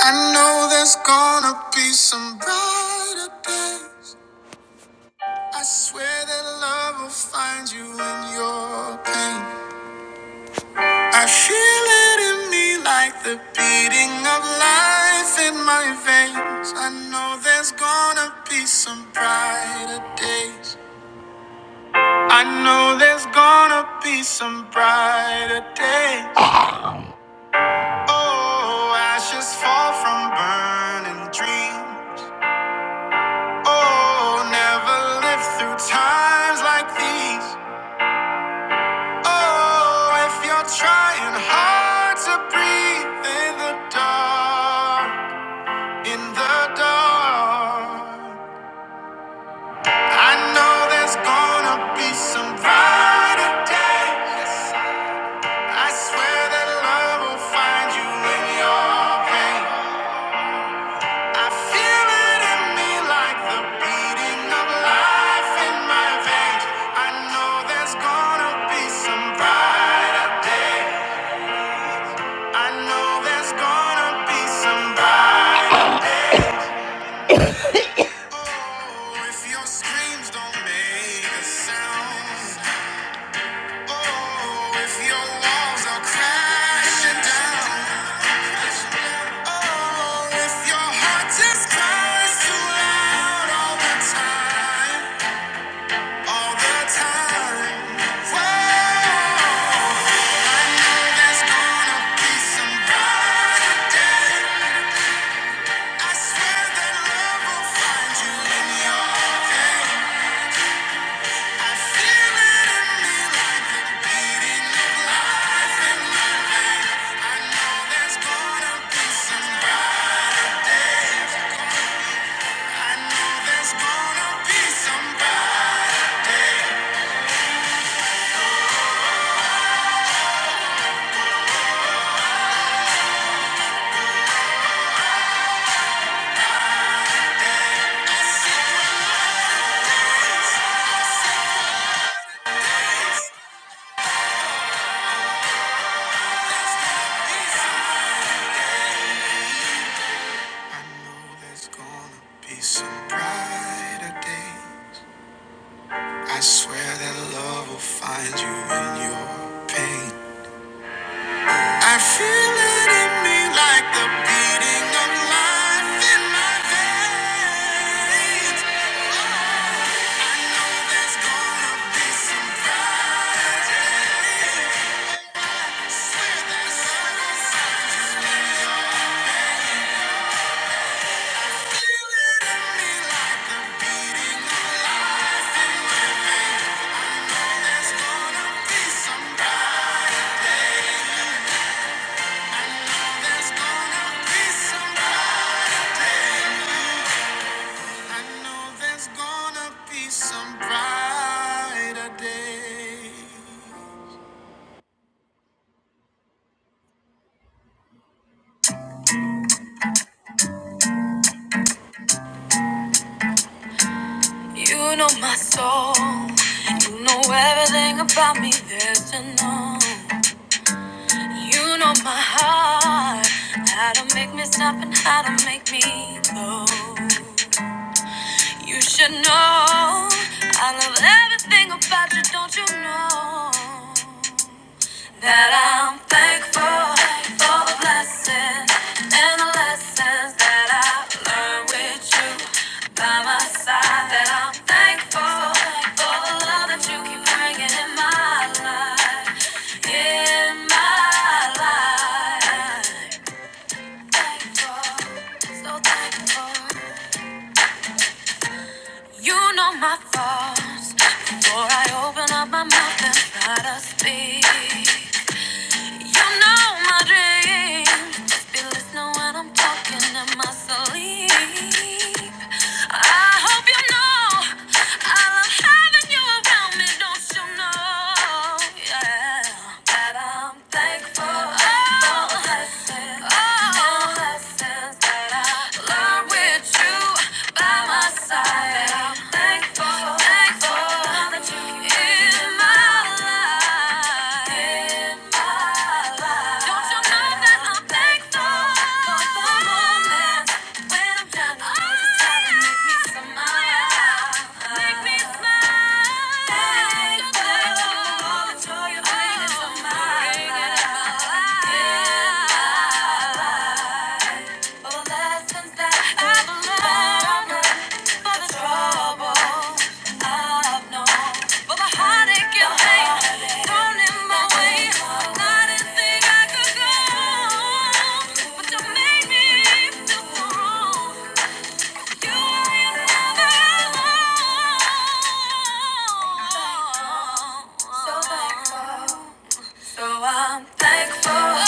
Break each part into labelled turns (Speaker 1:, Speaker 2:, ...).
Speaker 1: I know there's gonna be some brighter days. I swear that love will find you in your pain. I feel it in me like the beating of life in my veins. I know there's gonna be some brighter days. I know there's gonna be some brighter days. Oh, ashes fall from burning dreams. Oh, never lived through times like these. Oh, if you're trying hard to breathe in the dark, in the dark, I know there's gonna be some brighter days. I swear that love will find you in your pain. I feel it in me like the beating of life in my veins. I know there's gonna be some brighter day. I know there's gonna be some brighter day. Oh, if your screams don't make a sound. Oh, if your walls are crashing down, oh, if your heart just cries too loud all the time, all the time, whoa, I know there's gonna be some brighter day. I swear that love will find you in your pain. Some brighter days. I swear that love will find you in your pain. I feel it in me like the beating of life in my veins. I know there's gonna be some pride. I swear there's some signs when you're pain. feel it in me like the beating of life in my veins. Oh, there's gonna be some brighter pride. There's gonna be some brighter pride. I know there's gonna be some brighter day. You know my soul. You know everything about me. There's to know. You know my heart. How to make me stop and how to make me go. You should know I love everything about you, don't you know? That I'm thankful for the blessings and the lessons that I've learned with you by my side. That I'm thankful for the love that you keep bringing in my life, in my life. Thankful, so thankful. You know my thoughts before I open up my mouth and try to speak. You know my dream. Just be listening when I'm talking in my sleep. I hope you know I love having you around me. Don't you know? Yeah, that I'm thankful for the blessings, oh. the lessons that I learned with you by my side. That I'm thankful. Smile. Oh, lessons that I've learned, for the troubles I've known, for the heartache and pain thrown in my way. I didn't I could go but you made me feel so wrong. You were never alone. So thankful. So I'm thankful for the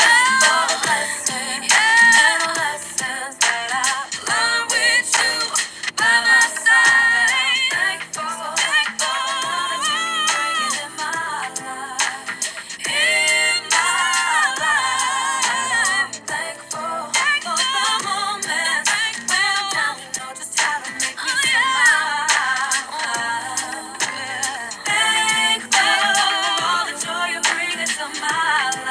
Speaker 1: blessings and the lessons that I've learned with you by my side. I'm Thankful, thankful that you keep bringing in my life, in my life. I'm thankful for the moments when I'm down, you know just how to make me smile. Thankful for all the joy you bring into my so thankful,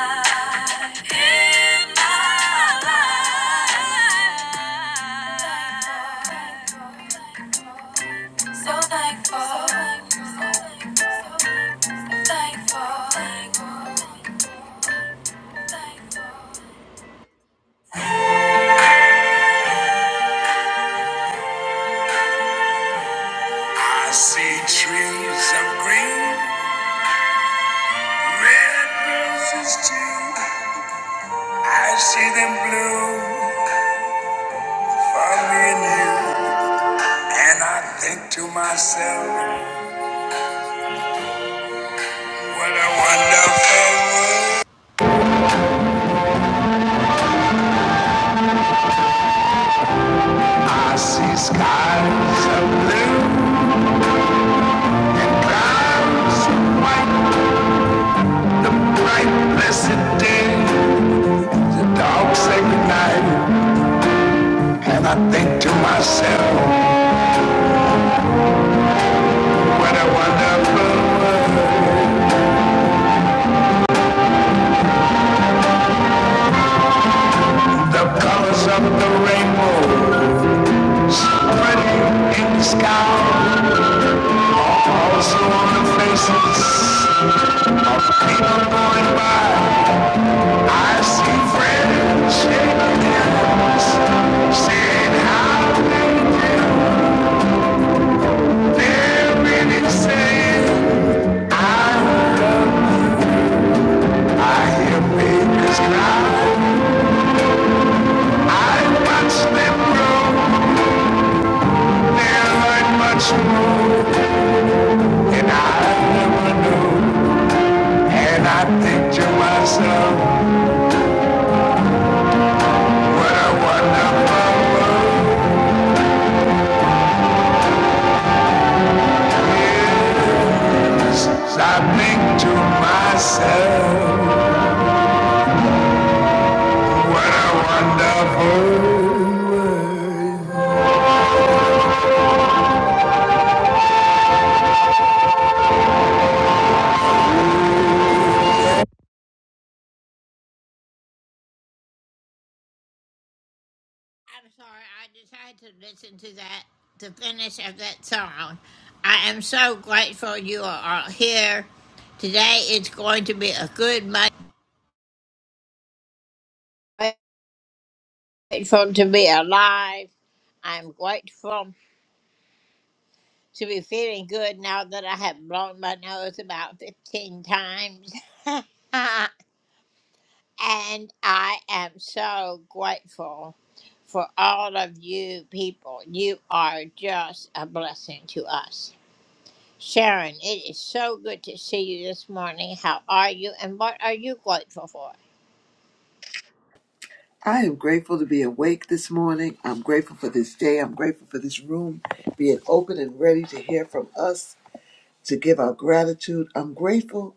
Speaker 1: so thankful, so thankful, thankful. I see trees of green, red roses too. I see them bloom for me and you. And I think to myself, What a wonderful world. See skies of blue and clouds of white. The bright blessed day, the dark sacred night. And I think to myself, what a wonderful world. The colors of the rainbow spreading in the sky. Also on the faces of people going by. I see friends shaking hands, saying how they do. they really saying, I, I hear babies cry. I watch them grow. They learn much more than I never knew. And I think to myself, what a wonderful world it is. I think to myself. What a wonderful world.
Speaker 2: I am grateful to be awake this morning. I'm grateful for this day. I'm grateful for this room being open and ready to hear from us, to give our gratitude. I'm grateful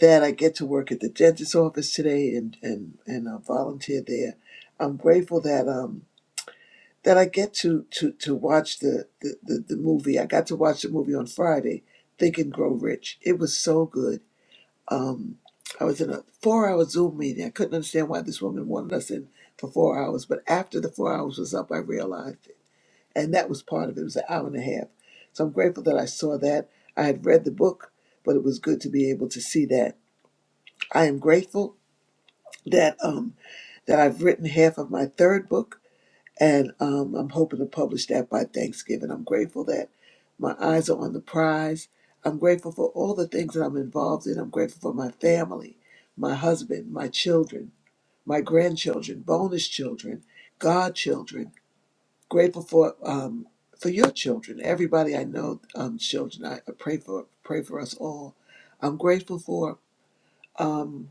Speaker 2: that I get to work at the dentist's office today and and and uh, volunteer there. I'm grateful that um that I get to to to watch the the, the the movie. I got to watch the movie on Friday, Think and Grow Rich. It was so good um, I was in a four hour Zoom meeting. I couldn't understand why this woman wanted us in for four hours, but after the four hours was up, I realized it. And that was part of it. It was an hour and a half. So I'm grateful that I saw that. I had read the book, but it was good to be able to see that. I am grateful that um that I've written half of my third book. And um, I'm hoping to publish that by Thanksgiving. I'm grateful that my eyes are on the prize. I'm grateful for all the things that I'm involved in. I'm grateful for my family, my husband, my children, my grandchildren, bonus children, godchildren. Grateful for um, for your children, everybody I know, um, children. I I pray for pray for us all. I'm grateful for. Um,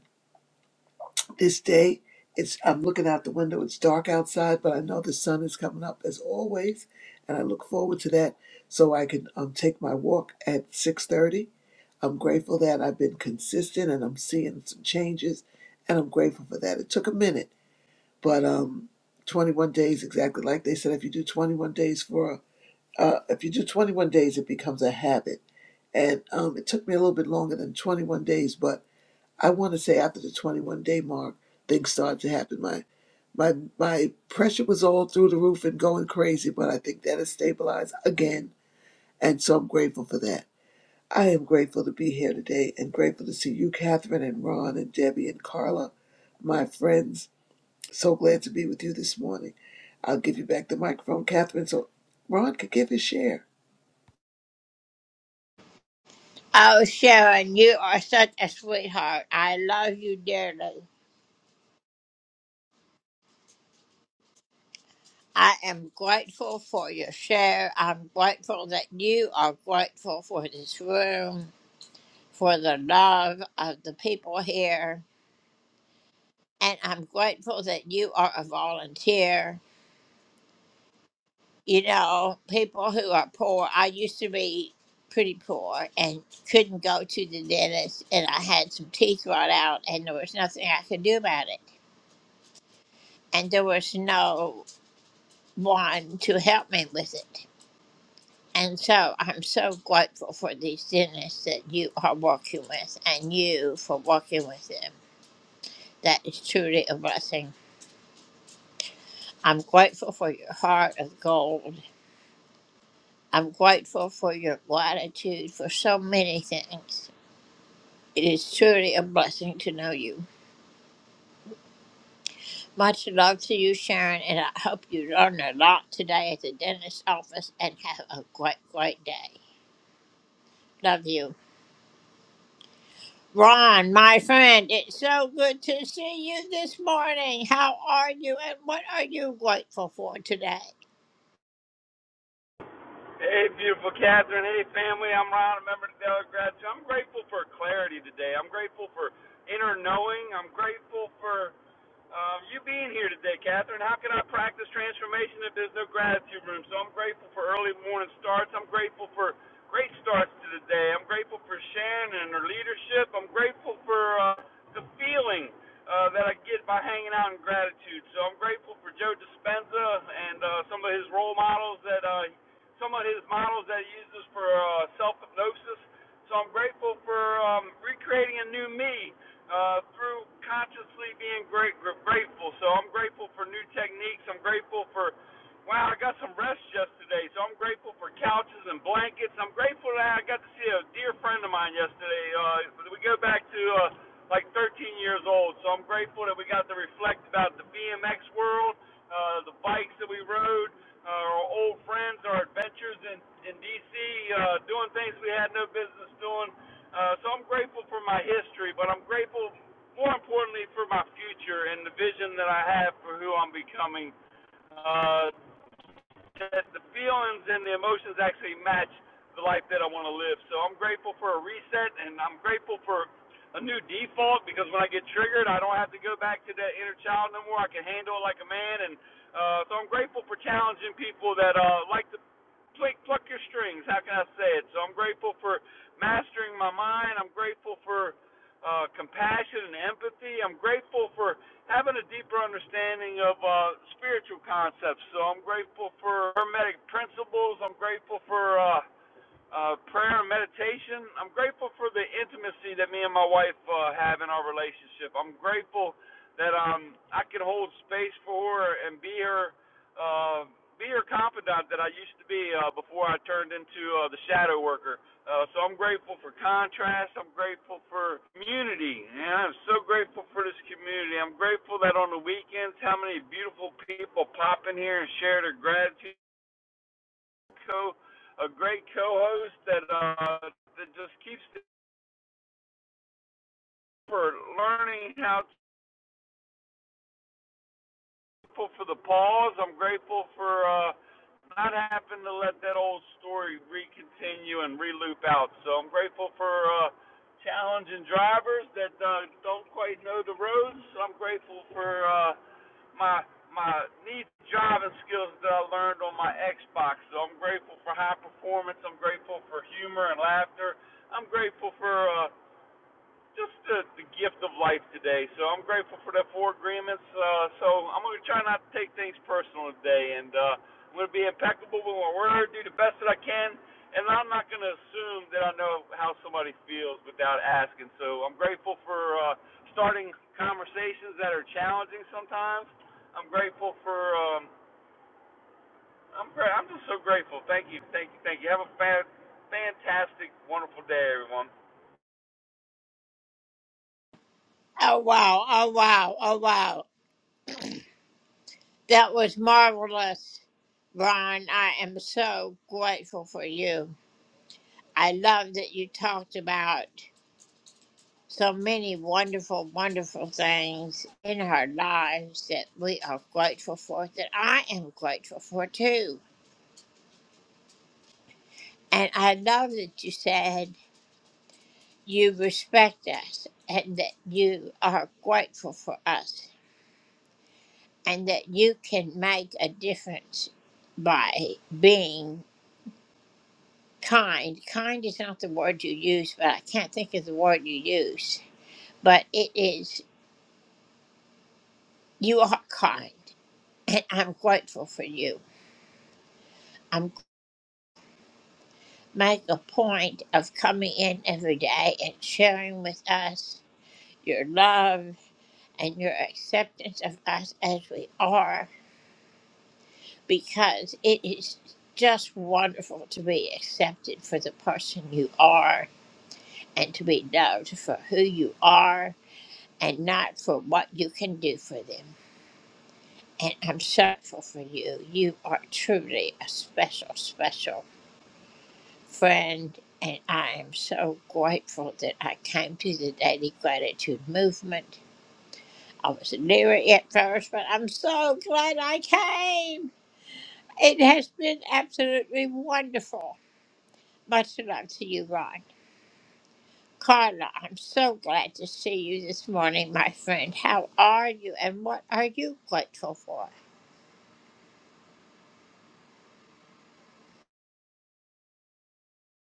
Speaker 2: this day. It's I'm looking out the window. It's dark outside, but I know the sun is coming up as always, and I look forward to that. So I can um, take my walk at 6:30. I'm grateful that I've been consistent and I'm seeing some changes, and I'm grateful for that. It took a minute, but um, 21 days exactly like they said. If you do 21 days for a, uh, if you do 21 days, it becomes a habit. And um, it took me a little bit longer than 21 days, but I want to say after the 21 day mark, things started to happen. My my my pressure was all through the roof and going crazy, but I think that has stabilized again, and so I'm grateful for that. I am grateful to be here today and grateful to see you, Catherine and Ron and Debbie and Carla, my friends. So glad to be with you this morning. I'll give you back the microphone, Catherine, so Ron could give his share.
Speaker 3: Hey, beautiful Catherine. Hey, family. I'm Ron, a member of the Daily Gratitude. I'm grateful for clarity today. I'm grateful for inner knowing. I'm grateful for um, you being here today, Catherine. How can I practice transformation if there's no gratitude room? So I'm grateful for early morning starts. I'm grateful for great starts to the day. I'm grateful for Sharon and her leadership. I'm grateful for uh, the feeling uh, that I get by hanging out in gratitude. So I'm grateful for Joe Dispenza and uh, some of his role models that uh, some of his models that he uses for uh, self hypnosis. So I'm grateful for um, recreating a new me uh, through consciously being great, grateful. So I'm grateful for new techniques. I'm grateful for, wow, I got some rest yesterday. So I'm grateful for couches and blankets. I'm grateful that I got to see a dear friend of mine yesterday. Uh, we go back to uh, like 13 years old. So I'm grateful that we got to reflect about the BMX world, uh, the bikes that we rode. Uh, our old friends, our adventures in in DC, uh, doing things we had no business doing, uh, so I'm grateful for my history, but I'm grateful more importantly for my future and the vision that I have for who I'm becoming. Uh, that the feelings and the emotions actually match the life that I want to live. So I'm grateful for a reset and I'm grateful for a new default because when I get triggered, I don't have to go back to that inner child no more. I can handle it like a man. And uh, so I'm grateful for challenging people that uh, like to Click, pluck your strings. How can I say it? So I'm grateful for mastering my mind. I'm grateful for uh, compassion and empathy. I'm grateful for having a deeper understanding of uh, spiritual concepts. So I'm grateful for hermetic principles. I'm grateful for uh, uh, prayer and meditation. I'm grateful for the intimacy that me and my wife uh, have in our relationship. I'm grateful that um, I can hold space for her and be her uh, be her confidant that I used to be uh, before I turned into uh, the shadow worker. Uh, so I'm grateful for contrast. I'm grateful for community, and I'm so grateful for this community. I'm grateful that on the weekends, how many beautiful people pop in here and share their gratitude co a great co-host that uh that just keeps for learning how to grateful for the pause. I'm grateful for uh not having to let that old story recontinue and reloop out. So I'm grateful for uh challenging drivers that uh, don't quite know the roads. I'm grateful for uh my my neat driving skills that I learned on my Xbox. So I'm grateful for high performance. I'm grateful for humor and laughter. I'm grateful for uh, just the, the gift of life today. So I'm grateful for the four agreements. Uh, so I'm going to try not to take things personal today, and uh, I'm going to be impeccable with my word, do the best that I can, and I'm not going to assume that I know how somebody feels without asking. So I'm grateful for uh, starting conversations that are challenging sometimes. I'm grateful for. Um, I'm gra- I'm just so grateful. Thank you, thank you, thank you. Have a fa- fantastic, wonderful day, everyone.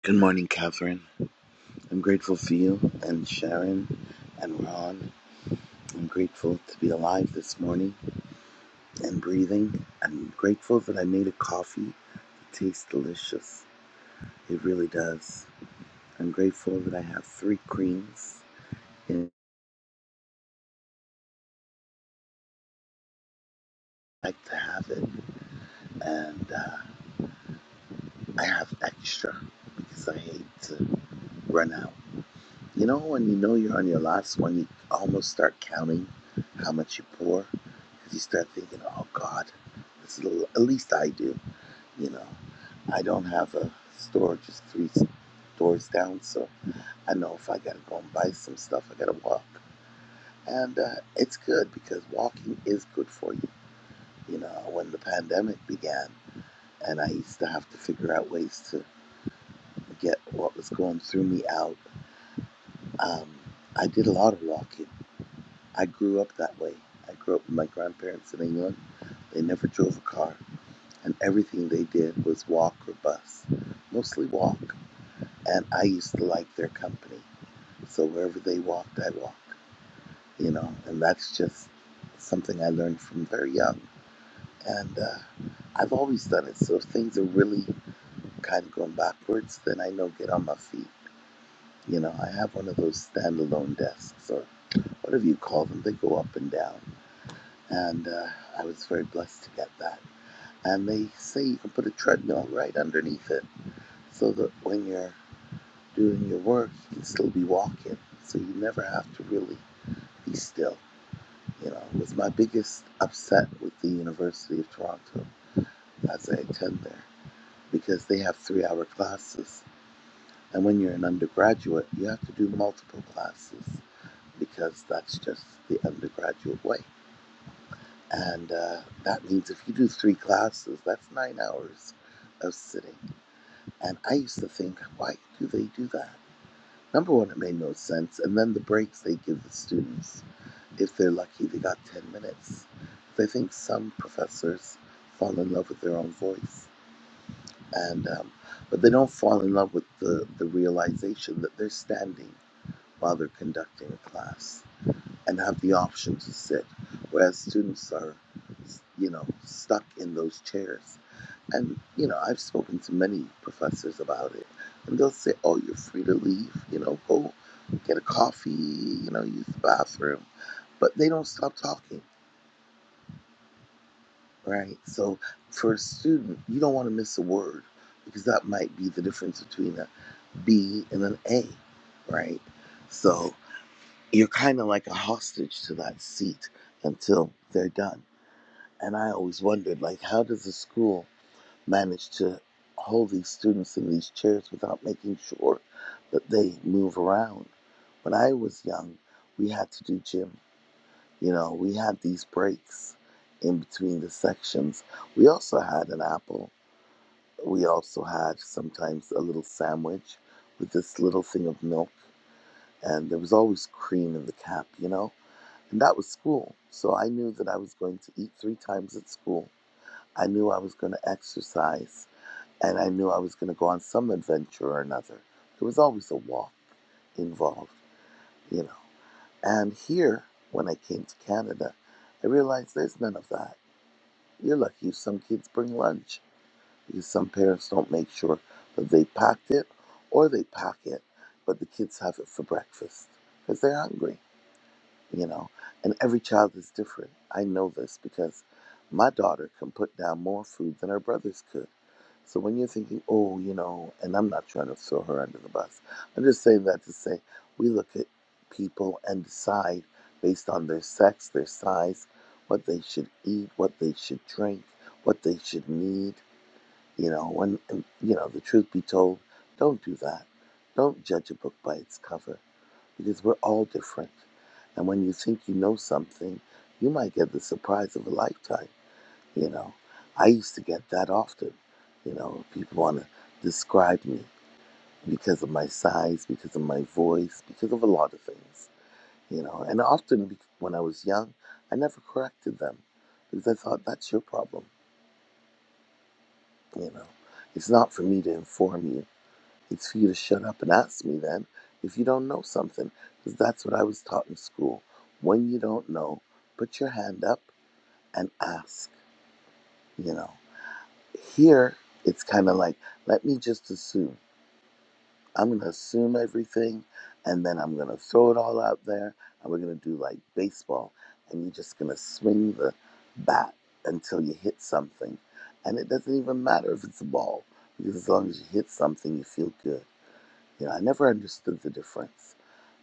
Speaker 4: Good morning, Catherine. I'm grateful for you and Sharon and Ron. I'm grateful to be alive this morning and breathing. I'm grateful that I made a coffee. It tastes delicious. It really does. I'm grateful that I have three creams. I like to have it. And uh, I have extra because I hate to run out. You know, when you know you're on your last one, you almost start counting how much you pour. you start thinking, oh God, this little, at least I do, you know. I don't have a store just three doors down, so I know if I gotta go and buy some stuff, I gotta walk. And uh, it's good because walking is good for you. You know, when the pandemic began, and I used to have to figure out ways to get what was going through me out, um, I did a lot of walking. I grew up that way. I grew up with my grandparents in England. They never drove a car. and everything they did was walk or bus, mostly walk. And I used to like their company, so wherever they walked, i walked, you know. And that's just something I learned from very young, and uh, I've always done it. So if things are really kind of going backwards, then I know get on my feet. You know, I have one of those standalone desks or whatever you call them. They go up and down, and uh, I was very blessed to get that. And they say you can put a treadmill right underneath it so that when you're doing your work, you can still be walking. So you never have to really be still. You know, it was my biggest upset with the University of Toronto as I attend there because they have three hour classes. And when you're an undergraduate, you have to do multiple classes because that's just the undergraduate way. And uh, that means if you do three classes, that's nine hours of sitting. And I used to think, why do they do that? Number one, it made no sense. And then the breaks they give the students, if they're lucky, they got 10 minutes. I think some professors fall in love with their own voice. And, um, but they don't fall in love with the, the realization that they're standing while they're conducting a class and have the option to sit. Whereas students are, you know, stuck in those chairs. And, you know, I've spoken to many professors about it, and they'll say, oh, you're free to leave, you know, go get a coffee, you know, use the bathroom. But they don't stop talking, right? So for a student, you don't want to miss a word because that might be the difference between a B and an A, right? So you're kind of like a hostage to that seat until they're done. And I always wondered, like, how does a school manage to hold these students in these chairs without making sure that they move around. When I was young, we had to do gym. You know, we had these breaks in between the sections. We also had an apple. We also had sometimes a little sandwich with this little thing of milk. And there was always cream in the cap, you know? And that was school. So I knew that I was going to eat three times at school. I knew I was going to exercise and I knew I was going to go on some adventure or another. There was always a walk involved, you know. And here, when I came to Canada, I realized there's none of that. You're lucky if some kids bring lunch because some parents don't make sure that they packed it or they pack it, but the kids have it for breakfast because they're hungry, you know. And every child is different. I know this because my daughter can put down more food than her brothers could so when you're thinking, oh, you know, and I'm not trying to throw her under the bus, I'm just saying that to say we look at people and decide based on their sex, their size, what they should eat, what they should drink, what they should need. You know, when and, you know the truth be told, don't do that. Don't judge a book by its cover because we're all different. And when you think you know something, you might get the surprise of a lifetime you know, I used to get that often. You know, people want to describe me because of my size, because of my voice, because of a lot of things. You know, and often be- when I was young, I never corrected them because I thought that's your problem. You know, it's not for me to inform you. It's for you to shut up and ask me then if you don't know something, because that's what I was taught in school. When you don't know, put your hand up and ask. You know. Here, it's kind of like, let me just assume. I'm going to assume everything, and then I'm going to throw it all out there, and we're going to do like baseball. And you're just going to swing the bat until you hit something. And it doesn't even matter if it's a ball, because as long as you hit something, you feel good. You know, I never understood the difference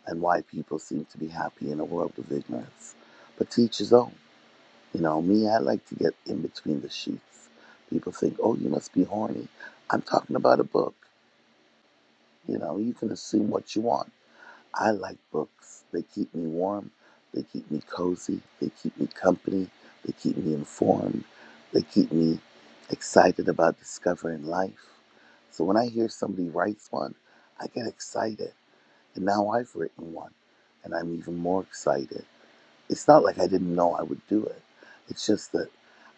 Speaker 4: and why people seem to be happy in a world of ignorance. But teach his own. You know, me, I like to get in between the sheets. People think, oh, you must be horny. I'm talking about a book. You know, you can assume what you want. I like books. They keep me warm. They keep me cozy. They keep me company. They keep me informed. They keep me excited about discovering life. So when I hear somebody writes one, I get excited. And now I've written one, and I'm even more excited it's not like I didn't know I would do it. It's just that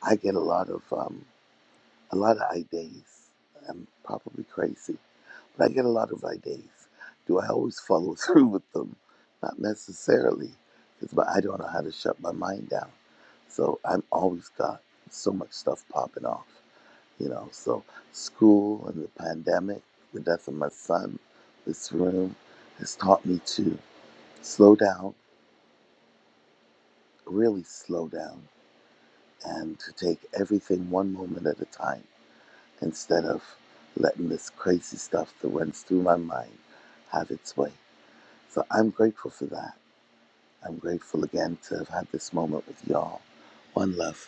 Speaker 4: I get a lot of um, a lot of ideas. I'm probably crazy, but I get a lot of ideas. Do I always follow through with them? Not necessarily, because I don't know how to shut my mind down. So I'm always got so much stuff popping off, you know. So school and the pandemic, the death of my son, this room has taught me to slow down, really slow down and to take everything one moment at a time instead of letting this crazy stuff that runs through my mind have its way. So I'm grateful for that. I'm grateful again to have had this moment with y'all. One love.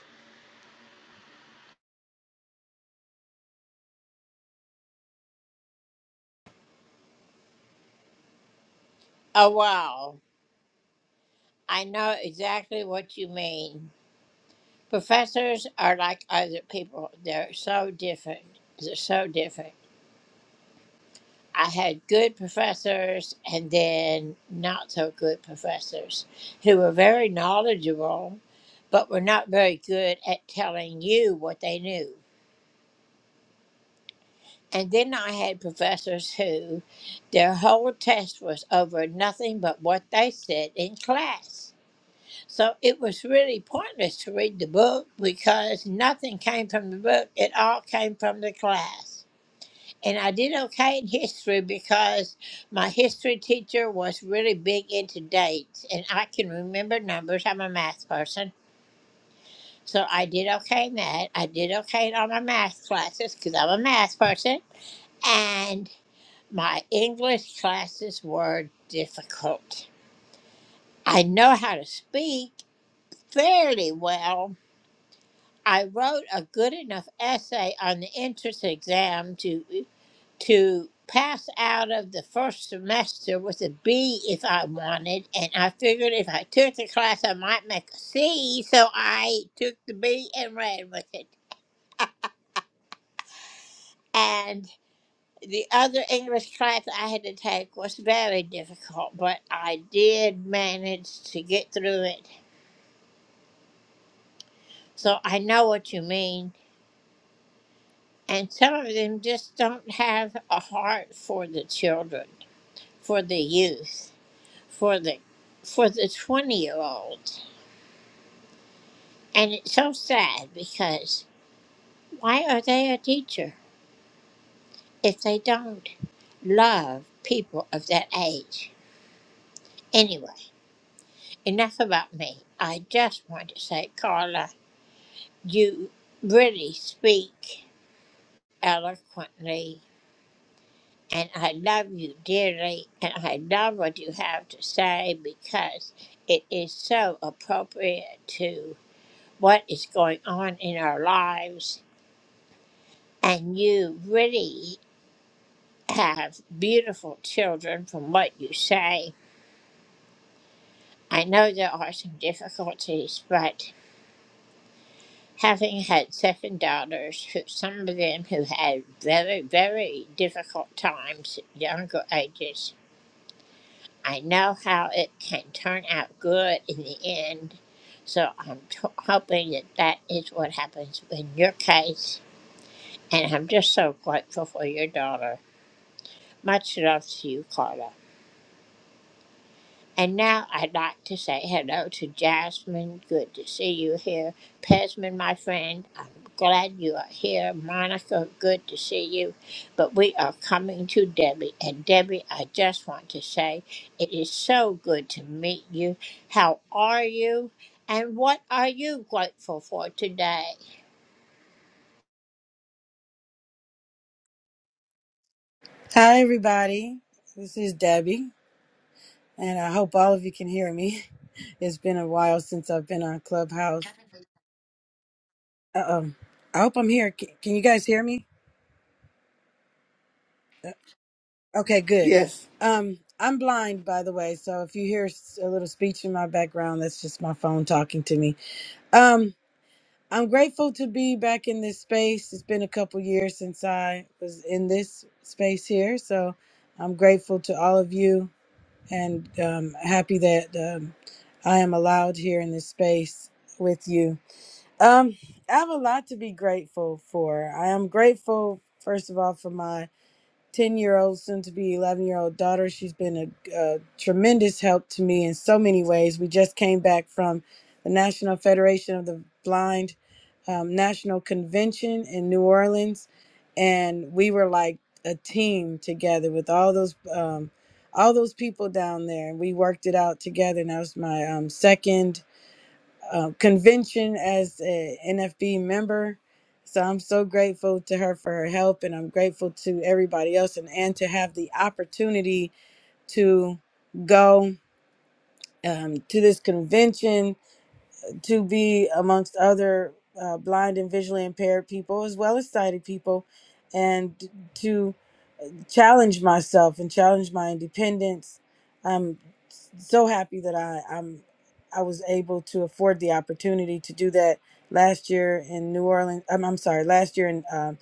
Speaker 5: Hi, everybody. This is Debbie, and I hope all of you can hear me. It's been a while since I've been on Clubhouse. Uh, oh, I hope I'm here. C- Can you guys hear me? Uh, Okay, good.
Speaker 2: Yes.
Speaker 5: Um, I'm blind, by the way, so if you hear s- a little speech in my background, that's just my phone talking to me. Um, I'm grateful to be back in this space. It's been a couple years since I was in this space here, so I'm grateful to all of you and um, happy that um, I am allowed here in this space with you. Um, I have a lot to be grateful for. I am grateful, first of all, for my 10 year old, soon to be 11 year old daughter. She's been a, a tremendous help to me in so many ways. We just came back from the National Federation of the Blind um, National Convention in New Orleans, and we were like a team together with all those. Um, all those people down there, and we worked it out together. And that was my um, second uh, convention as a NFB member. So I'm so grateful to her for her help, and I'm grateful to everybody else, and and to have the opportunity to go um, to this convention to be amongst other uh, blind and visually impaired people as well as sighted people, and to challenge myself and challenge my independence. I'm so happy that I, I'm I was able to afford the opportunity to do that last year in New Orleans. I'm, I'm sorry, last year in um,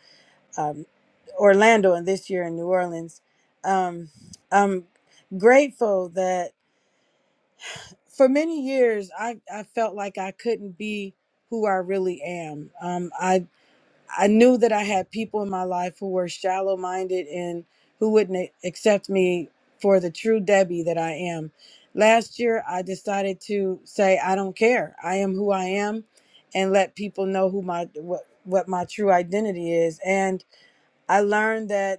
Speaker 5: um, Orlando and this year in New Orleans. Um, I'm grateful that for many years I, I felt like I couldn't be who I really am. Um, I I knew that I had people in my life who were shallow minded and who wouldn't a- accept me for the true Debbie that I am. Last year, I decided to say, I don't care. I am who I am and let people know who my, what, what my true identity is. And I learned that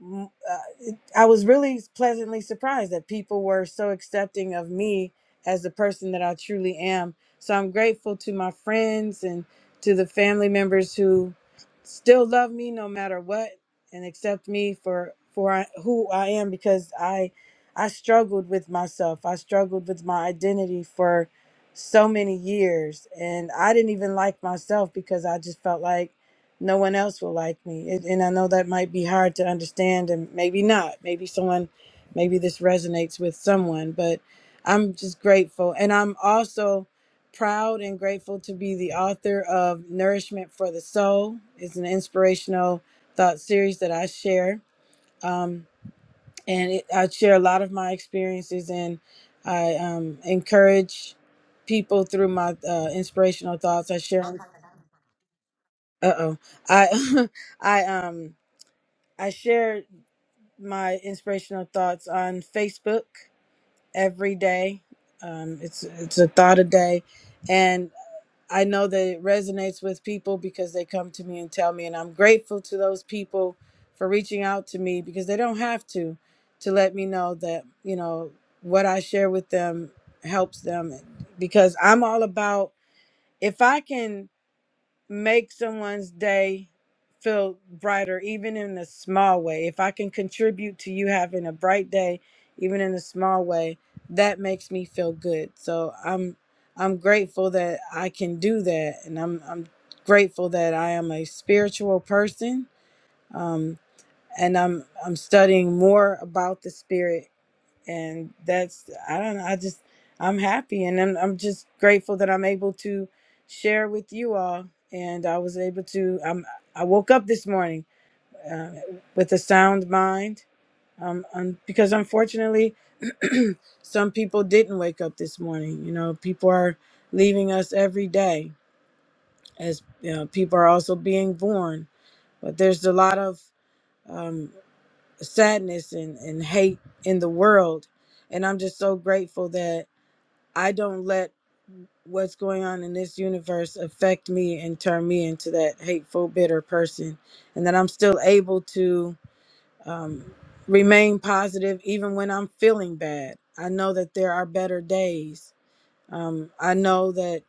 Speaker 5: m- uh, it- I was really pleasantly surprised that people were so accepting of me as the person that I truly am. So I'm grateful to my friends and to the family members who still love me no matter what and accept me for for I, who I am because I I struggled with myself. I struggled with my identity for so many years and I didn't even like myself because I just felt like no one else will like me. It, and I know that might be hard to understand, and maybe not. Maybe someone, maybe this resonates with someone, but I'm just grateful. And I'm also proud and grateful to be the author of Nourishment for the Soul. It's an inspirational thought series that I share. Um, and it, I share a lot of my experiences, and I um, encourage people through my uh, inspirational thoughts. I share. Uh oh. I I um I share my inspirational thoughts on Facebook every day. Um, it's it's a thought a day, and I know that it resonates with people because they come to me and tell me, and I'm grateful to those people for reaching out to me because they don't have to to let me know that you know what I share with them helps them because I'm all about if I can make someone's day feel brighter, even in a small way. If I can contribute to you having a bright day, even in a small way, that makes me feel good. So I'm I'm grateful that I can do that, and I'm I'm grateful that I am a spiritual person, um, and I'm I'm studying more about the spirit and that's I don't know. I just I'm happy, and I'm I'm just grateful that I'm able to share with you all. And I was able to. Um, I woke up this morning uh, with a sound mind, um, um, because unfortunately some people didn't wake up this morning. You know, people are leaving us every day, as you know, people are also being born. But there's a lot of um, sadness and, and hate in the world, and I'm just so grateful I don't let what's going on in this universe affect me and turn me into that hateful, bitter person, and that I'm still able to um, remain positive even when I'm feeling bad. I know that there are better days. Um, I know that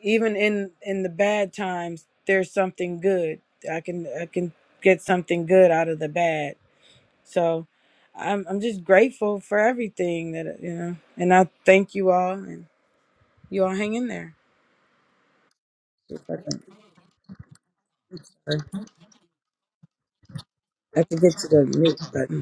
Speaker 5: even in in the bad times, there's something good. I can I can get something good out of the bad. So. I'm I'm just grateful for everything that you know, and I thank you all, and you all hang in there. If I can, I have to get to the mute button.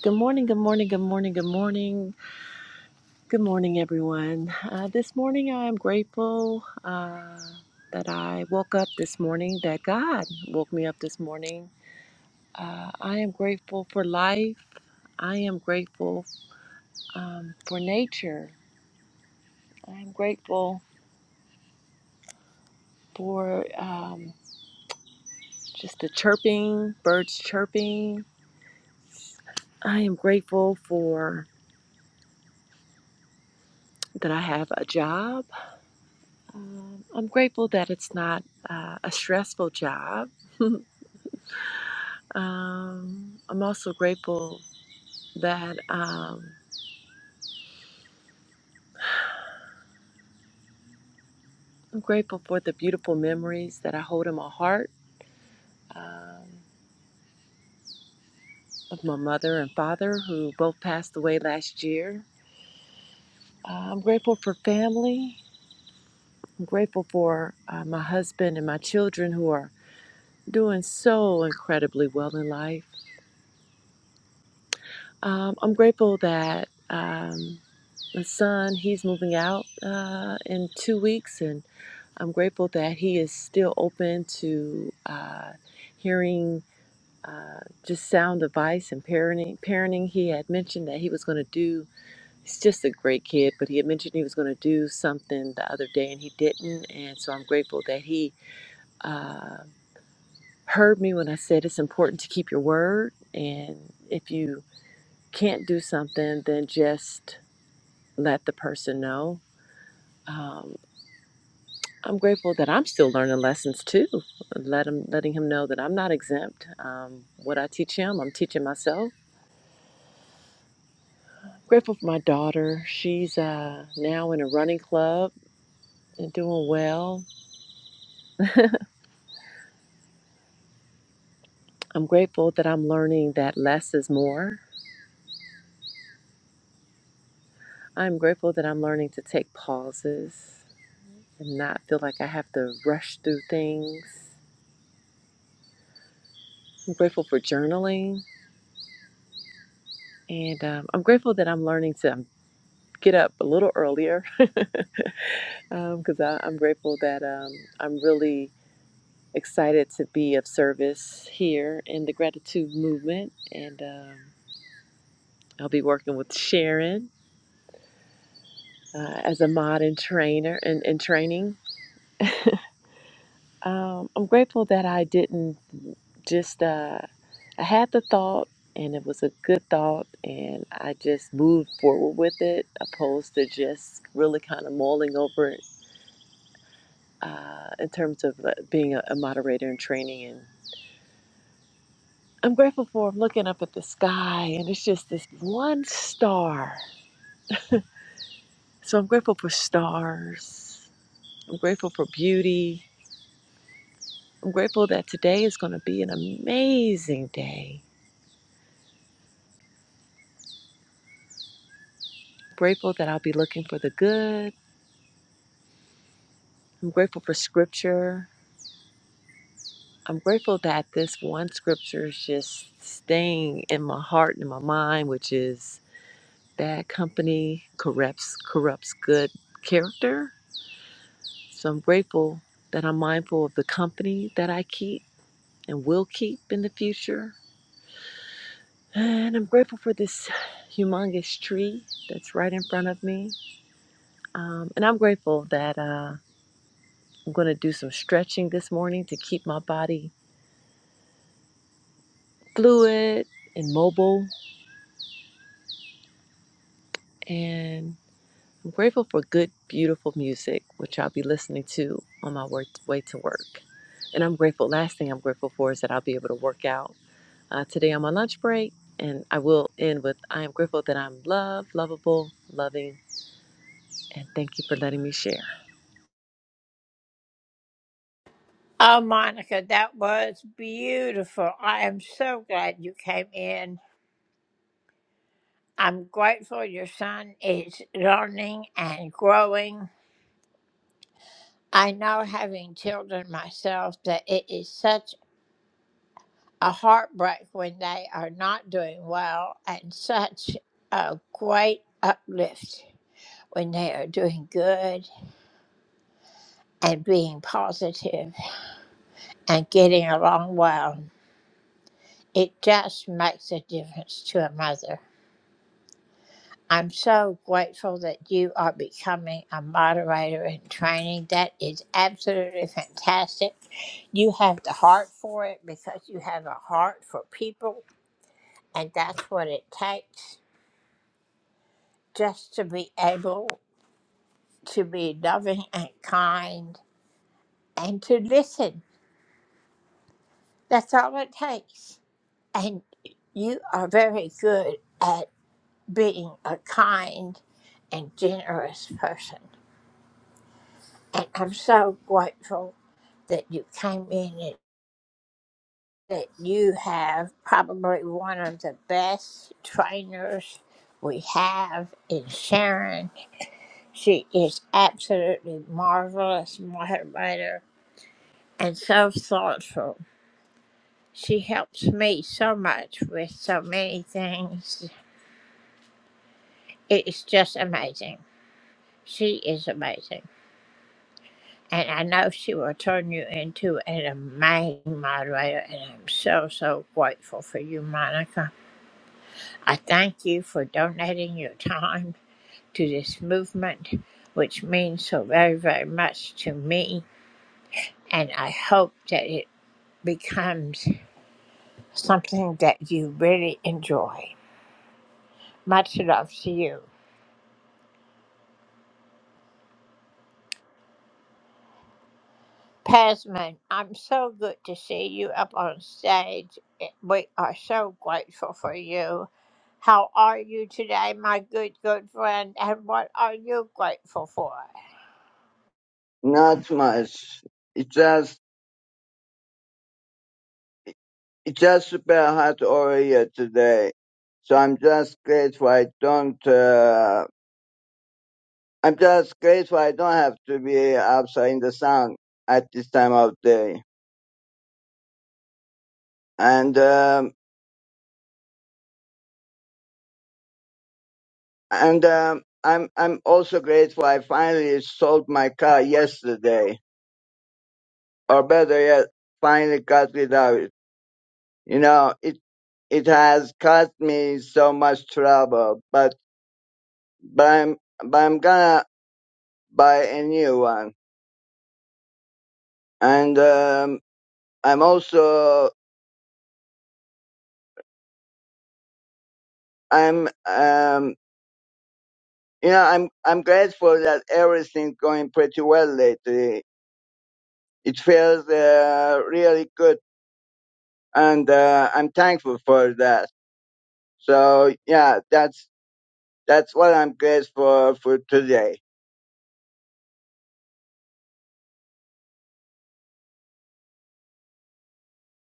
Speaker 6: Good morning, good morning, good morning, good morning. Good morning, everyone. Uh, this morning, I am grateful uh, that I woke up this morning, that God woke me up this morning. Uh, I am grateful for life. I am grateful um, for nature. I am grateful for um, just the chirping, birds chirping. I am grateful for that I have a job. Um, I'm grateful that it's not uh, a stressful job. Um, I'm also grateful that um, I'm grateful for the beautiful memories that I hold in my heart um, of my mother and father who both passed away last year. Uh, I'm grateful for family. I'm grateful for uh, my husband and my children who are doing so incredibly well in life. Um, I'm grateful that um, my son, he's moving out uh, in two weeks and I'm grateful that he is still open to uh, hearing uh, just sound advice and parenting. Parenting. He had mentioned that he was going to do. He's just a great kid, but he had mentioned he was going to do something the other day, and he didn't. And so I'm grateful that he uh, heard me when I said it's important to keep your word, and if you can't do something, then just let the person know. Um, I'm grateful that I'm still learning lessons too. Let him, letting him know that I'm not exempt. Um, what I teach him, I'm teaching myself. Grateful for my daughter. She's uh, now in a running club and doing well. I'm grateful that I'm learning that less is more. I'm grateful that I'm learning to take pauses and not feel like I have to rush through things. I'm grateful for journaling, and um, I'm grateful that I'm learning to um, get up a little earlier because I I'm grateful that um, I'm really excited to be of service here in the gratitude movement, and um, I'll be working with Sharon uh, as a mod and trainer and, and training. Um, I'm grateful that I didn't just uh, I had the thought. And it was a good thought, and I just moved forward with it, opposed to just really kind of mulling over it uh, in terms of uh, being a, a moderator and training and. I'm grateful for looking up at the sky and it's just this one star. So I'm grateful for stars. I'm grateful for beauty. I'm grateful that today is going to be an amazing day. grateful that I'll be looking for the good. I'm grateful for scripture. I'm grateful that this one scripture is just staying in my heart and in my mind, which is bad company corrupts corrupts good character. So I'm grateful that I'm mindful of the company that I keep and will keep in the future. And I'm grateful for this humongous tree that's right in front of me. Um, and I'm grateful that uh, I'm going to do some stretching this morning to keep my body fluid and mobile. And I'm grateful for good, beautiful music, which I'll be listening to on my way to work. And I'm grateful, last thing I'm grateful for is that I'll be able to work out uh, today on my lunch break. And I will end with I am grateful that I'm loved, lovable, loving, and thank you for letting me share.
Speaker 7: Not much. It's just it's just super hot over here today. So I'm just grateful I don't, uh, I'm just grateful I don't have to be outside in the sun at this time of day. And, um, and, um, I'm, I'm also grateful I finally sold my car yesterday. Or better yet, finally got rid of it. You know, it, it has cost me so much trouble, but, but I'm, but I'm gonna by a new one. And um, I'm also I'm um, you know I'm I'm grateful that everything's going pretty well lately. It feels uh, really good, and uh, I'm thankful for that. So yeah, that's that's what I'm grateful for today.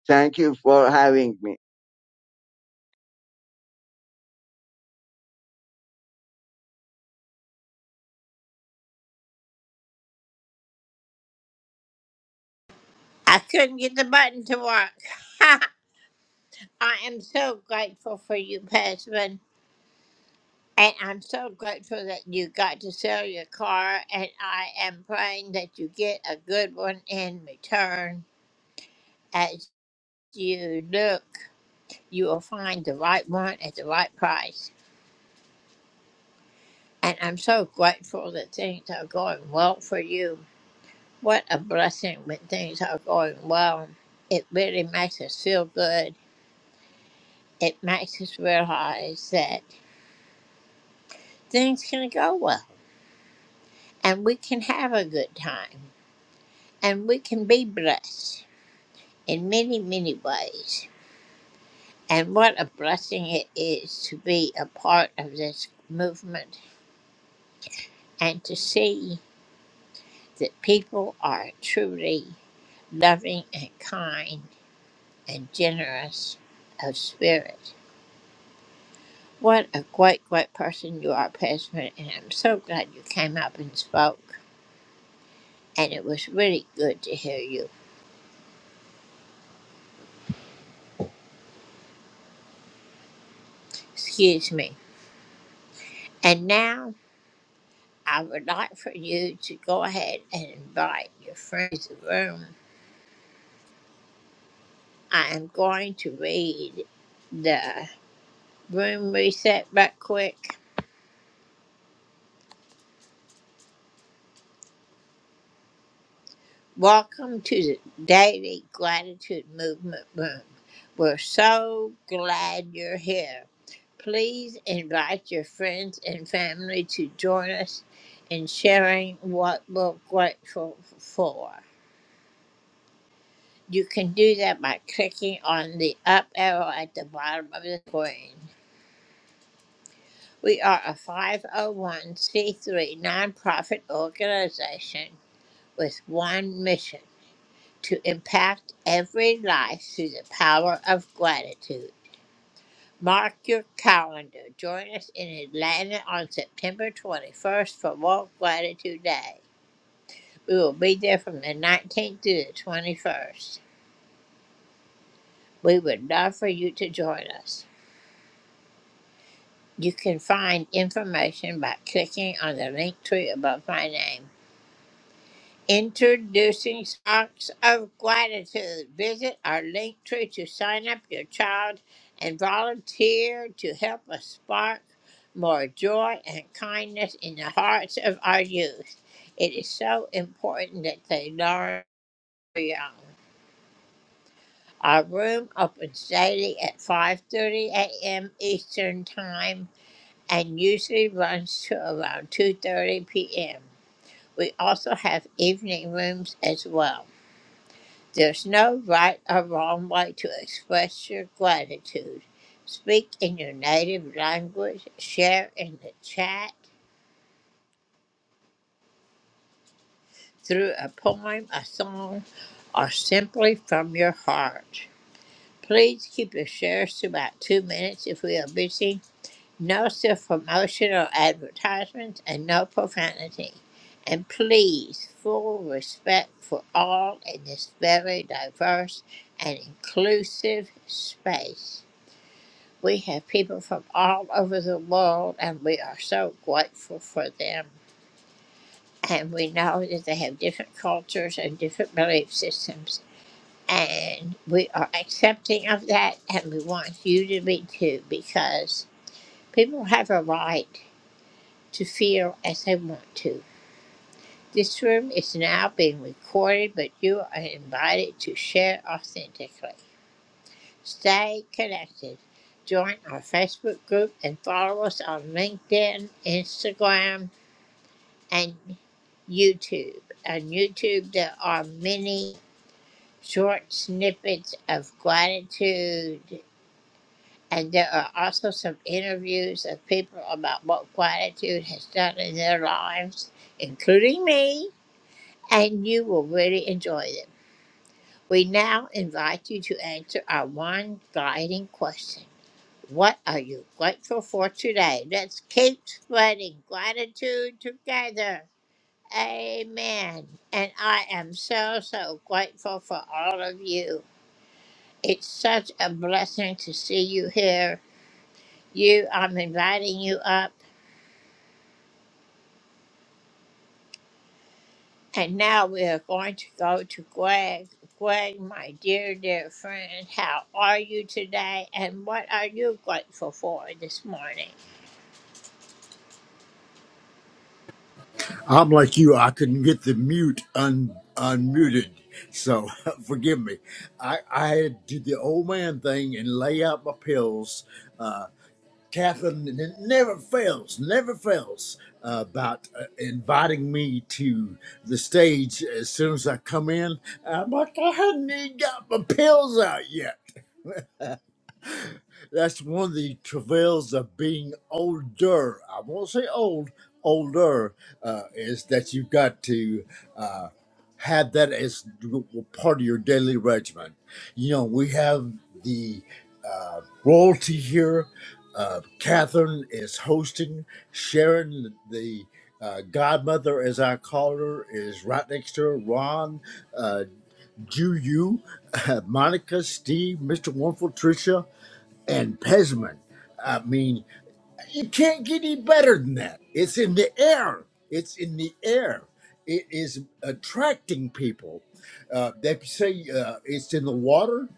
Speaker 7: Thank you for having me.
Speaker 8: I'm like you. I couldn't get the mute un unmuted, so forgive me. I I had to do the old man thing and lay out my pills. Uh, Catherine n- never fails, never fails uh, about uh, inviting me to the stage as soon as I come in. I'm like I hadn't even got my pills out yet. That's one of the travails of being older. I won't say old, older, uh, is that you've got to uh, have that as part of your daily regimen. You know, we have the uh, royalty here. Uh, Catherine is hosting. Sharon, the uh, godmother, as I call her, is right next to her. Ron, uh, Ju Monica, Steve, Mr. Wonderful, Tricia and Pesman. I mean, you can't get any better than that. It's in the air. It's in the air. It is attracting people. Uh, they say uh, it's in the water.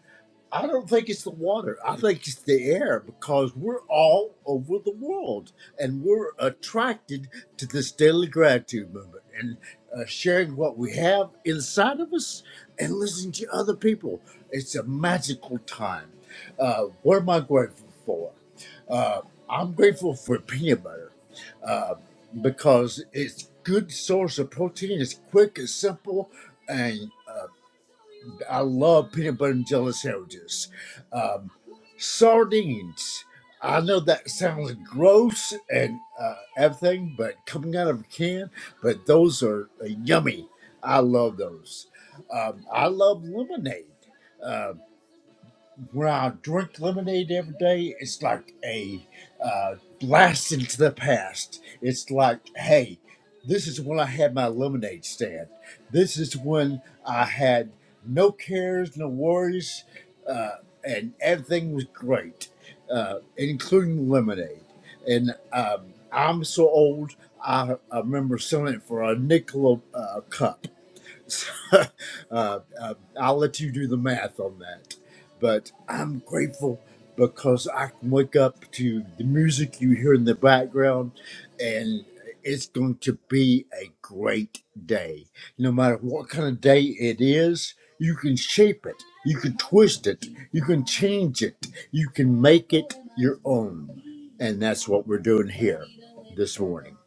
Speaker 8: I don't think it's the water. I think it's the air because we're all over the world and we're attracted to this daily gratitude movement and uh, sharing what we have inside of us and listening to other people. It's a magical time. Uh, what am I grateful for? Uh, I'm grateful for peanut butter uh, because it's good source of protein. It's quick, it's simple, and uh, I love peanut butter and jelly sandwiches. Um, sardines. I know that sounds gross and uh, everything, but coming out of a can, but those are uh, yummy. I love those. Um, I love lemonade. Uh, when I drink lemonade every day, it's like a uh, blast into the past. It's like, hey, this is when I had my lemonade stand. This is when I had no cares, no worries, uh, and everything was great, uh, including lemonade. And um, I'm so old, I, I remember selling it for a nickel a uh, cup uh, uh, I'll let you do the math on that. But I'm grateful because I can wake up to the music you hear in the background, and it's going to be a great day. No matter what kind of day it is, you can shape it, you can twist it, you can change it, you can make it your own. And that's what we're doing here this morning.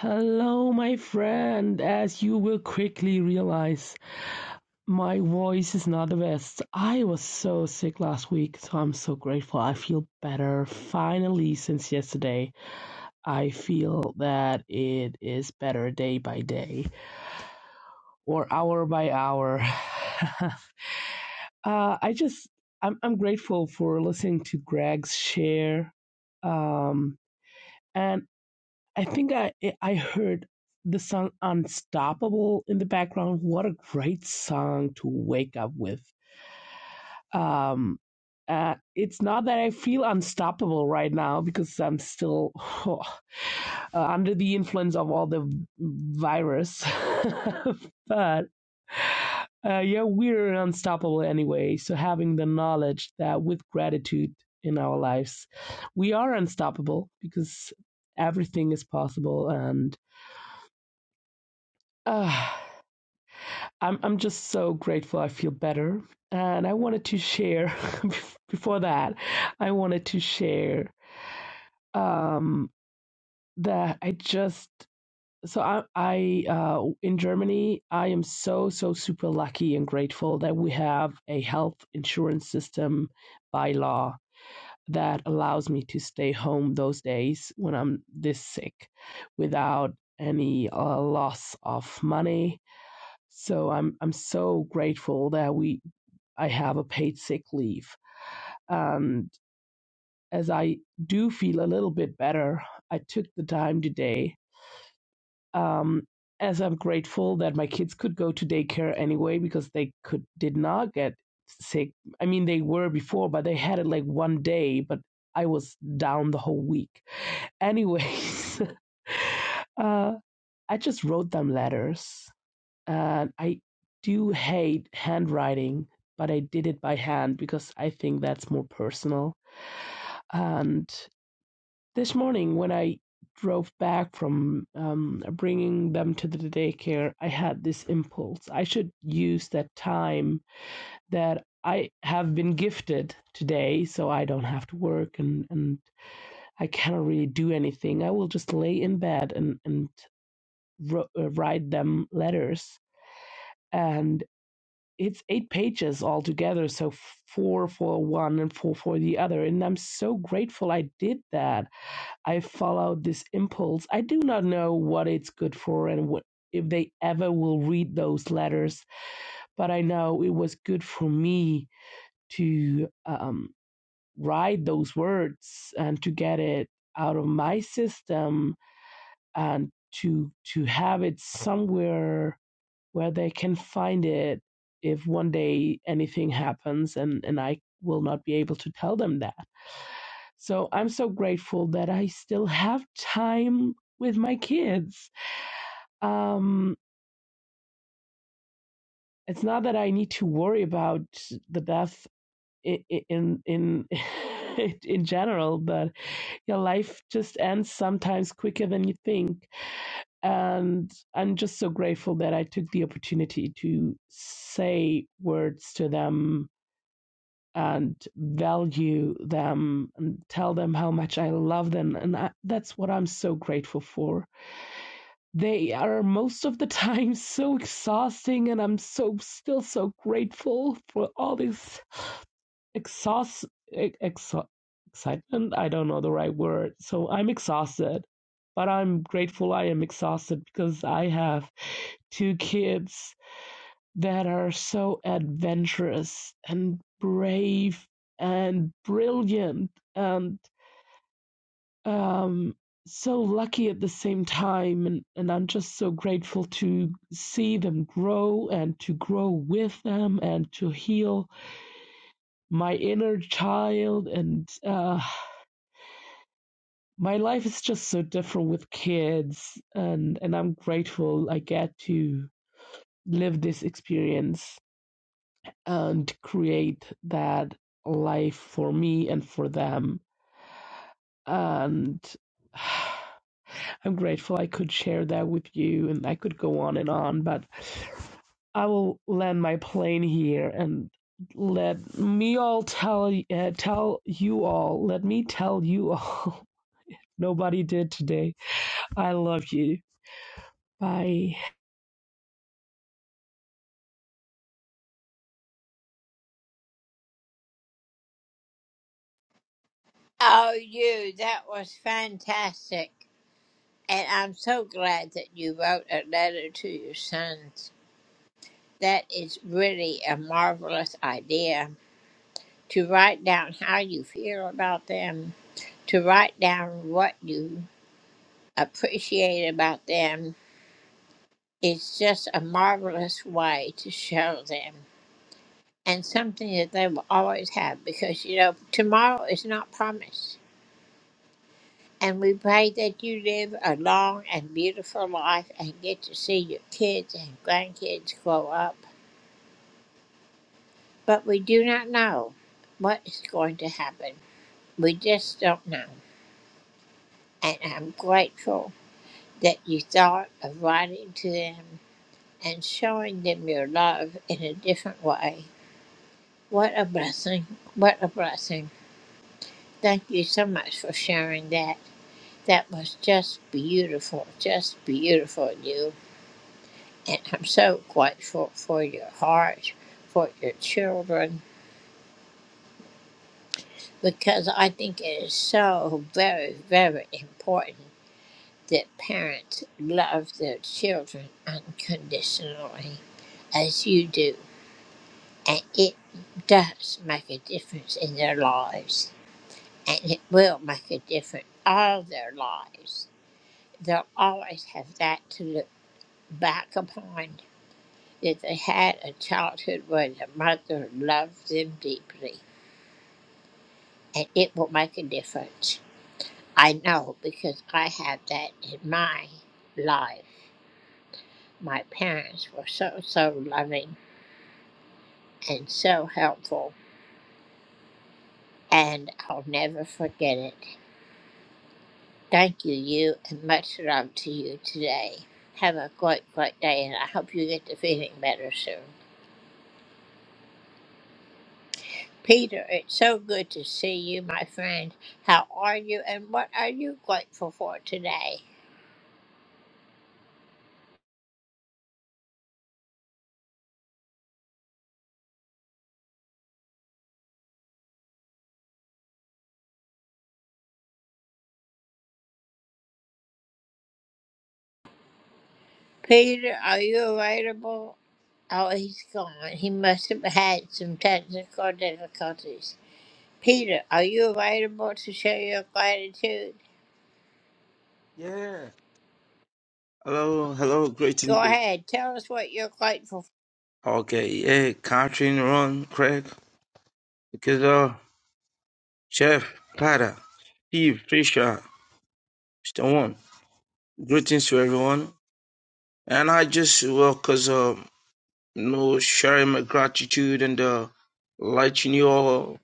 Speaker 9: Hello, my friend. As you will quickly realize, my voice is not the best. I was so sick last week, so I'm so grateful. I feel better finally since yesterday. I feel that it is better day by day or hour by hour. uh, I just, I'm, I'm grateful for listening to Greg's share. Um, and I think I eh, I heard the song Unstoppable in the background. What a great song to wake up with um uh, it's not that I feel unstoppable right now because I'm still oh, uh, under the influence of all the virus. but uh, yeah, we're unstoppable anyway. So having the knowledge that with gratitude in our lives, we are unstoppable because everything is possible. And uh, I'm I'm just so grateful I feel better. And I wanted to share before that, I wanted to share um that I just so I I uh in Germany, I am so so super lucky and grateful that we have a health insurance system by law that allows me to stay home those days when I'm this sick without any uh, loss of money so I'm I'm so grateful that we I have a paid sick leave. And as I do feel a little bit better, I took the time today. Um, as I'm grateful that my kids could go to daycare anyway because they could did not get sick. I mean, they were before, but they had it like one day, but I was down the whole week. Anyways, uh, I just wrote them letters and I do hate handwriting, but I did it by hand because I think that's more personal. And this morning, when I drove back from um, bringing them to the daycare, I had this impulse. I should use that time that I have been gifted today, so I don't have to work and, and I cannot really do anything. I will just lay in bed and, and ro- uh, write them letters. and. it's eight pages altogether so four for one and four for the other and i'm so grateful i did that i followed this impulse i do not know what it's good for and what if they ever will read those letters but i know it was good for me to um, write those words and to get it out of my system and to to have it somewhere where they can find it if one day anything happens and, and I will not be able to tell them that. So I'm so grateful that I still have time with my kids. Um, it's not that I need to worry about the death in in in, in general, but your life just ends sometimes quicker than you think. And I'm just so grateful that I took the opportunity to say words to them and value them and tell them how much I love them. And I, that's what I'm so grateful for. They are most of the time so exhausting, and I'm so still so grateful for all this exhaust, ex- excitement. I don't know the right word. So I'm exhausted, but I'm grateful I am exhausted because I have two kids that are so adventurous and brave and brilliant and um, so lucky at the same time. And, and I'm just so grateful to see them grow and to grow with them and to heal my inner child. And uh, my life is just so different with kids. And, and I'm grateful I get to live this experience and create that life for me and for them. And I'm grateful I could share that with you and I could go on and on, but I will land my plane here and let me all tell uh, tell you all. Let me tell you all. Nobody did today. I love you. Bye.
Speaker 10: Yeah. Hello, hello, greetings. Okay, yeah, Catherine, Ron, Craig, Kizar, Chef, Clara, Steve, Trisha, Mr. One. Greetings to everyone. And I just well, cause um, you know, sharing my gratitude and uh, letting you all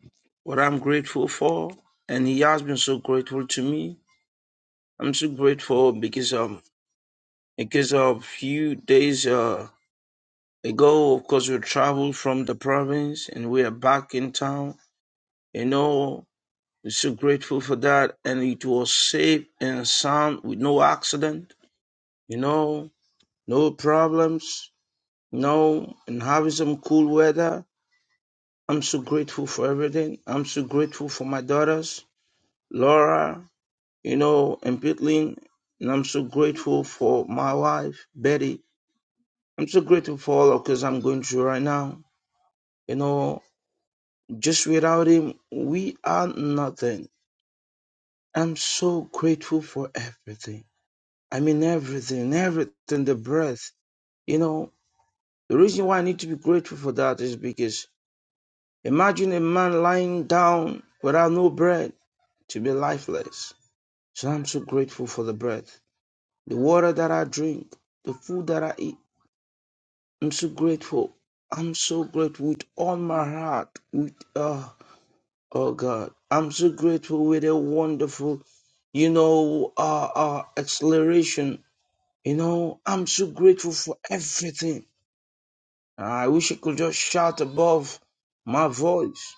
Speaker 10: what I'm grateful for. And he has been so grateful to me. I'm so grateful because um, because of few days. uh. We go, of course, we travel from the province and we are back in town. You know, we're so grateful for that. And it was safe and sound with no accident, you know, no problems, no, and having some cool weather. I'm so grateful for everything. I'm so grateful for my daughters, Laura, you know, and Pitlin. And I'm so grateful for my wife, Betty. I'm so grateful for all of us I'm going through right now. You know, Just without Him, we are nothing. I'm so grateful for everything. I mean, everything, everything, the breath. You know, the reason why I need to be grateful for that is because imagine a man lying down without no bread to be lifeless. So I'm so grateful for the breath, the water that I drink, the food that I eat. I'm so grateful. I'm so grateful with all my heart. With, uh, Oh God, I'm so grateful with a wonderful, you know, uh, uh, acceleration. You know, I'm so grateful for everything. I wish I could just shout above my voice,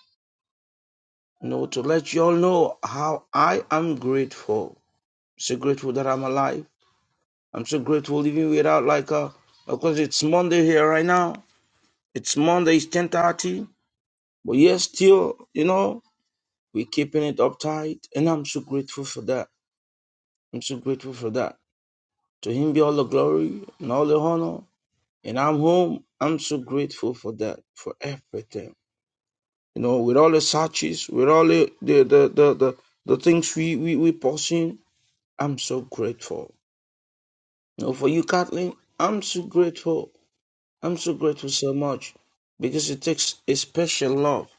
Speaker 10: you know, to let you all know how I am grateful. So grateful that I'm alive. I'm so grateful even without like uh of course it's Monday here right now. It's Monday, it's 10.30. But yes, still, you know, we're keeping it uptight. And I'm so grateful for that. I'm so grateful for that. To him be all the glory and all the honor. And I'm home. I'm so grateful for that, for everything. You know, with all the searches, with all the the the the, the, the things we we we pursue, I'm so grateful. You know, for you, Kathleen, I'm so grateful. I'm so grateful so much because it takes a special love.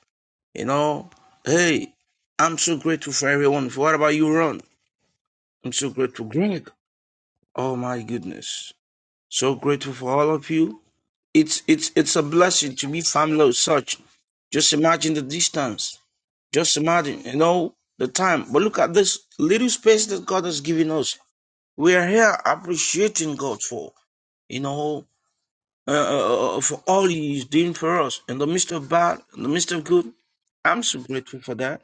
Speaker 10: You know, hey, I'm so grateful for everyone. What about you, Ron? I'm so grateful, Greg. Oh my goodness, so grateful for all of you. It's it's it's a blessing to be family of such. Just imagine the distance. Just imagine, you know, the time. But look at this little space that God has given us. We are here appreciating God for, you know, uh, uh, uh, uh, uh, for all He is doing for us in the midst of bad, in the midst of good. I'm so grateful for that.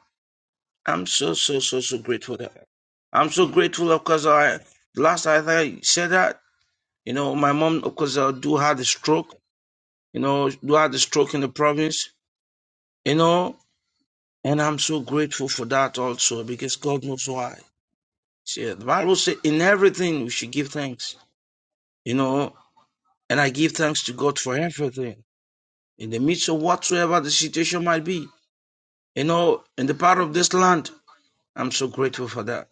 Speaker 10: I'm so so so so grateful for that. I'm so grateful, of course. I the last I I said that, you know, my mom, of course, uh, do had a stroke. You know, do had a stroke in the province You know, and I'm so grateful for that also because God knows why. See, the Bible says in everything we should give thanks. You know, and I give thanks to God for everything in the midst of whatsoever the situation might be. You know, in the part of this land, I'm so grateful for that.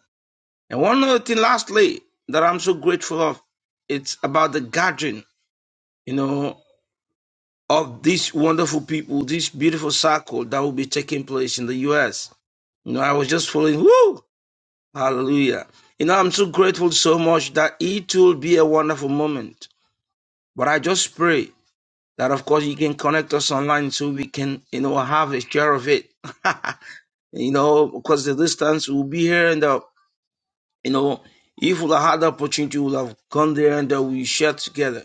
Speaker 10: And one other thing, lastly, that I'm so grateful of, it's about the gathering. You know, of these wonderful people, this beautiful circle that will be taking place in the U.S. You know, I was just feeling Woo! Hallelujah. You know, I'm so grateful so much that it will be a wonderful moment. But I just pray that, of course, you can connect us online so we can, you know, have a share of it. you know, because the distance will be here and, uh, you know, if we had the opportunity, we would have gone there and uh, we share together.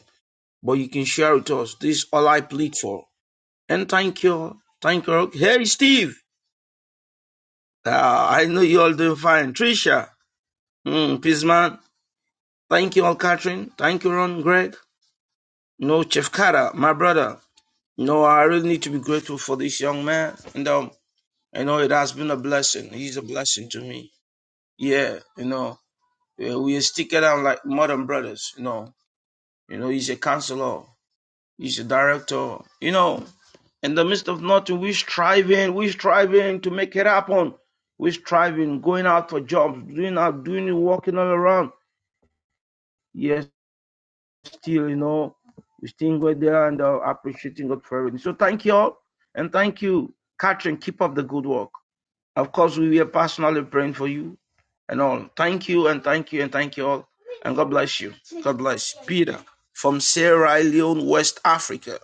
Speaker 10: But you can share with us. This is all I plead for. And thank you. Thank you. Hey, Steve. Uh, I know you all doing fine. Trisha. Mm, peace, man. Thank you all, Catherine. Thank you, Ron, Greg. No, Chef Kara, my brother. No, I really need to be grateful for this young man. And um, I know it has been a blessing. He's a blessing to me. Yeah, you know, yeah, we stick it out like modern brothers. You know, you know, he's a counselor. He's a director. You know, in the midst of nothing, we're striving. We're striving to make it happen. We're striving, going out for jobs, doing out, doing it, walking all around. Yes. still, you know, we still go there and uh, appreciating God for everything. So thank you all, and thank you, Catherine. Keep up the good work. Of course, we were personally praying for you and all. Thank you, and thank you, and thank you all, and God bless you. God bless Peter from Sierra Leone, West Africa.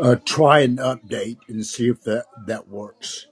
Speaker 8: Uh, try an update and see if that, that works.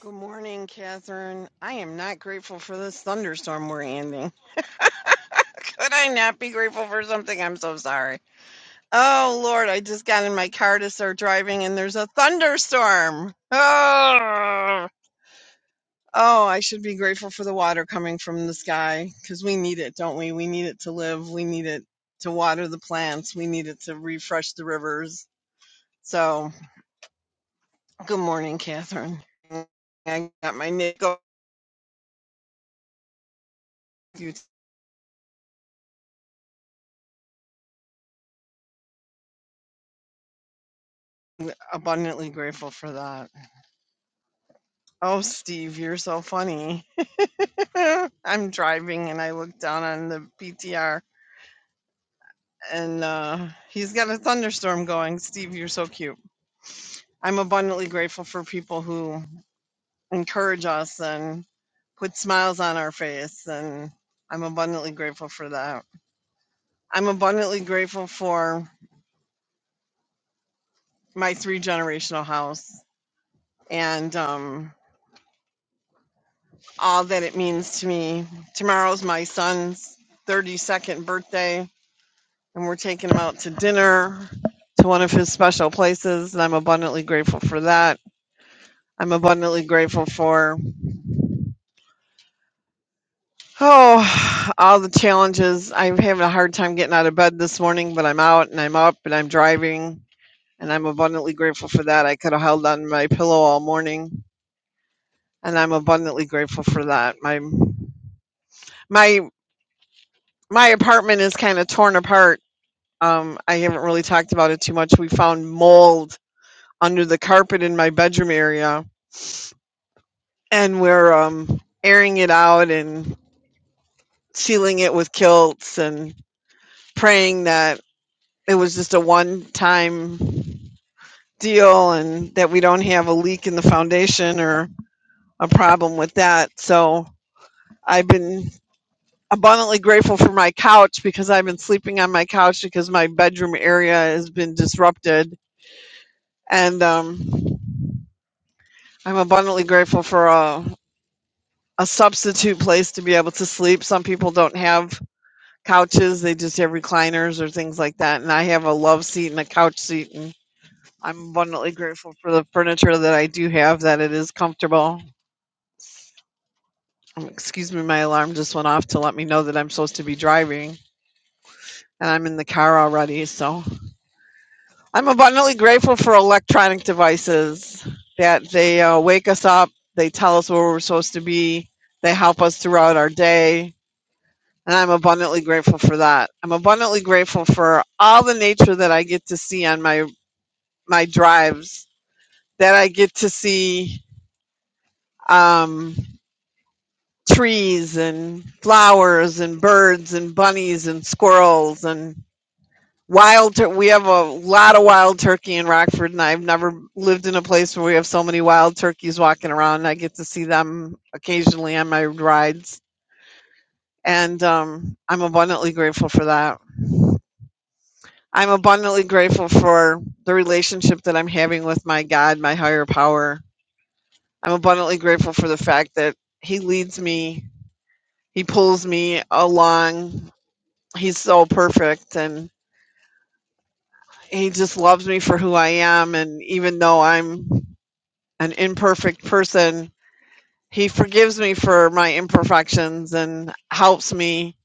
Speaker 11: Good morning, Catherine. I am not grateful for this thunderstorm we're ending. Could I not be grateful for something? I'm so sorry. Oh, Lord, I just got in my car to start driving and there's a thunderstorm. Oh, oh I should be grateful for the water coming from the sky because we need it, don't we? We need it to live. We need it to water the plants. We need it to refresh the rivers. So, good morning, Catherine. I got my nickel. Abundantly grateful for that. Oh, Steve, you're so funny. I'm driving and I look down on the PTR and uh, he's got a thunderstorm going. Steve, you're so cute. I'm abundantly grateful for people who encourage us and put smiles on our face. And I'm abundantly grateful for that. I'm abundantly grateful for my three generational house and um, all that it means to me. Tomorrow's my son's 32nd birthday and we're taking him out to dinner to one of his special places and i'm abundantly grateful for that i'm abundantly grateful for oh all the challenges i'm having a hard time getting out of bed this morning but i'm out and i'm up and i'm driving and i'm abundantly grateful for that i could have held on to my pillow all morning and i'm abundantly grateful for that my my my apartment is kind of torn apart um, i haven't really talked about it too much we found mold under the carpet in my bedroom area and we're um, airing it out and sealing it with kilts and praying that it was just a one time deal and that we don't have a leak in the foundation or a problem with that. So I've been abundantly grateful for my couch because I've been sleeping on my couch because my bedroom area has been disrupted. And um, I'm abundantly grateful for a, a substitute place to be able to sleep. Some people don't have couches. They just have recliners or things like that. And I have a love seat and a couch seat, and I'm abundantly grateful for the furniture that I do have. That it is comfortable. Um, Excuse me, my alarm just went off to let me know that I'm supposed to be driving, and I'm in the car already. So I'm abundantly grateful for electronic devices that they uh, wake us up, they tell us where we're supposed to be, they help us throughout our day. And I'm abundantly grateful for that. I'm abundantly grateful for all the nature that I get to see on my my drives that I get to see um, trees and flowers and birds and bunnies and squirrels and wild. Tur- we have a lot of wild turkey in Rockford, and I've never lived in a place where we have so many wild turkeys walking around. I get to see them occasionally on my rides, and um, I'm abundantly grateful for that. I'm abundantly grateful for the relationship that I'm having with my God, my higher power I'm abundantly grateful for the fact that he leads me, he pulls me along. He's so perfect and he just loves me for who I am. And even though I'm an imperfect person, he forgives me for my imperfections and helps me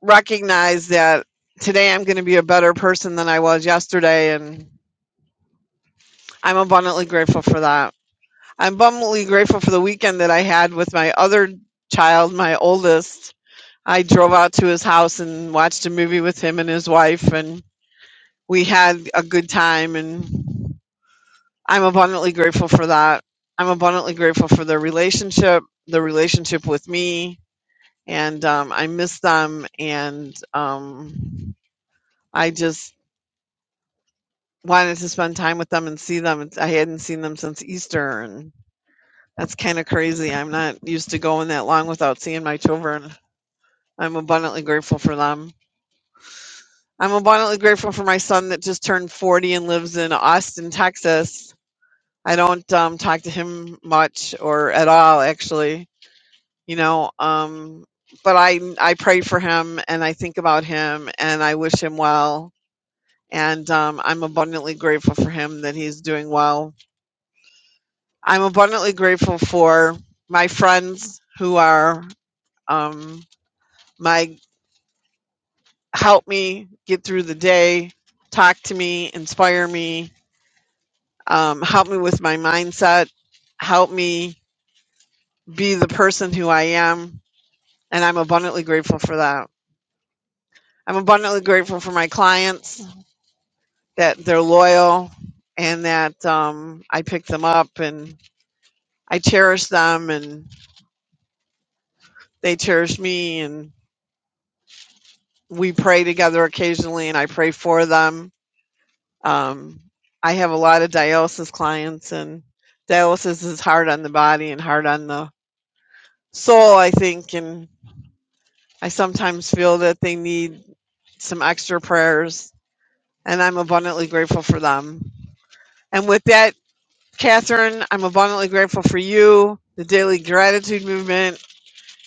Speaker 11: recognize that today I'm going to be a better person than I was yesterday. And I'm abundantly grateful for that. I'm abundantly grateful for the weekend that I had with my other child, my oldest I drove out to his house and watched a movie with him and his wife, and we had a good time. And I'm abundantly grateful for that. I'm abundantly grateful for their relationship, the relationship with me, and um, I miss them. And um, I just wanted to spend time with them and see them. I hadn't seen them since Easter, and that's kind of crazy. I'm not used to going that long without seeing my children. I'm abundantly grateful for them I'm abundantly grateful for my son that just turned 40 and lives in Austin, Texas. I don't um, talk to him much or at all, actually, you know. Um, but I I pray for him and I think about him and I wish him well. And um, I'm abundantly grateful for him that he's doing well. I'm abundantly grateful for my friends who are um, my help me get through the day, talk to me, inspire me, um, help me with my mindset, help me be the person who I am. And I'm abundantly grateful for that. I'm abundantly grateful for my clients that they're loyal and that um, I pick them up and I cherish them and they cherish me. And we pray together occasionally and I pray for them. Um, I have a lot of dialysis clients, and dialysis is hard on the body and hard on the soul, I think. and. I sometimes feel that they need some extra prayers, and I'm abundantly grateful for them. And with that, Catherine, I'm abundantly grateful for you, the daily gratitude movement,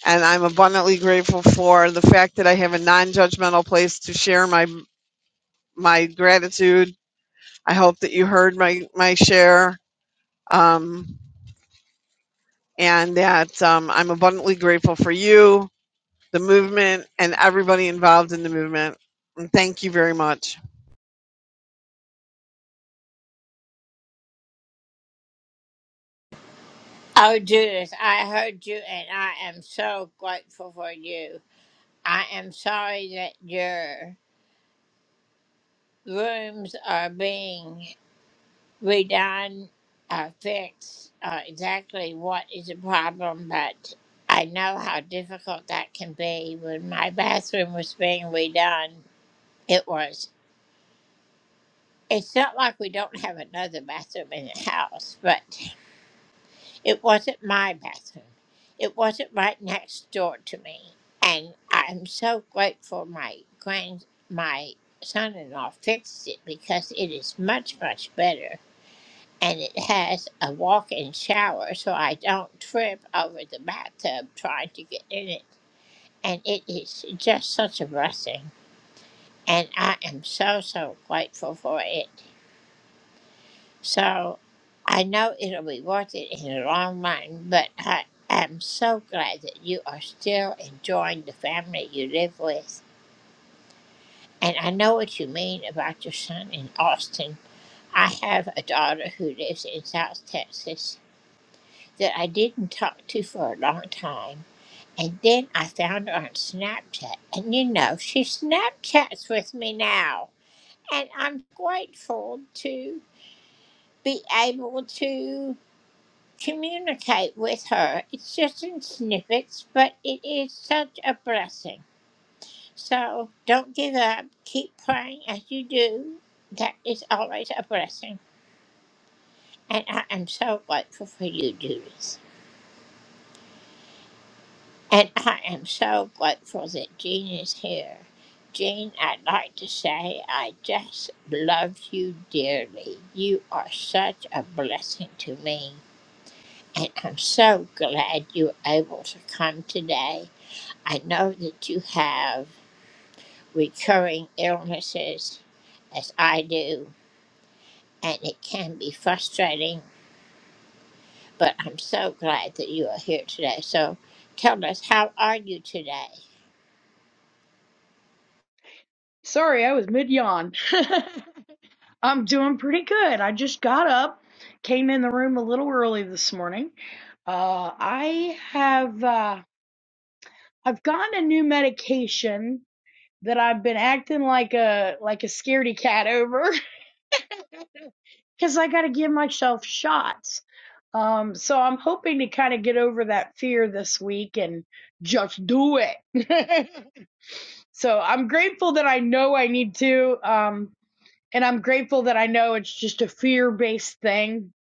Speaker 11: and I'm abundantly grateful for the fact that I have a non judgmental place to share my, my gratitude. I hope that you heard my, my share, um, and that um, I'm abundantly grateful for you, the movement, and everybody involved in the movement. And thank you very much.
Speaker 12: Sorry, I was mid yawn. I'm doing pretty good. I just got up, came in the room a little early this morning. Uh, I have uh, I've gotten a new medication that I've been acting like a like a scaredy cat over because I got to give myself shots. Um, so I'm hoping to kind of get over that fear this week and just do it. so I'm grateful that I know I need to. Um, and I'm grateful that I know it's just a fear based thing,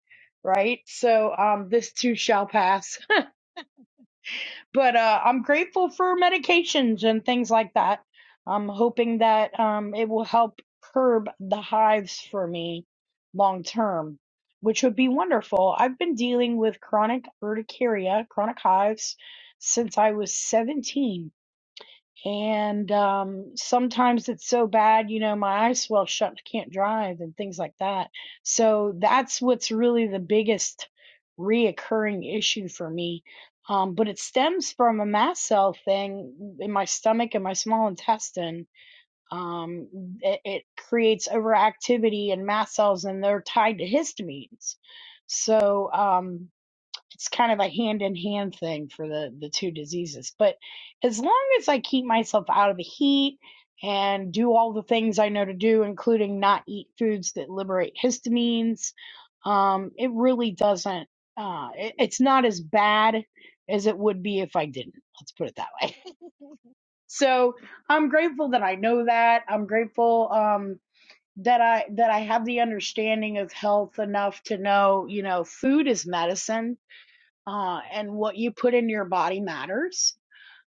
Speaker 12: right? So um, this too shall pass. but uh, I'm grateful for medications and things like that. I'm hoping that um, it will help curb the hives for me long term, which would be wonderful. I've been dealing with chronic urticaria, chronic hives, since I was 17 and um, sometimes it's so bad, you know, my eyes swell shut, can't drive, and things like that. So that's what's really the biggest reoccurring issue for me. Um, but it stems from a mast cell thing in my stomach and my small intestine. Um, it, it creates overactivity in mast cells, and they're tied to histamines. So, um, it's kind of a hand in hand thing for the the two diseases but as long as i keep myself out of the heat and do all the things i know to do including not eat foods that liberate histamines um it really doesn't uh it, it's not as bad as it would be if i didn't let's put it that way so i'm grateful that i know that i'm grateful um that i that i have the understanding of health enough to know you know food is medicine uh, and what you put into your body matters.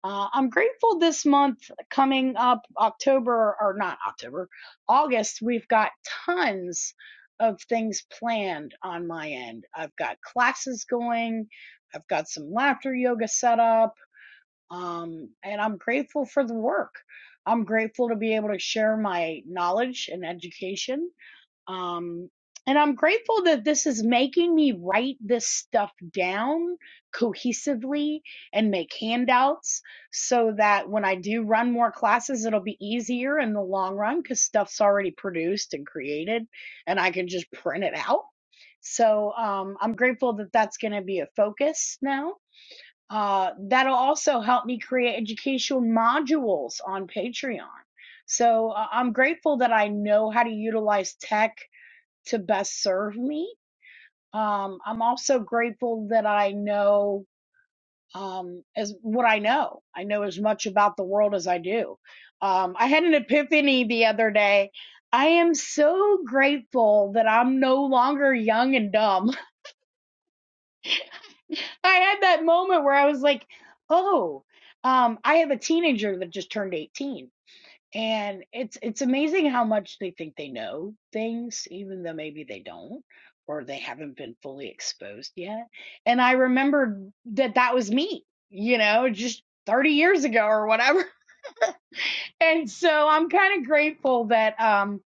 Speaker 12: Uh, I'm grateful this month coming up October or not October, August, we've got tons of things planned on my end. I've got classes going, I've got some laughter yoga set up, um, and I'm grateful for the work. I'm grateful to be able to share my knowledge and education um, and I'm grateful that this is making me write this stuff down cohesively and make handouts so that when I do run more classes, it'll be easier in the long run because stuff's already produced and created and I can just print it out. So um, I'm grateful that that's going to be a focus now. Uh, that'll also help me create educational modules on Patreon. So uh, I'm grateful that I know how to utilize tech to best serve me. Um, I'm also grateful that I know um, as what I know. I know as much about the world as I do. Um, I had an epiphany the other day. I am so grateful that I'm no longer young and dumb. I had that moment where I was like, oh, um, I have a teenager that just turned 18 And it's it's amazing how much they think they know things, even though maybe they don't, or they haven't been fully exposed yet. And I remembered that that was me, you know, just 30 years ago or whatever. And so I'm kind of grateful that um,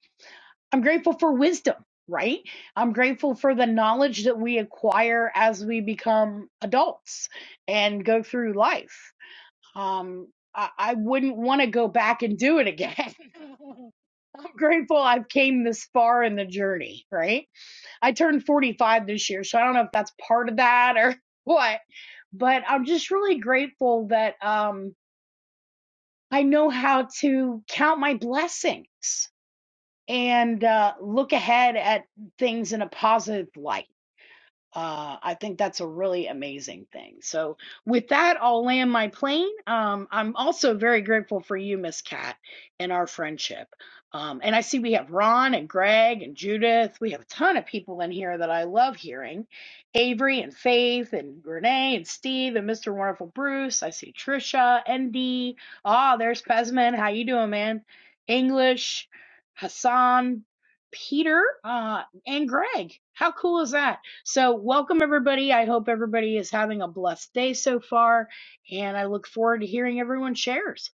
Speaker 12: I'm grateful for wisdom, right? I'm grateful for the knowledge that we acquire as we become adults and go through life. Um, I, I wouldn't want to go back and do it again. I'm grateful I've came this far in the journey, right? I turned 45 this year, so I don't know if that's part of that or what, but I'm just really grateful that um I know how to count my blessings and uh look ahead at things in a positive light uh, I think that's a really amazing thing. So, with that, I'll land my plane. Um, I'm also very grateful for you, Miss Cat, and our friendship. Um, and I see we have Ron and Greg and Judith. We have a ton of people in here that I love hearing Avery and Faith and Renee and Steve and Mr. Wonderful Bruce. I see Trisha, ND. Ah, there's Pesman. How you doing, man? English, Hassan, Peter, uh, and Greg. How cool is that? So, welcome everybody. I hope everybody is having a blessed day so far, and I look forward to hearing everyone's shares.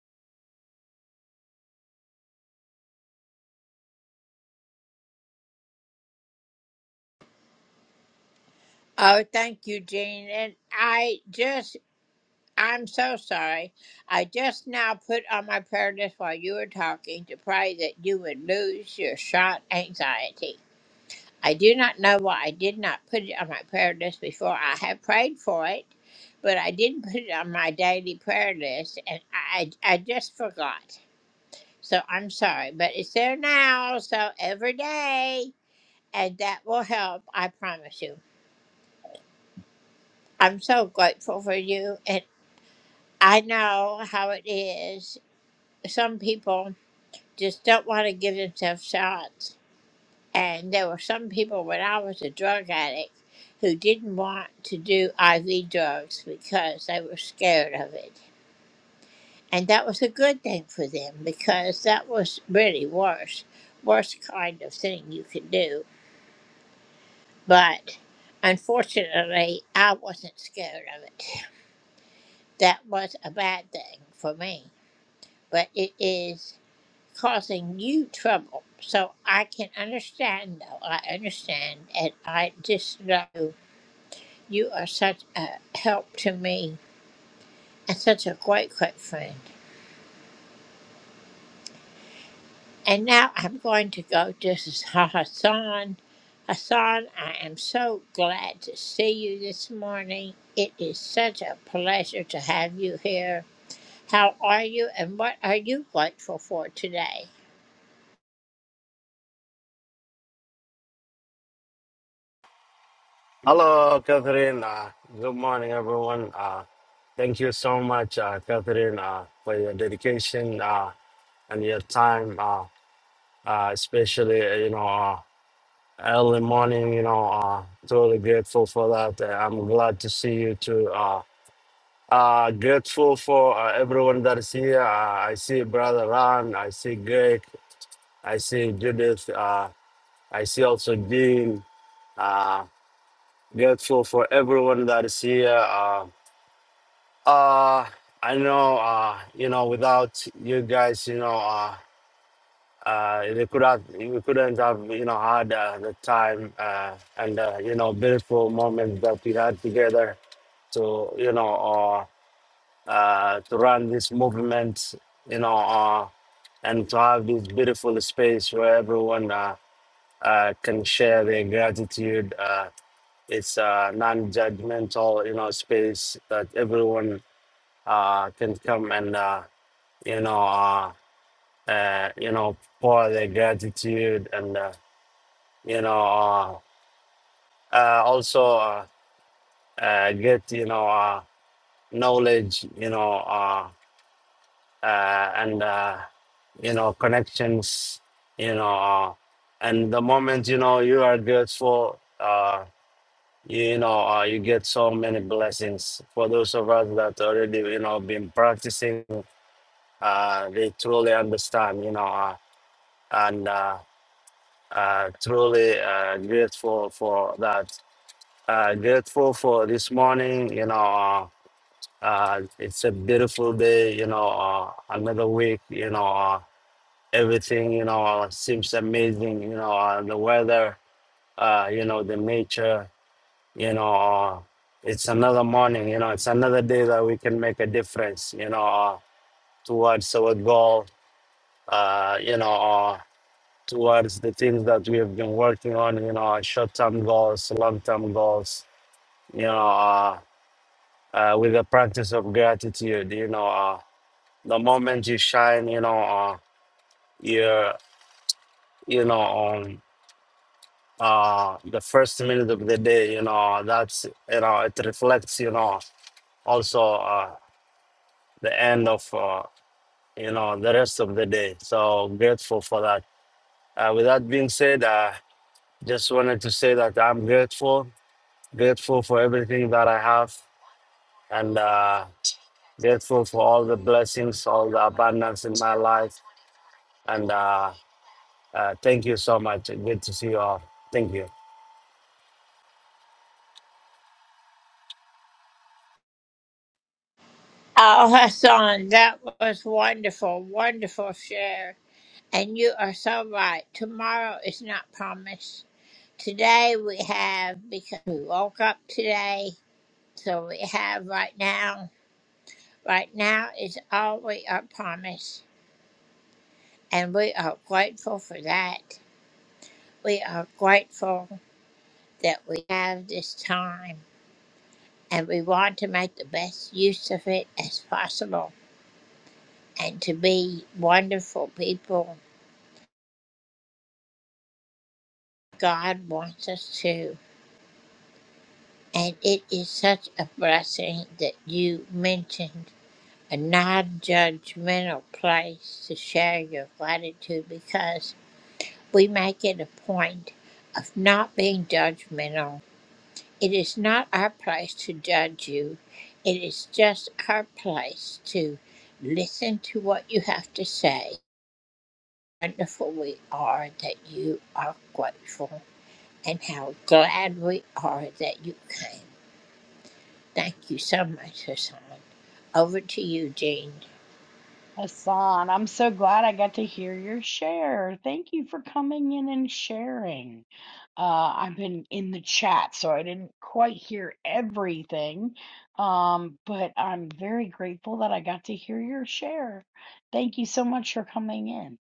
Speaker 13: Hello, Catherine. Uh, good morning, everyone. Uh, thank you so much, uh, Catherine, uh, for your dedication uh, and your time, uh, uh, especially uh, you know uh, early morning. You know, uh, totally grateful for that. Uh, I'm glad to see you too. Uh, uh, grateful for uh, everyone that is here. Uh, I see Brother Ron. I see Greg. I see Judith. Uh, I see also Dean. Uh, grateful for everyone that is here. Uh, Uh, I know. Uh, you know, without you guys, you know, uh, uh, we could have, we couldn't have, you know, had uh, the time uh, and uh, you know, beautiful moments that we had together to, you know, uh, uh, to run this movement, you know, uh, and to have this beautiful space where everyone uh, uh, can share their gratitude. Uh, it's a non-judgmental, you know, space that everyone uh, can come and uh, you know, uh, uh, you know, pour their gratitude and, uh, you know, uh, uh, also uh, uh, get, you know, uh, knowledge, you know, uh, uh, and, uh, you know, connections, you know, uh, and the moment, you know, you are grateful, uh, you you know, uh, you get so many blessings. For those of us that already, you know, been practicing, uh, they truly understand, you know, uh, and, uh, Uh, truly uh, grateful for that. Uh, grateful for this morning. You know, uh, uh, it's a beautiful day. You know, uh, another week. You know, uh, everything. You know, uh, seems amazing. You know, uh, the weather. Uh, you know, the nature. You know, uh, it's another morning. You know, it's another day that we can make a difference. You know, uh, towards our goal. Uh, you know. uh, towards the things that we have been working on, you know, short-term goals, long-term goals, you know, uh, uh, with the practice of gratitude, you know, uh, the moment you shine, you know, uh, you're, you know, on uh, the first minute of the day, you know, that's, you know, it reflects, you know, also uh, the end of, uh, you know, the rest of the day. So grateful for that. Uh, with that being said, uh, just wanted to say that I'm grateful Grateful for everything that I have, and uh, grateful for all the blessings, all the abundance in my life. And uh, uh, thank you so much. Good to see you all. Thank you.
Speaker 12: Hassan, I'm so glad I got to hear your share. Thank you for coming in and sharing. Uh, I've been in the chat, so I didn't quite hear everything, um, but I'm very grateful that I got to hear your share. Thank you so much for coming in.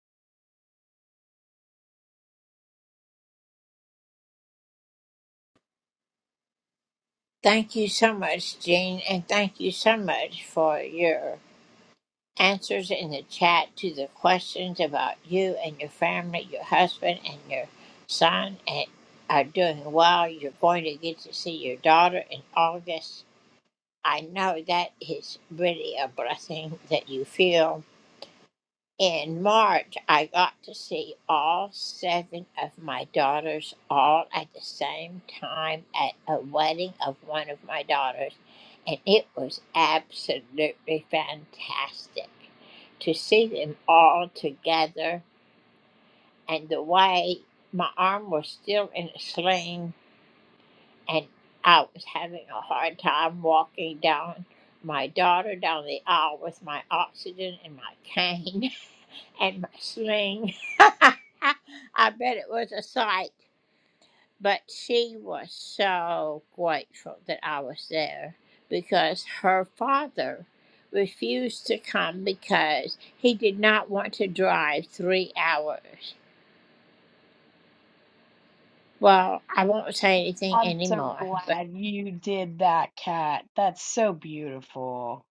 Speaker 12: I'm so glad you did that, Kat. That's so beautiful.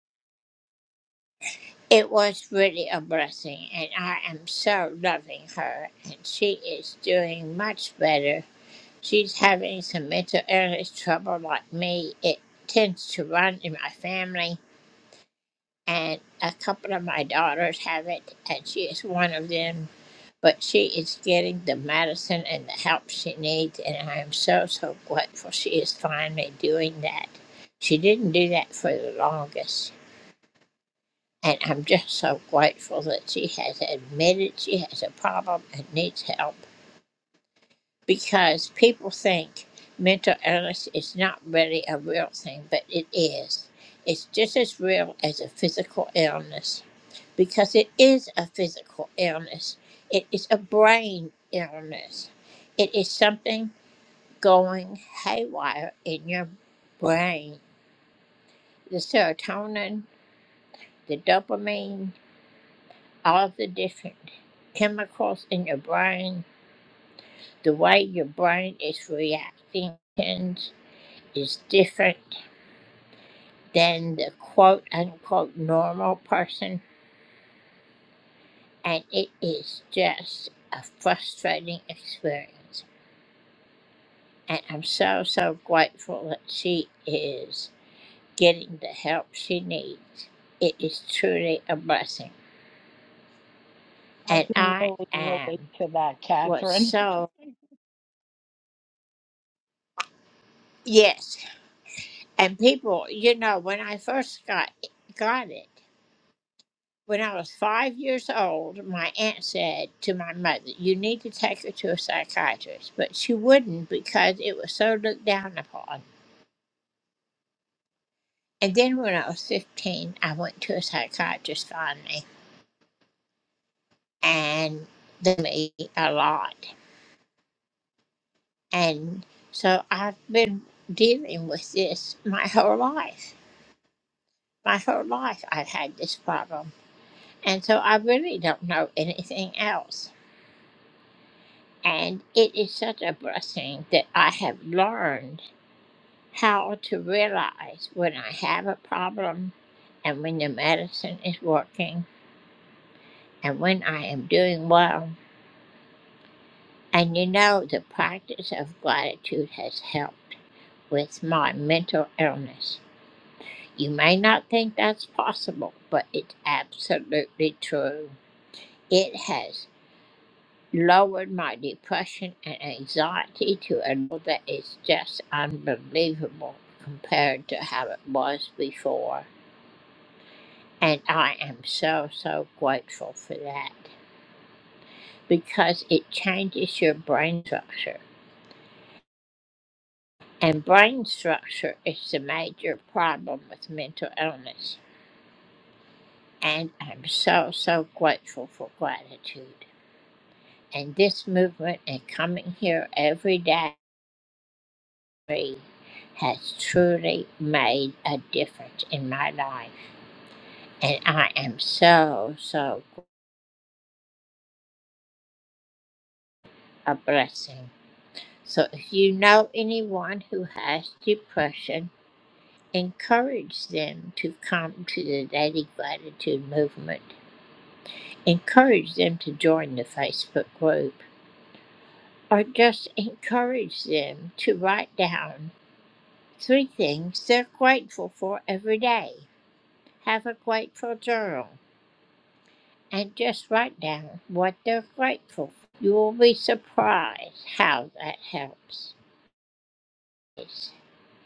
Speaker 12: I can really relate to that, Catherine.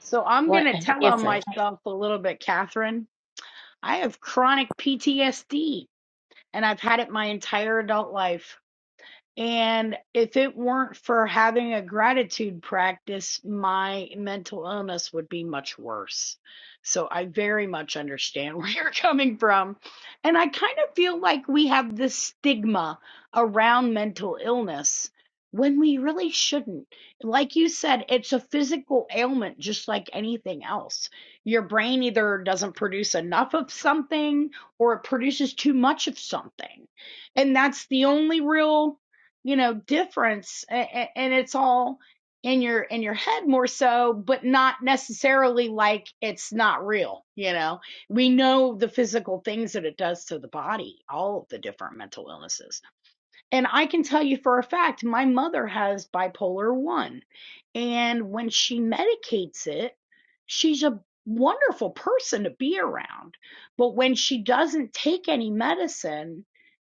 Speaker 12: So I'm going to tell on myself a little bit, Catherine. I have chronic PTSD and I've had it my entire adult life. And if it weren't for having a gratitude practice, my mental illness would be much worse. So I very much understand where you're coming from. And I kind of feel like we have this stigma around mental illness when we really shouldn't. Like you said, it's a physical ailment just like anything else. Your brain either doesn't produce enough of something or it produces too much of something. And that's the only real you know difference a- and it's all in your in your head more so but not necessarily like it's not real you know we know the physical things that it does to the body all of the different mental illnesses and I can tell you for a fact, my mother has bipolar one. And when she medicates it, she's a wonderful person to be around. But when she doesn't take any medicine,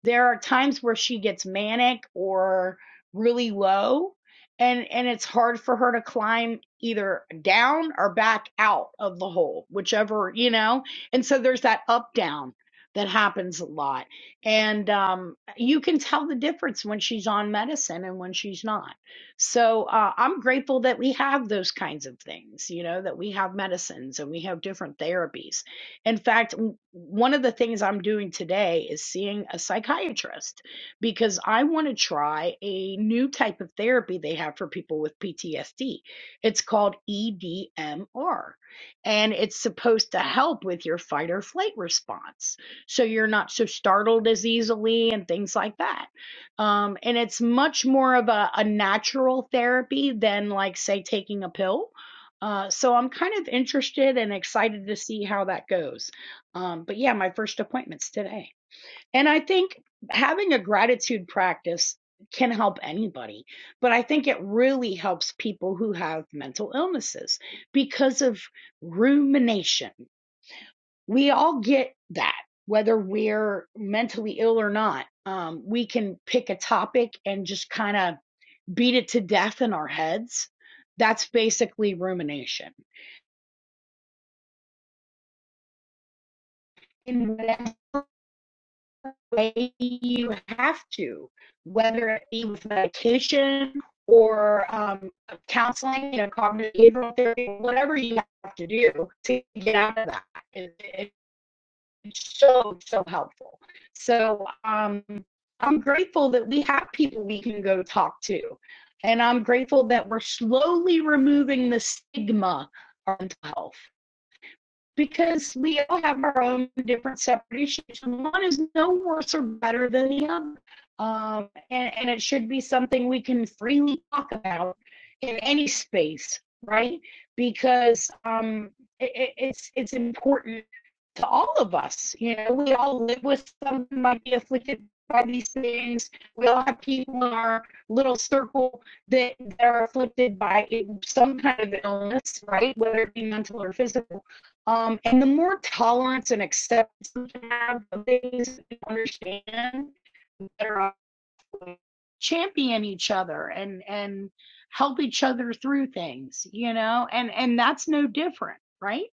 Speaker 12: there are times where she gets manic or really low. And, and it's hard for her to climb either down or back out of the hole, whichever, you know? And so there's that up down that happens a lot and um, you can tell the difference when she's on medicine and when she's not. So uh, I'm grateful that we have those kinds of things, you know, that we have medicines and we have different therapies. In fact, w- one of the things I'm doing today is seeing a psychiatrist because I want to try a new type of therapy they have for people with PTSD. It's called EDMR, and it's supposed to help with your fight or flight response so you're not so startled as easily and things like that. Um, and it's much more of a, a natural therapy than, like, say, taking a pill. Uh, so I'm kind of interested and excited to see how that goes. Um, but yeah, my first appointment's today. And I think having a gratitude practice can help anybody, but I think it really helps people who have mental illnesses because of rumination we all get that whether we're mentally ill or not um, we can pick a topic and just kind of beat it to death in our heads that's basically rumination in whatever way you have to whether it be with medication or um, counseling you know cognitive behavioral therapy whatever you have to do to get out of that It, it, so so helpful so um i'm grateful that we have people we can go talk to and i'm grateful that we're slowly removing the stigma on mental health because we all have our own different separate issues. and One is no worse or better than the other. Um, and, and it should be something we can freely talk about in any space, right? Because um, it, it's it's important to all of us. You know, we all live with something that might be afflicted by these things. We all have people in our little circle that, that are afflicted by some kind of illness, right? Whether it be mental or physical um, and the more tolerance and acceptance we can have of things we understand, the better off we champion each other and and help each other through things, you know, and and that's no different, right?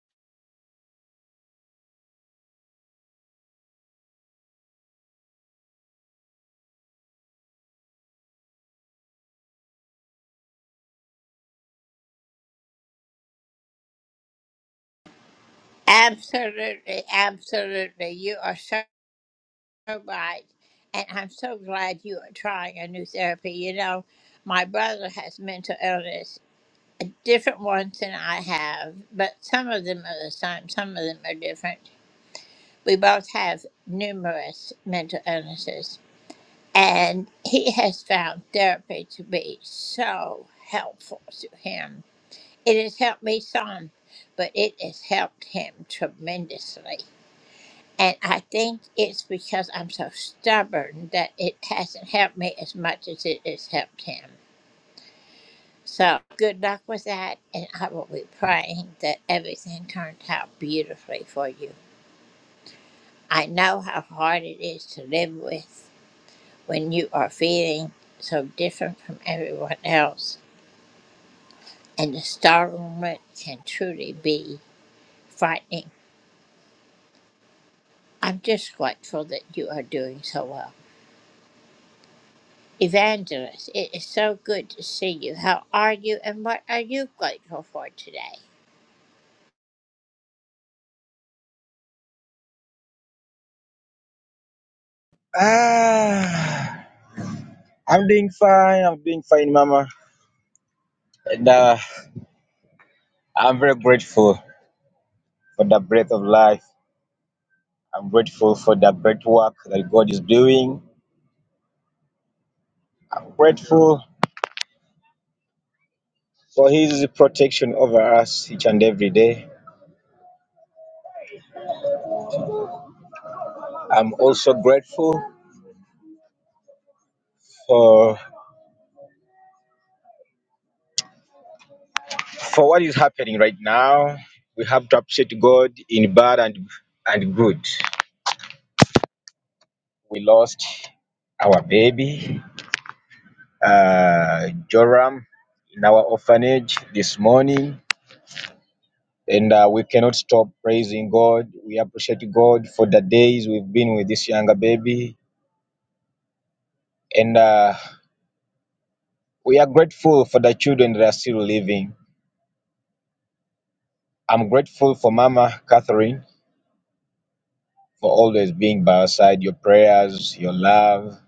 Speaker 14: Ah, I'm doing fine. I'm doing fine, Mama. And uh, I'm very grateful for the breath of life. I'm grateful for the breath work that God is doing. I'm grateful for His protection over us each and every day. I'm also grateful for for what is happening right now. We have to appreciate God in bad and and good. We lost our baby. uh, Joram in our orphanage this morning. And uh, we cannot stop praising God. We appreciate God for the days we've been with this younger baby. And uh, we are grateful for the children that are still living. I'm grateful for Mama Catherine for always being by our side. Your prayers, your love,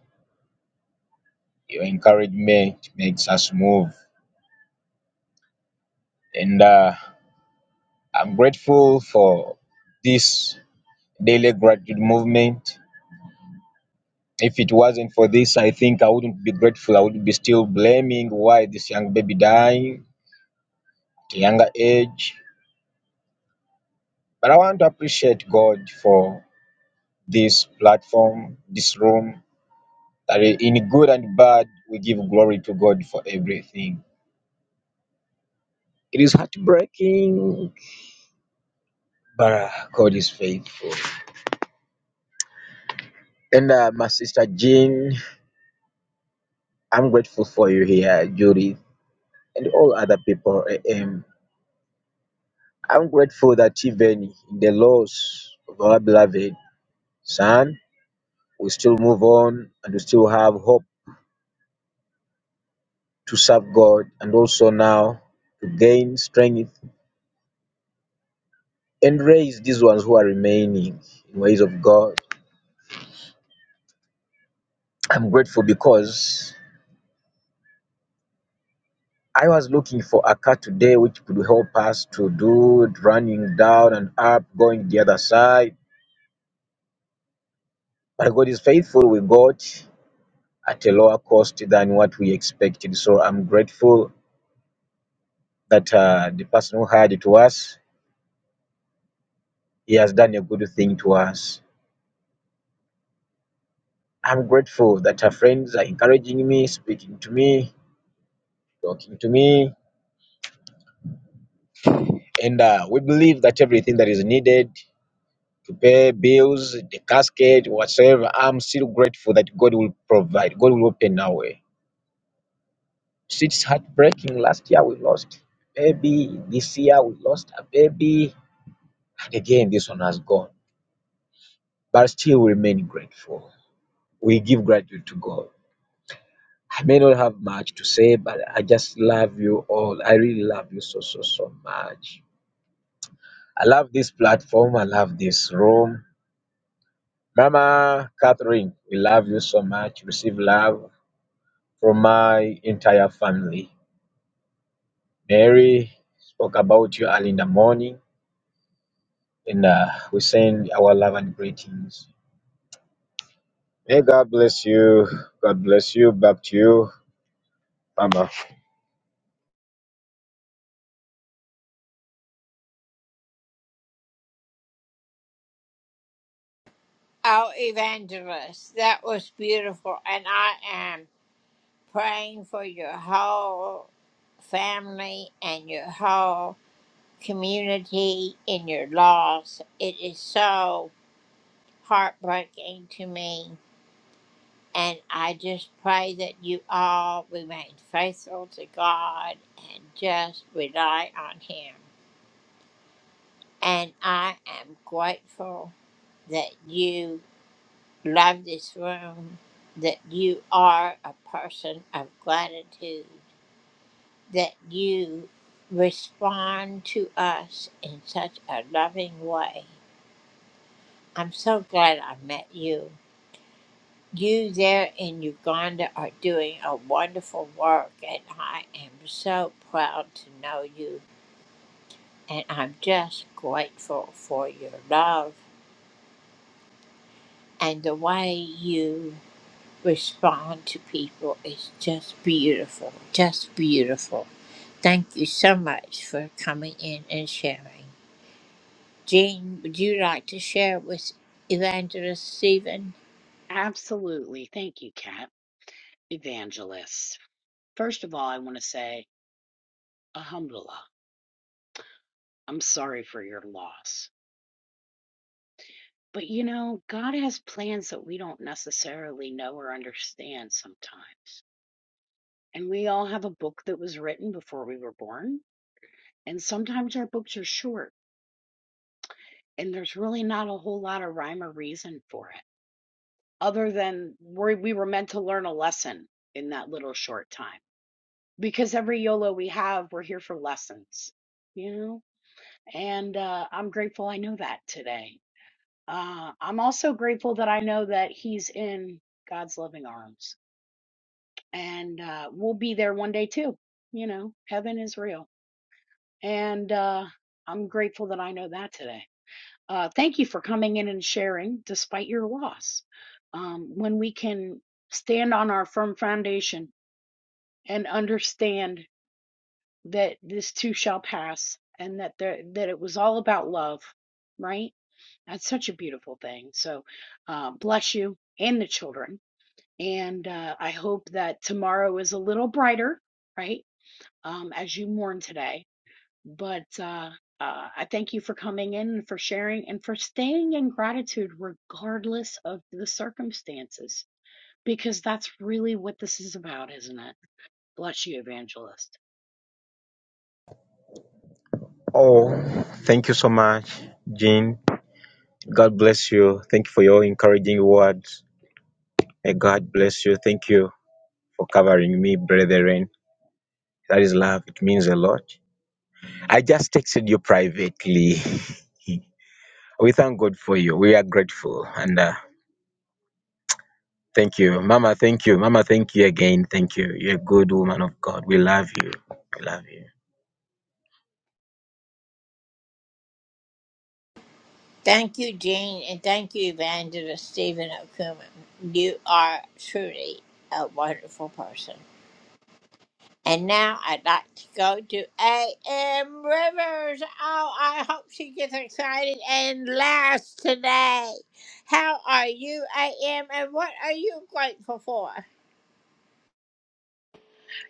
Speaker 14: your encouragement makes us move. And uh, I'm grateful for this daily gratitude movement If it wasn't for this, I think I wouldn't be grateful. I would be still blaming why this young baby dying at a younger age. But I want to appreciate God for this platform, this room. That in good and bad, we give glory to God for everything. It is heartbreaking, but uh, God is faithful. And uh, my sister Jean, I'm grateful for you here, Judith, and all other people. I am. I'm grateful that even in the loss of our beloved, son, we still move on and we still have hope to serve God and also now to gain strength and raise these ones who are remaining in ways of God. I'm grateful because I was looking for a car today which could help us to do it, running down and up, going the other side. But God is faithful. We got at a lower cost than what we expected. So I'm grateful that uh, the person who hired it to us, he has done a good thing to us. I'm grateful that her friends are encouraging me, speaking to me, talking to me. And uh, we believe that everything that is needed to pay bills, the casket, whatsoever, I'm still grateful that God will provide, God will open our way. It's heartbreaking. Last year we lost a baby, this year we lost a baby, and again this one has gone. But still, we remain grateful. We give gratitude to God. I may not have much to say, but I just love you all. I really love you so, so, so much. I love this platform. I love this room. Mama Catherine, we love you so much. Receive love from my entire family. Mary spoke about you early in the morning, and uh, we send our love and greetings. May God bless you. God bless you. Back to you, Mama.
Speaker 12: Absolutely. Thank you, Kat. Evangelist. First of all, I want to say, Alhamdulillah, I'm sorry for your loss. But you know, God has plans that we don't necessarily know or understand sometimes. And we all have a book that was written before we were born. And sometimes our books are short and there's really not a whole lot of rhyme or reason for it, other than we we were meant to learn a lesson in that little short time. Because every YOLO we have, we're here for lessons, you know? And uh, I'm grateful I know that today. Uh, I'm also grateful that I know that he's in God's loving arms and uh, we'll be there one day too. You know, heaven is real And uh, I'm grateful that I know that today. Uh, thank you for coming in and sharing despite your loss. Um, when we can stand on our firm foundation and understand that this too shall pass and that there, that it was all about love, right? That's such a beautiful thing. So uh, bless you and the children. And uh, I hope that tomorrow is a little brighter, right? Um, as you mourn today But uh, uh, I thank you for coming in and for sharing and for staying in gratitude regardless of the circumstances, because that's really what this is about, isn't it? Bless you, evangelist.
Speaker 14: Oh, thank you so much, Jean. God bless you. Thank you for your encouraging words. May God bless you. Thank you for covering me, brethren. That is love. It means a lot. I just texted you privately. We thank God for you. We are grateful. And uh, thank you. Mama, thank you. Mama, thank you again. Thank you. You're a good woman of God. We love you. We love you.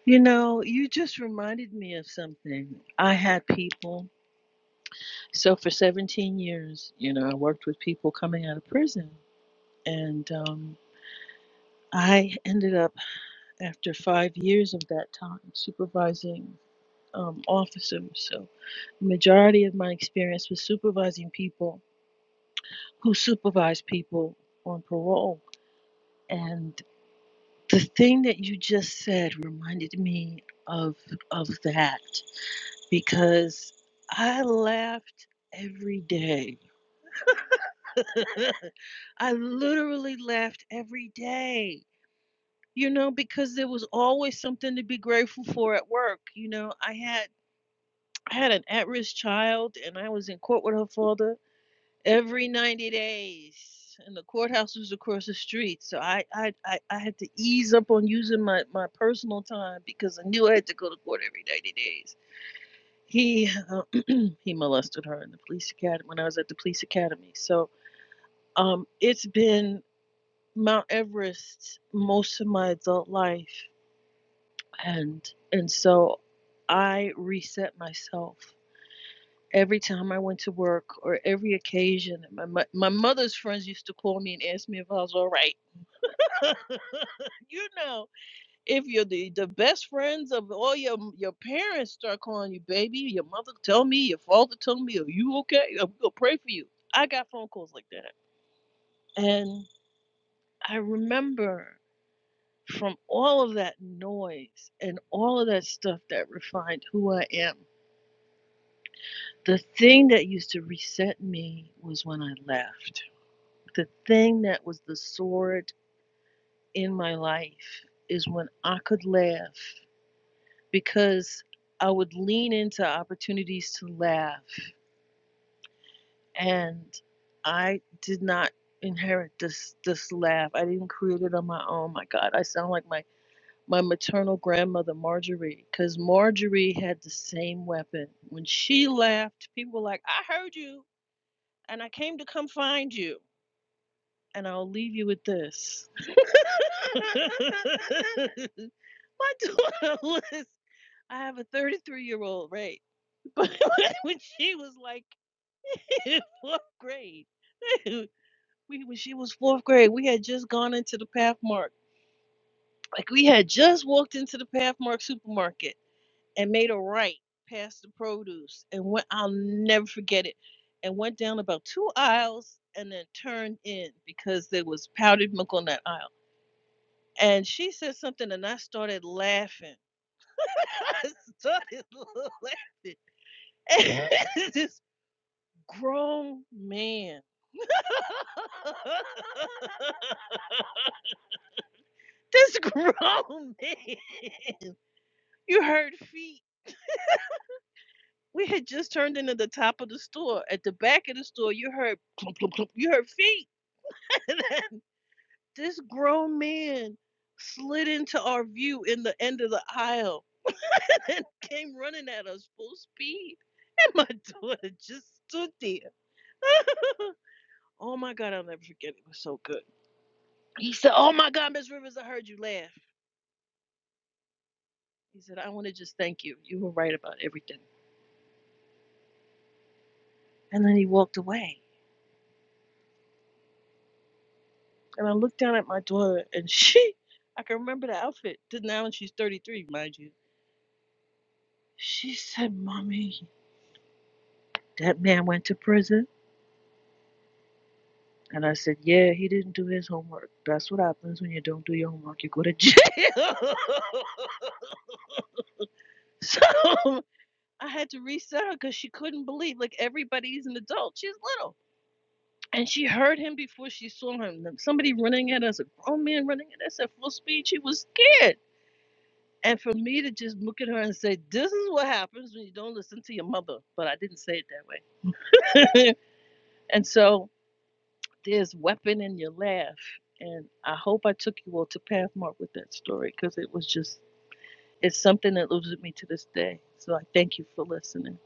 Speaker 15: You know, you just reminded me of something. I had people. So for 17 years, you know, I worked with people coming out of prison. And um, I ended up, after five years of that time, supervising um, officers. So the majority of my experience was supervising people who supervise people on parole. And the thing that you just said reminded me of of that. because I laughed every day. I literally laughed every day, you know, because there was always something to be grateful for at work. You know, I had I had an at-risk child and I was in court with her father every 90 days. And the courthouse was across the street. So I, I, I, I had to ease up on using my, my personal time because I knew I had to go to court every 90 days. He uh, He molested her in the police academy when I was at the police academy. So um, it's been Mount Everest most of my adult life, and and so I reset myself every time I went to work or every occasion. My my mother's friends used to call me and ask me if I was all right. you know, if you're the, the best friends of all your your parents start calling you baby, your mother tell me, your father tell me, are you okay? I'm gonna pray for you. I got phone calls like that. And I remember from all of that noise and all of that stuff that refined who I am, the thing that used to reset me was when I left. The thing that was the sword in my life is when I could laugh because I would lean into opportunities to laugh. And I did not inherit this this laugh. I didn't create it on my own. My God, I sound like my my maternal grandmother Marjorie, because Marjorie had the same weapon. When she left, people were like, I heard you and I came to come find you. And I'll leave you with this. my daughter was I have a 33 year old, right? But when she was like in fourth grade, we, when she was fourth grade, we had just gone into the Pathmark. Like we had just walked into the Pathmark supermarket and made a right past the produce and went I'll never forget it and went down about two aisles and then turned in because there was powdered milk on that aisle. And she said something and I started laughing. I started laughing. And this grown man. this grown man. You heard feet We had just turned into the top of the store. At the back of the store, you heard clump, clump, clump, you heard feet. And then this grown man slid into our view in the end of the aisle and then came running at us full speed. And my daughter just stood there. oh my God, I'll never forget. it. It was so good. He said, Oh my God, Miss Rivers, I heard you laugh. He said, I want to just thank you. You were right about everything. And then he walked away. And I looked down at my daughter, and she, I can remember the outfit. to Now and she's 33, mind you. She said, Mommy, that man went to prison. And I said, Yeah, he didn't do his homework. That's what happens when you don't do your homework. You go to jail. so I had to reset her because she couldn't believe, like, everybody's an adult. She's little. And she heard him before she saw him. Somebody running at us, a grown man running at us at full speed. She was scared. And for me to just look at her and say, This is what happens when you don't listen to your mother. But I didn't say it that way. and so there's weapon in your laugh. And I hope I took you all to Pathmark with that story because it was just, it's something that lives with me to this day. So I thank you for listening.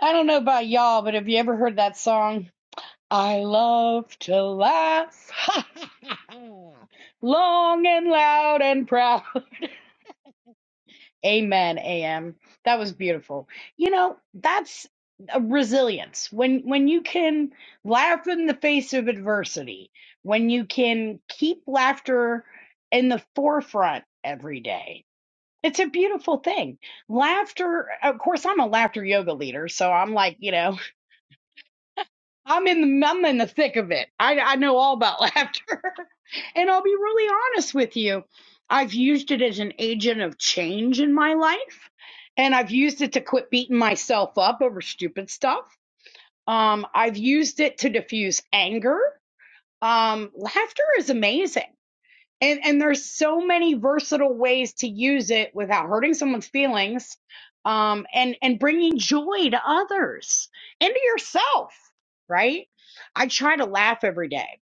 Speaker 12: I don't know about y'all, but have you ever heard that song? I love to laugh, long and loud and proud. Amen, AM. That was beautiful. You know, that's a resilience. When when you can laugh in the face of adversity, when you can keep laughter in the forefront every day. It's a beautiful thing. Laughter, of course, I'm a laughter yoga leader, so I'm like, you know, I'm in the I'm in the thick of it. I I know all about laughter. and I'll be really honest with you. I've used it as an agent of change in my life and I've used it to quit beating myself up over stupid stuff. Um I've used it to diffuse anger. Um laughter is amazing and and there's so many versatile ways to use it without hurting someone's feelings um and and bringing joy to others and to yourself right i try to laugh every day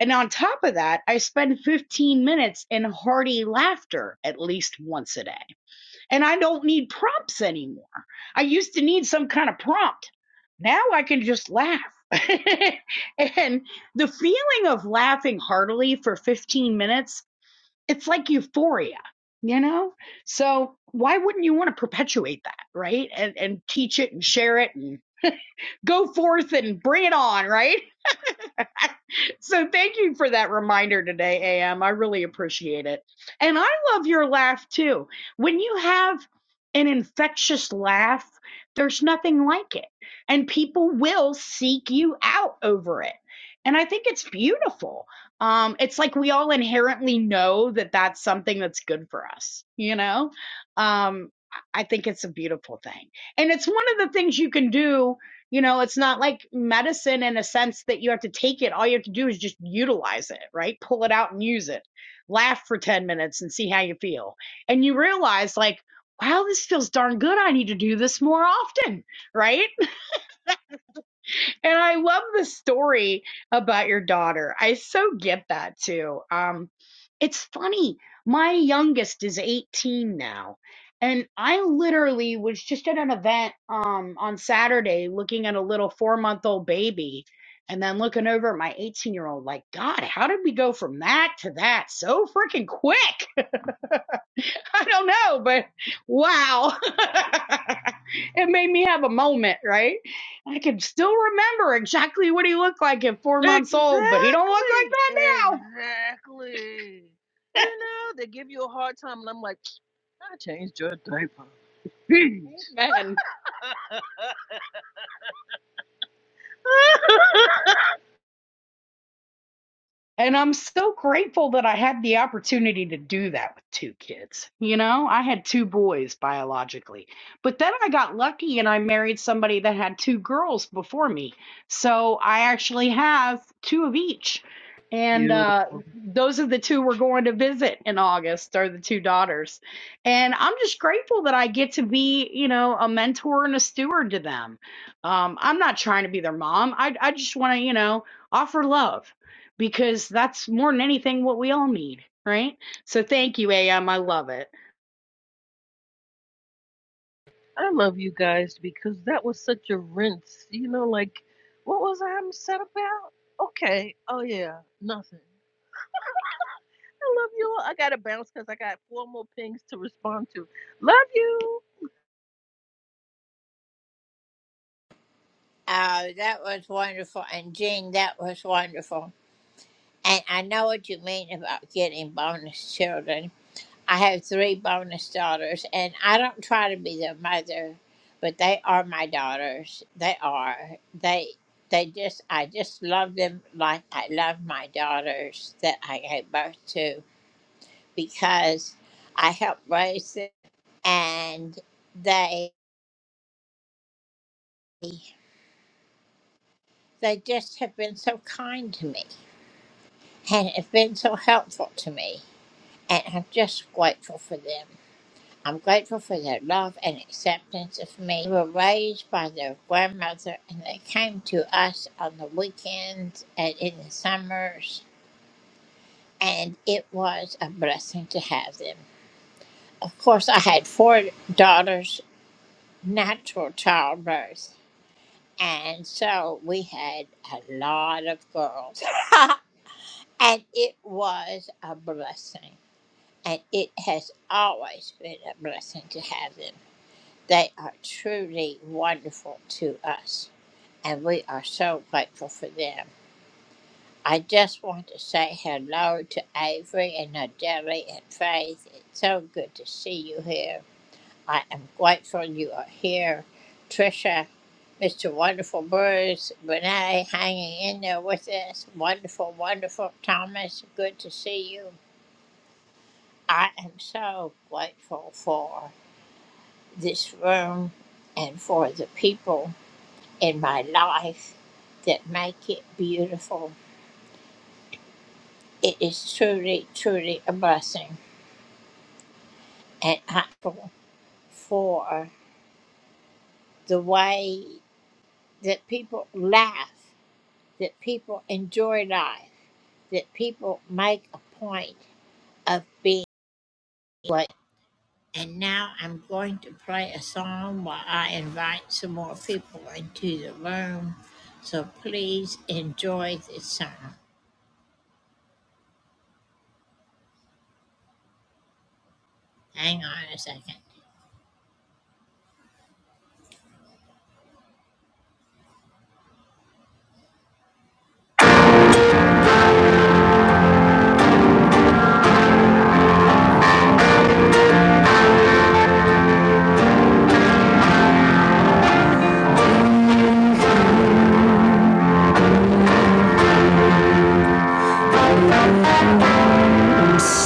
Speaker 12: and on top of that i spend 15 minutes in hearty laughter at least once a day and i don't need prompts anymore i used to need some kind of prompt now i can just laugh and the feeling of laughing heartily for 15 minutes it's like euphoria, you know? So why wouldn't you want to perpetuate that, right? And and teach it and share it and go forth and bring it on, right? so thank you for that reminder today, AM. I really appreciate it. And I love your laugh too. When you have an infectious laugh, there's nothing like it. And people will seek you out over it. And I think it's beautiful. Um, it's like we all inherently know that that's something that's good for us, you know? Um, I think it's a beautiful thing. And it's one of the things you can do you know, it's not like medicine in a sense that you have to take it. All you have to do is just utilize it, right? Pull it out and use it. Laugh for 10 minutes and see how you feel. And you realize, like, wow, this feels darn good. I need to do this more often, right? And I love the story about your daughter. I so get that too. Um, it's funny. My youngest is 18 now. And I literally was just at an event um, on Saturday looking at a little four month old baby and then looking over at my 18 year old, like, God, how did we go from that to that so freaking quick? I don't know, but wow. it made me have a moment, right? I can still remember exactly what he looked like at four months old, but he don't look like
Speaker 15: Exactly.
Speaker 12: that now.
Speaker 15: Exactly. You know, they give you a hard time. And I'm like, I changed your diaper. Peace.
Speaker 12: And I'm so grateful that I had the opportunity to do that with two kids. You know, I had two boys biologically, but then I got lucky and I married somebody that had two girls before me. So I actually have two of each. And uh,
Speaker 15: Beautiful.
Speaker 12: those are the two we're going to visit in August, are the two daughters. And I'm just grateful that I get to be, you know, a mentor and a steward to them. Um, I'm not trying to be their mom. I, I just want to, you know, offer love because that's more than anything what we all need, right? So thank you, AM. I love it.
Speaker 15: I love you guys because that was such a rinse. You know, like, what was I upset about? Okay. Oh, yeah. Nothing. I love you. all. I got to bounce because I got four more pings to respond to. Love you.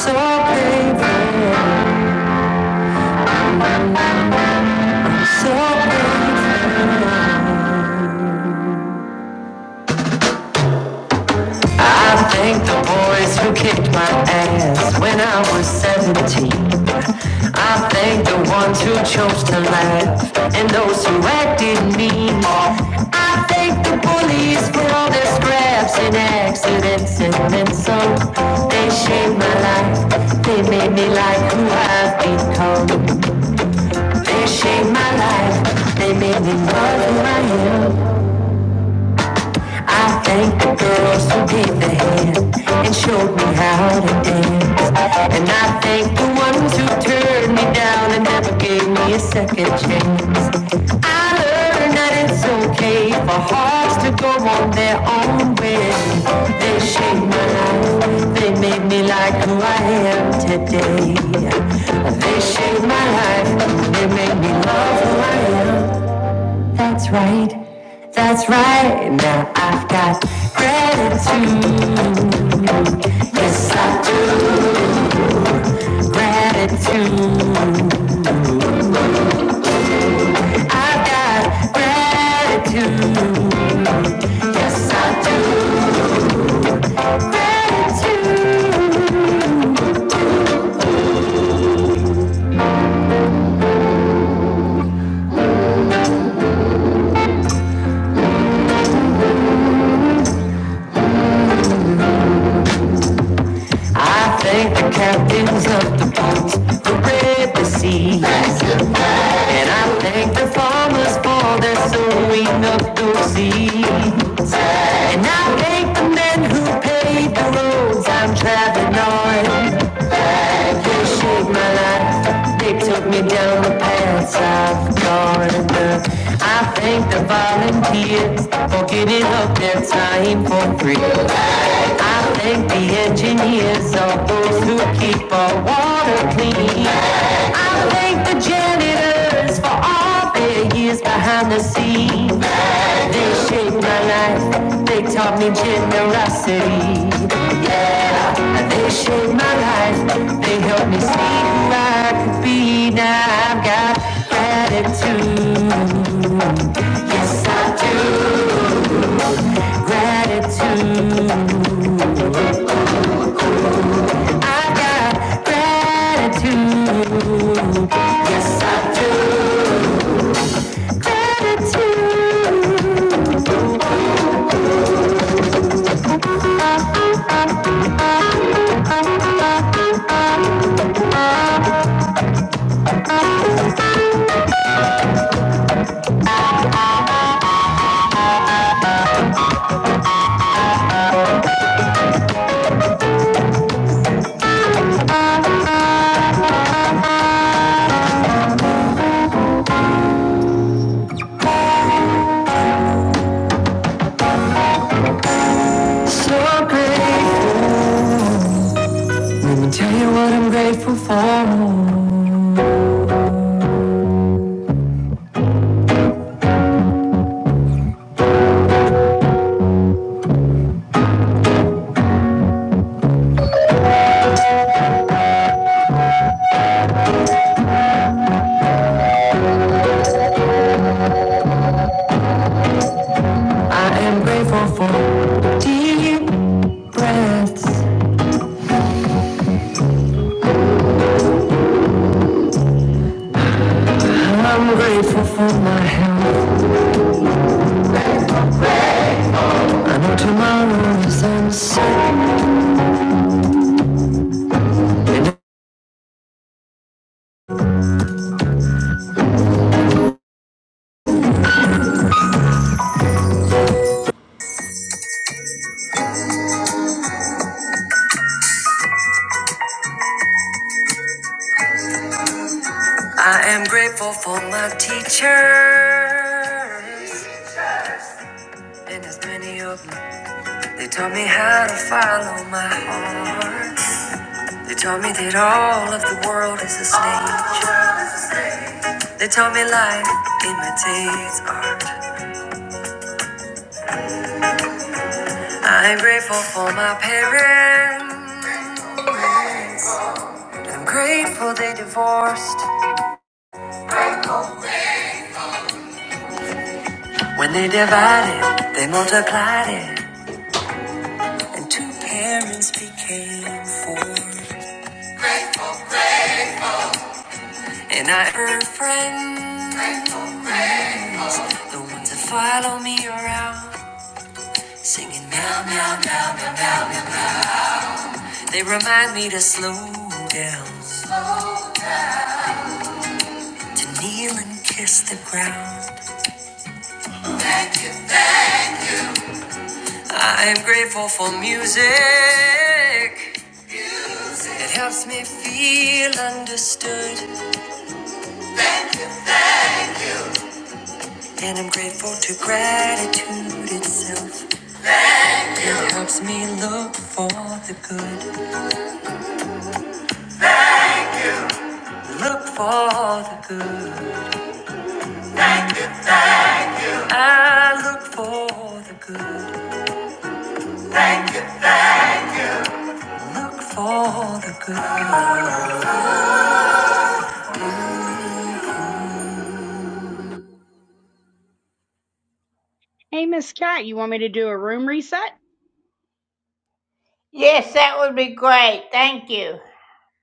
Speaker 1: So brave, so brave. I thank the boys who kicked my ass when I was 17. I thank the ones who chose to laugh and those who acted mean. I thank the bullies for all their scraps and accidents and then some. They shaped my life. They made me like who I've become. They shaped my life. They made me more than I am. I thank the girls who gave the hand and showed me how to dance. And I thank the ones who turned me down and never gave me a second chance. I learned that it's okay for hearts to go on their own way. They shaped my life, they made me like who I am today. They shaped my life, they made me love who I am. That's right. That's right. Now I've got gratitude. Yes, I do gratitude. I've got gratitude. Yes, I do gratitude. I thank the captains of the boats who rid the sea. And I thank the farmers for their sowing of those seeds. And I thank the men who paved the roads I'm traveling on. They shaped my life. They took me down the paths I've gone. I thank the volunteers for giving up their time for free. I think the engineer's are those who keep our water clean. I thank the janitors for all their years behind the scenes. They shaped my life, they taught me generosity. Yeah, they shaped my life, they helped me see who I could be. Now I've got gratitude. Yes, I do. Gratitude. I got gratitude. Yes, I do. Gratitude. So grateful. Let me tell you what I'm grateful for. I am grateful for deep breaths. I'm grateful for my health. No tomorrow is uncertain. For my teachers, and as many of them, they taught me how to follow my heart. They told me that all of the world is a stage. They told me life imitates art. I'm grateful for my parents. I'm grateful they divorced. When they divided, they multiplied it. And two parents became four. And I heard friends, the ones that follow me around, singing meow, meow, meow, meow, meow, meow. They remind me to slow down. to kneel and kiss the ground. I'm grateful for music. It helps me feel understood. And I'm grateful to gratitude itself. It helps me look for the good. Look for the good. I look for the good. Look for the good.
Speaker 12: Hey, Miss Cat, you want me to do a room reset?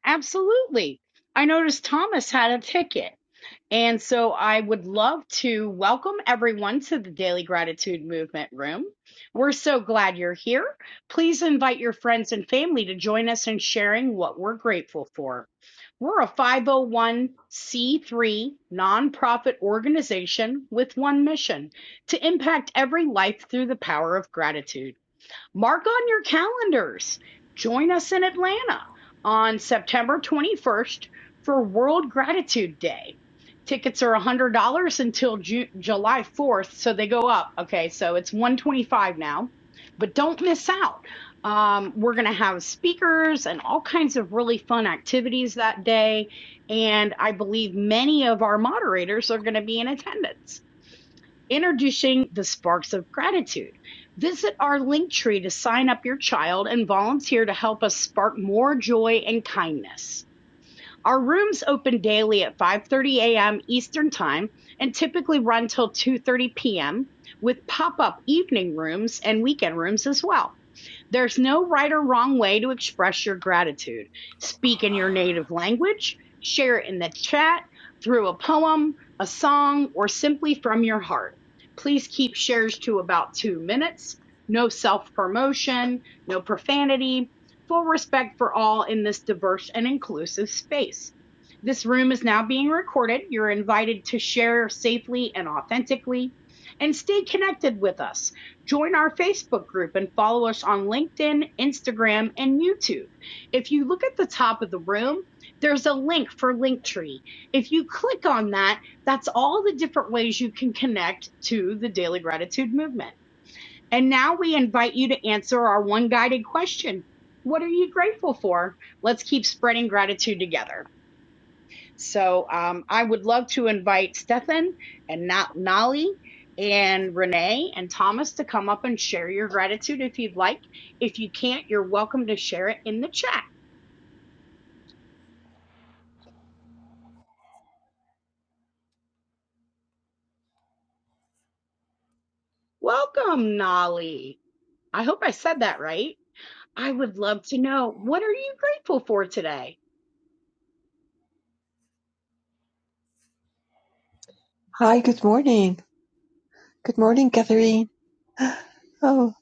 Speaker 12: Absolutely. I noticed Thomas had a ticket. And so I would love to welcome everyone to the Daily Gratitude Movement Room. We're so glad you're here. Please invite your friends and family to join us in sharing what we're grateful for. We're a 501c3 nonprofit organization with one mission to impact every life through the power of gratitude. Mark on your calendars. Join us in Atlanta on September 21st for World Gratitude Day. Tickets are $100 until Ju- July 4th, so they go up. Okay, so it's 125 dollars now. But don't miss out. Um, we're going to have speakers and all kinds of really fun activities that day. And I believe many of our moderators are going to be in attendance. Introducing the Sparks of Gratitude. Visit our link tree to sign up your child and volunteer to help us spark more joy and kindness. Our rooms open daily at 5:30 a.m. Eastern Time and typically run till 2:30 p.m. with pop-up evening rooms and weekend rooms as well. There's no right or wrong way to express your gratitude. Speak in your native language, share it in the chat, through a poem, a song, or simply from your heart. Please keep shares to about two minutes. No self promotion, no profanity, full respect for all in this diverse and inclusive space. This room is now being recorded. You're invited to share safely and authentically and stay connected with us. Join our Facebook group and follow us on LinkedIn, Instagram, and YouTube. If you look at the top of the room, there's a link for Linktree. If you click on that, that's all the different ways you can connect to the Daily Gratitude Movement. And now we invite you to answer our one guided question What are you grateful for? Let's keep spreading gratitude together. So um, I would love to invite Stefan and Na- Nali and Renee and Thomas to come up and share your gratitude if you'd like. If you can't, you're welcome to share it in the chat. Welcome, Nali. I hope I said that right. I would love to know what are you grateful for today?
Speaker 16: Hi, good morning. Good morning, Catherine. Oh,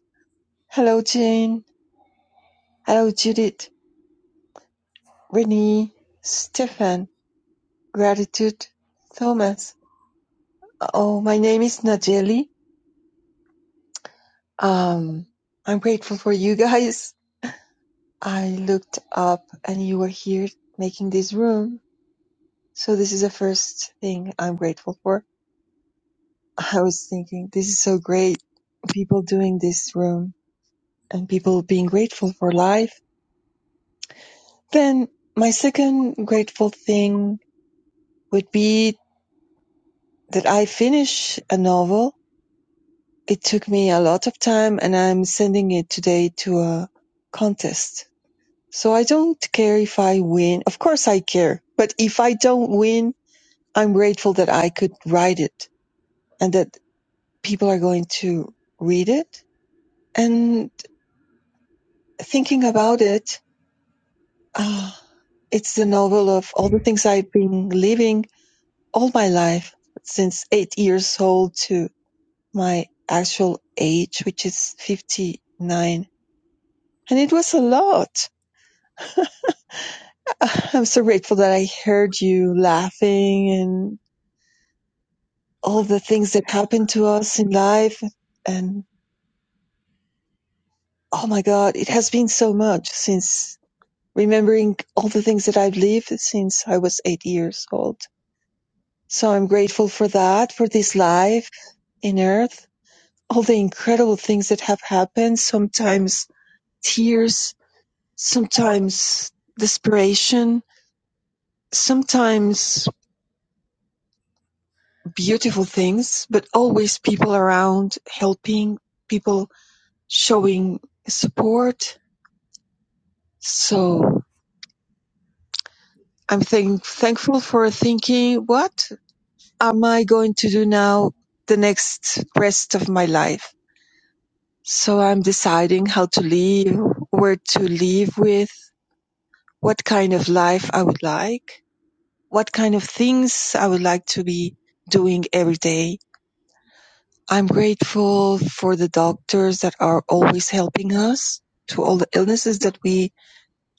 Speaker 16: hello, Jane. Hello, Judith, Renee, Stefan, Gratitude, Thomas. Oh, my name is Najeli. Um, I'm grateful for you guys. I looked up and you were here making this room. So this is the first thing I'm grateful for. I was thinking, this is so great. People doing this room and people being grateful for life Then my second grateful thing would be that I finish a novel. It took me a lot of time and I'm sending it today to a contest. So I don't care if I win. Of course I care. But if I don't win, I'm grateful that I could write it and that people are going to read it. And thinking about it, ah, it's the novel of all the things I've been living all my life since eight years old to my actual age, which is 59. And it was a lot. I'm so grateful that I heard you laughing and all the things that happened to us in life. And oh my God, it has been so much since remembering all the things that I've lived since I was eight years old. So I'm grateful for that, for this life in earth, all the incredible things that have happened. Sometimes tears, sometimes desperation, sometimes beautiful things, but always people around helping, people showing support. So I'm thank- thankful for thinking, what am I going to do now the next rest of my life? So I'm deciding how to live, where to live with, what kind of life I would like. what kind of things I would like to be doing every day. I'm grateful for the doctors that are always helping us to all the illnesses that we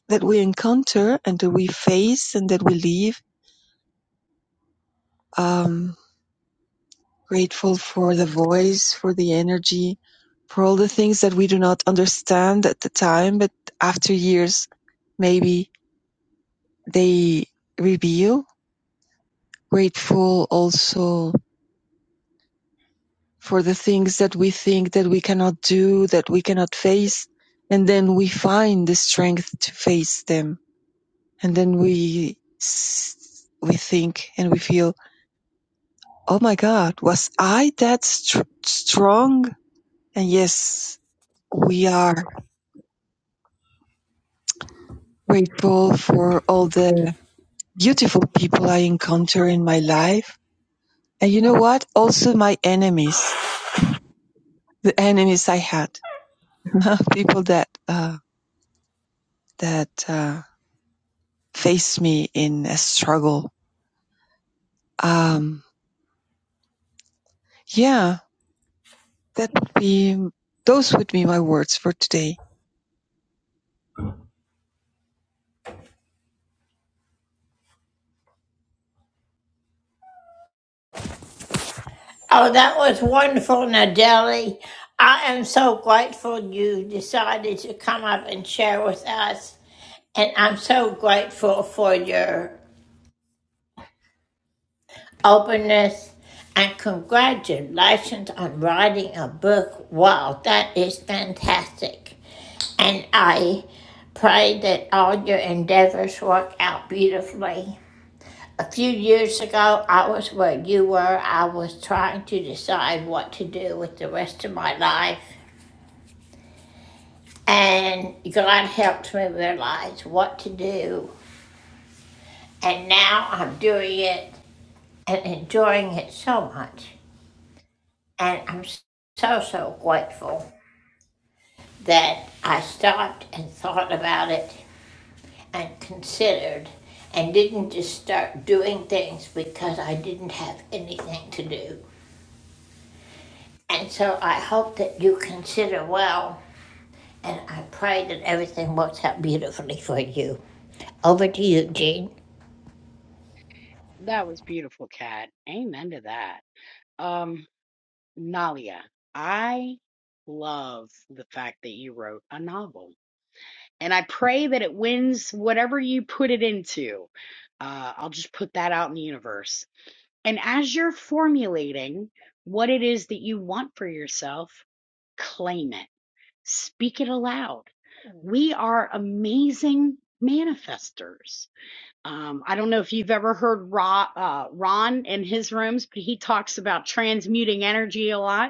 Speaker 16: that we encounter and that we face and that we live. Um, grateful for the voice, for the energy, for all the things that we do not understand at the time, but after years, maybe they reveal. Grateful also for the things that we think that we cannot do, that we cannot face. And then we find the strength to face them. And then we, we think and we feel, Oh my God, was I that str- strong? And yes, we are grateful for all the beautiful people I encounter in my life. And you know what? Also my enemies, the enemies I had, people that, uh, that, uh, face me in a struggle. Um, yeah, that would be, those would be my words for today.
Speaker 12: That was beautiful, Kat. Amen to that. Um, Nalia, I love the fact that you wrote a novel. and I pray that it wins whatever you put it into. Uh, I'll just put that out in the universe. And as you're formulating what it is that you want for yourself, claim it, speak it aloud. We are amazing manifestors. Um, I don't know if you've ever heard Ra, uh, Ron in his rooms, but he talks about transmuting energy a lot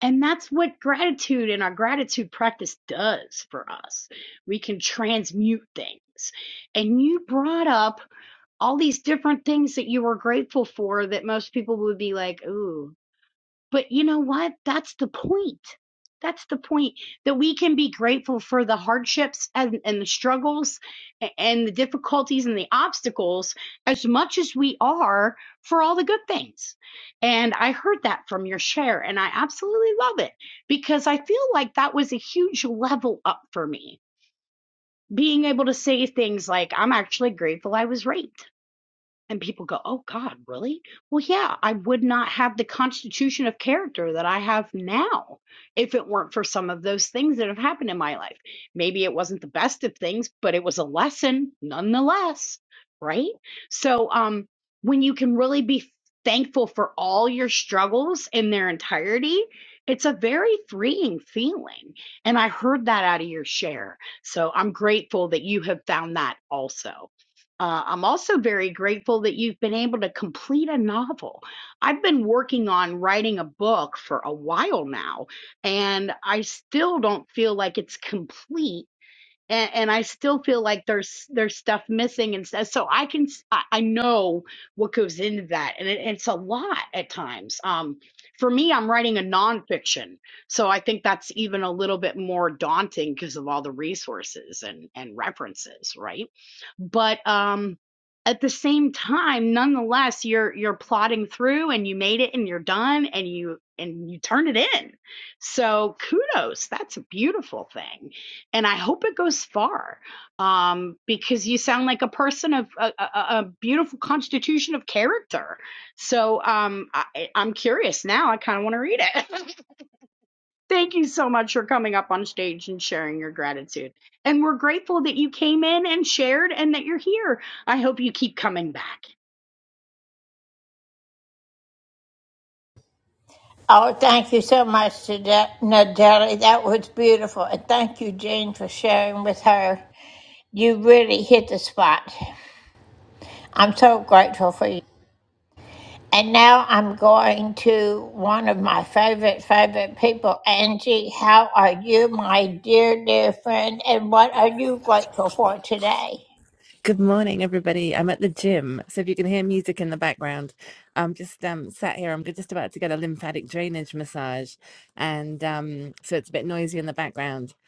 Speaker 12: and that's what gratitude and our gratitude practice does for us. We can transmute things. And you brought up all these different things that you were grateful for that most people would be like, ooh, but you know what? That's the point. That's the point that we can be grateful for the hardships and, and the struggles and the difficulties and the obstacles as much as we are for all the good things. And I heard that from your share, and I absolutely love it because I feel like that was a huge level up for me. Being able to say things like, I'm actually grateful I was raped and people go, oh God, really? Well, yeah, I would not have the constitution of character that I have now if it weren't for some of those things that have happened in my life. Maybe it wasn't the best of things, but it was a lesson nonetheless, right? So, um, when you can really be thankful for all your struggles in their entirety, it's a very freeing feeling. And I heard that out of your share. So I'm grateful that you have found that also. Uh, I'm also very grateful that you've been able to complete a novel. I've been working on writing a book for a while now, and I still don't feel like it's complete and, and I still feel like there's there's stuff missing and stuff. So I can I I know what goes into that, and it, it's a lot at times. Um, for me, I'm writing a nonfiction, so I think that's even a little bit more daunting because of all the resources and and references, right? But um, at the same time, nonetheless, you're you're plotting through, and you made it, and you're done, and you and you turn it in. So kudos, that's a beautiful thing and I hope it goes far um, because you sound like a person of a, a, a beautiful constitution of character. So um, I, I'm curious now. I kind of want to read it. Thank you so much for coming up on stage and sharing your gratitude. And we're grateful that you came in and shared and that you're here. I hope you keep coming back.
Speaker 17: Good morning, everybody. I'm at the gym, so if you can hear music in the background, I'm just um, sat here. I'm just about to get a lymphatic drainage massage, and um, so it's a bit noisy in the background.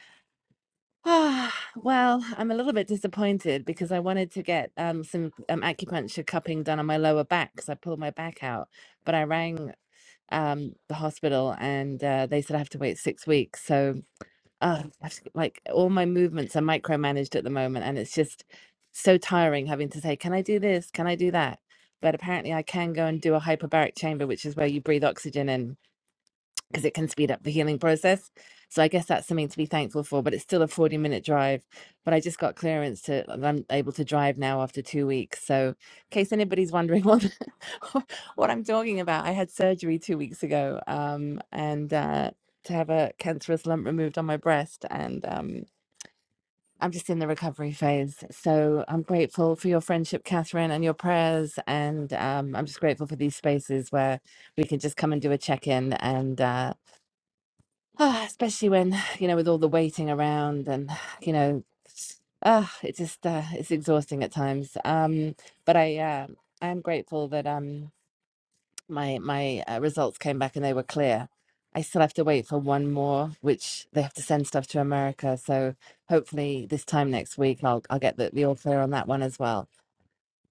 Speaker 17: Ah, well, I'm a little bit disappointed because I wanted to get um, some um, acupuncture cupping done on my lower back because I pulled my back out, but I rang um, the hospital and uh, they said I have to wait six weeks. So oh, that's- like all my movements are micromanaged at the moment, and it's just so tiring having to say, "Can I do this? Can I do that?" But apparently, I can go and do a hyperbaric chamber, which is where you breathe oxygen in because it can speed up the healing process. So I guess that's something to be thankful for, but it's still a 40 minute drive. But I just got clearance to, uh, I'm able to drive now after two weeks. So in case anybody's wondering what, what I'm talking about, I had surgery two weeks ago um, and uh, to have a cancerous lump removed on my breast. And um, I'm just in the recovery phase. So I'm grateful for your friendship, Catherine, and your prayers. And um, I'm just grateful for these spaces where we can just come and do a check in and, uh, Ah, especially when, you know, with all the waiting around and, you know, ah, it just uh, it's exhausting at times. Um, but I uh, I'm grateful that um my my uh, results came back and they were clear. I still have to wait for one more, which they have to send stuff to America. So hopefully this time next week I'll I'll get the, the all clear on that one as well.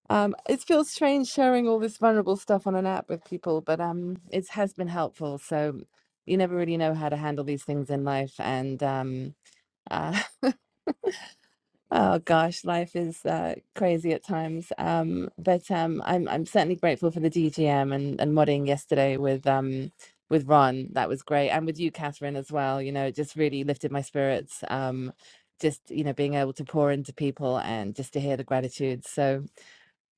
Speaker 17: Um, it feels strange sharing all this vulnerable stuff on an app with people, but um, it has been helpful. So you never really know how to handle these things in life, and um, uh, oh gosh, life is uh, crazy at times. Um, but um, I'm I'm certainly grateful for the DGM and and modding yesterday with um with Ron. That was great, and with you, Catherine, as well. You know, it just really lifted my spirits. Um, just you know, being able to pour into people and just to hear the gratitude. So.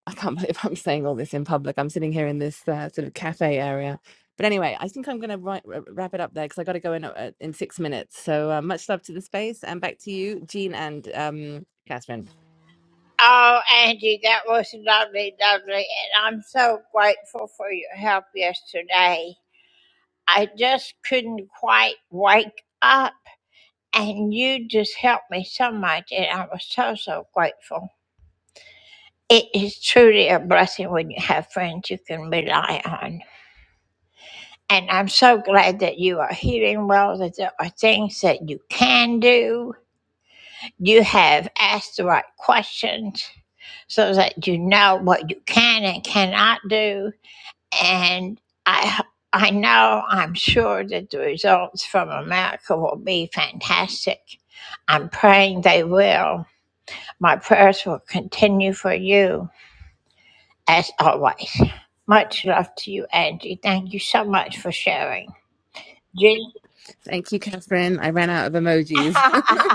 Speaker 17: I can't believe I'm saying all this in public. I'm sitting here in this uh, sort of cafe area. But anyway, I think I'm going to wrap it up there because I got to go in uh, in six minutes. So uh, much love to the space, and back to you, Jean and um, Catherine. Thank you, Catherine. I ran out of emojis.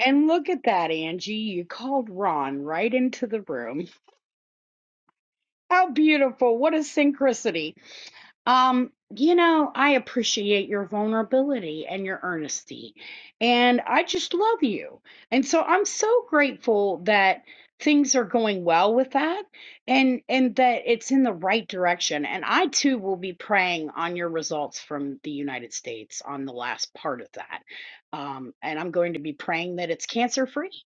Speaker 12: And look at that, Angie. You called Ron right into the room. How beautiful. What a synchronicity. Um, you know, I appreciate your vulnerability and your earnesty, and I just love you. And so I'm so grateful that things are going well with that and and that it's in the right direction. And I too will be praying on your results from the United States on the last part of that. Um, and I'm going to be praying that it's cancer free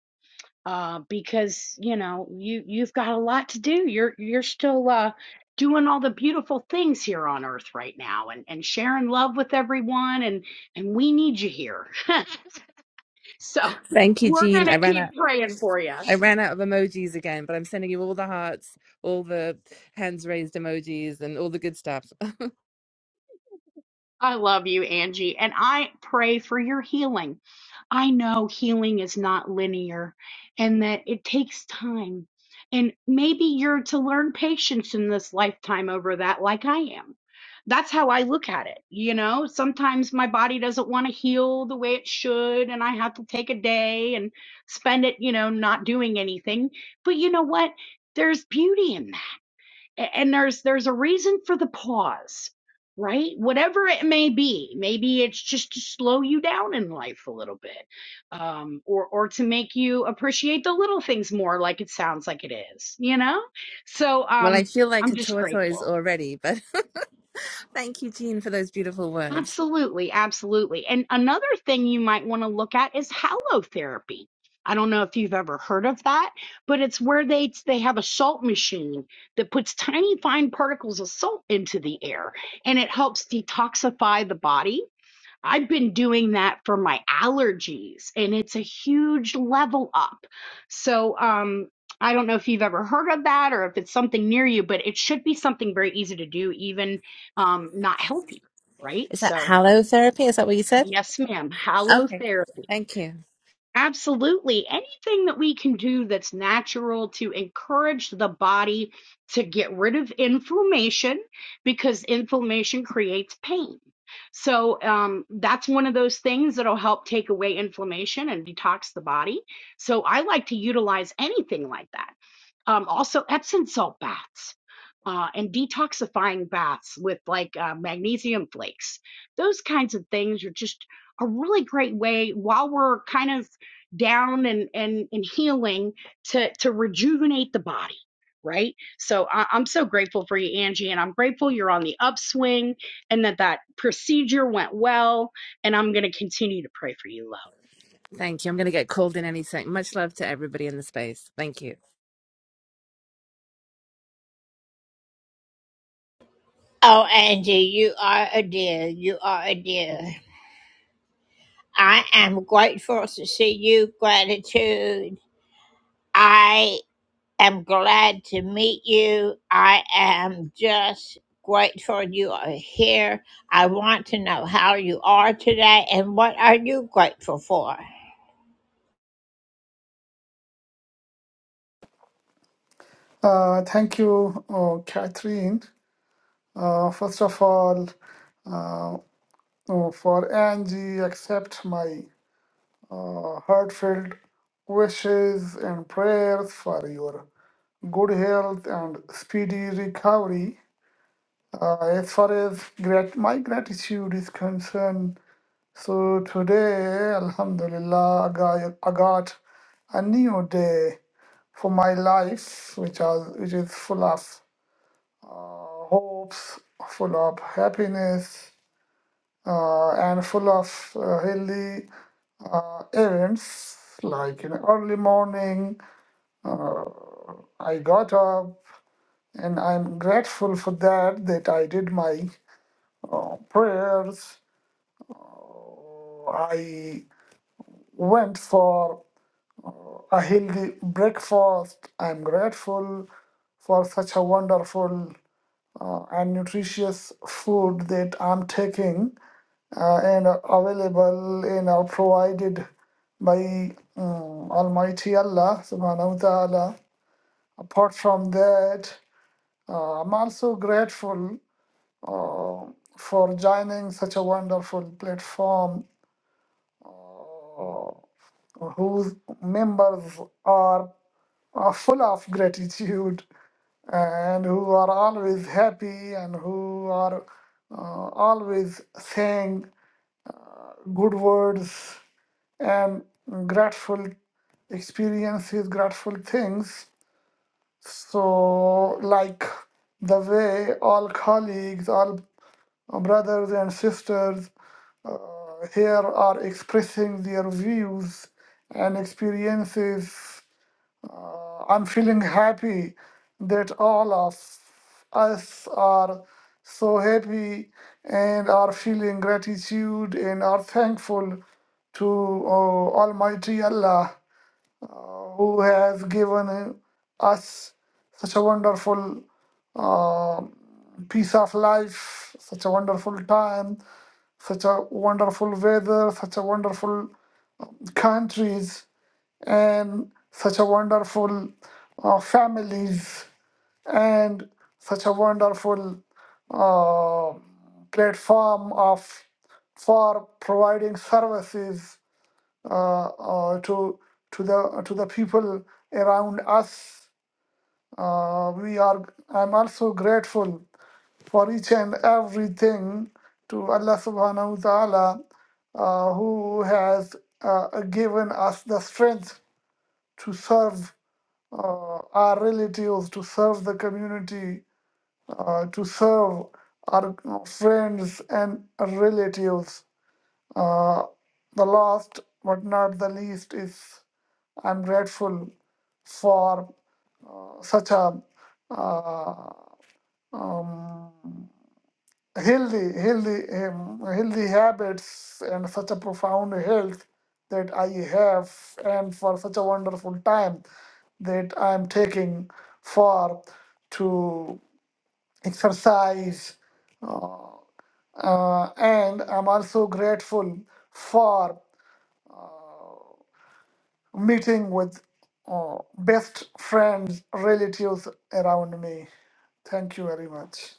Speaker 12: uh, because you know you you've got a lot to do. You're you're still uh, doing all the beautiful things here on Earth right now, and and sharing love with everyone, and and we need you here. so
Speaker 17: Thank you,
Speaker 12: we're
Speaker 17: Jean. I
Speaker 12: gonna
Speaker 17: ran out.
Speaker 12: keep praying for you.
Speaker 17: I ran out of emojis again, but I'm sending you all the hearts, all the hands raised emojis, and all the good stuff.
Speaker 12: I love you, Angie, and I pray for your healing. I know healing is not linear and that it takes time. And maybe you're to learn patience in this lifetime over that, like I am. That's how I look at it. You know, sometimes my body doesn't want to heal the way it should, and I have to take a day and spend it, you know, not doing anything. But you know what? There's beauty in that a- and there's there's a reason for the pause right whatever it may be maybe it's just to slow you down in life a little bit um or or to make you appreciate the little things more like it sounds like it is you know so
Speaker 17: Well, I
Speaker 12: um
Speaker 17: feel like
Speaker 12: i'm
Speaker 17: a
Speaker 12: just
Speaker 17: tortoise
Speaker 12: grateful
Speaker 17: already, but thank you, Jean, for those beautiful words.
Speaker 12: Absolutely, absolutely. And another thing you might want to look at is halotherapy. I don't know if you've ever heard of that, but it's where they they have a salt machine that puts tiny fine particles of salt into the air and it helps detoxify the body I've been doing that for my allergies and it's a huge level up. So, um, I don't know if you've ever heard of that or if it's something near you, but it should be something very easy to do, even um, not healthy, right?
Speaker 17: Is that
Speaker 12: So,
Speaker 17: halo therapy? Is that what you said?
Speaker 12: yes, ma'am.
Speaker 17: Okay.
Speaker 12: Halotherapy.
Speaker 17: Thank you.
Speaker 12: Absolutely. Anything that we can do that's natural to encourage the body to get rid of inflammation because inflammation creates pain. So, um, that's one of those things that'll help take away inflammation and detox the body. So, I like to utilize anything like that. Um, also, Epsom salt baths uh, and detoxifying baths with like uh, magnesium flakes. Those kinds of things are just a really great way while we're kind of down and and and healing to to rejuvenate the body right so I, i'm so grateful for you angie and i'm grateful you're on the upswing and that that procedure went well and i'm going to continue to pray for you love
Speaker 17: Thank you. I'm going to get called in any second. Much love to everybody in the space. Thank you.
Speaker 18: Uh, thank you, uh, Catherine. Uh, first of all, uh, oh, for Angie, accept my uh, heartfelt wishes and prayers for your good health and speedy recovery. Uh, as far as grat- my gratitude is concerned, so today, Alhamdulillah, I got I got a new day for my life, which, are, which is full of uh, hopes, full of happiness, uh, and full of uh, healthy uh, events. Like in early morning, uh, I got up, and I'm grateful for that. That I did my uh, prayers. I went for a healthy breakfast. I'm grateful for such a wonderful uh, and nutritious food that I'm taking uh, and are available and are provided by um, Almighty Allah subhanahu wa ta'ala. Apart from that, uh, I'm also grateful uh, for joining such a wonderful platform uh, whose members are are full of gratitude and who are always happy and who are uh, always saying good words and grateful experiences, grateful things. So, like the way all colleagues, all brothers and sisters here are expressing their views and experiences Uh, I'm feeling happy that all of us are so happy and are feeling gratitude and are thankful to uh, Almighty Allah who has given us such a wonderful uh, piece of life, such a wonderful time, such a wonderful weather, such a wonderful countries and such a wonderful uh, families and such a wonderful uh, platform of for providing services uh, uh, to to the to the people around us. Uh, we are. I'm also grateful for each and everything to Allah Subhanahu wa Taala, uh, who has uh, given us the strength to serve uh, our relatives, to serve the community, uh, to serve our friends and relatives. Uh, the last but not the least is I'm grateful for uh, such a uh, um, healthy, healthy, um, healthy habits and such a profound health that I have, and for such a wonderful time that I am taking for to exercise. Uh, uh, and I'm also grateful for meeting with uh, best friends, relatives around me. Thank you very much.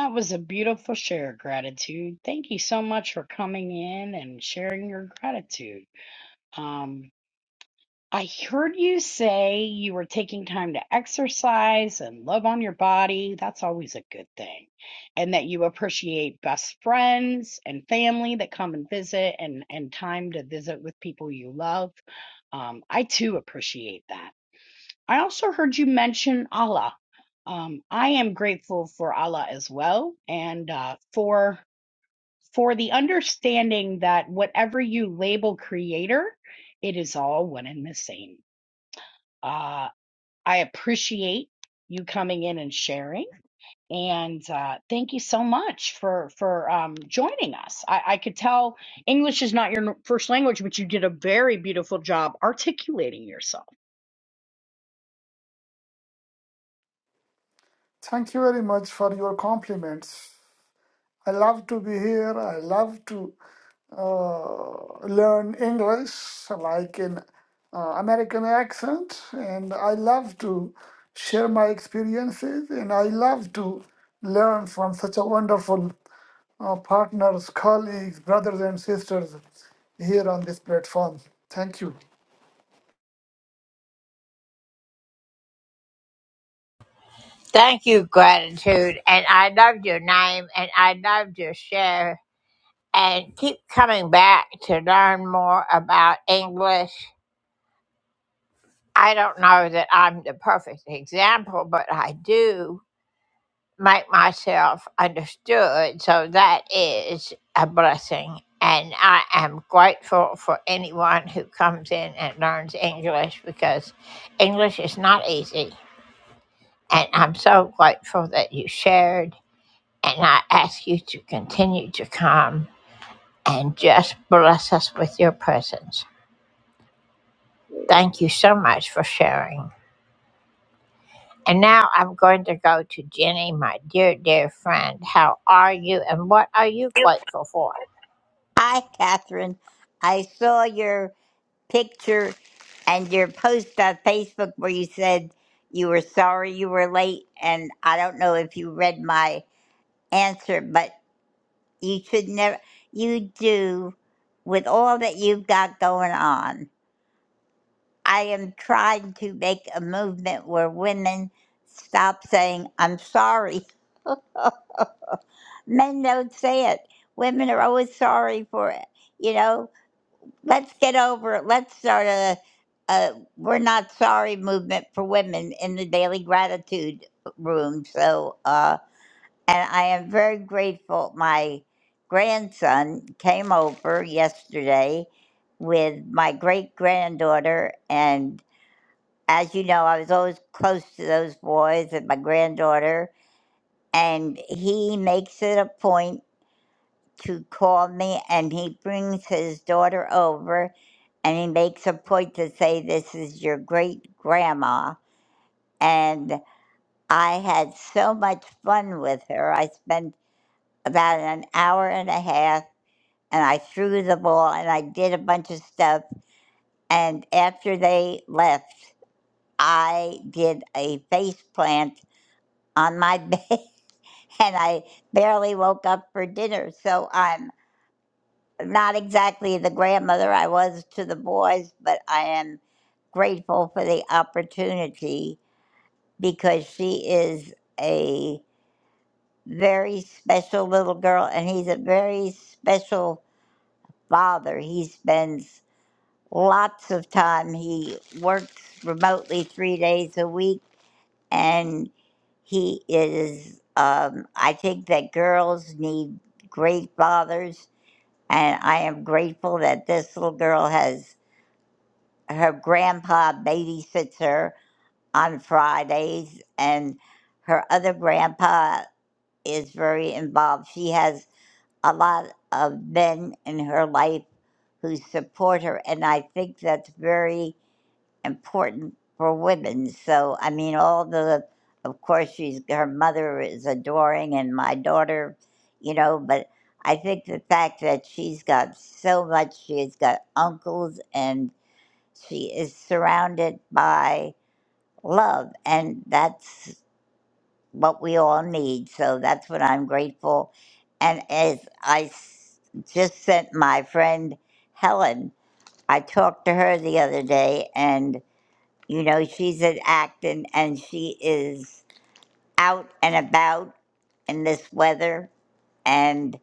Speaker 12: That was a beautiful share of gratitude. Thank you so much for coming in and sharing your gratitude. Um, I heard you say you were taking time to exercise and love on your body. That's always a good thing. And that you appreciate best friends and family that come and visit and, and time to visit with people you love. Um, I too appreciate that. I also heard you mention Allah. Um, I am grateful for Allah as well and uh, for for the understanding that whatever you label creator, it is all one and the same uh, I appreciate you coming in and sharing, and uh, thank you so much for for um, joining us. I, I could tell English is not your n- first language, but you did a very beautiful job articulating yourself.
Speaker 18: Thank you very much for your compliments. I love to be here. I love to uh, learn English, like in uh, American accent, and I love to share my experiences, and I love to learn from such a wonderful uh, partners, colleagues, brothers and sisters here on this platform. Thank you.
Speaker 19: Hi, Catherine. I saw your picture and your post on Facebook where you said you were sorry you were late. And I don't know if you read my answer, but you should never, you do with all that you've got going on. I am trying to make a movement where women stop saying, I'm sorry. Men don't say it. Women are always sorry for it, you know? let's get over it. Let's start a, a we're not sorry movement for women in the daily gratitude room. So, uh, and I am very grateful. My grandson came over yesterday with my great granddaughter. And as you know, I was always close to those boys and my granddaughter. And he makes it a point to call me and he brings his daughter over and he makes a point to say this is your great grandma and i had so much fun with her i spent about an hour and a half and i threw the ball and i did a bunch of stuff and after they left i did a face plant on my bed and i barely woke up for dinner so i'm not exactly the grandmother i was to the boys but i am grateful for the opportunity because she is a very special little girl and he's a very special father. He spends lots of time, he works remotely three days a week, and he is, um, I think that girls need great fathers. And I am grateful that this little girl has her grandpa babysits her on Fridays and her other grandpa is very involved. She has a lot of men in her life who support her, and I think that's very important for women. So, I mean, all the, of course, she's her mother is adoring, and my daughter, you know, but I think the fact that she's got so much, she's got uncles, and she is surrounded by love, and that's what we all need. So that's what I'm grateful. And as I s- just sent my friend Helen, I talked to her the other day, and you know, she's at Acton and she is out and about in this weather. And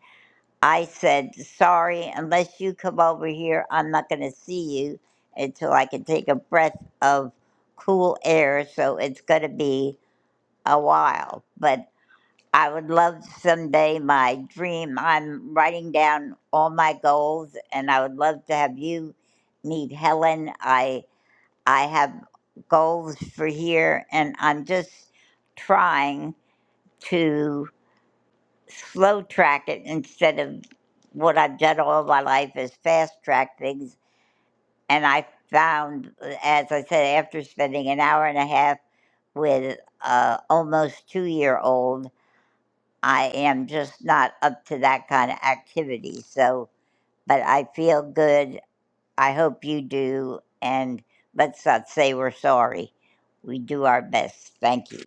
Speaker 19: I said, Sorry, unless you come over here, I'm not going to see you until I can take a breath of cool air. So it's going to be a while. But I would love someday my dream. I'm writing down all my goals, and I would love to have you meet Helen. I I have goals for here, and I'm just trying to slow track it instead of what I've done all my life is fast track things. And I found, as I said, after spending an hour and a half with uh, almost two year old I am just not up to that kind of activity. So, but I feel good. I hope you do. And let's not say we're sorry. We do our best. Thank you.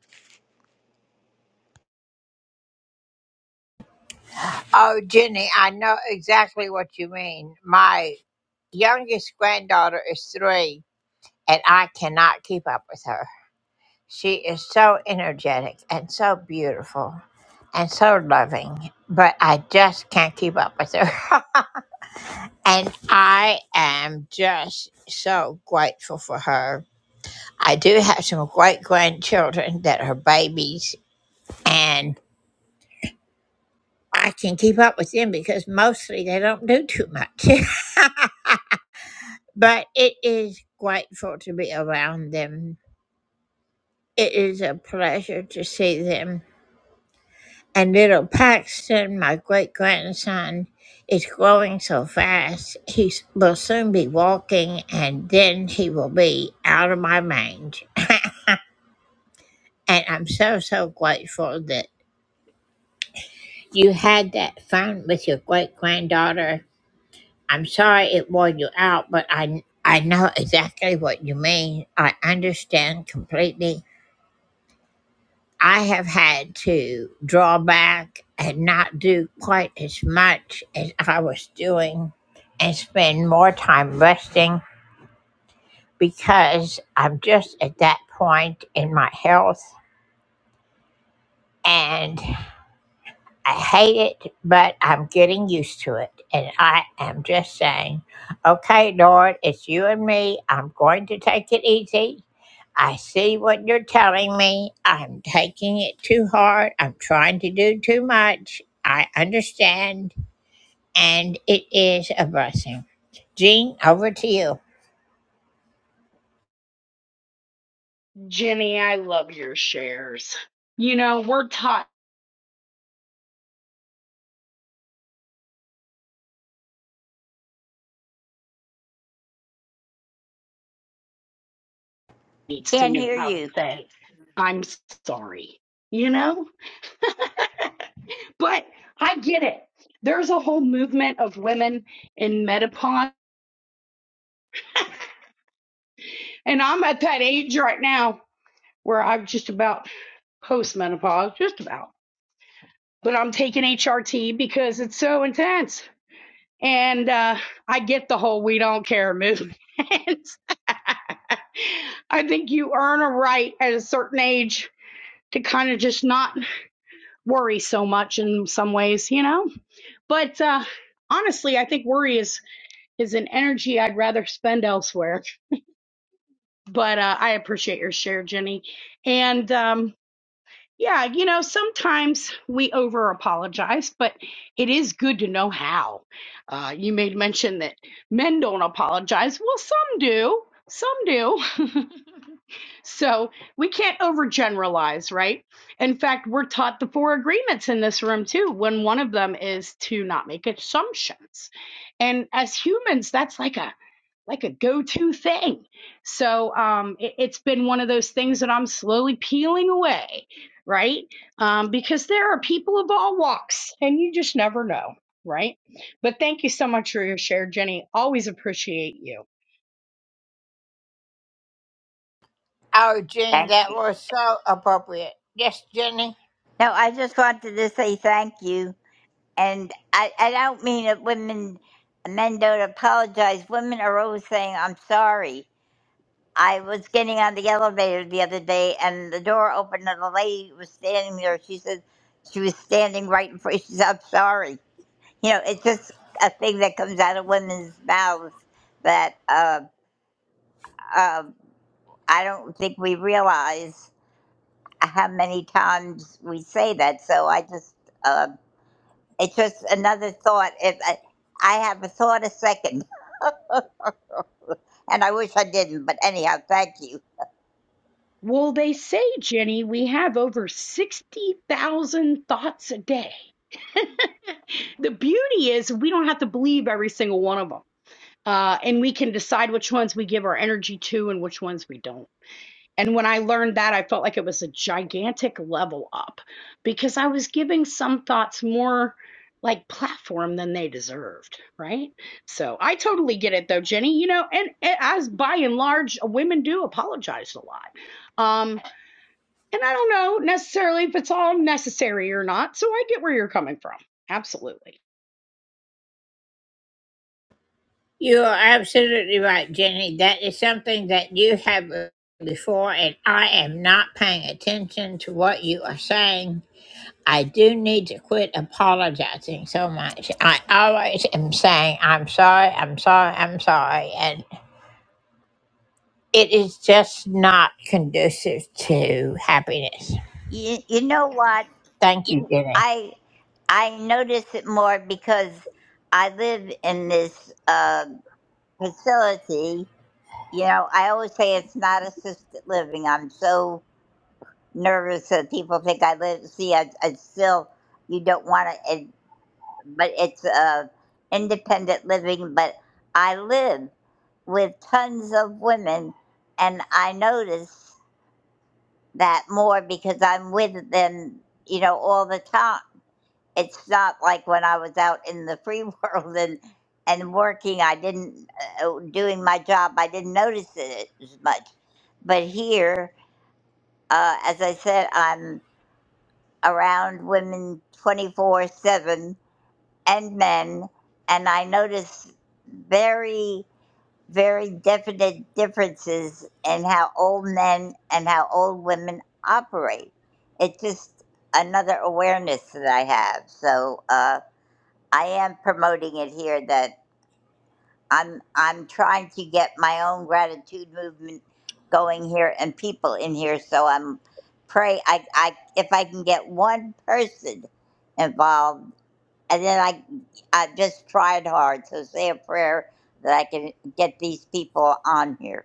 Speaker 12: Jenny, I love your shares. You know, we're taught needs to
Speaker 19: Can't
Speaker 12: know
Speaker 19: hear
Speaker 12: how to
Speaker 19: you.
Speaker 12: say, I'm sorry, you know? But I get it. There's a whole movement of women in menopause, and I'm at that age right now where I'm just about post menopause, just about. But I'm taking HRT because it's so intense. And uh, I get the whole we don't care movement. I think you earn a right at a certain age to kind of just not worry so much in some ways, you know? But uh, honestly, I think worry is, is an energy I'd rather spend elsewhere. But uh, I appreciate your share, Jenny. And um, yeah, you know, sometimes we over apologize, but it is good to know how. Uh, you made mention that men don't apologize. Well, some do. Some do. So we can't overgeneralize, right? In fact, we're taught the four agreements in this room too, when one of them is to not make assumptions. And as humans, that's like a like a go-to thing. So um, it, it's been one of those things that I'm slowly peeling away, right? Um, because there are people of all walks, and you just never know, right? But thank you so much for your share, Jenny. Always appreciate you.
Speaker 19: Thank you. No, I just wanted to say thank you. And I, I don't mean that women, men don't apologize. Women are always saying, I'm sorry. I was getting on the elevator the other day, and the door opened, and the lady was standing there. She said she was standing right in front. She said, "I'm sorry." You know, it's just a thing that comes out of women's mouths that uh, uh, I don't think we realize how many times we say that. So I just, uh, it's just another thought. If I, I have a thought a second, and I wish I didn't, but anyhow, thank you.
Speaker 12: Well, they say, Jenny, we have over 60,000 thoughts a day. the beauty is we don't have to believe every single one of them. Uh, and we can decide which ones we give our energy to and which ones we don't. And when I learned that, I felt like it was a gigantic level up because I was giving some thoughts more like platform than they deserved, right? So I totally get it though, Jenny. You know, and, and as by and large, women do apologize a lot. Um, and I don't know necessarily if it's all necessary or not. So I get where you're coming from. Absolutely.
Speaker 19: You, you know what? I I notice it more because I live in this uh, facility. You know, I always say it's not assisted living. I'm so nervous that people think I live. See, I, I still you don't want to, it, but it's uh, independent living. But I live with tons of women, and I notice that more because I'm with them. You know, all the time it's not like when I was out in the free world and and working, I didn't uh, doing my job, I didn't notice it as much. But here, uh, as I said, I'm around women twenty four seven and men, and I notice very very definite differences in how old men and how old women operate. It's just another awareness that I have. So. Uh, I am promoting it here that I'm I'm trying to get my own gratitude movement going here and people in here so I'm pray I, I if I can get one person involved and then I I just tried hard so say a prayer that I can get these people on here.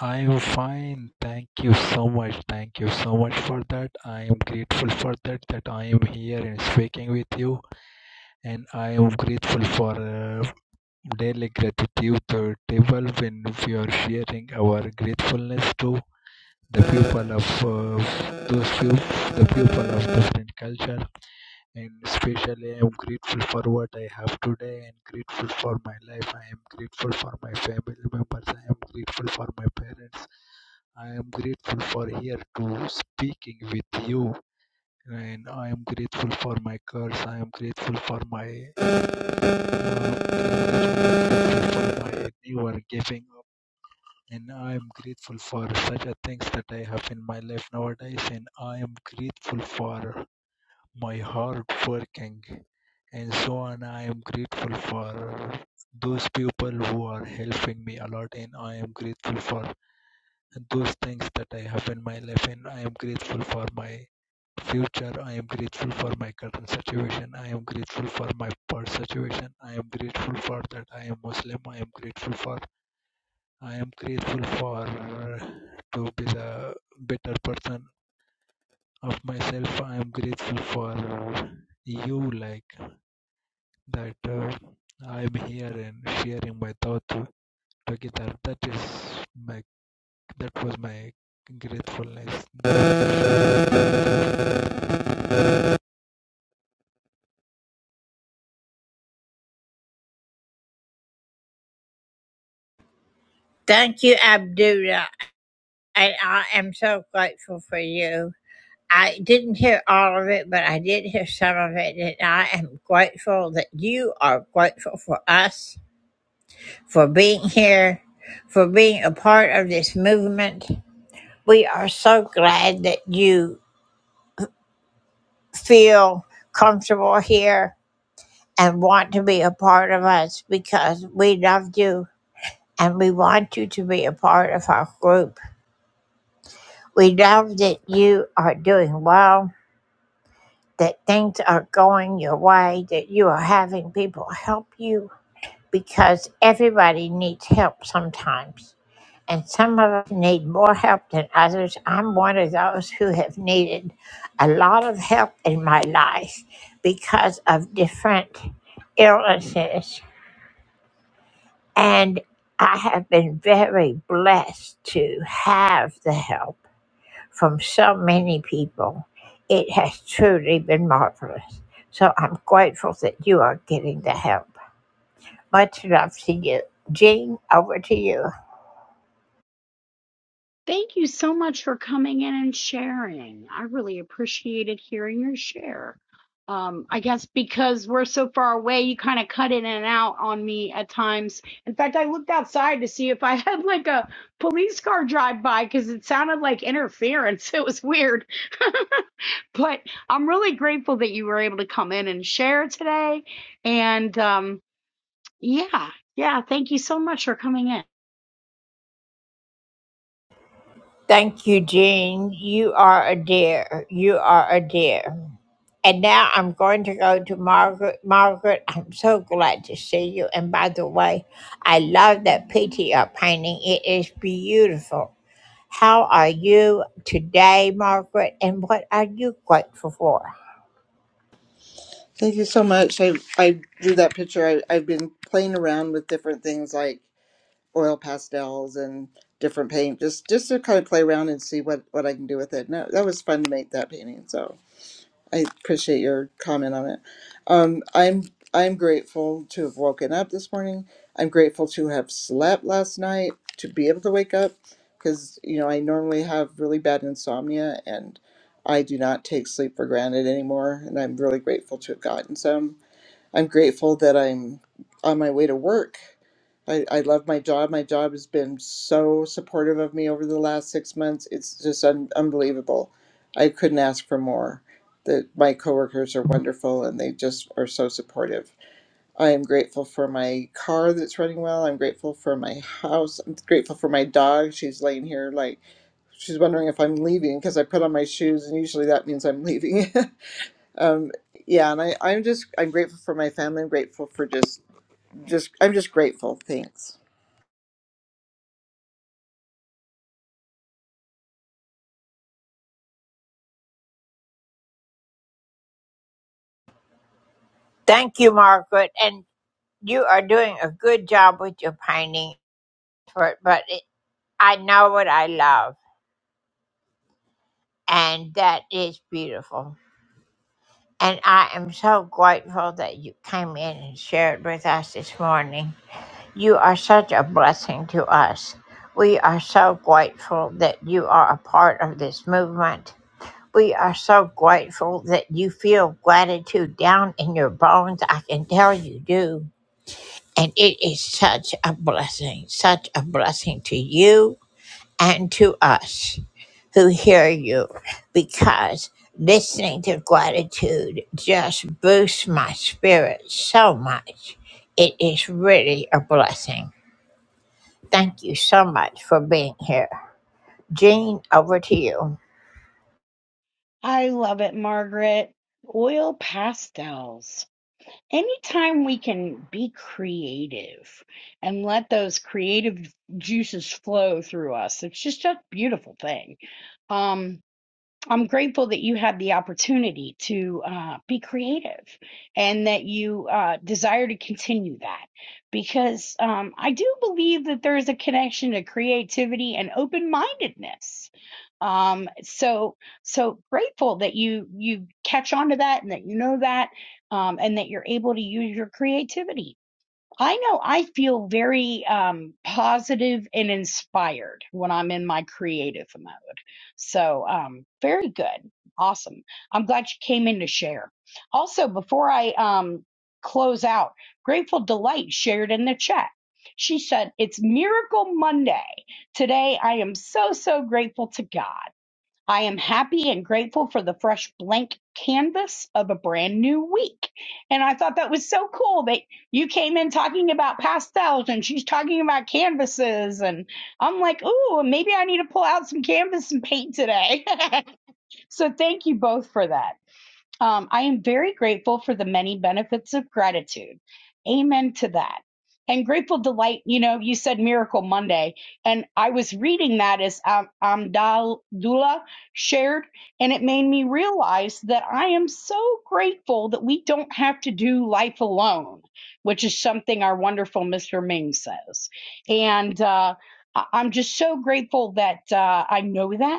Speaker 20: I'm fine. Thank you so much. Thank you so much for that. I am grateful for that that I am here and speaking with you. And I am grateful for uh, daily gratitude uh, table when we are sharing our gratefulness to the people of uh, those few, the people of different culture. and especially I'm grateful for what I have today and grateful for my life. I am grateful for my family members. I am grateful for my parents. I am grateful for here to speaking with you and I am grateful for my cars. I am grateful for my uh, marriage. I am grateful for my never giving up and I am grateful for such a things that I have in my life nowadays and I am grateful for my hard working and so on i am grateful for those people who are helping me a lot and i am grateful for those things that i have in my life and i am grateful for my future i am grateful for my current situation i am grateful for my past situation i am grateful for that i am muslim i am grateful for i am grateful for uh, to be the better person of myself i am grateful for you like that uh, I'm here and sharing my thought to- together. That is my that was my gratefulness.
Speaker 12: Thank you so much for coming in and sharing. I really appreciated hearing your share. Um, I guess because we're so far away, you kind of cut in and out on me at times. In fact, I looked outside to see if I had like a police car drive by because it sounded like interference. It was weird. But I'm really grateful that you were able to come in and share today. And, um, Yeah, yeah. Thank you so much for coming in.
Speaker 21: Thank you so much. I I drew that picture. I, I've been playing around with different things like oil pastels and different paint, just just to kind of play around and see what what I can do with it. No, that was fun to make that painting. So I appreciate your comment on it. Um, I'm I'm grateful to have woken up this morning. I'm grateful to have slept last night to be able to wake up because you know I normally have really bad insomnia and I do not take sleep for granted anymore, and I'm really grateful to have gotten some. I'm grateful that I'm on my way to work. I, I love my job. My job has been so supportive of me over the last six months. It's just un- unbelievable. I couldn't ask for more. That my coworkers are wonderful and they just are so supportive. I am grateful for my car that's running well. I'm grateful for my house. I'm grateful for my dog. She's laying here like she's wondering if I'm leaving because I put on my shoes and usually that means I'm leaving. um yeah and i i'm just i'm grateful for my family i'm grateful for just just i'm just grateful thanks
Speaker 12: I love it, Margaret. Oil pastels. Anytime we can be creative and let those creative juices flow through us, it's just a beautiful thing. Um, I'm grateful that you had the opportunity to uh, be creative and that you uh, desire to continue that because um, I do believe that there is a connection to creativity and open mindedness. Um, so, so grateful that you, you catch on to that and that you know that um, and that you're able to use your creativity. I know I feel very um, positive and inspired when I'm in my creative mode. So, um, very good. Awesome. I'm glad you came in to share. Also, before I um, close out, Grateful Delight shared in the chat. She said, It's Miracle Monday. Today, I am so, so grateful to God. I am happy and grateful for the fresh blank canvas of a brand new week. And I thought that was so cool that you came in talking about pastels and she's talking about canvases. And I'm like, ooh, maybe I need to pull out some canvas and paint today. so thank you both for that. Um, I am very grateful for the many benefits of gratitude. Amen to that. And grateful delight, you know, you said Miracle Monday, and I was reading that as um, Amdalula shared, and it made me realize that I am so grateful that we don't have to do life alone, which is something our wonderful Mr. Ming says. And uh, I- I'm just so grateful that uh, I know that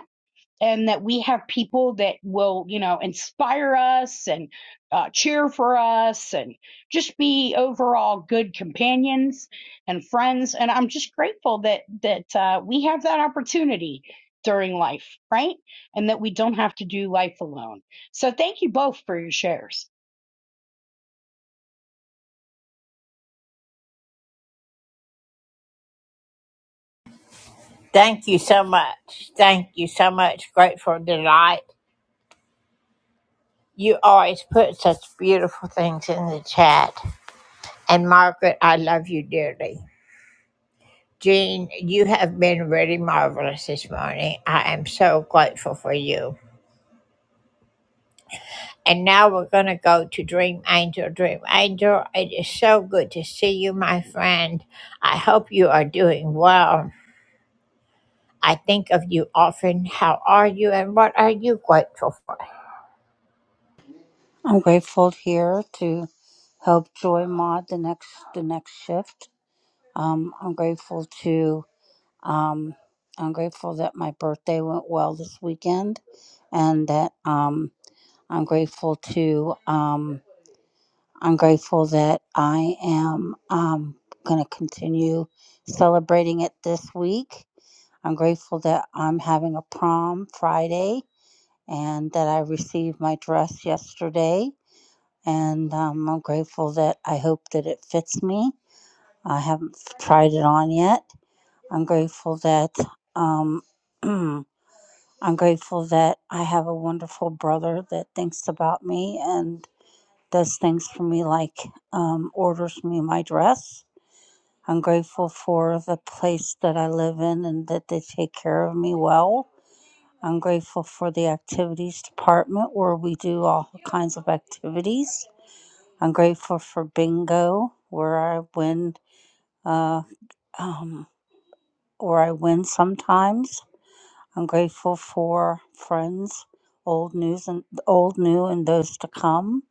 Speaker 12: and that we have people that will, you know, inspire us and uh, cheer for us and just be overall good companions and friends. And I'm just grateful that that uh, we have that opportunity during life, right? And that we don't have to do life alone. So thank you both for your shares.
Speaker 22: I'm grateful here to help Joy mod the next the next shift. Um, I'm grateful to um, I'm grateful that my birthday went well this weekend, and that um, I'm grateful to um, I'm grateful that I am um, going to continue celebrating it this week. I'm grateful that I'm having a prom Friday and that I received my dress yesterday and um, I'm grateful that I hope that it fits me. I haven't tried it on yet. I'm grateful that um, I'm grateful that I have a wonderful brother that thinks about me and does things for me, like um, orders me my dress. I'm grateful for the place that I live in and that they take care of me well. I'm grateful for the activities department where we do all kinds of activities. I'm grateful for bingo, where I win, uh, um, where I win sometimes. I'm grateful for friends, old news and old, new, and those to come.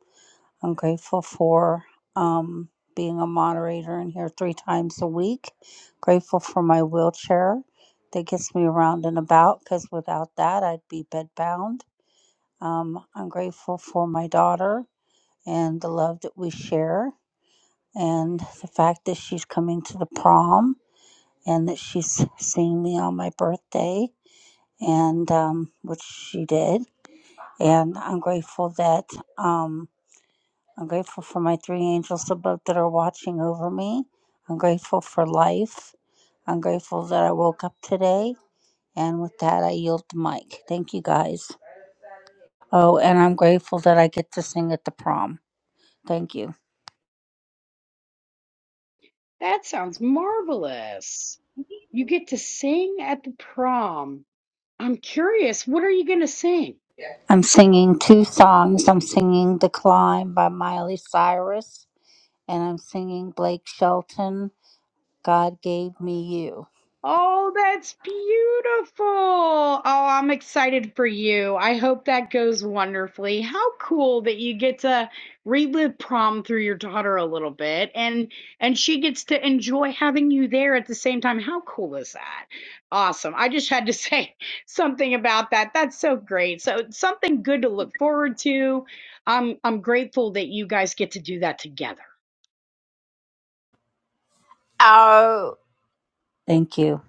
Speaker 22: I'm grateful for um, being a moderator in here three times a week. Grateful for my wheelchair that gets me around and about, because without that, I'd be bedbound. Um, I'm grateful for my daughter and the love that we share. and the fact that she's coming to the prom and that she's seeing me on my birthday and um, which she did and i'm grateful that um, i'm grateful for my three angels above that are watching over me i'm grateful for life i'm grateful that i woke up today and with that i yield the mic thank you guys oh and i'm grateful that i get to sing at the prom thank you
Speaker 12: That sounds marvelous. You get to sing at the prom. I'm curious, what are you going to sing?
Speaker 22: i'm singing two songs i'm singing the climb by miley cyrus and I'm singing Blake Shelton, God Gave Me You.
Speaker 12: Oh, that's beautiful. Oh, I'm excited for you. I hope that goes wonderfully. How cool that you get to relive prom through your daughter a little bit and and she gets to enjoy having you there at the same time. How cool is that? Awesome. I just had to say something about that. That's so great. So it's something good to look forward to. I'm I'm grateful that you guys get to do that together.
Speaker 22: Thank you.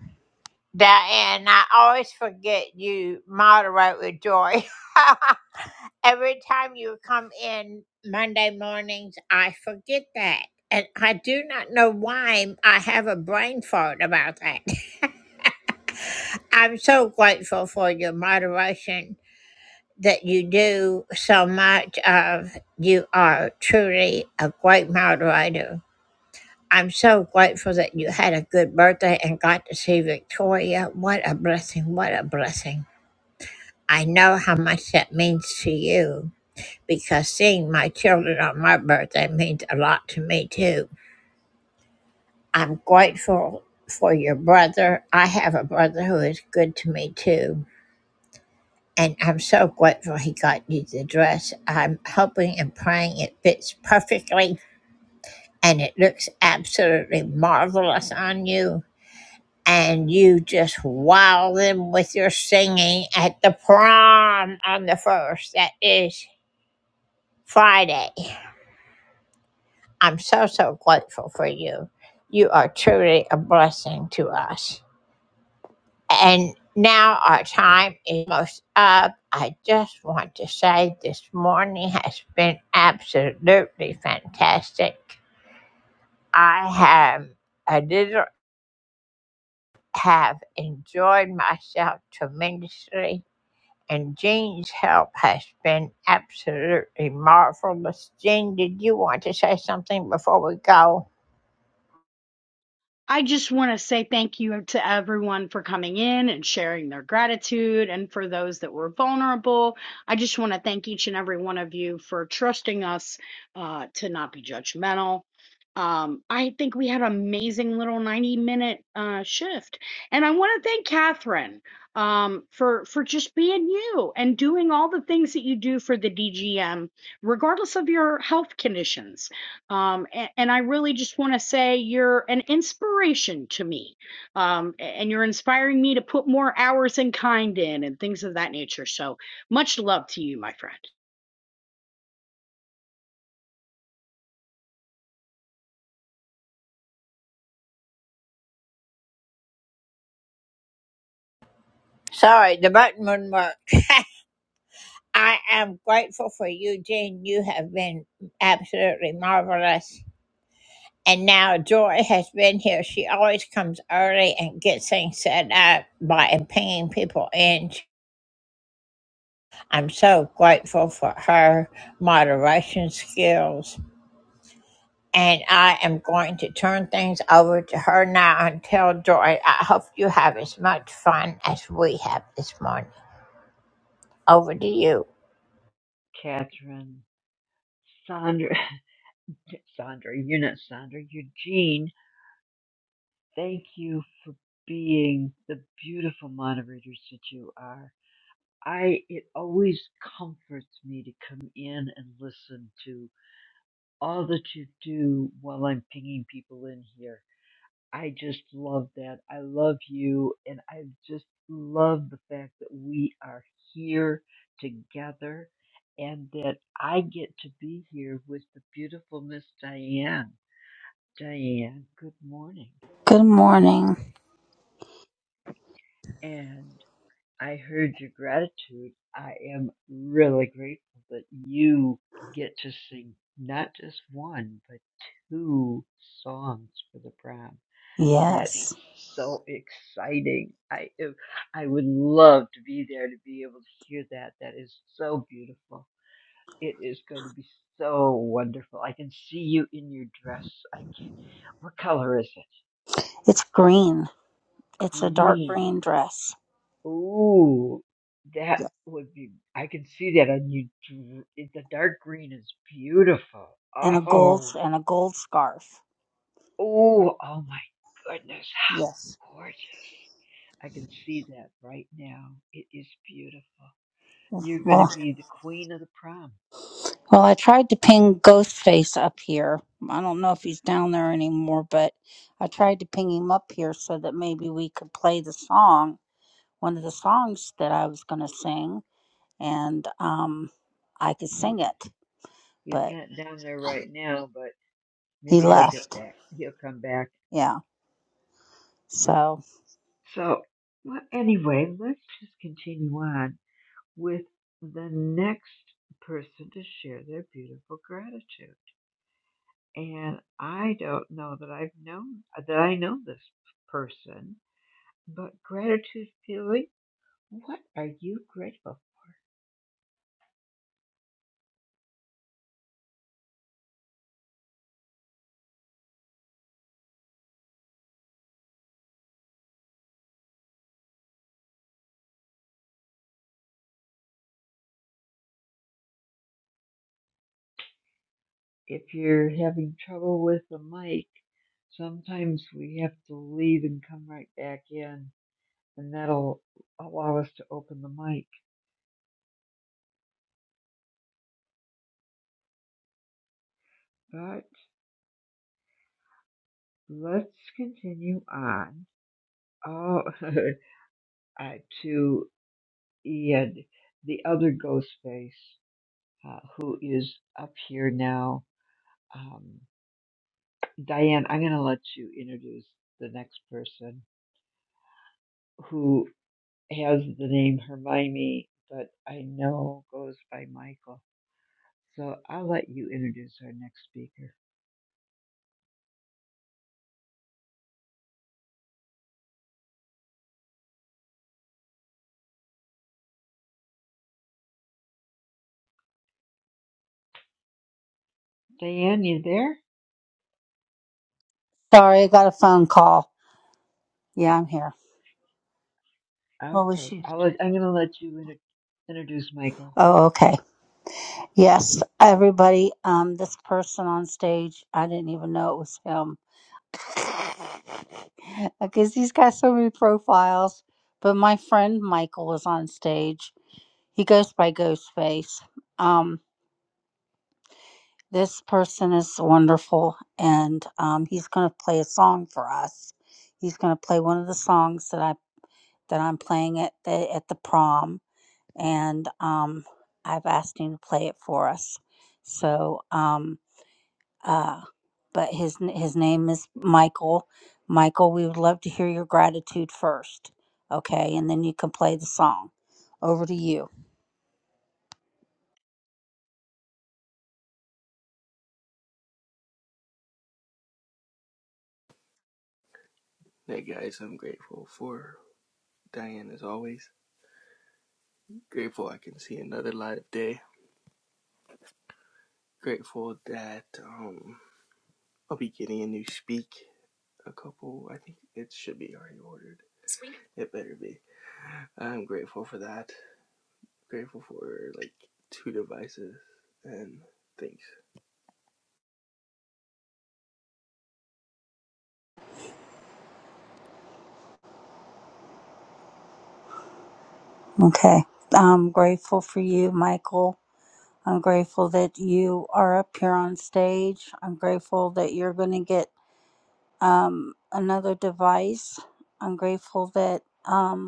Speaker 12: I just want to say thank you to everyone for coming in and sharing their gratitude. And for those that were vulnerable, I just want to thank each and every one of you for trusting us uh, to not be judgmental. Um, I think we had an amazing little 90 minute uh, shift. And I want to thank Catherine um, for, for just being you and doing all the things that you do for the DGM, regardless of your health conditions um, and, and I really just want to say you're an inspiration to me. Um, a- and you're inspiring me to put more hours and kind in and things of that nature. So much love to you, my friend.
Speaker 23: Catherine, Sandra, Sandra, you're not Sandra, Eugene, thank you for being the beautiful moderators that you are. I, it always comforts me to come in and listen to all that you do while I'm pinging people in here I just love that. I love you, and I just love the fact that we are here together and that I get to be here with the beautiful Miss Diane. Diane, good morning.
Speaker 22: Good morning.
Speaker 23: And I heard your gratitude. I am really grateful that you get to sing not just one, but two songs for the Bronx. That is
Speaker 22: Yes.
Speaker 23: so exciting. I am- I would love to be there to be able to hear that. That is so beautiful. It is going to be so wonderful. I can see you in your dress. I can what color is it?
Speaker 22: It's green. It's a dark green
Speaker 23: Green.
Speaker 22: dress.
Speaker 23: Ooh, that
Speaker 22: Yes.
Speaker 23: would be. I can see that on you. dr- it- The dark green is beautiful.
Speaker 22: And a gold
Speaker 23: Oh,
Speaker 22: and a gold scarf.
Speaker 23: oh, oh my goodness! How
Speaker 22: Yes.
Speaker 23: gorgeous! I can see that right now. It is beautiful. You're going to
Speaker 22: Well
Speaker 23: be the queen of the prom.
Speaker 22: well I tried to ping Ghostface up here. I don't know if he's down there anymore, but I tried to ping him up here so that maybe we could play the song, one of the songs that I was gonna sing and um I could
Speaker 23: He's
Speaker 22: sing it.
Speaker 23: he's
Speaker 22: But
Speaker 23: not down there right now, but
Speaker 22: he
Speaker 23: maybe he'll get
Speaker 22: left.
Speaker 23: back. He'll come back.
Speaker 22: Yeah. So
Speaker 23: So, well, anyway, let's just continue on with the next person to share their beautiful gratitude. And I don't know that I've known that I know this person, but gratitude feeling. What are you grateful if you're having trouble with the mic, sometimes we have to leave and come right back in, and that'll allow us to open the mic. But let's continue on oh, uh, to Ian, the other ghost face, uh, who is up here now. Um, Diane, I'm going to let you introduce the next person who has the name Hermione, but I know goes by Michael. So I'll let you introduce our next speaker. Diane, you there?
Speaker 22: sorry, I got a phone call. Yeah, I'm here. What was
Speaker 23: Okay,
Speaker 22: she?
Speaker 23: I'll let, I'm going to let you inter- introduce Michael.
Speaker 22: Oh, okay. Yes, everybody. Um, this person on stage, I didn't even know it was him because he's got so many profiles. But my friend Michael was on stage. He goes by Ghostface. Um, this person is wonderful, and um, he's going to play a song for us. He's going to play one of the songs that I that I'm playing at the at the prom and um, I've asked him to play it for us. So, um, uh, but his his name is Michael. Michael, we would love to hear your gratitude first, okay, and then you can play the song. Over to you.
Speaker 24: Hey guys, I'm grateful for Diane as always. Grateful I can see another light of day. Grateful that um I'll be getting a new speak. A couple, I think it should be already ordered. It better be. I'm grateful for that. Grateful for like two devices and things.
Speaker 22: Okay, I'm grateful for you, Michael. I'm grateful that you are up here on stage. I'm grateful that you're going to get um, another device. I'm grateful that. Um,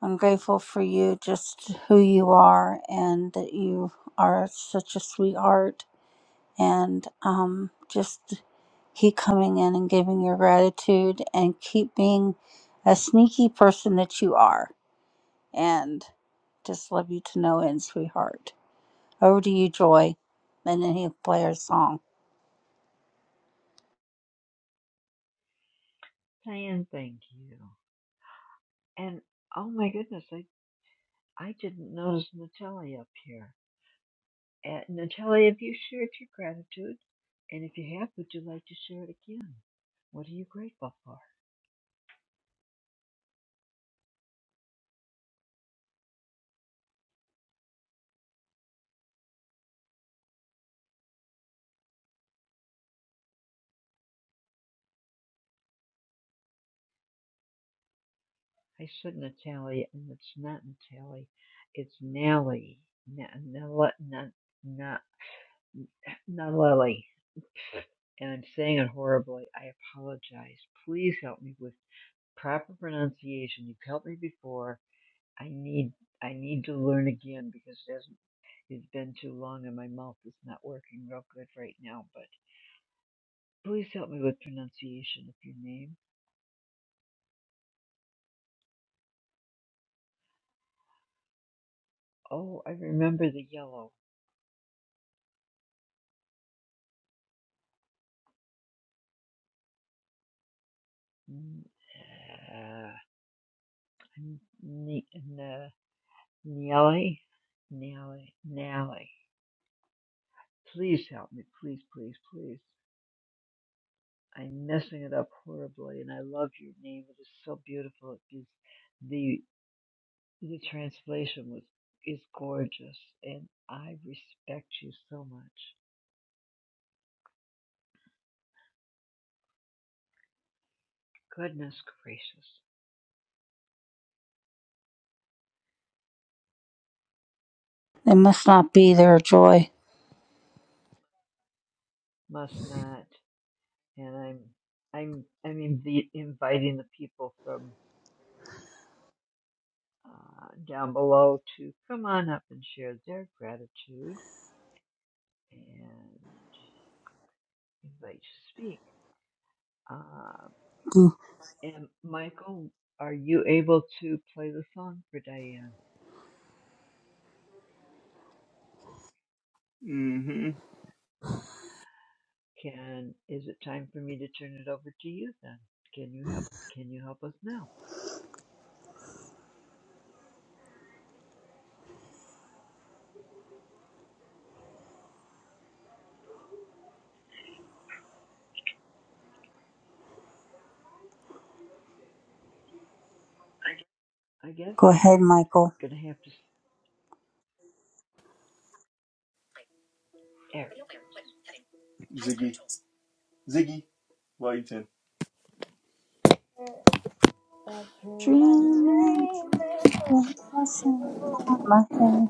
Speaker 22: I'm grateful for you, just who you are, and that you are such a sweetheart. And um, just keep coming in and giving your gratitude, and keep being a sneaky person that you are. And just love you to no end, sweetheart. Over to you, Joy. And then he'll play her song.
Speaker 23: Diane, thank you. And oh my goodness, I, I didn't notice Natalia up here. Uh, Natalia, have you shared your gratitude? And if you have, would you like to share it again? What are you grateful for? I said Natalia, and it's not Natalie. It's Nellie. Not, not, not, not, Lily. and I'm saying it horribly. I apologize. Please help me with proper pronunciation. You've helped me before. I need I need to learn again because it hasn't, it's been too long and my mouth is not working real good right now. But please help me with pronunciation of your name. Oh, I remember the yellow. N- Uh, N- Niali, Niali, Niali. Please help me. Please, please, please. I'm messing it up horribly, and I love your name. It is so beautiful. It is the the translation was is gorgeous, and I respect you so much. Goodness gracious,
Speaker 22: They must not be there, Joy.
Speaker 23: must not. And I'm I'm I'm invi- inviting the people from uh, down below to come on up and share their gratitude and invite to speak. Uh,
Speaker 22: Mm,
Speaker 23: And Michael, are you able to play the song for Diane?
Speaker 24: Mm-hmm.
Speaker 23: Can is it time for me to turn it over to you then? Can you help? Can you help us now? I guess
Speaker 22: Go ahead,
Speaker 23: I'm
Speaker 22: Michael.
Speaker 23: gonna have to. s- There it goes.
Speaker 24: Ziggy, Ziggy, Wellington. Back to my
Speaker 22: Dreaming,
Speaker 24: main
Speaker 22: it wasn't on my head.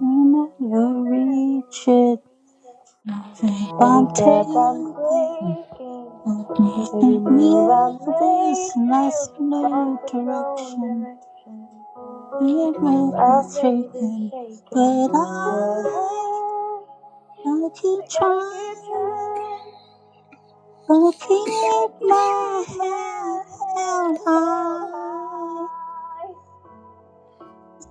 Speaker 22: I'll never reach it. I think
Speaker 24: Every
Speaker 22: I'm
Speaker 24: step I'm
Speaker 22: taken.
Speaker 24: taking,
Speaker 22: You
Speaker 24: every
Speaker 22: sent me
Speaker 24: move I make
Speaker 22: abyss, and I
Speaker 24: feels
Speaker 22: saw
Speaker 24: lost
Speaker 22: no
Speaker 24: with no
Speaker 22: direction.
Speaker 24: direction.
Speaker 22: It made me
Speaker 24: My faith is
Speaker 22: shaken,
Speaker 24: shaking,
Speaker 22: but
Speaker 24: but
Speaker 22: I,
Speaker 24: I,
Speaker 22: I
Speaker 24: I
Speaker 22: keep
Speaker 24: gotta keep
Speaker 22: trying,
Speaker 24: trying.
Speaker 22: gonna
Speaker 24: Gotta
Speaker 22: keep my
Speaker 24: keep
Speaker 22: head
Speaker 24: my
Speaker 22: held
Speaker 24: head held
Speaker 22: high.
Speaker 24: high.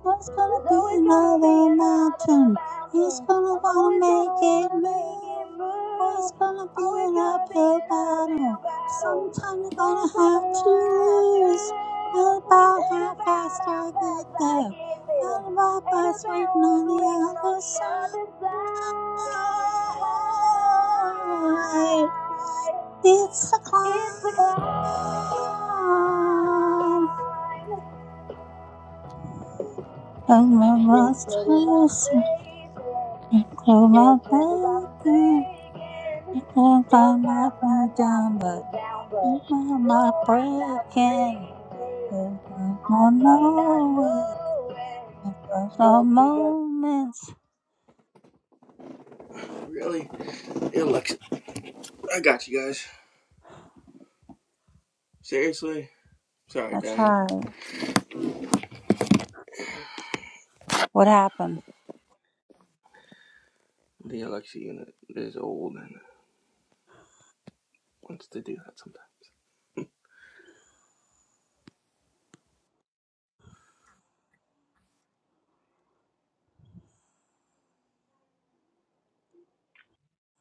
Speaker 22: There's gonna
Speaker 24: There's
Speaker 22: be
Speaker 24: always gonna be
Speaker 22: another
Speaker 24: another
Speaker 22: mountain. He's
Speaker 24: mountain.
Speaker 22: gonna
Speaker 24: I'm
Speaker 22: wanna
Speaker 24: always gonna
Speaker 22: make it
Speaker 24: wanna make it
Speaker 22: move. Or it's
Speaker 24: move.
Speaker 22: gonna be
Speaker 24: Always
Speaker 22: an
Speaker 24: gonna be
Speaker 22: uphill
Speaker 24: an uphill
Speaker 22: battle.
Speaker 24: battle.
Speaker 22: Sometime you're gonna
Speaker 24: Sometimes
Speaker 22: have
Speaker 24: I'm
Speaker 22: to
Speaker 24: gonna have to
Speaker 22: lose.
Speaker 24: lose.
Speaker 22: About
Speaker 24: Ain't
Speaker 22: how
Speaker 24: about
Speaker 22: fast
Speaker 24: how
Speaker 22: I get
Speaker 24: fast I
Speaker 22: there.
Speaker 24: get there.
Speaker 22: And my
Speaker 24: Ain't
Speaker 22: bus
Speaker 24: about
Speaker 22: waiting on
Speaker 24: what's waiting
Speaker 22: the
Speaker 24: on
Speaker 22: other
Speaker 24: the
Speaker 22: side.
Speaker 24: other side.
Speaker 22: It's a
Speaker 24: It's a climb.
Speaker 22: climb. And my
Speaker 24: The
Speaker 22: lost
Speaker 24: struggles I'm
Speaker 22: trace.
Speaker 24: facing,
Speaker 22: Throw my
Speaker 24: the chances
Speaker 22: back
Speaker 24: I'm
Speaker 22: up,
Speaker 24: taking,
Speaker 22: can't knock
Speaker 24: sometimes I
Speaker 22: me
Speaker 24: knock
Speaker 22: down,
Speaker 24: me
Speaker 22: but
Speaker 24: down,
Speaker 22: my,
Speaker 24: but
Speaker 22: not
Speaker 24: no, I'm not
Speaker 22: breaking.
Speaker 24: breaking.
Speaker 22: If I
Speaker 24: I
Speaker 22: don't
Speaker 24: may not
Speaker 22: know it,
Speaker 24: know it,
Speaker 22: if I do
Speaker 24: but because
Speaker 22: moments.
Speaker 24: really, Alexa, I got you guys. Seriously, sorry,
Speaker 22: That's
Speaker 24: Diane.
Speaker 22: right. What happened?
Speaker 24: The Alexa unit is old and wants to do that sometimes.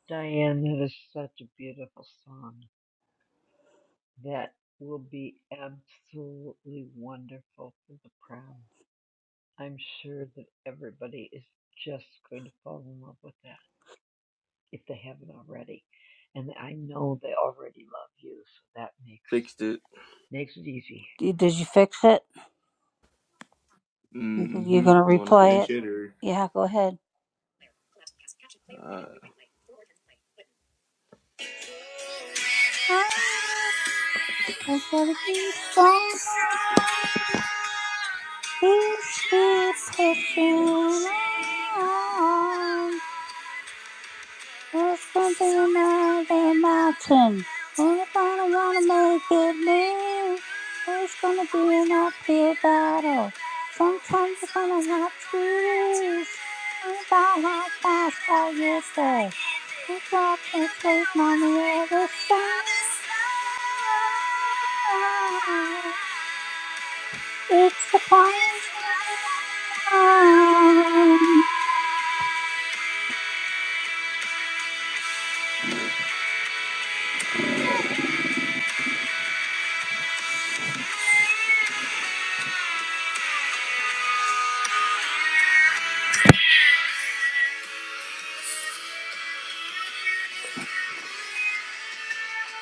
Speaker 23: Diane, that is such a beautiful song. That will be absolutely wonderful for the prom. I'm sure that everybody is just going to fall in love with that. if they haven't already. And I know they already love you, so that makes
Speaker 24: Fixed it.
Speaker 23: makes it easy.
Speaker 22: Did did you fix it? You you
Speaker 24: Mm-hmm.
Speaker 22: gonna
Speaker 24: You want to
Speaker 22: replay
Speaker 24: finish
Speaker 22: it?
Speaker 24: it or?
Speaker 22: Yeah, go ahead.
Speaker 24: Uh,
Speaker 22: I gotta be strong. Please be
Speaker 24: Just keep
Speaker 22: pushing
Speaker 24: pushing
Speaker 22: on.
Speaker 24: on.
Speaker 22: There's gonna be
Speaker 24: There's always gonna be
Speaker 22: another
Speaker 24: another
Speaker 22: mountain.
Speaker 24: mountain.
Speaker 22: Gonna, going
Speaker 24: I'm
Speaker 22: want to
Speaker 24: always gonna
Speaker 22: make
Speaker 24: wanna
Speaker 22: it
Speaker 24: make it
Speaker 22: move. Oh,
Speaker 24: move.
Speaker 22: it's gonna be
Speaker 24: Always
Speaker 22: an
Speaker 24: gonna be
Speaker 22: uphill
Speaker 24: an uphill
Speaker 22: battle.
Speaker 24: battle.
Speaker 22: Sometimes you're gonna
Speaker 24: Sometimes
Speaker 22: have
Speaker 24: I'm
Speaker 22: to
Speaker 24: gonna have to
Speaker 22: lose.
Speaker 24: live.
Speaker 22: Think about
Speaker 24: Ain't
Speaker 22: how
Speaker 24: about
Speaker 22: fast
Speaker 24: how
Speaker 22: I get
Speaker 24: fast I
Speaker 22: there.
Speaker 24: get
Speaker 22: Think
Speaker 24: there.
Speaker 22: about
Speaker 24: Ain't
Speaker 22: what's
Speaker 24: about
Speaker 22: waiting on
Speaker 24: what's
Speaker 22: the
Speaker 24: waiting
Speaker 22: other
Speaker 24: on the other
Speaker 22: side.
Speaker 24: side.
Speaker 22: It's the
Speaker 24: It's the
Speaker 22: climb.
Speaker 24: climb.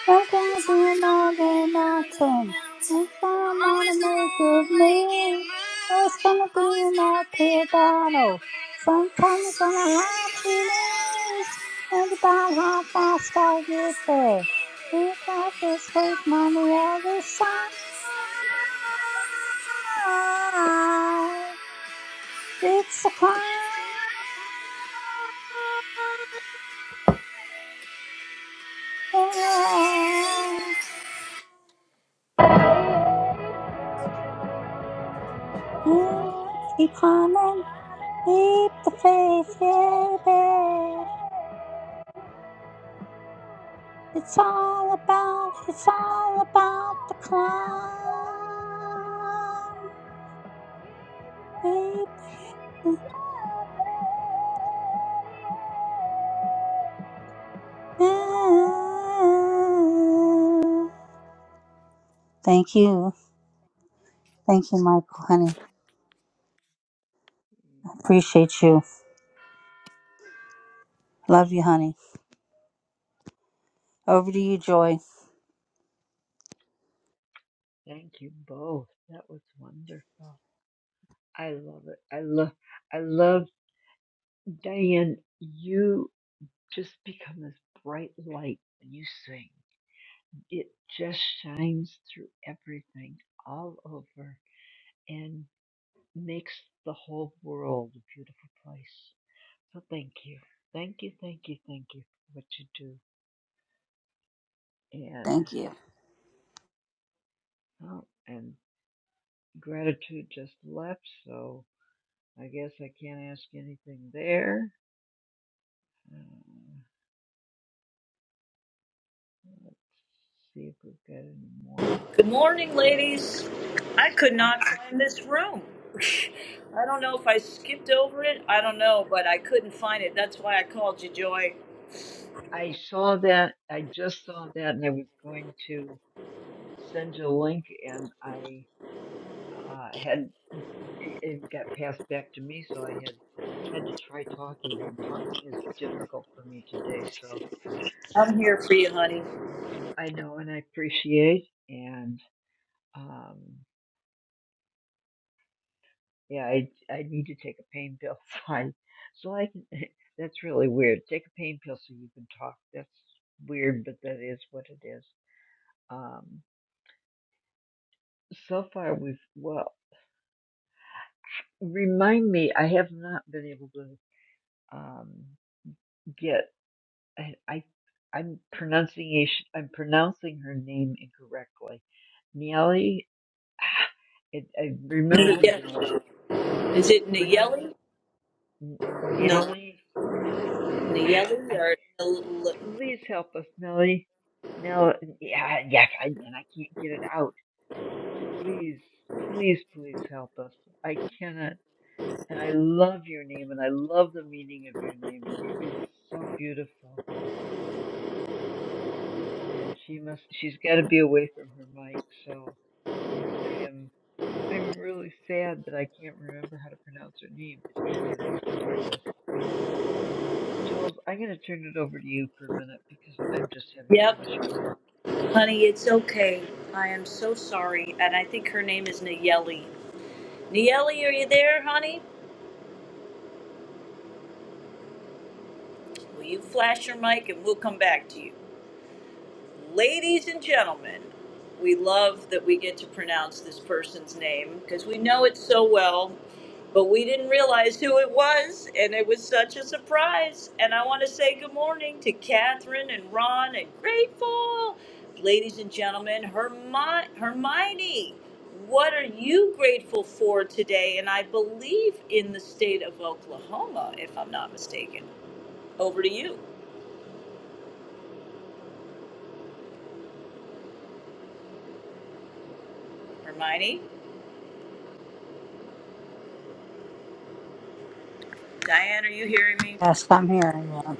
Speaker 22: Nothing to
Speaker 24: It's
Speaker 22: be
Speaker 24: always gonna be
Speaker 22: another
Speaker 24: another
Speaker 22: mountain.
Speaker 24: mountain.
Speaker 22: If
Speaker 24: I'm
Speaker 22: I'm on a
Speaker 24: always gonna
Speaker 22: make good
Speaker 24: wanna make it
Speaker 22: move, oh, it's
Speaker 24: move.
Speaker 22: gonna be
Speaker 24: Always
Speaker 22: an
Speaker 24: gonna be
Speaker 22: uphill
Speaker 24: an uphill
Speaker 22: battle.
Speaker 24: battle.
Speaker 22: Sometimes you're gonna
Speaker 24: Somebody
Speaker 22: have to
Speaker 24: gonna have to
Speaker 22: lose.
Speaker 24: love.
Speaker 22: Think about how
Speaker 24: Ain't
Speaker 22: fast
Speaker 24: about how
Speaker 22: I get
Speaker 24: fast I
Speaker 22: there.
Speaker 24: get there.
Speaker 22: If I was
Speaker 24: Ain't about
Speaker 22: waiting on
Speaker 24: what's
Speaker 22: the
Speaker 24: waiting
Speaker 22: other
Speaker 24: on
Speaker 22: side,
Speaker 24: the other side.
Speaker 22: it's a climb. Yeah. Keep climbing. Keep the faith, yeah, babe. It's all about, it's all about the climb. Babe. Thank you. Thank you, Michael, honey. Appreciate you. Love you, honey. Over to you, Joy.
Speaker 23: Thank you both. That was wonderful. I love it. I love I love Diane, you just become this bright light when you sing. It just shines through everything all over and makes the whole world a beautiful place. So thank you. Thank you, thank you, thank you for what you do. And
Speaker 22: Thank you.
Speaker 23: oh, and Gratitude just left, so I guess I can't ask anything there. Uh, let's see if we've got any more.
Speaker 25: Good morning, ladies. I could
Speaker 23: I,
Speaker 25: not find this room. I don't know if I skipped over it. I don't know, but I couldn't find it. That's why I called you, Joy.
Speaker 23: I saw that. I just saw that, and I was going to send you a link, and I uh, had it, it got passed back to me, so I had had to try talking, and talking is difficult for me today. So
Speaker 25: I'm here
Speaker 23: uh,
Speaker 25: for you, honey.
Speaker 23: I know, and I appreciate, and. um, Yeah, I I need to take a pain pill so I so I can. That's really weird. Take a pain pill so you can talk. That's weird, but that is what it is. Um, so far we've well. Remind me, I have not been able to um get. I, I I'm pronunciation. I'm pronouncing her name incorrectly. Nelly. I, I remember
Speaker 25: Nye-
Speaker 23: the yellow.
Speaker 25: Is it
Speaker 23: Pronounce
Speaker 25: Nayeli?
Speaker 23: N-
Speaker 25: No,
Speaker 23: Nelly.
Speaker 25: Nayeli or Nal-
Speaker 23: Please help us, Millie. Now, yeah, yes, I, and I can't get it out. Please, please, please help us. I cannot. And I love your name, and I love the meaning of your name. It is so beautiful. And she must. She's got to be away from her mic. So I am. I'm really sad that I can't remember how to pronounce her name because it's gorgeous. Jules, I'm going to turn it over to you for a minute because I'm just having too
Speaker 25: Yep,
Speaker 23: much trouble.
Speaker 25: honey, it's okay. I am so sorry, and I think her name is Nayeli. Nayeli, are you there, honey? Will you flash your mic and we'll come back to you? ladies and gentlemen, we love that we get to pronounce this person's name because we know it so well, but we didn't realize who it was, and it was such a surprise. And I want to say good morning to Catherine and Ron and Grateful. Ladies and gentlemen, Hermi- Hermione, what are you grateful for today? And I believe in the state of Oklahoma, if I'm not mistaken. Over to you, Hermione. Diane, are you hearing me?
Speaker 22: Yes, I'm hearing you.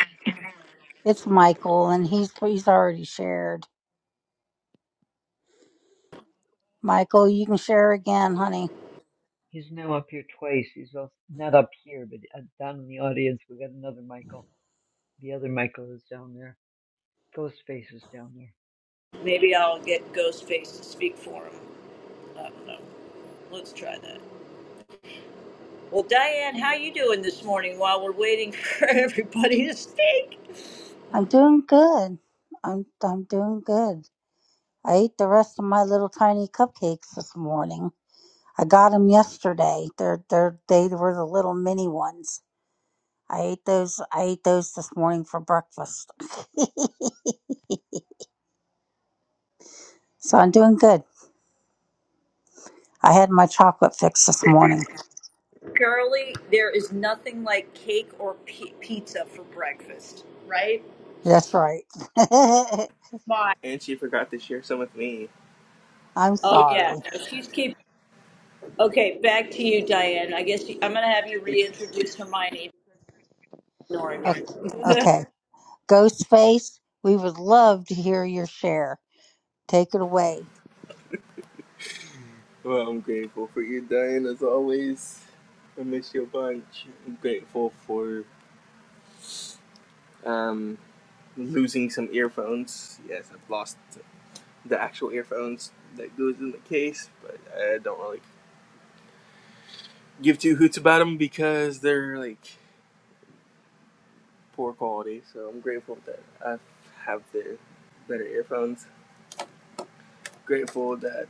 Speaker 22: It's Michael, and he's he's already shared. Michael, you can share again, honey.
Speaker 23: He's now up here twice. He's also, not up here, but uh, down in the audience. We got another Michael. The other Michael is down there. Ghostface is down there.
Speaker 25: Maybe I'll get Ghostface to speak for him. I don't know. Let's try that. Well, Diane, how you doing this morning while we're waiting for everybody to speak?
Speaker 22: I'm doing good. I'm I'm doing good. I ate the rest of my little tiny cupcakes this morning. I got them yesterday. They're, they're, they were the little mini ones. I ate those. I ate those this morning for breakfast. so I'm doing good. I had my chocolate fix this morning.
Speaker 25: Girlie, there is nothing like cake or pi- pizza for breakfast, right?
Speaker 22: That's right.
Speaker 25: Why?
Speaker 24: And she forgot to share some with me.
Speaker 22: I'm
Speaker 25: Oh yeah,
Speaker 22: sorry.
Speaker 25: she's keep. Okay, back to you, Diane. I guess you, I'm gonna have you reintroduce Hermione. Ignoring
Speaker 22: Okay.
Speaker 25: me.
Speaker 22: okay. Ghostface, we would love to hear your share. Take it away.
Speaker 24: Well, I'm grateful for you, Diane, as always. I miss you a bunch. I'm grateful for um, losing some earphones. Yes, I've lost the actual earphones that goes in the case, but I don't really give two hoots about them because they're like poor quality. So I'm grateful that I have the better earphones. Grateful that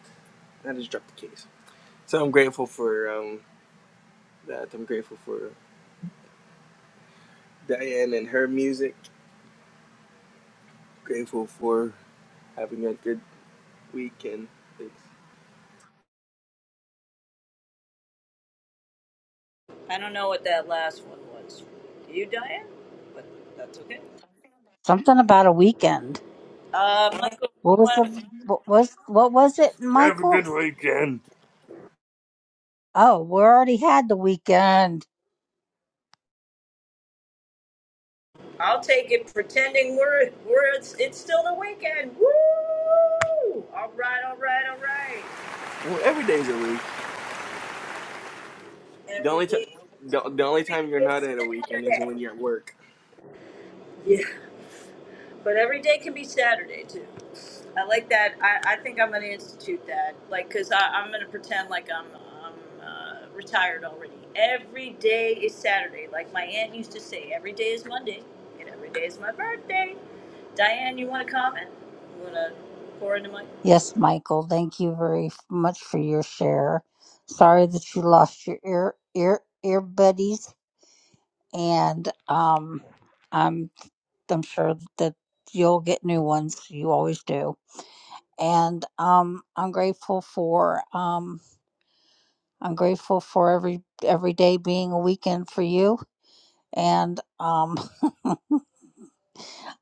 Speaker 24: I just dropped the case. So I'm grateful for um, that. I'm grateful for Diane and her music. Grateful for having a good weekend. Thanks.
Speaker 25: I don't know what that last one was. You, Diane? But that's okay.
Speaker 22: Something about a weekend.
Speaker 25: Uh, Michael,
Speaker 22: What
Speaker 25: you
Speaker 22: was
Speaker 25: want
Speaker 22: the
Speaker 25: to?
Speaker 22: what was what was it,
Speaker 24: Have a
Speaker 22: Michael?
Speaker 24: good weekend.
Speaker 22: Oh, we already had the weekend.
Speaker 25: I'll take it. Pretending we're we're it's, it's still the weekend. Woo! All right, all right, all right.
Speaker 24: Well, every day's a week. The
Speaker 25: Every
Speaker 24: only time,
Speaker 25: day,
Speaker 24: the, the only
Speaker 25: every
Speaker 24: time you're
Speaker 25: day
Speaker 24: not
Speaker 25: is
Speaker 24: at a weekend is when
Speaker 25: Saturday.
Speaker 24: you're at work.
Speaker 25: Yeah, but every day can be Saturday too. I like that. I, I think I'm gonna institute that. Like, cause I, I'm gonna pretend like I'm I'm uh, retired already. Every day is Saturday. Like my aunt used to say, every day is Monday, and every day is my birthday. Diane, you want to comment? You want to pour into my?
Speaker 22: Yes, Michael, thank you very f- much for your share. Sorry that you lost your ear ear earbuddies and um I'm I'm sure that you'll get new ones. You always do. And um I'm grateful for um I'm grateful for every every day being a weekend for you and um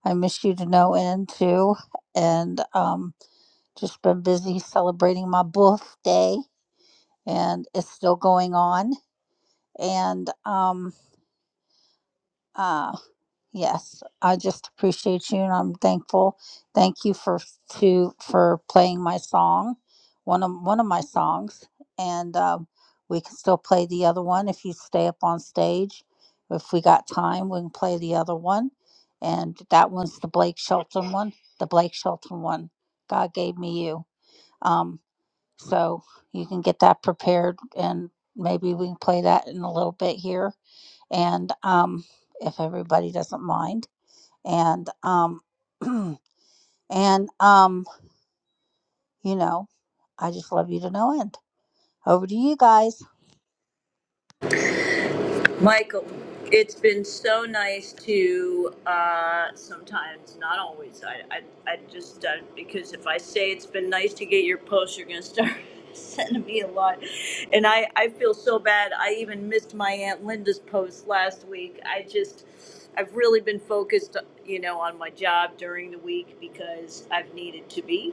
Speaker 22: I miss you to no end too. And um Just been busy celebrating my birthday, and it's still going on. And um, uh, yes, I just appreciate you, and I'm thankful. Thank you for to for playing my song, one of one of my songs, and um, we can still play the other one if you stay up on stage. If we got time, we can play the other one, and that one's the Blake Shelton one. The Blake Shelton one. God gave me you. um. So you can get that prepared and maybe we can play that in a little bit here. And um, if everybody doesn't mind. And um, and um, you know, I just love you to no end. Over to you guys.
Speaker 25: Michael, it's been so nice to uh, sometimes, not always. I, I, I just uh, because if I say it's been nice to get your post, you're gonna start sending me a lot, and I, I feel so bad. I even missed my aunt Linda's post last week. I just I've really been focused, uh, you know, on my job during the week because I've needed to be,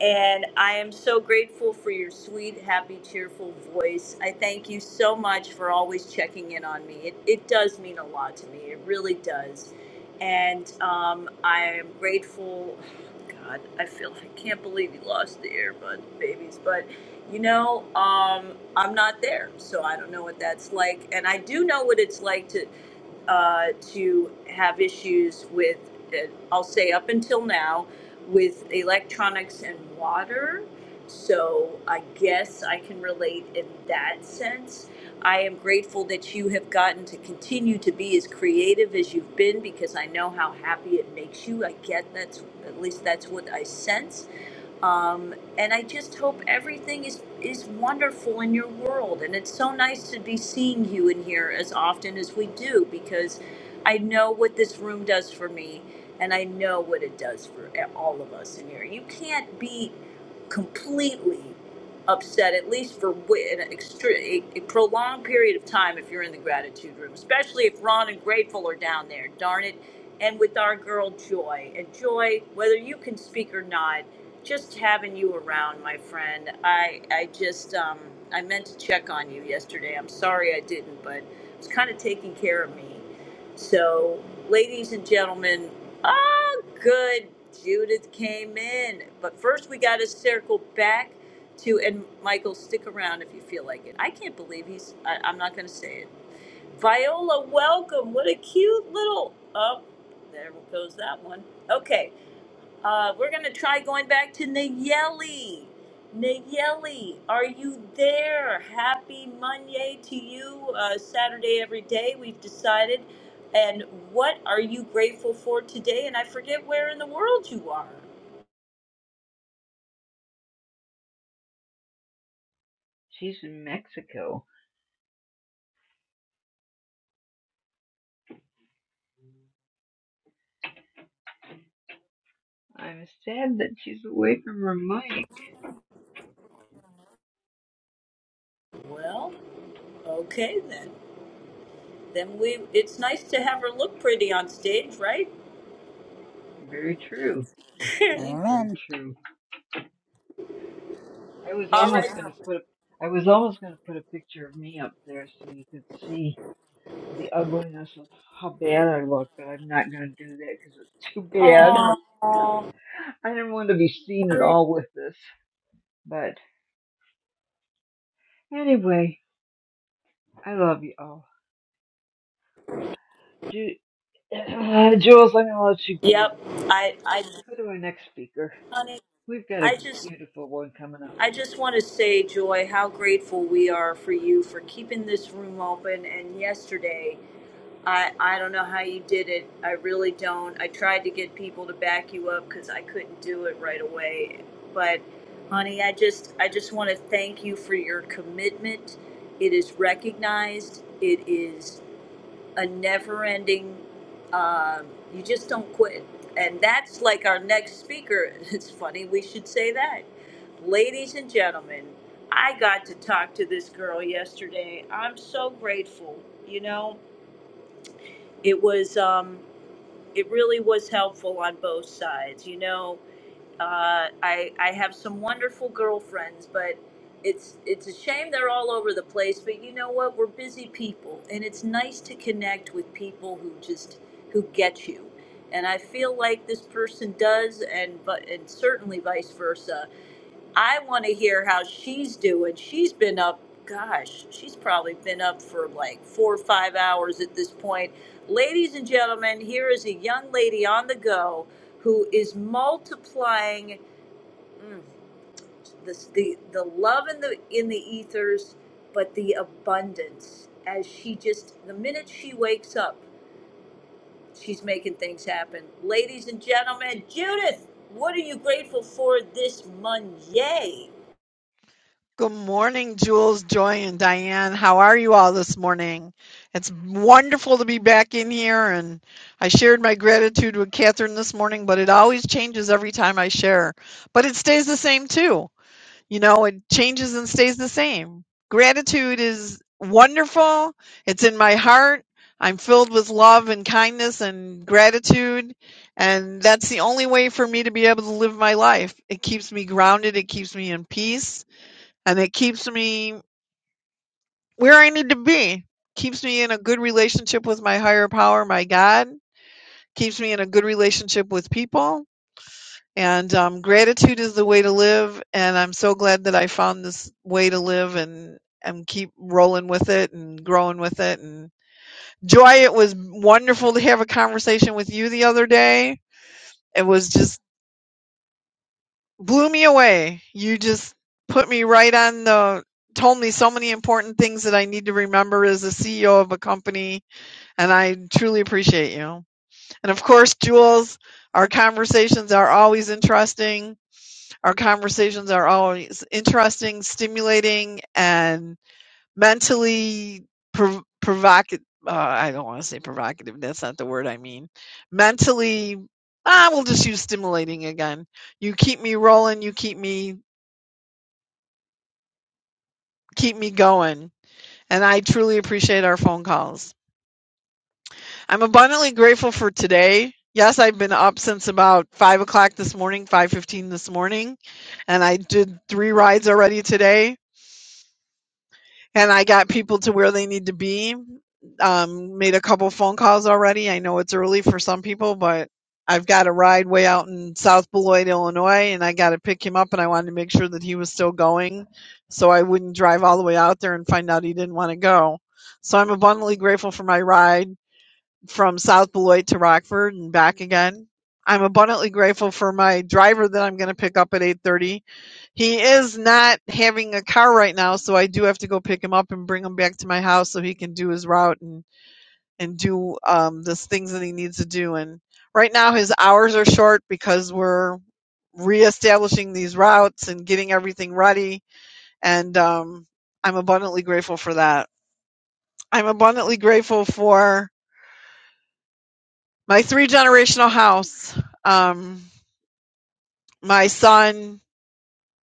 Speaker 25: and I am so grateful for your sweet, happy, cheerful voice. I thank you so much for always checking in on me. It, it does mean a lot to me. It really does. And um, I am grateful. God, I feel I can't believe you lost the earbud, babies. But you know, um, I'm not there, so I don't know what that's like. And I do know what it's like to uh, to have issues with, uh, I'll say up until now, with electronics and water. So I guess I can relate in that sense. I am grateful that you have gotten to continue to be as creative as you've been because I know how happy it makes you. I get that's at least that's what I sense um, and I just hope everything is, is wonderful in your world. And it's so nice to be seeing you in here as often as we do because I know what this room does for me and I know what it does for all of us in here. You can't be completely upset at least for an extreme, a a prolonged period of time if you're in the gratitude room, especially if Ron and Grateful are down there. Darn it! And with our girl Joy, and Joy, whether you can speak or not, just having you around, my friend. I I just um, I meant to check on you yesterday. I'm sorry I didn't, but it's kind of taking care of me. So, ladies and gentlemen, ah, good. Judith came in, but first we got to circle back to and Michael, stick around if you feel like it. I can't believe he's. I, I'm not going to say it. Viola, welcome. What a cute little. Oh, there goes that one. Okay, uh, we're going to try going back to Nayeli. Nayeli, are you there? Happy Monday to you. Uh, Saturday every day. We've decided. And what are you grateful for today? And I forget where in the world you are.
Speaker 23: She's in Mexico. I'm sad that she's away from her mic.
Speaker 25: Well, okay then. Then we, it's nice to have her look pretty on stage, right?
Speaker 23: Very true. Very, very
Speaker 22: Amen.
Speaker 23: true. I was
Speaker 25: All right.
Speaker 23: almost gonna put a, I was almost gonna put a picture of me up there so you could see the ugliness of how bad I look, but I'm not gonna do that because it's too bad.
Speaker 25: Aw.
Speaker 23: I didn't want to be seen at all with this. But anyway, I love you all. Ju- Jules, I'm going to let you go on.
Speaker 25: Yep. I, I,
Speaker 23: Go to our next speaker.
Speaker 25: honey,
Speaker 23: We've got a
Speaker 25: I just,
Speaker 23: beautiful one coming up.
Speaker 25: I just want to say, Joy, how grateful we are for you for keeping this room open. And yesterday, I, I don't know how you did it. I really don't. I tried to get people to back you up because I couldn't do it right away. But, honey, I just, I just want to thank you for your commitment. It is recognized. It is. a never ending, um, you just don't quit. And that's like our next speaker. It's funny we should say that. Ladies and gentlemen, I got to talk to this girl yesterday. I'm so grateful. You know, it was, um, it really was helpful on both sides. You know, uh, I I have some wonderful girlfriends, but it's it's a shame they're all over the place. But you know what? We're busy people, and it's nice to connect with people who just who get you. And I feel like this person does, and but and certainly vice versa. I want to hear how she's doing. She's been up. Gosh, she's probably been up for like four or five hours at this point. Ladies and gentlemen, here is a young lady on the go who is multiplying this the the love in the in the ethers but the abundance as she just the minute she wakes up she's making things happen ladies and gentlemen judith what are you grateful for this monday
Speaker 11: Good morning, Jules, Joy, and Diane. How are you all this morning? It's wonderful to be back in here, and I shared my gratitude with Catherine this morning, but it always changes every time I share. But it stays the same, too. You know, it changes and stays the same. Gratitude is wonderful, it's in my heart. I'm filled with love and kindness and gratitude, and that's the only way for me to be able to live my life. It keeps me grounded, it keeps me in peace and it keeps me where I need to be. Keeps me in a good relationship with my higher power, my God. Keeps me in a good relationship with people. And um, gratitude is the way to live. And I'm so glad that I found this way to live and and keep rolling with it and growing with it. And Joy, it was wonderful to have a conversation with you the other day. It was just blew me away. You just put me right on the told me so many important things that I need to remember as the CEO of a company and I truly appreciate you. And of course, Jules, our conversations are always interesting. Our conversations are always interesting, stimulating and mentally prov- provocative uh, I don't want to say provocative. That's not the word I mean. Mentally, ah, we'll just use stimulating again you keep me rolling you keep me keep me going. And I truly appreciate our phone calls. I'm abundantly grateful for today. Yes, I've been up since about five o'clock this morning, five fifteen this morning, and I did three rides already today. and I got people to where they need to be. Um, made a couple phone calls already. I know it's early for some people, but I've got a ride way out in South Beloit, Illinois, and I got to pick him up, and I wanted to make sure that he was still going, so I wouldn't drive all the way out there and find out he didn't want to go. So I'm abundantly grateful for my ride from South Beloit to Rockford and back again. I'm abundantly grateful for my driver that I'm going to pick up at 8:30. He is not having a car right now, so I do have to go pick him up and bring him back to my house so he can do his route and and do um the things that he needs to do. And right now his hours are short because we're reestablishing these routes and getting everything ready. And um, I'm abundantly grateful for that. I'm abundantly grateful for my three generational house, um, my son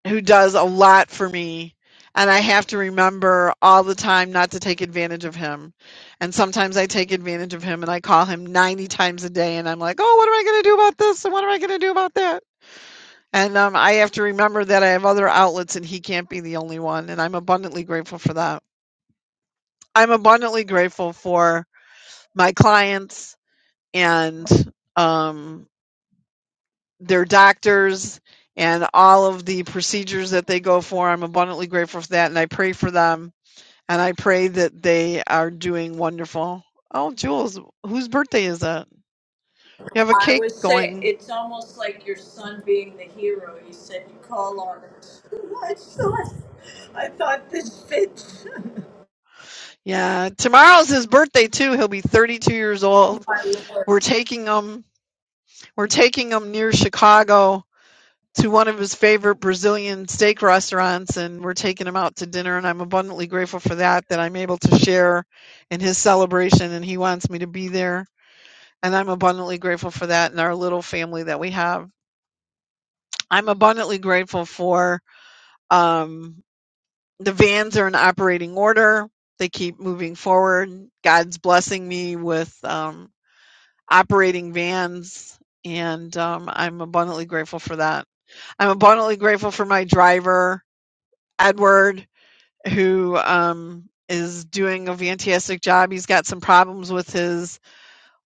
Speaker 11: who does a lot for me, and I have to remember all the time not to take advantage of him. And sometimes I take advantage of him and I call him 90 times a day and I'm like, oh, what am I going to do about this? And what am I going to do about that? And um, I have to remember that I have other outlets and he can't be the only one. And I'm abundantly grateful for that. I'm abundantly grateful for my clients and um, their doctors and all of the procedures that they go for. I'm abundantly grateful for that, and I pray for them, and I pray that they are doing wonderful. Oh, Jules, whose birthday is that? You have a
Speaker 25: i
Speaker 11: cake
Speaker 25: would say
Speaker 11: going.
Speaker 25: it's almost like your son being the hero you said you call on him too much so I thought this fits
Speaker 11: Yeah, tomorrow's his birthday too. He'll be 32 years
Speaker 25: oh
Speaker 11: old.
Speaker 25: my lord
Speaker 11: We're taking him. We're taking him near Chicago to one of his favorite Brazilian steak restaurants and we're taking him out to dinner and I'm abundantly grateful for that that I'm able to share in his celebration and he wants me to be there and I'm abundantly grateful for that and our little family that we have. I'm abundantly grateful for um the vans are in operating order. They keep moving forward. God's blessing me with um operating vans and um I'm abundantly grateful for that. I'm abundantly grateful for my driver Edward, who um, is doing a fantastic job. He's got some problems with his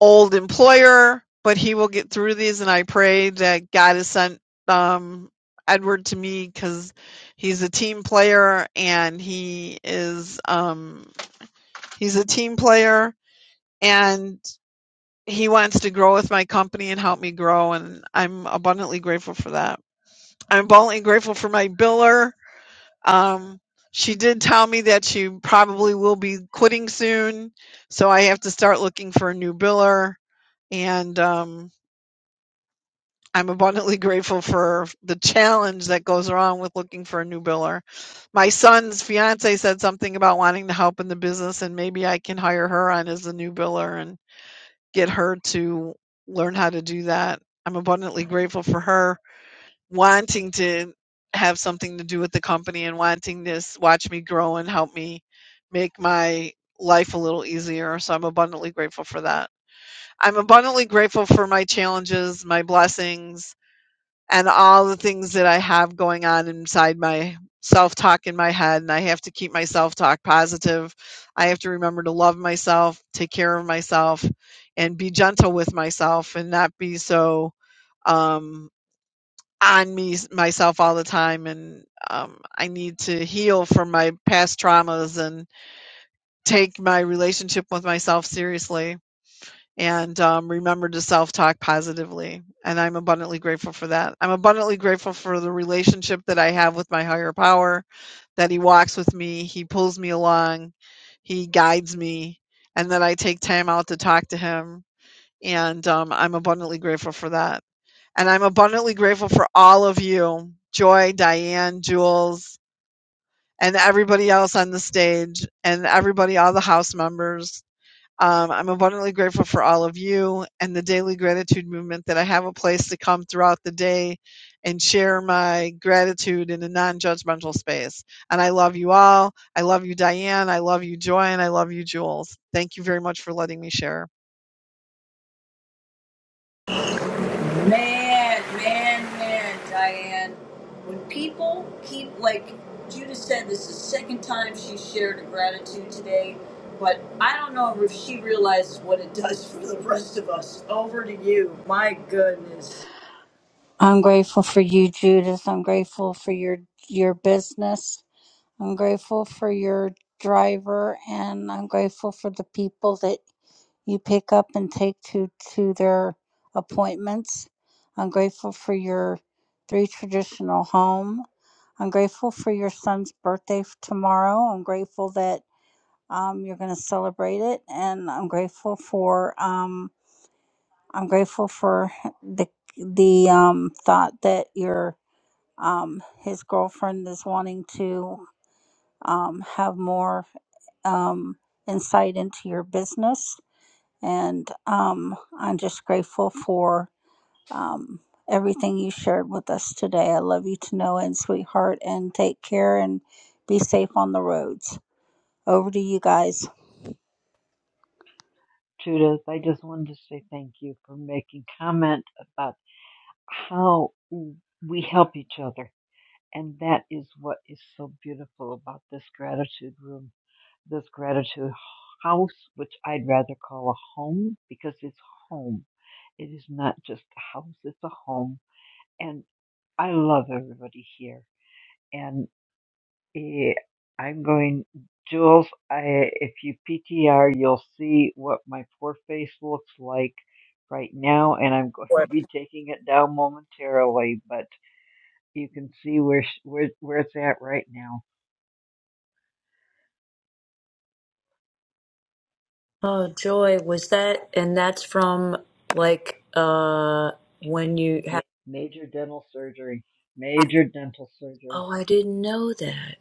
Speaker 11: old employer, but he will get through these. And I pray that God has sent um, Edward to me because he's a team player and he is um, he's a team player and he wants to grow with my company and help me grow. And I'm abundantly grateful for that. I'm abundantly grateful for my biller Um, she did tell me that she probably will be quitting soon, so I have to start looking for a new biller. And um, I'm abundantly grateful for the challenge that goes along with looking for a new biller. My son's fiance said something about wanting to help in the business, and maybe I can hire her on as a new biller and get her to learn how to do that. I'm abundantly grateful for her wanting to have something to do with the company and wanting to s- watch me grow and help me make my life a little easier. So I'm abundantly grateful for that. I'm abundantly grateful for my challenges, my blessings, and all the things that I have going on inside my self talk in my head. And I have to keep my self talk positive. I have to remember to love myself, take care of myself, and be gentle with myself and not be so. Um, on me myself all the time and um, i need to heal from my past traumas and take my relationship with myself seriously and um, remember to self-talk positively and i'm abundantly grateful for that i'm abundantly grateful for the relationship that i have with my higher power that he walks with me he pulls me along he guides me and that i take time out to talk to him and um, i'm abundantly grateful for that and I'm abundantly grateful for all of you Joy, Diane, Jules, and everybody else on the stage, and everybody, all the house members. Um, I'm abundantly grateful for all of you and the daily gratitude movement that I have a place to come throughout the day and share my gratitude in a non judgmental space. And I love you all. I love you, Diane. I love you, Joy, and I love you, Jules. Thank you very much for letting me share.
Speaker 25: Man, man, man, Diane. When people keep, like Judah said, this is the second time she shared a gratitude today, but I don't know if she realizes what it does for the rest of us. Over to you. My goodness.
Speaker 22: I'm grateful for you, Judith. I'm grateful for your your business. I'm grateful for your driver and I'm grateful for the people that you pick up and take to to their appointments. I'm grateful for your three traditional home. I'm grateful for your son's birthday f- tomorrow. I'm grateful that um, you're going to celebrate it, and I'm grateful for um, I'm grateful for the the um, thought that your um, his girlfriend is wanting to um, have more um, insight into your business And um, I'm just grateful for um, everything you shared with us today. I love you to know and sweetheart, and take care and be safe on the roads. Over to you guys.
Speaker 23: Judith, I just wanted to say thank you for making comment about how we help each other. And that is what is so beautiful about this gratitude room, this gratitude house, which I'd rather call a home because it's home. It is not just a house, it's a home. And I love everybody here. And Yeah, I'm going, Jules. I, if you PTR, you'll see what my poor face looks like right now, and I'm going to be taking it down momentarily. But you can see where sh- where where it's at right now.
Speaker 25: Oh, Joy, was that, and that's from like uh when you had,
Speaker 23: Major dental surgery. Major dental surgery.
Speaker 25: oh, I didn't know that.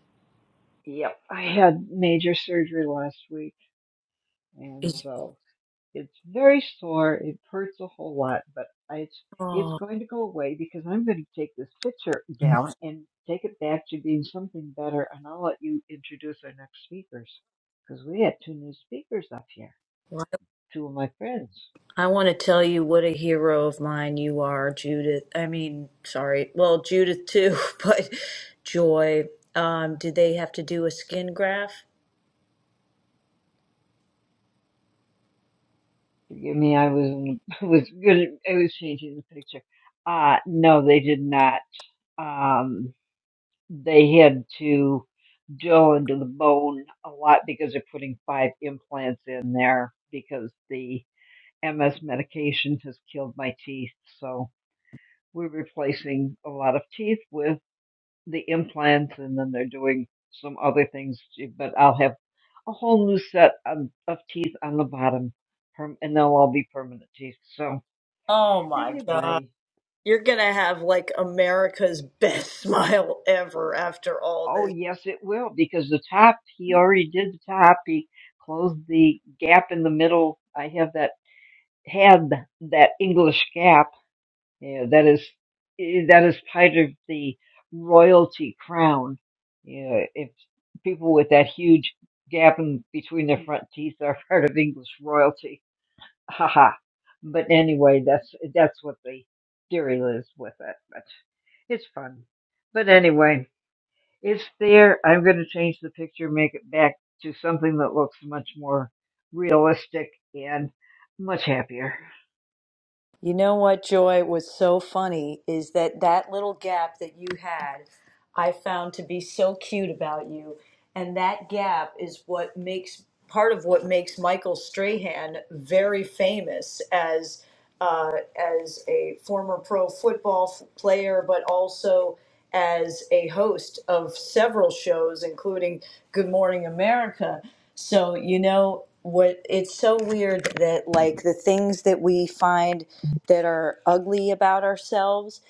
Speaker 23: Yep, I had major surgery last week, and
Speaker 25: Is
Speaker 23: so It's very sore. It hurts a whole lot, but I, it's it's
Speaker 25: oh,
Speaker 23: going to go away because I'm going to take this picture down and take it back to being something better. And I'll let you introduce our next speakers because we had two new speakers up here,
Speaker 25: wow.
Speaker 23: two of my friends.
Speaker 25: I want to tell you what a hero of mine you are, Judith. I mean, sorry. Well, Judith too, but Joy. Um, did they have to do a skin graft?
Speaker 23: Forgive me, I was in, was good. I was changing the picture. Uh no, they did not. Um, they had to drill into the bone a lot because they're putting five implants in there because the MS medication has killed my teeth. So we're replacing a lot of teeth with the implants, and then they're doing some other things. But I'll have a whole new set of, of teeth on the bottom, and they'll all be permanent teeth. So
Speaker 25: Oh my God.
Speaker 23: anyway,
Speaker 25: You're going to have like America's best smile ever after all
Speaker 23: oh
Speaker 25: this.
Speaker 23: yes, it will because the top he already did the top. He closed the gap in the middle. I have that had that English gap Yeah, that is eh, that is part of the royalty crown. Yeah, if people with that huge gap in between their front teeth are part of English royalty, haha. But anyway, that's that's what the theory is with it. But it's fun. But anyway, it's there. I'm going to change the picture, make it back to something that looks much more realistic and much happier.
Speaker 25: You know what, Joy, was so funny is that that little gap that you had, I found to be so cute about you. And that gap is what makes part of what makes Michael Strahan very famous as uh, as a former pro football f- player, but also as a host of several shows, including Good Morning America. So you know what? It's so weird that like the things that we find that are ugly about ourselves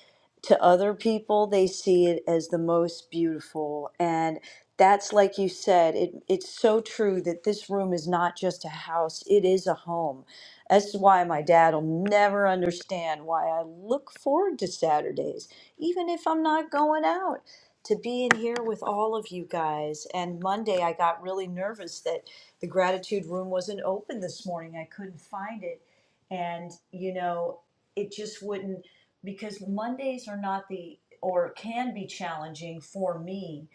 Speaker 25: to other people they see it as the most beautiful and that's like you said it, it's so true that this room is not just a house it is a home that's why my dad will never understand why i look forward to saturdays even if i'm not going out to be in here with all of you guys and monday i got really nervous that the gratitude room wasn't open this morning i couldn't find it and you know it just wouldn't because Mondays are not the or can be challenging for me,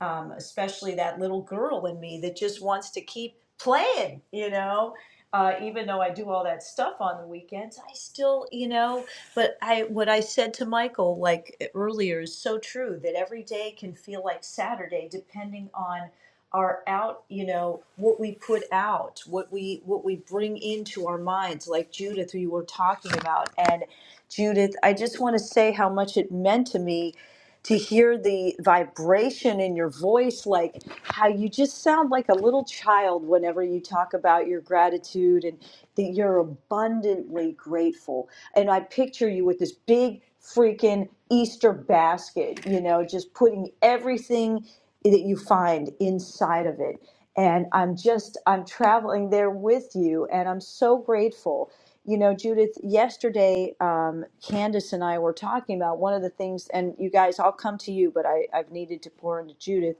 Speaker 25: um, especially that little girl in me that just wants to keep playing. You know, uh, even though I do all that stuff on the weekends, I still you know. But I what I said to Michael like earlier is so true that every day can feel like Saturday depending on are out you know what we put out what we what we bring into our minds like judith who you were talking about and judith i just want to say how much it meant to me to hear the vibration in your voice like how you just sound like a little child whenever you talk about your gratitude and that you're abundantly grateful and I picture you with this big freaking Easter basket, you know, just putting everything that you find inside of it. And I'm just, I'm traveling there with you, and I'm so grateful. You know, Judith, yesterday, um, Candace and I were talking about one of the things, and you guys, I'll come to you, but I, I've needed to pour into Judith.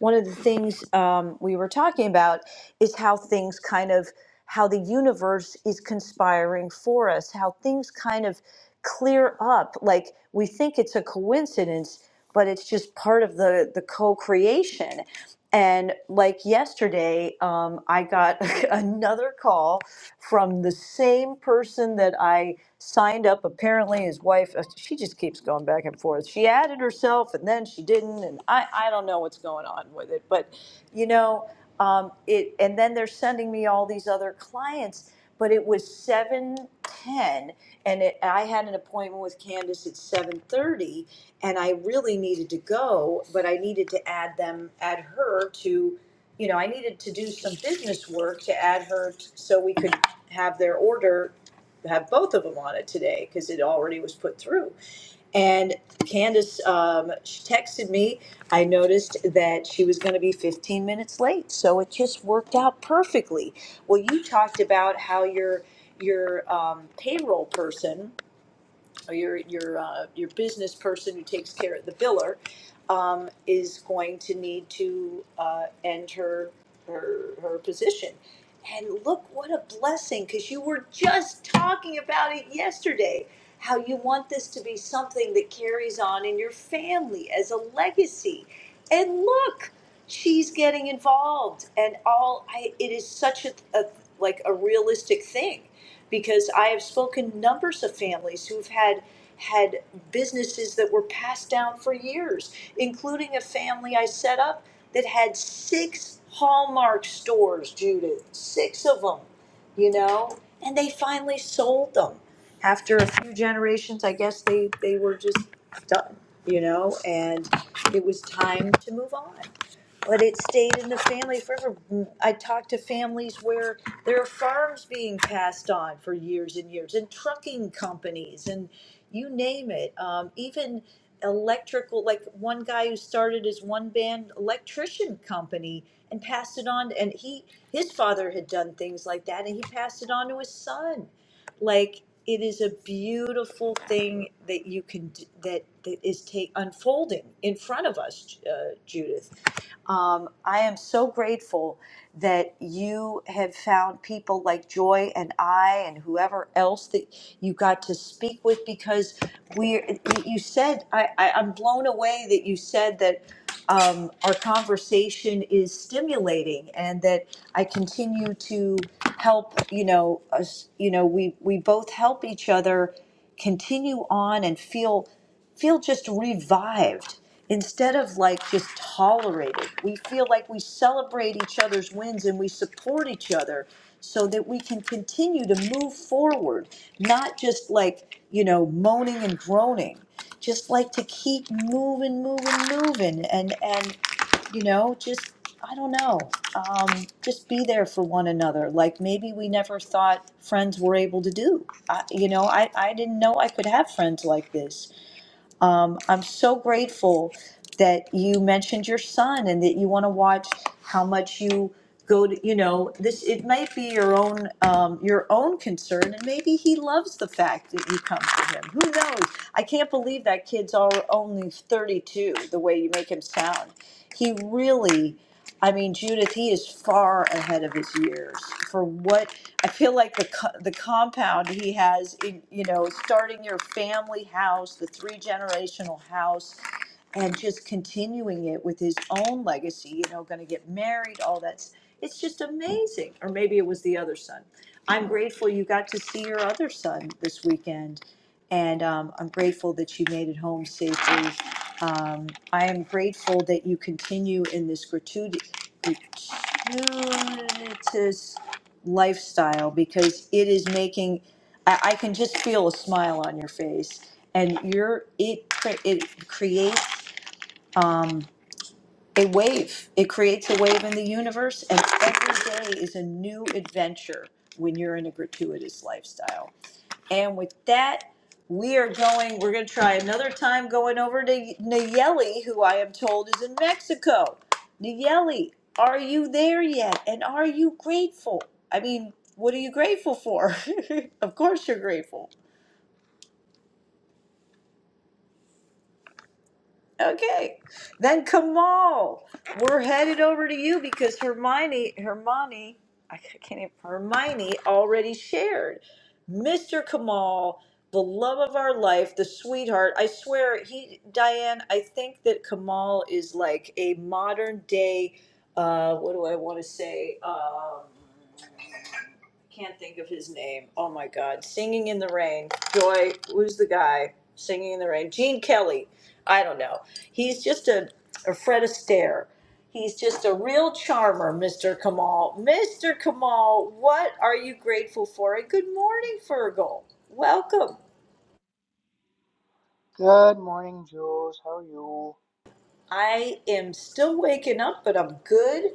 Speaker 25: One of the things um, we were talking about is how things kind of how the universe is conspiring for us, how things kind of clear up. Like we think it's a coincidence, but it's just part of the, the co creation. And like yesterday, um, I got another call from the same person that I signed up. Apparently, his wife, uh, she just keeps going back and forth. She added herself and then she didn't. And I, I don't know what's going on with it. But, you know, um, it, and then they're sending me all these other clients, but it was seven ten, and it, I had an appointment with Candace at seven thirty, and I really needed to go, but I needed to add them, add her to, you know, I needed to do some business work to add her t- so we could have their order, have both of them on it today because it already was put through. And Candace, um, she texted me. I noticed that she was going to be 15 minutes late, so it just worked out perfectly. Well, you talked about how your your um, payroll person, or your your uh, your business person who takes care of the biller, um, is going to need to uh, end her her her position. And look what a blessing, because you were just talking about it yesterday how you want this to be something that carries on in your family as a legacy. And look, she's getting involved, and all I, it is such a, a like a realistic thing because I have spoken numbers of families who've had had businesses that were passed down for years, including a family I set up that had six Hallmark stores, Judith, six of them you know and they finally sold them after a few generations i guess they they were just done you know and it was time to move on but it stayed in the family forever. Mm, I talked to families where there are farms being passed on for years and years, and trucking companies, and you name it. Um, even electrical, like one guy who started his one band electrician company and passed it on, and he his father had done things like that, and he passed it on to his son. Like it is a beautiful thing that you can d- that that is take unfolding in front of us, uh, Judith um, I am so grateful that you have found people like Joy and I and whoever else that you got to speak with because we you said I, I I'm blown away that you said that um, our conversation is stimulating and that I continue to help, you know, us, you know, we, we both help each other continue on and feel, feel just revived instead of like just tolerated. We feel like we celebrate each other's wins and we support each other so that we can continue to move forward, not just like, you know, moaning and groaning just like to keep moving, moving, moving, and and you know, just I don't know, um, just be there for one another. Like maybe we never thought friends were able to do. I, you know, I I didn't know I could have friends like this um, I'm so grateful that you mentioned your son and that you want to watch how much you go to. You know, this it might be your own um, your own concern, and maybe he loves the fact that you come to him. Who knows? I can't believe that kid's all, only 32. The way you make him sound, he really. I mean, Judith, he is far ahead of his years for what I feel like the co- the compound he has, in, you know, starting your family house, the three generational house, and just continuing it with his own legacy. You know, going to get married, all that's. It's just amazing. Or maybe it was the other son. I'm grateful you got to see your other son this weekend, and um, I'm grateful that you made it home safely. Um, I am grateful that you continue in this gratuitous, gratuitous lifestyle because it is making I, I can just feel a smile on your face and you're it cre- it creates um, a wave it creates a wave in the universe and every day is a new adventure when you're in a gratuitous lifestyle and with that, we are going, we're going to try another time going over to Nayeli, who I am told is in Mexico. Nayeli, are you there yet? And are you grateful? I mean, what are you grateful for? of course, you're grateful. Okay. Then Kamal, we're headed over to you because Hermione, Hermione, I can't even, Hermione already shared. Mr. Kamal, the love of our life, the sweetheart. I swear, he, Diane, I think that Kamal is like a modern day, uh, what do I want to say? Um, can't think of his name. Oh my God, Singing in the Rain. Joy, who's the guy singing in the rain? Gene Kelly. I don't know. He's just a, a Fred Astaire. He's just a real charmer, Mr. Kamal. Mr. Kamal, what are you grateful for? And good morning, Fergal. Welcome.
Speaker 26: Good morning, Jules. How are you?
Speaker 25: I am still waking up, but I'm good.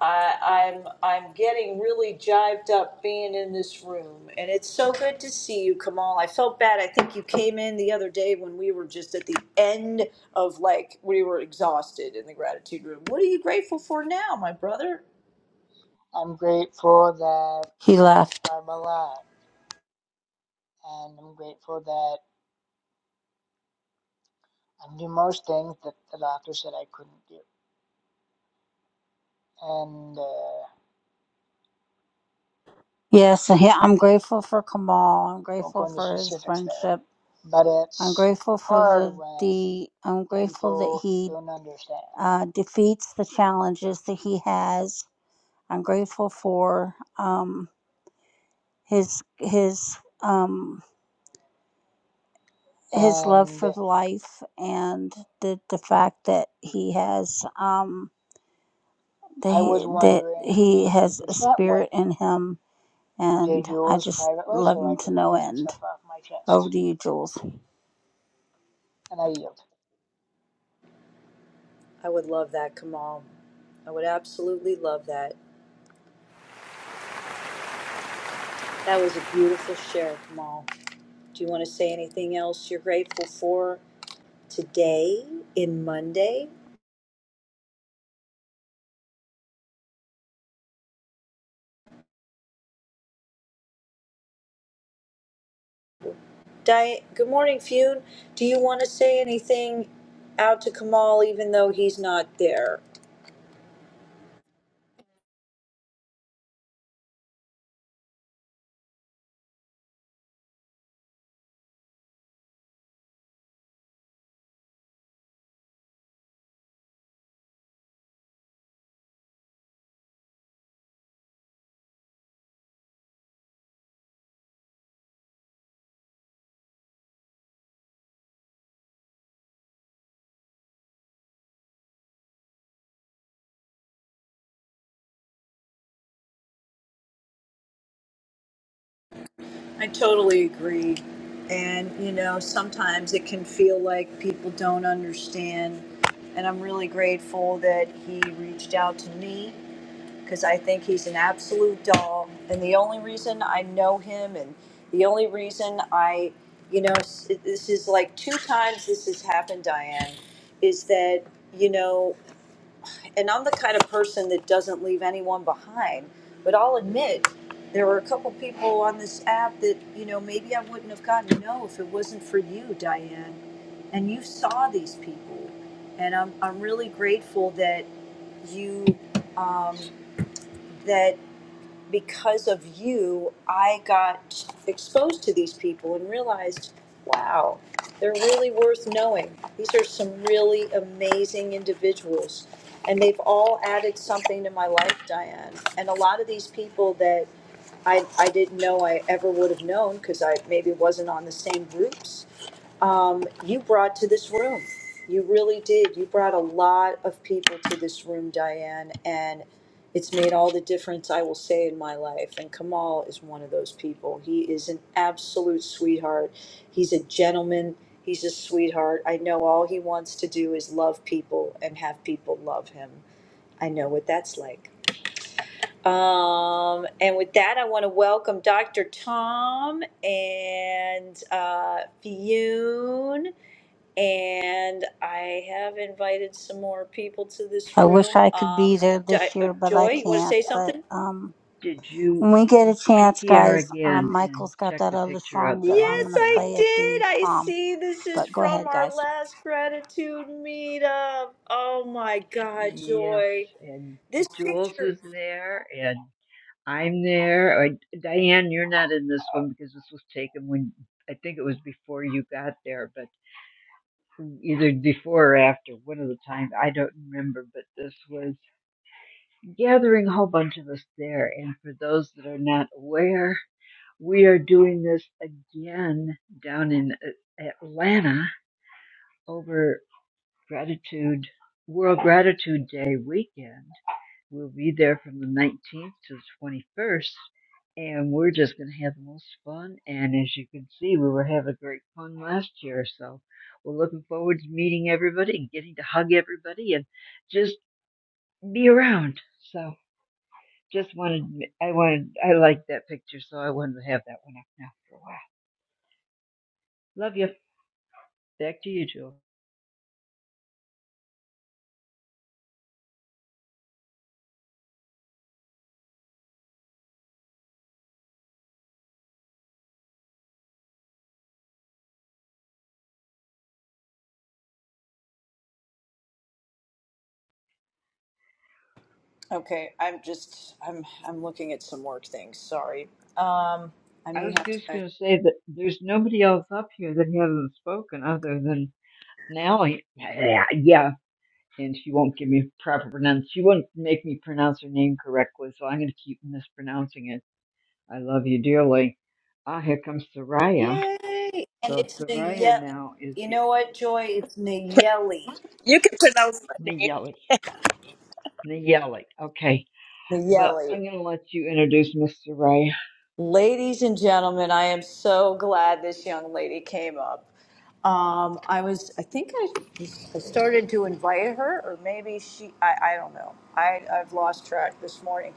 Speaker 25: I, I'm I'm getting really jived up being in this room, and it's so good to see you, Kamal. I felt bad. I think you came in the other day when we were just at the end of like we were exhausted in the gratitude room. What are you grateful for now, my brother?
Speaker 26: I'm grateful that
Speaker 22: He left.
Speaker 26: I'm alive, and I'm grateful that I'm doing most things that the doctor said I couldn't do. And uh,
Speaker 22: Yes, and he, I'm grateful for Kamal. I'm
Speaker 26: won't go
Speaker 22: grateful
Speaker 26: into
Speaker 22: for his
Speaker 26: specifics there.
Speaker 22: friendship.
Speaker 26: But
Speaker 22: I'm
Speaker 26: it's
Speaker 22: grateful for
Speaker 26: hard
Speaker 22: the
Speaker 26: when
Speaker 22: the. I'm grateful that
Speaker 26: people
Speaker 22: he
Speaker 26: don't understand.
Speaker 22: uh, defeats the challenges that he has. I'm grateful for um, his his um, his love
Speaker 26: And
Speaker 22: for life and the the fact that he has um that
Speaker 26: I was
Speaker 22: he, that
Speaker 26: wondering
Speaker 22: he
Speaker 26: if we
Speaker 22: has
Speaker 26: could
Speaker 22: a
Speaker 26: chat one
Speaker 22: spirit in him
Speaker 26: day,
Speaker 22: and I
Speaker 26: Jules,
Speaker 22: just
Speaker 26: privately,
Speaker 22: love
Speaker 26: so I
Speaker 22: him
Speaker 26: can
Speaker 22: to no
Speaker 26: get some stuff
Speaker 22: end.
Speaker 26: off my
Speaker 22: Over
Speaker 26: chest.
Speaker 22: to you, Jules.
Speaker 26: And I yield.
Speaker 25: I would love that, Kamal. I would absolutely love that. That was a beautiful share, Kamal. Do you want to say anything else you're grateful for today in Monday? Diane, good morning, Fune. Do you want to say anything out to Kamal even though he's not there? I totally agree. And, you know, sometimes it can feel like people don't understand. And I'm really grateful that he reached out to me because I think he's an absolute doll. And the only reason I know him and the only reason I, you know, s- this is like two times this has happened, Diane, is that, you know, and I'm the kind of person that doesn't leave anyone behind. But I'll admit, there were a couple people on this app that you know maybe I wouldn't have gotten to know if it wasn't for you, Diane. And you saw these people, and I'm I'm really grateful that you that because of you, I got exposed to these people and realized, wow, they're really worth knowing. These are some really amazing individuals. And they've all added something to my life, Diane. And a lot of these people that I, I didn't know I ever would have known because I maybe wasn't on the same groups, um, you brought to this room. You really did. You brought a lot of people to this room, Diane. And. It's made all the difference I will say in my life. And Kamal is one of those people. He is an absolute sweetheart. He's a gentleman. He's a sweetheart. I know all he wants to do is love people and have people love him. I know what that's like. Um, and with that, I want to welcome Dr. Tom and uh, Fionn and I have invited some more people to this
Speaker 22: I wish
Speaker 25: room.
Speaker 22: I could
Speaker 25: Um,
Speaker 22: be there
Speaker 25: Di-
Speaker 22: this
Speaker 25: uh,
Speaker 22: year, but
Speaker 25: Joy,
Speaker 22: I
Speaker 25: you want to
Speaker 22: can't.
Speaker 25: say something?
Speaker 22: But um
Speaker 23: Did you?
Speaker 22: when we get a chance,
Speaker 23: PTR
Speaker 22: guys, um
Speaker 23: again and
Speaker 22: Michael's got
Speaker 23: check
Speaker 22: that
Speaker 23: the
Speaker 22: other
Speaker 23: picture out
Speaker 22: song
Speaker 23: that
Speaker 22: that
Speaker 23: I
Speaker 22: I'm
Speaker 25: Yes,
Speaker 23: have
Speaker 22: gonna
Speaker 25: I
Speaker 23: now.
Speaker 22: play at
Speaker 25: did.
Speaker 22: the
Speaker 25: I
Speaker 22: prom.
Speaker 25: see this is
Speaker 22: But go
Speaker 25: from
Speaker 22: ahead,
Speaker 25: our
Speaker 22: guys.
Speaker 25: last gratitude meetup. Oh my God,
Speaker 23: Yes,
Speaker 25: Joy.
Speaker 23: and
Speaker 25: This
Speaker 23: Jules
Speaker 25: picture.
Speaker 23: is there, and I'm there. I, Diane, you're not in this one because this was taken when I think it was before you got there, but either before or after, one of the times I don't remember. But this was gathering a whole bunch of us there, and for those that are not aware, we are doing this again down in uh, Atlanta over. Gratitude World Gratitude Day weekend. We'll be there from the 19th to the 21st, and we're just going to have the most fun. And as you can see, we were having great fun last year, so we're looking forward to meeting everybody and getting to hug everybody and just be around. So just wanted, I wanted, I liked that picture, so I wanted to have that one up now for a while. Love you. Back to you, Jewel.
Speaker 25: Okay, I'm just I'm I'm looking at some work things. Sorry. Um, I
Speaker 23: I
Speaker 25: may
Speaker 23: was
Speaker 25: have to.
Speaker 23: just
Speaker 25: I-
Speaker 23: going to say that there's nobody else up here that hasn't spoken other than Now, I- yeah, yeah, and she won't give me proper pronounce. She won't make me pronounce her name correctly, so I'm going to keep mispronouncing it. I love you dearly. Ah, here comes Soraya.
Speaker 25: Yay! And
Speaker 23: So
Speaker 25: it's the
Speaker 23: Soraya
Speaker 25: yep.
Speaker 23: now is
Speaker 25: You
Speaker 23: the
Speaker 25: know what, Joy? It's Nayeli.
Speaker 27: You can pronounce my name.
Speaker 23: Nayeli. Nayeli. Okay, but I'm
Speaker 25: Nayeli.
Speaker 23: going to let you introduce Miss Soraya.
Speaker 25: Ladies and gentlemen, I am so glad this young lady came up. Um, I was, I think I, I started to invite her, or maybe she, I, I don't know. I, I've lost track this morning.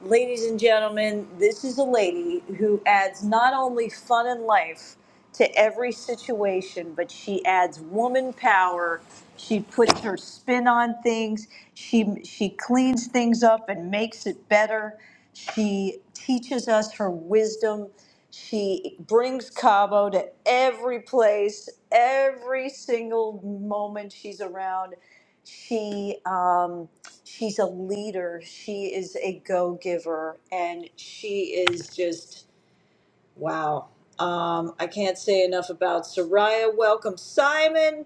Speaker 25: Ladies and gentlemen, this is a lady who adds not only fun and life to every situation, but she adds woman power. She puts her spin on things. She, she cleans things up and makes it better. She teaches us her wisdom. She brings Cabo to every place, every single moment she's around. She um, she's a leader. She is a go giver, and she is just wow. Um, I can't say enough about Soraya. Welcome, Simon.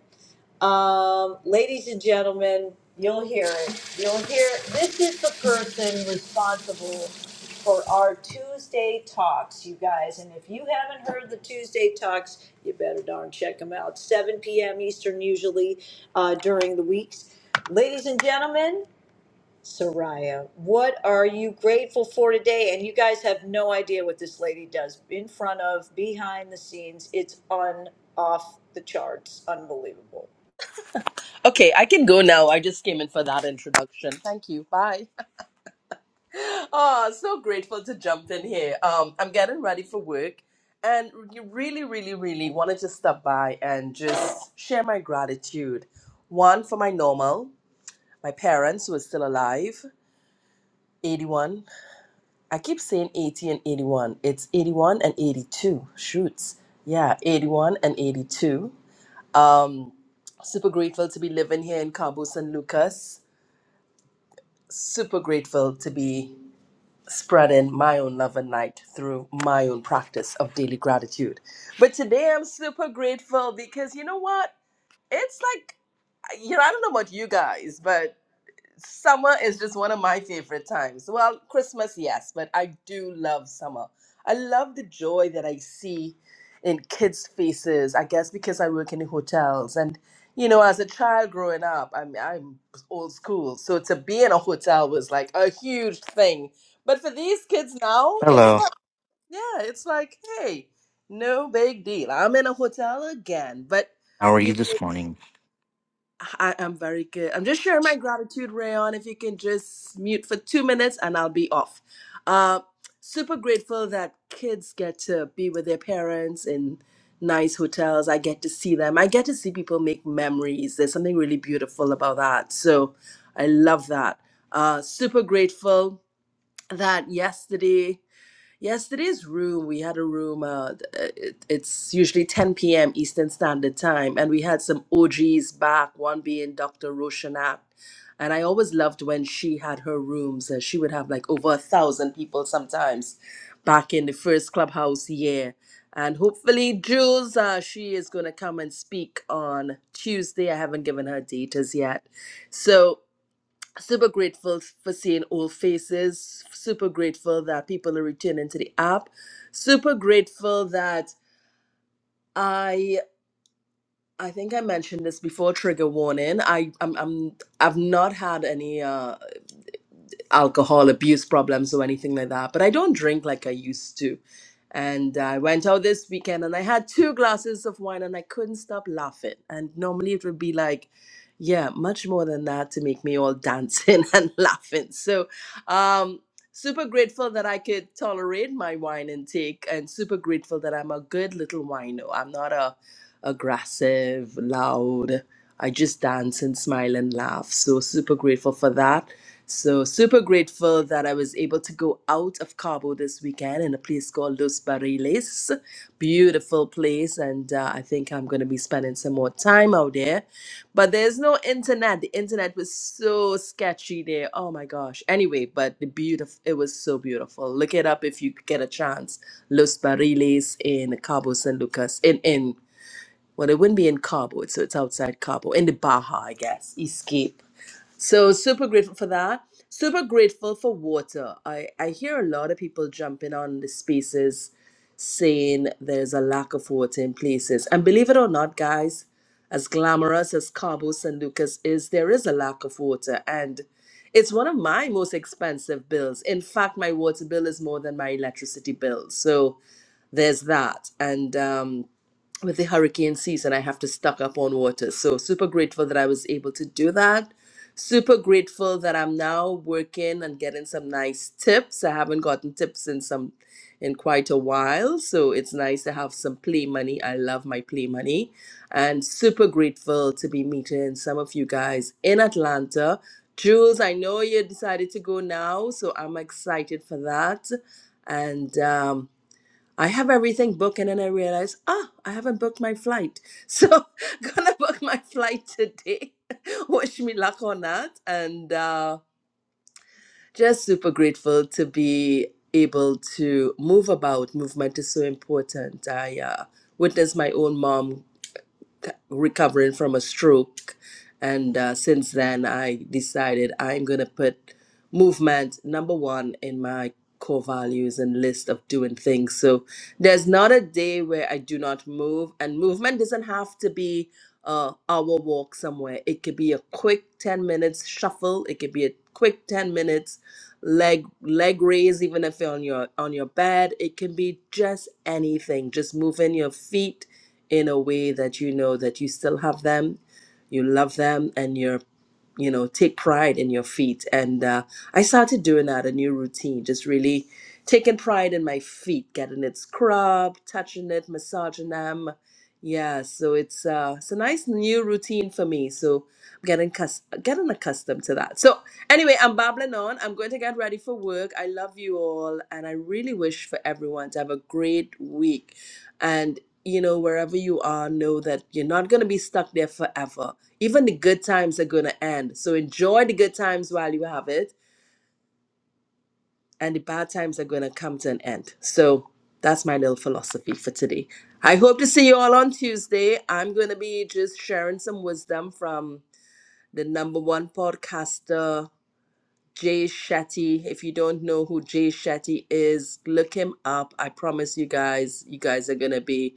Speaker 25: Um, ladies and gentlemen, you'll hear it. You'll hear this is the person responsible for our Tuesday talks, you guys. And if you haven't heard the Tuesday talks, you better darn check them out. 7 p.m. Eastern, usually uh, during the weeks. Ladies and gentlemen, Soraya, what are you grateful for today? And you guys have no idea what this lady does in front of, behind the scenes. It's on off the charts. Unbelievable.
Speaker 27: Okay, I can go now. I just came in for that introduction. Thank you. Bye. Oh, so grateful to jump in here. Um, I'm getting ready for work and you really, really, really wanted to stop by and just share my gratitude. One for my normal, my parents who are still alive. 81. I keep saying 80 and 81. It's 81 and 82. Shoots. Yeah, 81 and 82. Um, super grateful to be living here in Cabo San Lucas. super grateful to be spreading my own love and light through my own practice of daily gratitude. But today I'm super grateful because you know what? It's like, you know, I don't know about you guys, but summer is just one of my favorite times. Well, Christmas, yes, but I do love summer. I love the joy that I see in kids' faces. I guess because I work in the hotels, and you know, as a child growing up, I'm I'm old school, so to be in a hotel was like a huge thing. But for these kids now, it's
Speaker 28: Hello,
Speaker 27: like yeah, it's like hey, no big deal. I'm in a hotel again, but.
Speaker 28: how are you
Speaker 27: You know,
Speaker 28: this morning?
Speaker 27: I am very good. I'm just sharing my gratitude, Rayon. If you can just mute for two minutes and I'll be off. Uh, super grateful that kids get to be with their parents in nice hotels. I get to see them. I get to see people make memories. There's something really beautiful about that. So I love that. Uh, super grateful that yesterday Yes, it is room. We had a room. Uh, it, it's usually 10 p.m. Eastern Standard Time, and we had some OGs back. One being Dr. Roshanak, and I always loved when she had her rooms. Uh, she would have like over a thousand people sometimes, back in the first clubhouse year. And hopefully, Jules, uh, she is going to come and speak on Tuesday. I haven't given her date as yet, so super grateful for seeing old faces super grateful that people are returning to the app super grateful that i i think i mentioned this before trigger warning i i'm, I'm i've not had any uh alcohol abuse problems or anything like that. But I don't drink like I used to. And I went out this weekend and I had two glasses of wine and I couldn't stop laughing. And normally it would be like, yeah, much more than that to make me all dancing and laughing. So, um, super grateful that I could tolerate my wine intake and super grateful that I'm a good little wino. I'm not a aggressive, loud. I just dance and smile and laugh. So super grateful for that. So super grateful that I was able to go out of Cabo this weekend in a place called Los Barriles. Beautiful place, and uh, I think I'm going to be spending some more time out there. But there's no internet. The internet was so sketchy there. Oh my gosh. Anyway, but the beautiful it was so beautiful. Look it up if you get a chance. Los Barriles in Cabo San Lucas in in well, it wouldn't be in Cabo, it's- so it's outside Cabo, in the Baja, I guess, East Cape. So super grateful for that. Super grateful for water. I, I hear a lot of people jumping on the spaces saying there's a lack of water in places. And believe it or not, guys, as glamorous as Cabo San Lucas is, there is a lack of water. And it's one of my most expensive bills. In fact, my water bill is more than my electricity bill. So there's that. And um, with the hurricane season, I have to stock up on water. So super grateful that I was able to do that. Super grateful that I'm now working and getting some nice tips. I haven't gotten tips in some in quite a while, so it's nice to have some play money. I love my play money, and super grateful to be meeting some of you guys in Atlanta. Jules, I know you decided to go now, so I'm excited for that. And um, I have everything booked, and then I realize, ah, I haven't booked my flight. So, gonna book my flight today. Wish me luck on that. And uh, just super grateful to be able to move about. Movement is so important. I uh, witnessed my own mom recovering from a stroke and uh, since then i decided i'm going to put movement number one in my core values and list of doing things so there's not a day where i do not move and movement doesn't have to be a hour walk somewhere it could be a quick 10 minutes shuffle it could be a quick 10 minutes leg leg raise even if you're on your on your bed it can be just anything just moving your feet in a way that you know that you still have them, you love them, and you're, you know, take pride in your feet. And uh, I started doing that, a new routine, just really taking pride in my feet, getting it scrubbed, touching it, massaging them. Yeah, so it's uh, it's a nice new routine for me. So I'm getting cus- getting accustomed to that. So anyway, I'm babbling on. I'm going to get ready for work. I love you all, and I really wish for everyone to have a great week. And you know, wherever you are, know that you're not going to be stuck there forever. Even the good times are going to end. So enjoy the good times while you have it, and the bad times are going to come to an end. So that's my little philosophy for today. I hope to see you all on Tuesday. I'm going to be just sharing some wisdom from the number one podcaster Jay Shetty. If you don't know who Jay Shetty is, look him up. I promise you guys, you guys are gonna be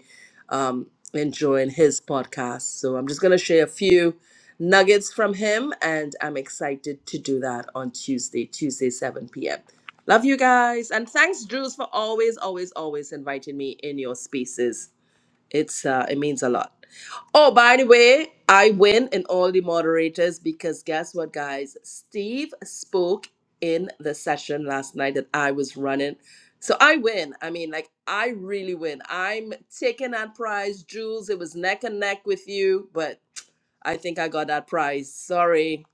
Speaker 27: um, enjoying his podcast. So I'm just gonna share a few nuggets from him, and I'm excited to do that on Tuesday, Tuesday 7 p.m. Love you guys, and thanks, Drews, for always, always, always inviting me in your spaces. It's uh, it means a lot. Oh, by the way, I win in all the moderators because guess what, guys? Steve spoke in the session last night that I was running. So I win. I mean, like, I really win. I'm taking that prize, Jules. It was neck and neck with you, but I think I got that prize. Sorry.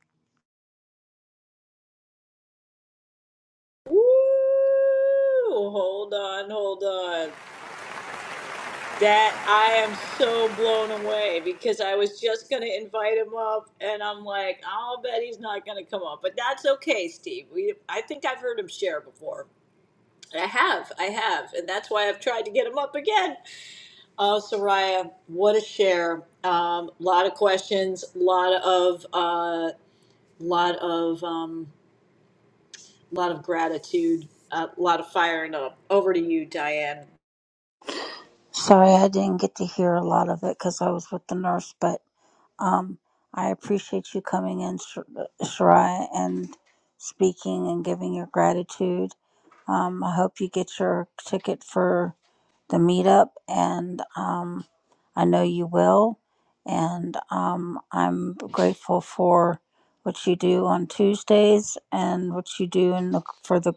Speaker 25: Woo! Hold on, hold on. That I am so blown away because I was just gonna invite him up, and I'm like, I'll bet he's not gonna come up, but that's okay, Steve. We, I think I've heard him share before. I have, I have, and that's why I've tried to get him up again. Oh, Soraya, what a share! A um, lot of questions, a lot of, uh, lot of, um, lot of gratitude, a lot of firing up. Over to you, Diane.
Speaker 22: Sorry I didn't get to hear a lot of it because I was with the nurse, but Um, I appreciate you coming in, Sh- Shariah, and speaking and giving your gratitude. Um, I hope you get your ticket for the meetup, and um, I know you will. And um, I'm grateful for what you do on Tuesdays and what you do in the, for the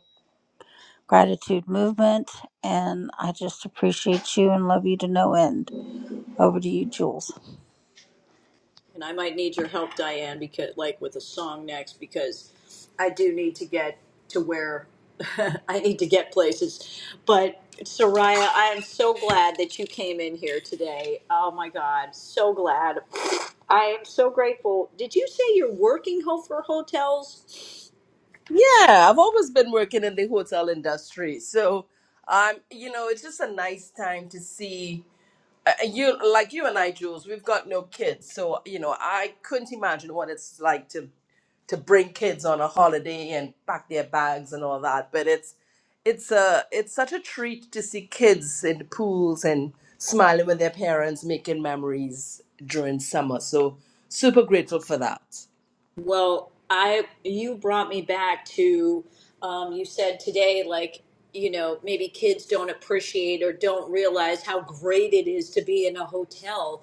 Speaker 22: gratitude movement. And I just appreciate you and love you to no end. Over to you, Jules.
Speaker 25: and I might need your help, Diane, because like with a song next, because I do need to get to where I need to get places. But Soraya, I am so glad that you came in here today. Oh my God, so glad. I am so grateful. Did you say you're working ho- for hotels?
Speaker 27: Yeah, I've always been working in the hotel industry. So, um, you know, it's just a nice time to see uh, uh, you like you and I, Jules, we've got no kids, so you know I couldn't imagine what it's like to to bring kids on a holiday and pack their bags and all that. But it's it's a it's such a treat to see kids in the pools and smiling with their parents, making memories during summer. So super grateful for that.
Speaker 25: Well, I you brought me back to um, you said today, like you know, maybe kids don't appreciate or don't realize how great it is to be in a hotel.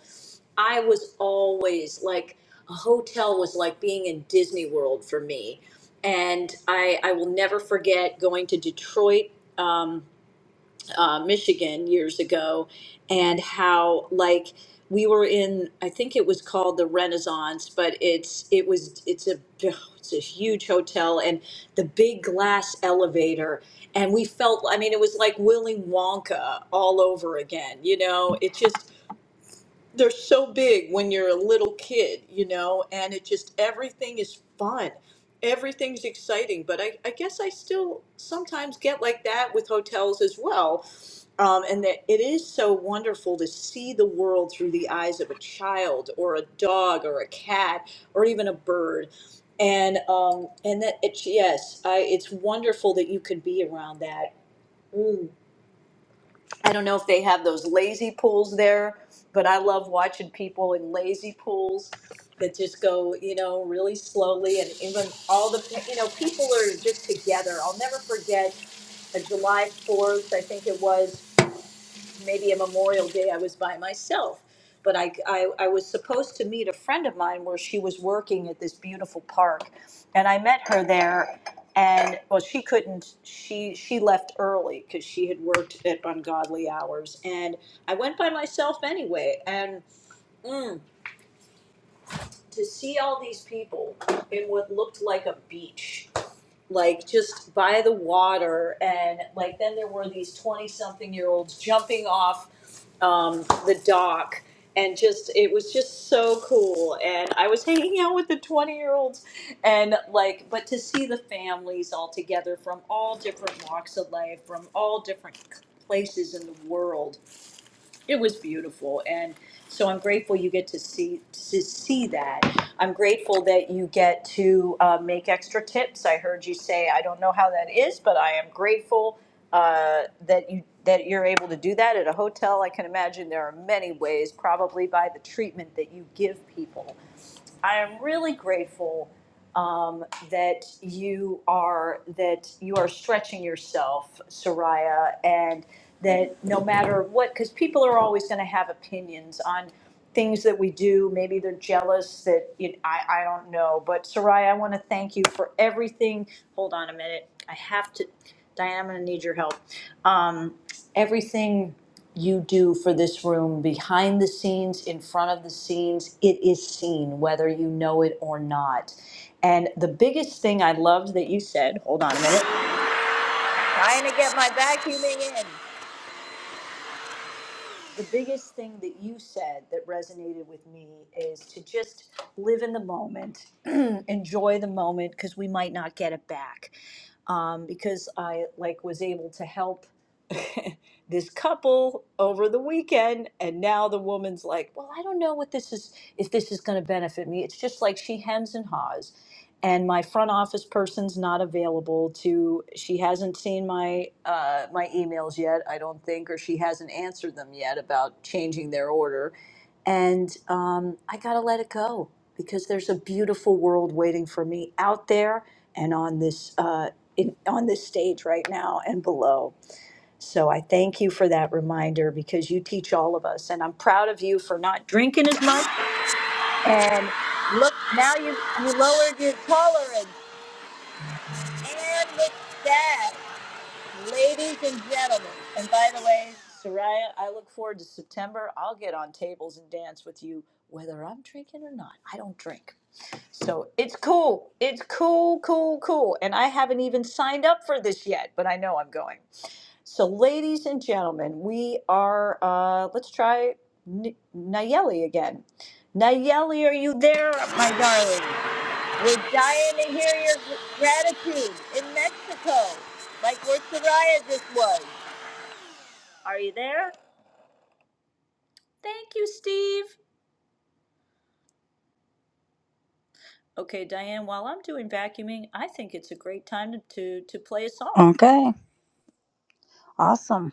Speaker 25: I was always like a hotel was like being in Disney World for me, and I I will never forget going to Detroit. Um, uh, Michigan years ago, and how like we were in I think it was called the Renaissance, but it's it was it's a it's a huge hotel and the big glass elevator and we felt I mean it was like Willy Wonka all over again you know it just they're so big when you're a little kid, you know, and it just everything is fun. Everything's exciting, but I, I guess I still sometimes get like that with hotels as well. Um, and that it is so wonderful to see the world through the eyes of a child or a dog or a cat or even a bird. And um, and that it's yes, I, it's wonderful that you could be around that. Mm. I don't know if they have those lazy pools there, but I love watching people in lazy pools that just go, you know, really slowly. And even all the, you know, people are just together. I'll never forget a July 4th, I think it was maybe a Memorial Day, I was by myself. But I, I, I was supposed to meet a friend of mine where she was working at this beautiful park. And I met her there. And well, she couldn't, she, she left early because she had worked at ungodly hours. And I went by myself anyway. And mm, to see all these people in what looked like a beach like just by the water and like then there were these 20 something year olds jumping off um, the dock and just it was just so cool and i was hanging out with the 20 year olds and like but to see the families all together from all different walks of life from all different places in the world it was beautiful and so i'm grateful you get to see to see that i'm grateful that you get to uh, make extra tips i heard you say i don't know how that is but i am grateful uh, that you that you're able to do that at a hotel i can imagine there are many ways probably by the treatment that you give people I am really grateful um, that you are that you are stretching yourself, Soraya, and that no matter what, because people are always going to have opinions on things that we do. Maybe they're jealous that you I I don't know. But Soraya, I want to thank you for everything. Hold on a minute. I have to. Diane, I'm going to need your help. Um, everything you do for this room behind the scenes, in front of the scenes. It is seen, whether you know it or not. And the biggest thing I loved that you said, hold on a minute, trying to get my vacuuming in. the biggest thing that you said that resonated with me is to just live in the moment, enjoy the moment because we might not get it back. Um, because I like was able to help this couple over the weekend, and now the woman's like, "Well, I don't know what this is. If this is going to benefit me, it's just like she hems and haws." and my front office person's not available to she hasn't seen my uh, my emails yet i don't think or she hasn't answered them yet about changing their order and um, i gotta let it go because there's a beautiful world waiting for me out there and on this uh, in, on this stage right now and below so i thank you for that reminder because you teach all of us and i'm proud of you for not drinking as much and look now you you lowered your tolerance and with that, ladies and gentlemen, and by the way, Soraya, I look forward to September. I'll get on tables and dance with you, whether I'm drinking or not. I don't drink. So it's cool. It's cool, cool, cool. And I haven't even signed up for this yet, but I know I'm going. So, ladies and gentlemen, we are, uh, let's try N- Nayeli again. Nayeli, are you there, my darling? We're dying to hear your gr- gratitude in Mexico, like where Soraya just was. Are you there? Thank you, Steve. Okay, Diane, while I'm doing vacuuming, I think it's a great time to, to, to play a song.
Speaker 22: Okay, awesome.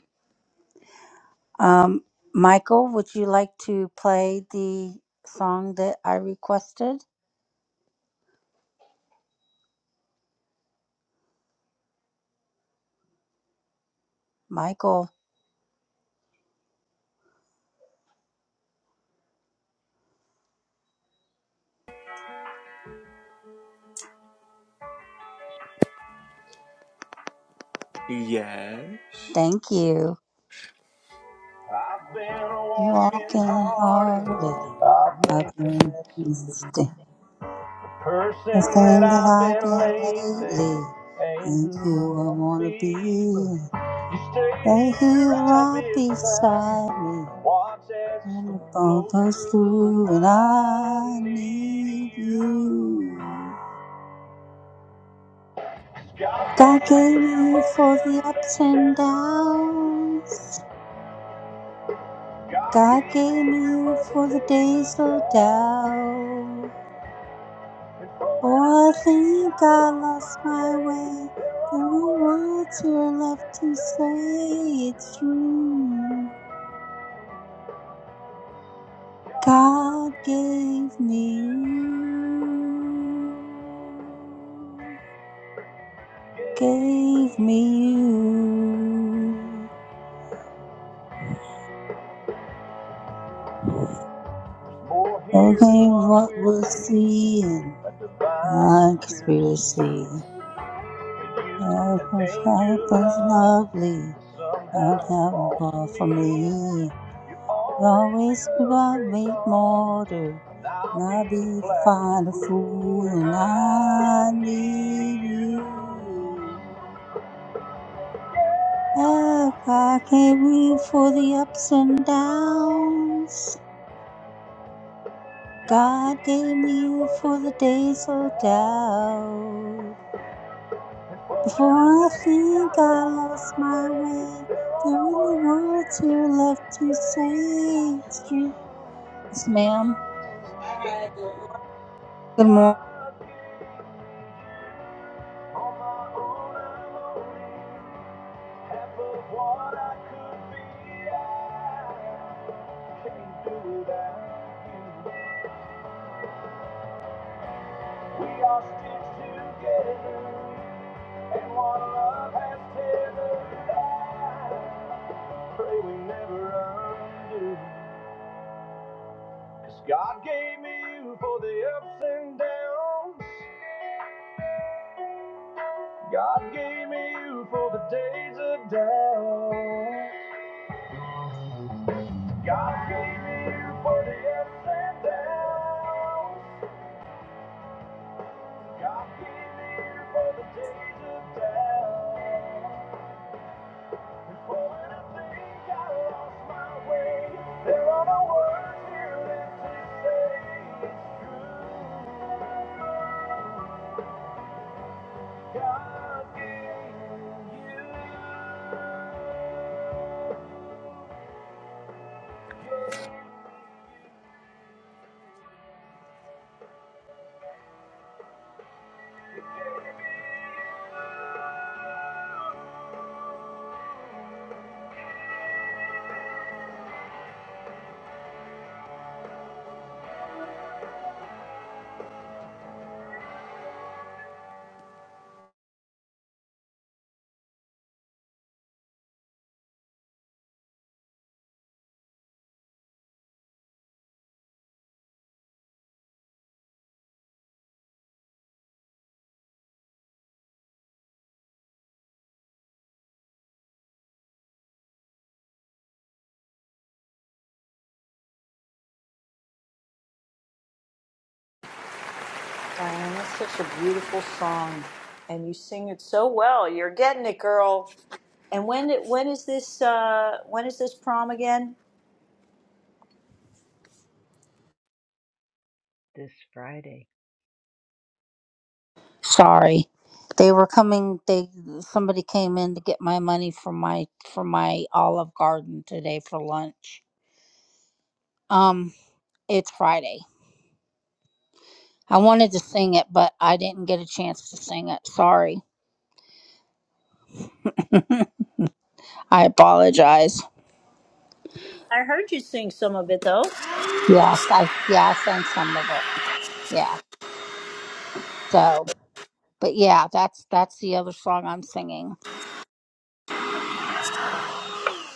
Speaker 22: Um, Michael, would you like to play the song that I requested? Michael,
Speaker 24: Yes.
Speaker 22: thank you.
Speaker 24: I've been walking
Speaker 22: Walking
Speaker 24: hard
Speaker 22: hardly,
Speaker 24: and I've
Speaker 22: I've
Speaker 24: made a
Speaker 22: been
Speaker 24: mess of me.
Speaker 22: insisting.
Speaker 24: Person
Speaker 22: The
Speaker 24: that
Speaker 22: thing that
Speaker 24: I've
Speaker 22: I've
Speaker 24: been
Speaker 22: been
Speaker 24: lately
Speaker 22: lately,
Speaker 24: ain't
Speaker 22: and
Speaker 24: who I
Speaker 22: who I
Speaker 24: wanna
Speaker 22: wanna
Speaker 24: be, but
Speaker 22: be.
Speaker 24: you stay
Speaker 22: But
Speaker 24: here
Speaker 22: here
Speaker 24: right
Speaker 22: right
Speaker 24: beside
Speaker 22: beside me,
Speaker 24: me. Watch as the
Speaker 22: and the
Speaker 24: storm
Speaker 22: phone
Speaker 24: blows
Speaker 22: burst
Speaker 24: through, and
Speaker 22: through, and
Speaker 24: I
Speaker 22: I
Speaker 24: need
Speaker 22: need
Speaker 24: you.
Speaker 22: you.
Speaker 24: 'Cause God gave
Speaker 22: God
Speaker 24: me
Speaker 22: gave me
Speaker 24: you
Speaker 22: you
Speaker 24: for
Speaker 22: for
Speaker 24: the
Speaker 22: the
Speaker 24: ups
Speaker 22: ups
Speaker 24: and
Speaker 22: and
Speaker 24: downs.
Speaker 22: downs.
Speaker 24: God gave
Speaker 22: God
Speaker 24: me
Speaker 22: gave me
Speaker 24: you
Speaker 22: you
Speaker 24: for the
Speaker 22: for the
Speaker 24: days
Speaker 22: days
Speaker 24: of
Speaker 22: of
Speaker 24: doubt.
Speaker 22: doubt.
Speaker 24: And so when I
Speaker 22: Oh, I
Speaker 24: think
Speaker 22: think
Speaker 24: I
Speaker 22: I
Speaker 24: lost
Speaker 22: lost
Speaker 24: my
Speaker 22: my
Speaker 24: way,
Speaker 22: way.
Speaker 24: there are
Speaker 22: There
Speaker 24: no
Speaker 22: were
Speaker 24: words
Speaker 22: words
Speaker 24: here
Speaker 22: here
Speaker 24: left
Speaker 22: left
Speaker 24: to
Speaker 22: to say
Speaker 24: say.
Speaker 22: it's
Speaker 24: It's true,
Speaker 22: true.
Speaker 24: God
Speaker 22: God gave
Speaker 24: gave
Speaker 22: me
Speaker 24: you,
Speaker 22: you.
Speaker 24: gave
Speaker 22: Gave
Speaker 24: me you.
Speaker 22: me you.
Speaker 24: There's more here than
Speaker 22: Okay,
Speaker 24: what
Speaker 22: what
Speaker 24: we're
Speaker 22: we're
Speaker 24: seeing,
Speaker 22: seeing.
Speaker 24: a divine
Speaker 22: Ah,
Speaker 24: conspiracy.
Speaker 22: conspiracy.
Speaker 24: For you, an
Speaker 22: everything
Speaker 24: angel
Speaker 22: happens
Speaker 24: lovely,
Speaker 22: lovely. I'll
Speaker 24: somehow
Speaker 22: have a
Speaker 24: fall for
Speaker 22: ball for
Speaker 24: me.
Speaker 22: me.
Speaker 24: You always be
Speaker 22: Always be
Speaker 24: the
Speaker 22: by
Speaker 24: great
Speaker 22: make
Speaker 24: one,
Speaker 22: mortar,
Speaker 24: and I'll
Speaker 22: and I'll
Speaker 24: be the
Speaker 22: be the
Speaker 24: flattered
Speaker 22: final
Speaker 24: fool, and
Speaker 22: fool, and
Speaker 24: I
Speaker 22: I need
Speaker 24: need you.
Speaker 22: you.
Speaker 24: Yeah, God
Speaker 22: Oh, God
Speaker 24: gave
Speaker 22: gave
Speaker 24: you
Speaker 22: me you
Speaker 24: for the
Speaker 22: for the
Speaker 24: ups and
Speaker 22: ups and
Speaker 24: downs.
Speaker 22: downs.
Speaker 24: God
Speaker 22: God
Speaker 24: gave
Speaker 22: gave
Speaker 24: you
Speaker 22: me you
Speaker 24: for the
Speaker 22: for the
Speaker 24: days
Speaker 22: days
Speaker 24: of
Speaker 22: of
Speaker 24: doubt.
Speaker 22: doubt.
Speaker 24: And for when I
Speaker 22: Before I
Speaker 24: think I
Speaker 22: think I
Speaker 24: lost my
Speaker 22: lost my
Speaker 24: way,
Speaker 22: way,
Speaker 24: there are
Speaker 22: there
Speaker 24: the
Speaker 22: were no
Speaker 24: words you
Speaker 22: words here
Speaker 24: can
Speaker 22: left to
Speaker 24: say It's
Speaker 22: say. It's true. Yes, ma'am.
Speaker 24: true.
Speaker 22: Good morning.
Speaker 24: God gave me you for the ups and downs. God gave me you for the days of doubt. God gave me you for the ups and downs. God gave me you for the days of doubt. Before when I think I lost my way, there are no words here left to say. It's true. God gave you.
Speaker 25: Diane, that's such a beautiful song, and you sing it so well. You're getting it, girl. And when it- when is this uh, when is this prom again?
Speaker 23: this Friday.
Speaker 22: Sorry. They were coming they somebody came in to get my money from my from my Olive Garden today for lunch. Um it's Friday. I wanted to sing it but I didn't get a chance to sing it. Sorry. I apologize.
Speaker 25: I heard you sing some of it though.
Speaker 22: Yes, I yeah, I sang some of it. Yeah. So, but yeah, that's that's the other song I'm singing.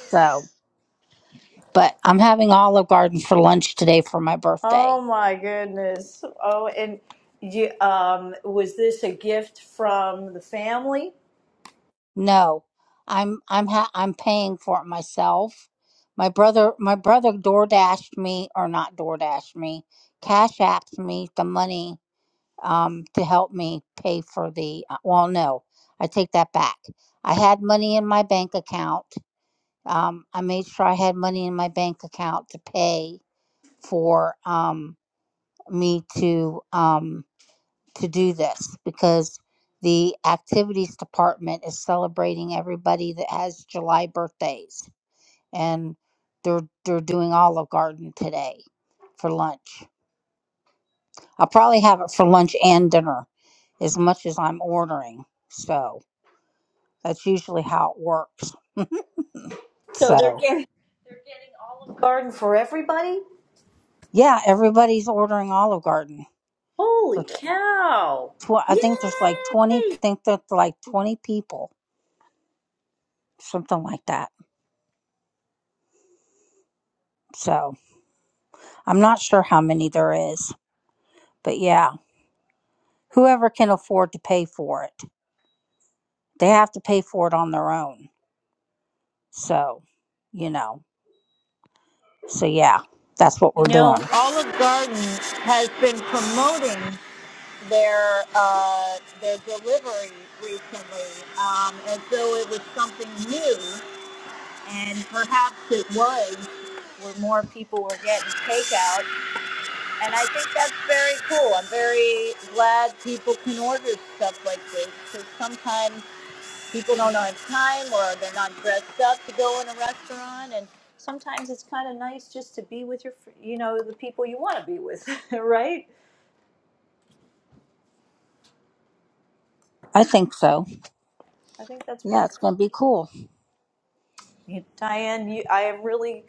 Speaker 22: So, but I'm having Olive Garden for lunch today for my birthday.
Speaker 25: Oh my goodness. Oh, and you, um, was this a gift from the family?
Speaker 22: No, I'm I'm ha- I'm paying for it myself. My brother my brother door dashed me or not door dashed me, cash apped me the money um to help me pay for the uh, well no, I take that back. I had money in my bank account. Um, I made sure I had money in my bank account to pay for um me to um to do this because the activities department is celebrating everybody that has July birthdays and they're they're doing Olive Garden today for lunch. I'll probably have it for lunch and dinner as much as I'm ordering. So that's usually how it works.
Speaker 25: So they're
Speaker 22: So
Speaker 25: getting they're getting Olive Garden for everybody?
Speaker 22: yeah, everybody's ordering Olive Garden.
Speaker 25: Holy
Speaker 22: For
Speaker 25: cow.
Speaker 22: tw- I think there's like 20,
Speaker 25: Yay!
Speaker 22: think there's like 20 people, something like that. So I'm not sure how many there is. But yeah, whoever can afford to pay for it, they have to pay for it on their own. So, you know, so yeah, that's what
Speaker 25: You
Speaker 22: we're
Speaker 25: know,
Speaker 22: doing.
Speaker 25: Olive Garden has been promoting their uh, their delivery recently, um, as though it was something new, and perhaps it was, where more people were getting takeout. And I think that's very cool. I'm very glad people can order stuff like this because sometimes people don't have time or they're not dressed up to go in a restaurant. And sometimes it's kind of nice just to be with your, fr- you know, the people you want to be with, right?
Speaker 22: I think so.
Speaker 25: I think that's
Speaker 22: Yeah,
Speaker 25: pretty.
Speaker 22: it's
Speaker 25: cool.
Speaker 22: going to be cool.
Speaker 25: You- Diane, you, I am really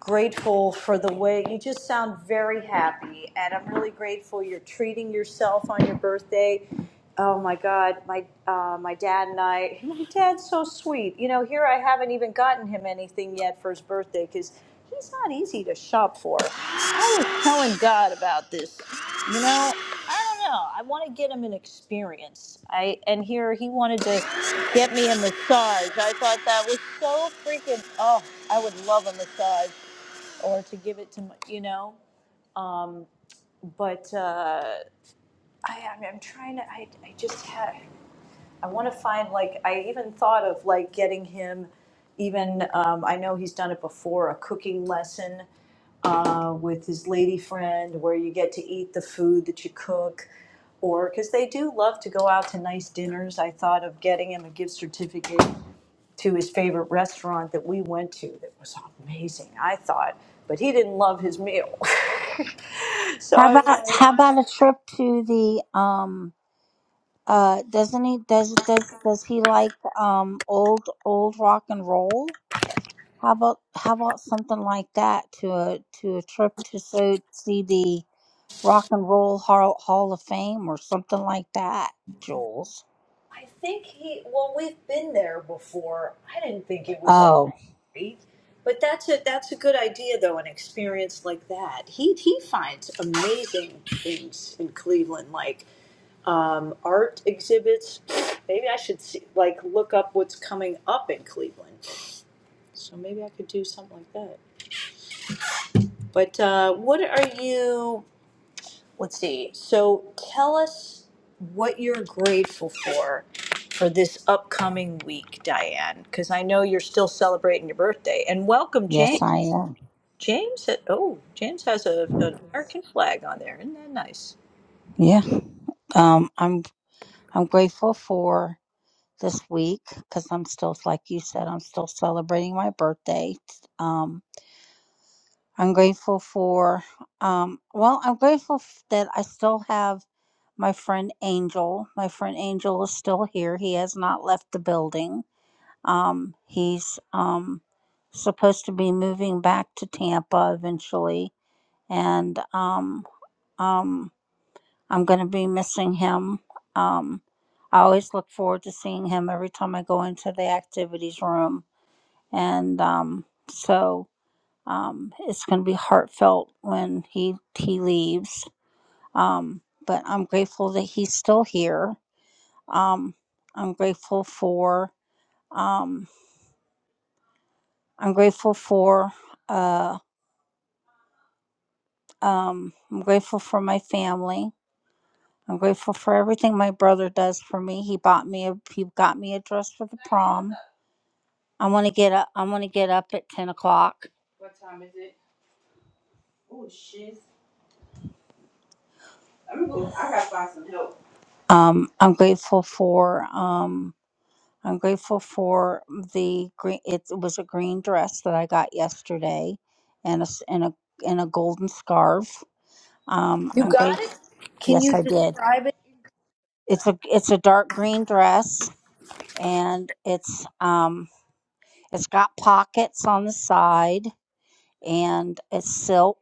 Speaker 25: grateful for the way you just sound very happy and i'm really grateful you're treating yourself on your birthday oh my god my uh, my dad and i my dad's so sweet you know here i haven't even gotten him anything yet for his birthday because he's not easy to shop for i was telling god about this you know i don't know i want to get him an experience i and here he wanted to get me a massage i thought that was so freaking oh i would love a massage or to give it to my, you know. But uh, I, I'm, I'm trying to. I, I just have. I want to find like I even thought of like getting him. Even um, I know he's done it before a cooking lesson uh, with his lady friend where you get to eat the food that you cook or because they do love to go out to nice dinners. I thought of getting him a gift certificate to his favorite restaurant that we went to that was amazing, I thought, but he didn't love his meal. so
Speaker 22: How
Speaker 25: I was
Speaker 22: about
Speaker 25: like,
Speaker 22: how about a trip to the um Uh, doesn't he? Does does does he like um old old rock and roll? How about how about something like that to a to a trip to so see the Rock and Roll Hall, Hall of Fame or something like that, Jules?
Speaker 25: I think he, well, we've been there before. I didn't think it was all
Speaker 22: Oh,
Speaker 25: right. But that's a that's a good idea though, an experience like that. He he finds amazing things in Cleveland, like um, art exhibits. Maybe I should see, like look up what's coming up in Cleveland. So maybe I could do something like that. But uh, what are you? Let's see. So tell us what you're grateful for for this upcoming week, Diane, because I know you're still celebrating your birthday. And welcome, James.
Speaker 22: yes, I am.
Speaker 25: James, ha- oh, James has a, an American flag on there. Isn't that nice?
Speaker 22: Yeah. Um, I'm I'm grateful for this week because I'm still, like you said, I'm still celebrating my birthday. Um, I'm grateful for, um, well, I'm grateful f- that I still have my friend Angel. My friend Angel is still here. He has not left the building. Um, he's um, supposed to be moving back to Tampa eventually, and um, um, I'm going to be missing him. Um, I always look forward to seeing him every time I go into the activities room, and um, so. Um, it's going to be heartfelt when he he leaves. Um, but I'm grateful that he's still here. Um, I'm grateful for um, I'm grateful for uh, um, I'm grateful for my family. I'm grateful for everything my brother does for me. He bought me a he got me a dress for the prom. I want to get up. I want to get up at ten o'clock. Um, I'm grateful for. Um. I'm grateful for the green. It was a green dress that I got yesterday, and a s- and a and a golden scarf. Um,
Speaker 25: You
Speaker 22: I'm
Speaker 25: got
Speaker 22: grateful.
Speaker 25: it? Can
Speaker 22: Yes,
Speaker 25: you
Speaker 22: I did.
Speaker 25: describe it?
Speaker 22: It's a it's a dark green dress, and it's um it's got pockets on the side, and it's silk.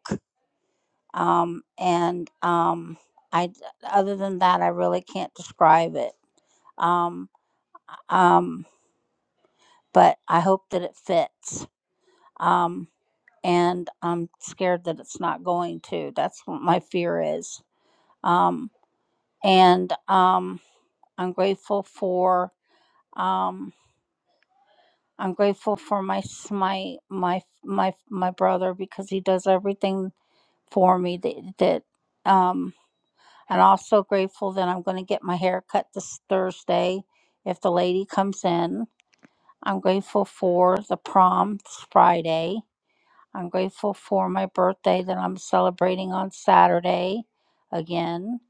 Speaker 22: Um, and um, I other than that, I really can't describe it. Um, um, but I hope that it fits. Um. and I'm scared that it's not going to. That's what my fear is. Um, and um, I'm grateful for um, I'm grateful for my s- my my my my brother because he does everything for me that that. Um, and also grateful that I'm going to get my hair cut this Thursday if the lady comes in. I'm grateful for the prom this Friday. I'm grateful for my birthday that I'm celebrating on Saturday again.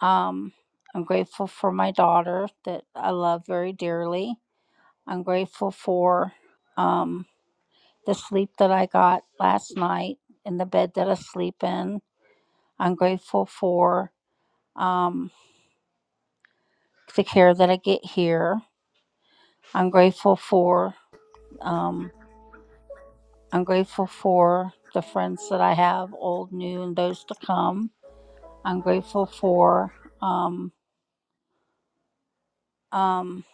Speaker 22: Um, I'm grateful for my daughter that I love very dearly. I'm grateful for um, the sleep that I got last night in the bed that I sleep in. I'm grateful for um, the care that I get here. I'm grateful for um, I'm grateful for the friends that I have, old, new, and those to come. I'm grateful for um um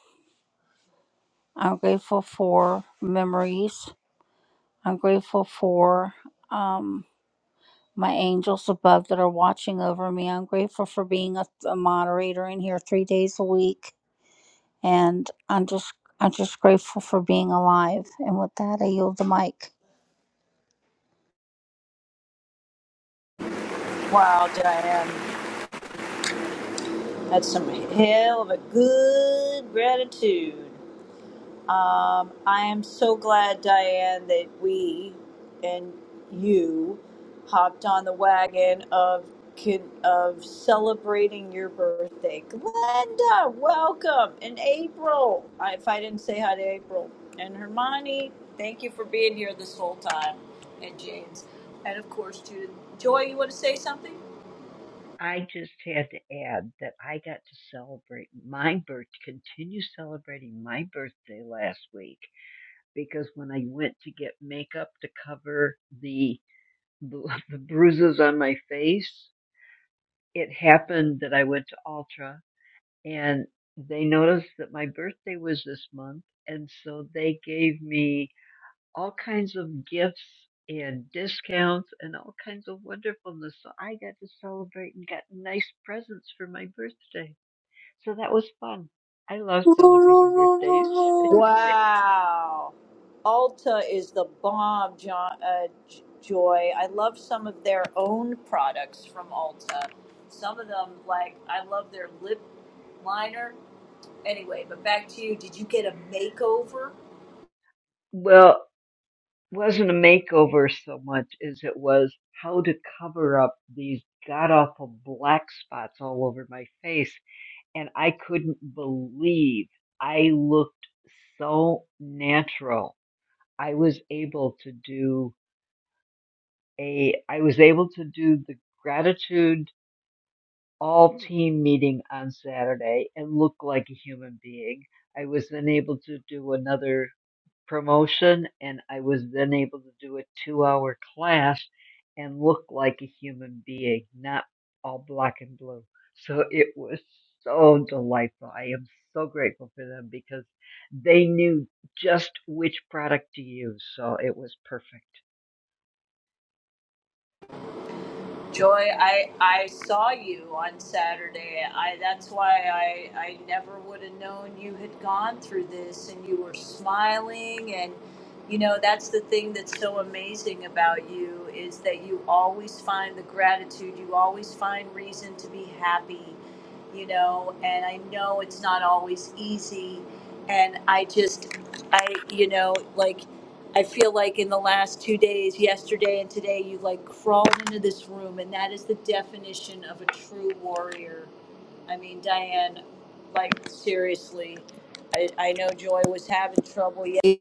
Speaker 22: I'm grateful for memories. I'm grateful for um my angels above that are watching over me. I'm grateful for being a, a moderator in here 3 days a week and I'm just I'm just grateful for being alive. And with that, I yield the mic.
Speaker 25: Wow, Diane, that's some hell of a good gratitude. Um, I am so glad, Diane, that we and you hopped on the wagon of con- of celebrating your birthday. Glenda, welcome. And April, I- if I didn't say hi to April. And Hermione, thank you for being here this whole time. And James. And of course, Judith. Joy, you want to say something?
Speaker 23: I just had to add that I got to celebrate my birth, continue celebrating my birthday last week. because when I went to get makeup to cover the the bruises on my face, it happened that I went to Ulta, and they noticed that my birthday was this month and so they gave me all kinds of gifts and discounts and all kinds of wonderfulness. So I got to celebrate and got nice presents for my birthday. So that was fun. I love celebrating birthdays.
Speaker 25: Wow. Ulta is the bomb, John, uh, J- Joy. I love some of their own products from Ulta. Some of them, like, I love their lip liner. Anyway, but back to you. Did you get a makeover?
Speaker 23: well, wasn't a makeover so much as it was how to cover up these god awful black spots all over my face. And I couldn't believe I looked so natural. I was able to do a, I was able to do the gratitude all team meeting on Saturday and look like a human being. I was then able to do another promotion and I was then able to do a two hour class and look like a human being, not all black and blue. So it was so delightful. I am so grateful for them because they knew just which product to use. So it was perfect.
Speaker 25: Joy, I I saw you on Saturday. I that's why I I never would have known you had gone through this and you were smiling and you know that's the thing that's so amazing about you is that you always find the gratitude, you always find reason to be happy, you know, and I know it's not always easy and I just, I, you know, like, I feel like in the last two days, yesterday and today, you like crawled into this room, and that is the definition of a true warrior. I mean, Diane, like, seriously, I, I know Joy was having trouble. Yeah,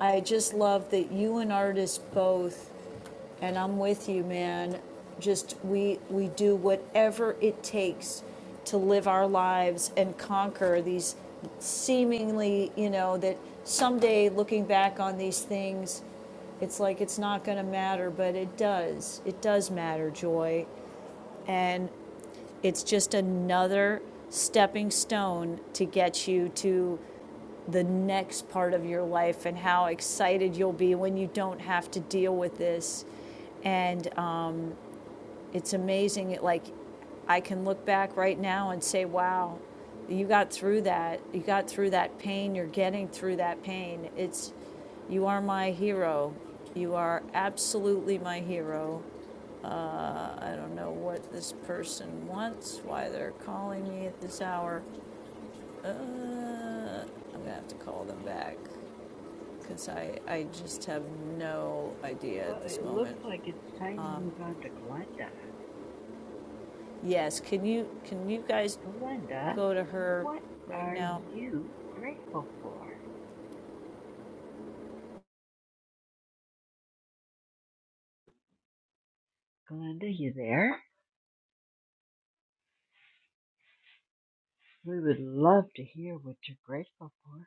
Speaker 25: I just love that you and Artis both. And I'm with you, man. Just we we do whatever it takes to live our lives and conquer these seemingly, you know, that someday looking back on these things, it's like it's not going to matter, but it does. It does matter, joy. And it's just another stepping stone to get you to the next part of your life and how excited you'll be when you don't have to deal with this and um, it's amazing, it, like, I can look back right now and say, wow, you got through that. You got through that pain. You're getting through that pain. It's, you are my hero. You are absolutely my hero. I don't know what this person wants, why they're calling me at this hour. Uh, I'm gonna have to call them back because I, I just have no idea
Speaker 23: Well,
Speaker 25: at this
Speaker 23: it looks
Speaker 25: moment.
Speaker 23: like it's time to move on to Glenda.
Speaker 25: Yes, can you can you guys
Speaker 23: Glenda,
Speaker 25: go to her
Speaker 23: what
Speaker 25: right
Speaker 23: are
Speaker 25: now?
Speaker 23: you grateful for? Glenda, you there? We would love to hear what you're grateful for.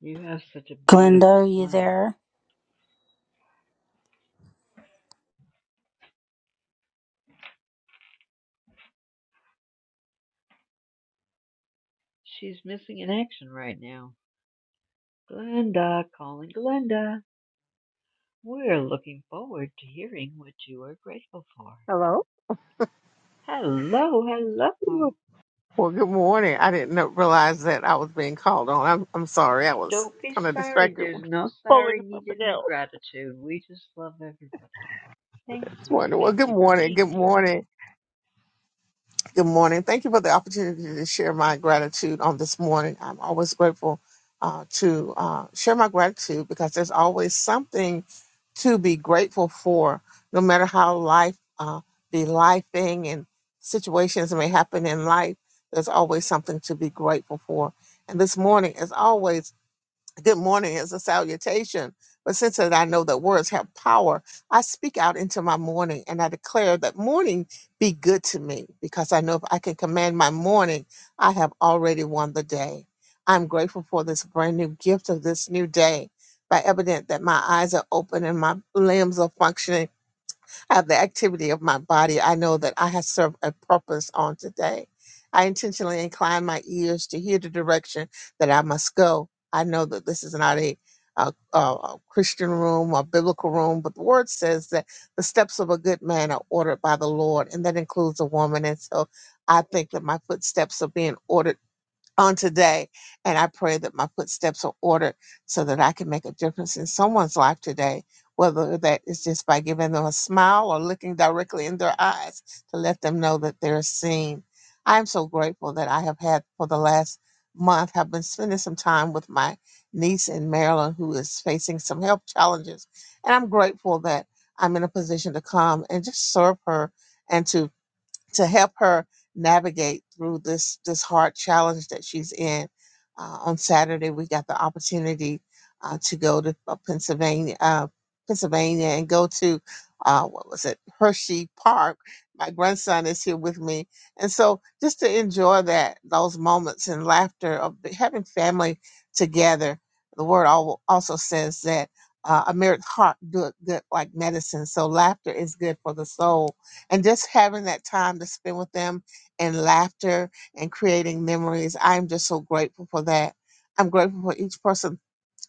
Speaker 23: You have such a
Speaker 22: Glenda,
Speaker 23: beautiful
Speaker 22: are you
Speaker 23: smile.
Speaker 22: there?
Speaker 23: She's missing in action right now. Glenda, calling Glenda. We're looking forward to hearing what you are grateful for.
Speaker 29: Hello.
Speaker 23: Hello, hello.
Speaker 29: Well, good morning. I didn't know, realize that I was being called on. I'm, I'm sorry. I was
Speaker 23: Don't be
Speaker 29: kind of
Speaker 23: sorry.
Speaker 29: distracted with
Speaker 23: There's no sorry
Speaker 29: pulling
Speaker 23: needed
Speaker 29: something
Speaker 23: in
Speaker 29: else.
Speaker 23: gratitude. We just love everybody. Thank you.
Speaker 29: Wonder- Well,
Speaker 23: Thank
Speaker 29: good
Speaker 23: you for
Speaker 29: morning.
Speaker 23: being
Speaker 29: Good
Speaker 23: here.
Speaker 29: morning. Good morning. Thank you for the opportunity to share my gratitude on this morning. I'm always grateful uh, to uh, share my gratitude because there's always something to be grateful for, no matter how life uh, be lifing and situations may happen in life. There's always something to be grateful for. And this morning, as always, good morning is a salutation. But since that I know that words have power, I speak out into my morning and I declare that morning be good to me because I know if I can command my morning, I have already won the day. I'm grateful for this brand new gift of this new day by evident that my eyes are open and my limbs are functioning of the activity of my body, I know that I have served a purpose on today. I intentionally incline my ears to hear the direction that I must go. I know that this is not a, a, a a Christian room or biblical room, but the word says that the steps of a good man are ordered by the Lord, and that includes a woman. And so I think that my footsteps are being ordered on today. And I pray that my footsteps are ordered so that I can make a difference in someone's life today, whether that is just by giving them a smile or looking directly in their eyes to let them know that they're seen. I'm so grateful that I have had for the last month, have been spending some time with my niece in Maryland who is facing some health challenges. And I'm grateful that I'm in a position to come and just serve her and to to help her navigate through this this hard challenge that she's in. Uh, on Saturday, we got the opportunity uh, to go to uh, Pennsylvania, uh, Pennsylvania, and go to uh, what was it, Hershey Park. My grandson is here with me, and so just to enjoy that those moments and laughter of having family together. The word al- also says that uh, a merry heart doeth good like medicine. So laughter is good for the soul and just having that time to spend with them and laughter and creating memories. I'm just so grateful for that. I'm grateful for each person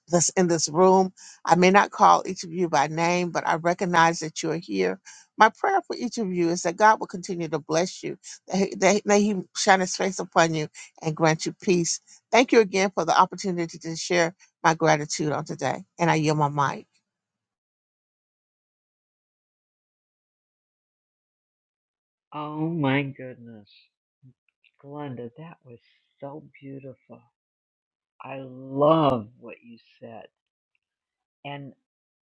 Speaker 29: that's in this room. I may not call each of you by name, but I recognize that you are here. My prayer for each of you is that God will continue to bless you, that He- that he- may He shine His face upon you and grant you peace. Thank you again for the opportunity to share my gratitude on today. And I yield my mic.
Speaker 23: Oh my goodness. Glenda, that was so beautiful. I love what you said. And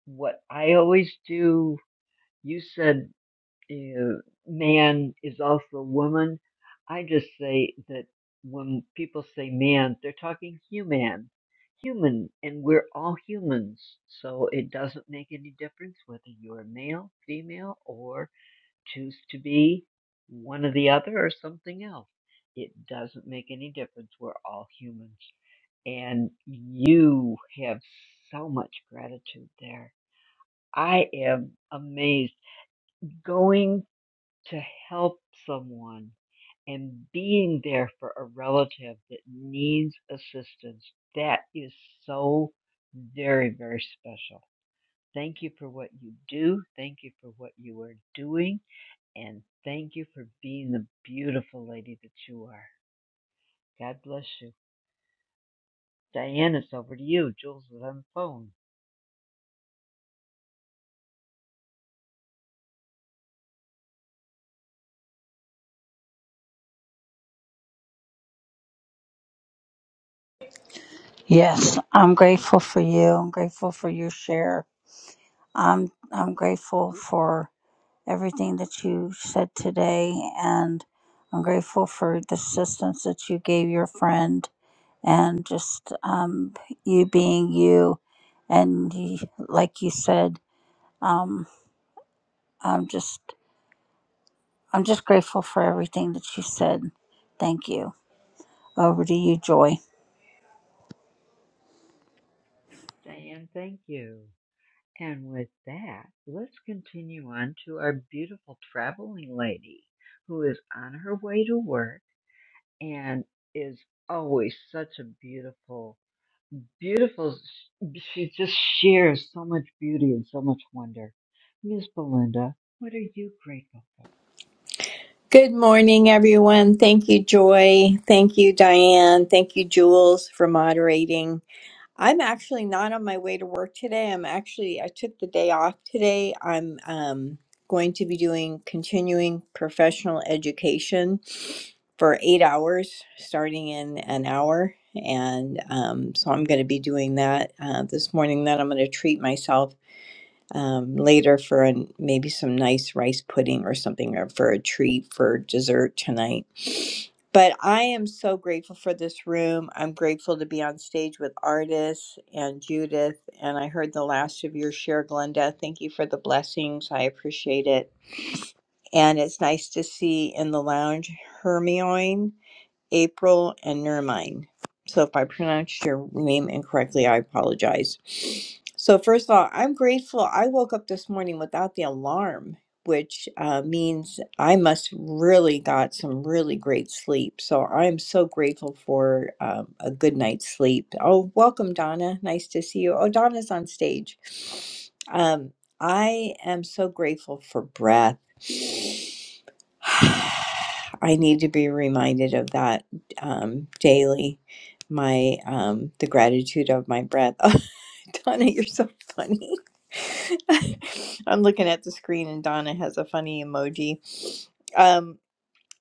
Speaker 23: what I always do you said uh, man is also woman. I just say that when people say man, they're talking human, human, and we're all humans. So it doesn't make any difference whether you're male, female, or choose to be one or the other or something else. It doesn't make any difference. We're all humans. And you have so much gratitude there. I am amazed going to help someone and being there for a relative that needs assistance, that is so very, very special. Thank you for what you do. Thank you for what you are doing. And thank you for being the beautiful lady that you are. God bless you. Diane, it's over to you. Jules is on the phone.
Speaker 22: Yes, I'm grateful for you. I'm grateful for your share. I'm I'm grateful for everything that you said today. And I'm grateful for the assistance that you gave your friend and just um, you being you. And you, like you said, um, I'm just I'm just grateful for everything that you said. Thank you. Over to you, Joy.
Speaker 23: Diane, thank you. And with that, let's continue on to our beautiful traveling lady who is on her way to work and is always such a beautiful, beautiful, she just shares so much beauty and so much wonder. Miss Belinda, what are you grateful for?
Speaker 30: Good morning, everyone. Thank you, Joy. Thank you, Diane. Thank you, Jules, for moderating. I'm actually not on my way to work today. I'm actually, I took the day off today. I'm um, going to be doing continuing professional education for eight hours, starting in an hour. And um, so I'm going to be doing that uh, this morning. Then I'm going to treat myself um, later for an, maybe some nice rice pudding or something or for a treat for dessert tonight. But I am so grateful for this room. I'm grateful to be on stage with artists and Judith. And I heard the last of your share, Glenda. Thank you for the blessings. I appreciate it. And it's nice to see in the lounge Hermione. April and Nermine. So if I pronounced your name incorrectly, I apologize. So first of all, I'm grateful I woke up this morning without the alarm, which uh, means I must really got some really great sleep. So I'm so grateful for um, a good night's sleep. Oh, welcome Donna. Nice to see you. Oh, Donna's on stage. Um, I am so grateful for breath. I need to be reminded of that um, daily. My um, the gratitude of my breath. Oh, Donna, you're so funny. I'm looking at the screen and Donna has a funny emoji. Um,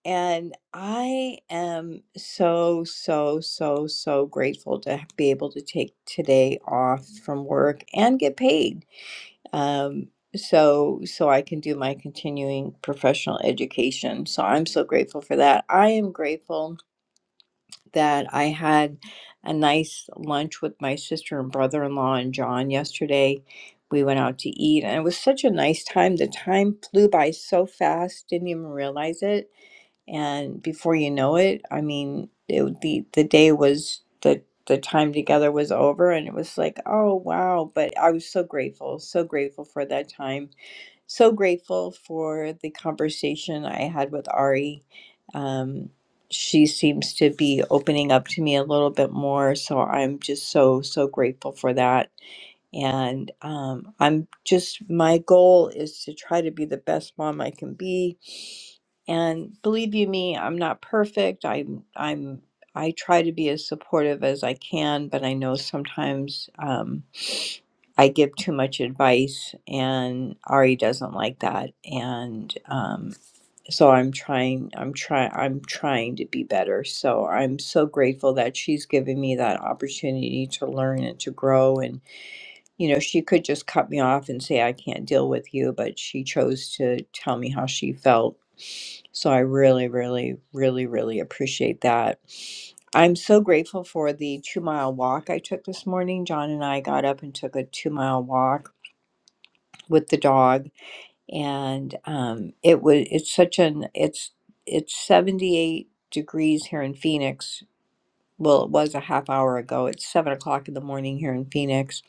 Speaker 30: and I am so so so so grateful to be able to take today off from work and get paid um, so so I can do my continuing professional education. So I'm so grateful for that. I am grateful that I had a nice lunch with my sister and brother-in-law and John yesterday. We went out to eat, and it was such a nice time. The time flew by so fast, didn't even realize it. And before you know it, I mean, it, the the day was the the time together was over, and it was like, oh wow! But I was so grateful, so grateful for that time so grateful for the conversation I had with Ari. Um, she seems to be opening up to me a little bit more, so I'm just so, so grateful for that. And um, I'm just, my goal is to try to be the best mom I can be. And believe you me, I'm not perfect. I'm, I'm, I try to be as supportive as I can, but I know sometimes um, I give too much advice, and Ari doesn't like that. And um, so I'm trying. I'm trying. I'm trying to be better. So I'm so grateful that she's given me that opportunity to learn and to grow. And you know, she could just cut me off and say, I can't deal with you, but she chose to tell me how she felt. So I really, really, really, really appreciate that. I'm so grateful for the two mile walk I took this morning. John and I got up and took a two mile walk with the dog, and um, it was it's such an it's it's 78 degrees here in Phoenix well, it was a half hour ago. It's seven o'clock in the morning here in Phoenix.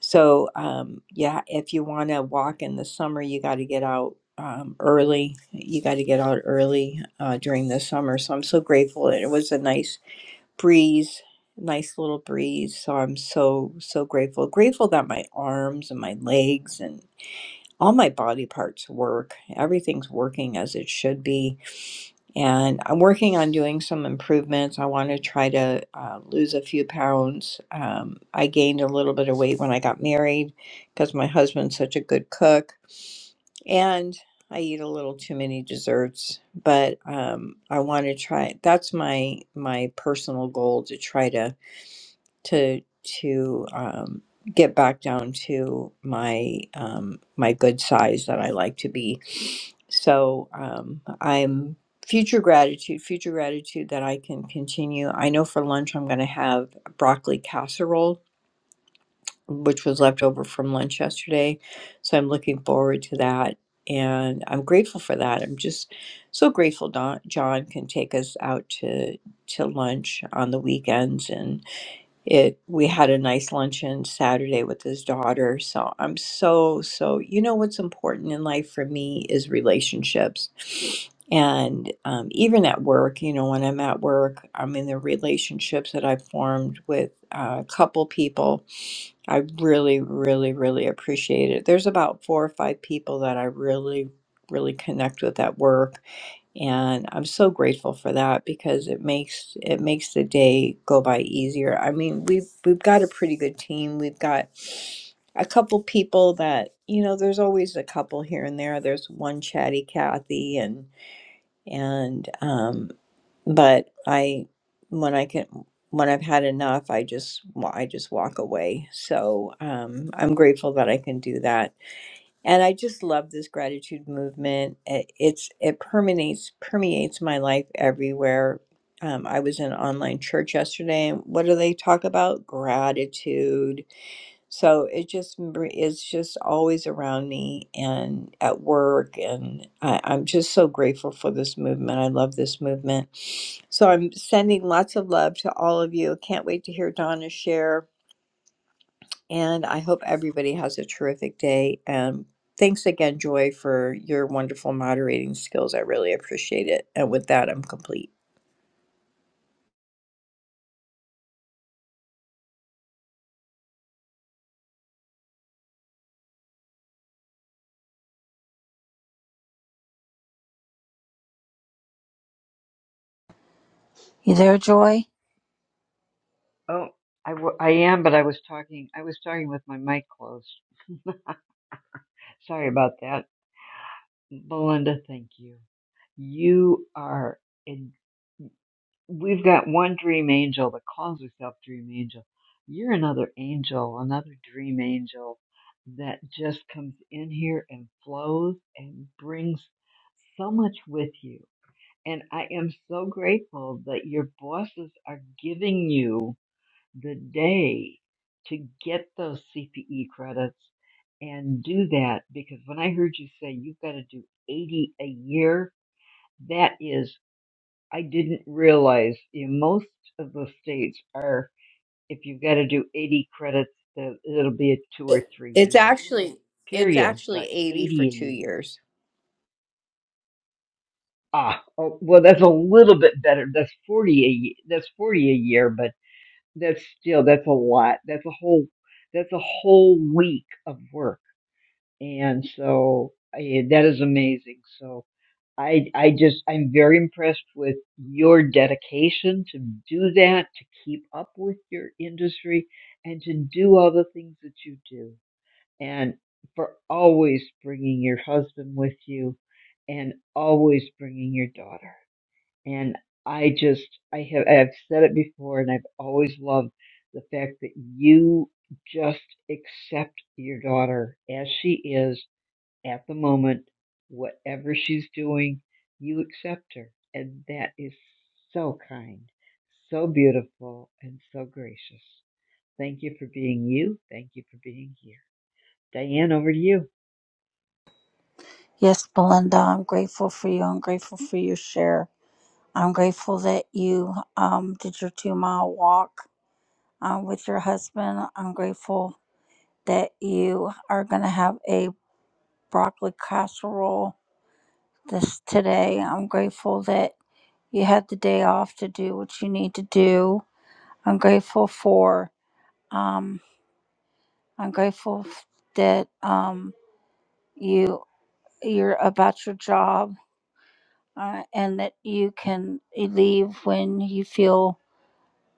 Speaker 30: So, um, yeah, if you want to walk in the summer, you got to get out um, early. You got to get out early uh, during the summer. So, I'm so grateful. and It was a nice breeze, nice little breeze. So, I'm so, so grateful. Grateful that my arms and my legs and all my body parts work. Everything's working as it should be and I'm working on doing some improvements. I want to try to uh, lose a few pounds. Um, I gained a little bit of weight when I got married because my husband's such a good cook. And I eat a little too many desserts, but um, I want to try. That's my my personal goal to try to to to um, get back down to my um, my good size that I like to be. So um, I'm future gratitude, future gratitude that I can continue. I know for lunch I'm going to have broccoli casserole, which was left over from lunch yesterday. So I'm looking forward to that. And I'm grateful for that. I'm just so grateful Don, John can take us out to to lunch on the weekends it we had a nice luncheon Saturday with his daughter. So I'm so so you know what's important in life for me is relationships. And um, even at work, you know, when I'm at work, I'm in the relationships that i formed with uh, a couple people. I really, really, really appreciate it. There's about four or five people that I really, really connect with at work and I'm so grateful for that because it makes it makes the day go by easier. I mean, we've we've got a pretty good team. We've got a couple people that you know. There's always a couple here and there. There's one chatty Kathy and and um, but I when I can when I've had enough, I just wa- I just walk away. So um, I'm grateful that I can do that and i just love this gratitude movement it, it's it permeates permeates my life everywhere um, i was in online church yesterday and what do they talk about gratitude so it just br- it's just always around me and at work and I, i'm just so grateful for this movement i love this movement so i'm sending lots of love to all of you can't wait to hear donna share and I hope everybody has a terrific day. And thanks again, Joy, for your wonderful moderating skills. I really appreciate it. And with that, I'm complete.
Speaker 22: You there, Joy?
Speaker 23: Oh, I, w- I am, but I was talking, I was talking with my mic closed. Sorry about that. Belinda, thank you. You are we've got one dream angel that calls herself dream angel. You're another angel, another dream angel that just comes in here and flows and brings so much with you. And I am so grateful that your bosses are giving you the day to get those CPE credits and do that because when I heard you say you've got to do 80 a year, that is I didn't realize you know, most of the states are if you've got to do 80 credits, the- it'll be a two or three
Speaker 30: It's
Speaker 23: year
Speaker 30: actually it's
Speaker 23: period.
Speaker 30: actually
Speaker 23: But
Speaker 30: 80 for two
Speaker 23: 80,
Speaker 30: years.
Speaker 23: ah, oh, well, that's a little bit better. That's 40 a ye- that's 40 a year, but that's still that's a lot. That's a whole that's a whole week of work and so eh, that is amazing. So I I just I'm very impressed with your dedication to do that, to keep up with your industry, and to do all the things that you do, and for always bringing your husband with you, and always bringing your daughter. And I just I have I've said it before, and I've always loved the fact that you just accept your daughter as she is at the moment, whatever she's doing, you accept her. And that is so kind, so beautiful, and so gracious. Thank you for being you. Thank you for being here. Diane, over to you.
Speaker 22: Yes, Belinda. I'm grateful for you. I'm grateful for your share. I'm grateful that you um, did your two mile walk um, with your husband. I'm grateful that you are going to have a broccoli casserole this today. I'm grateful that you had the day off to do what you need to do. I'm grateful for um I'm grateful f- that um you you're about your job uh, and that you can leave when you feel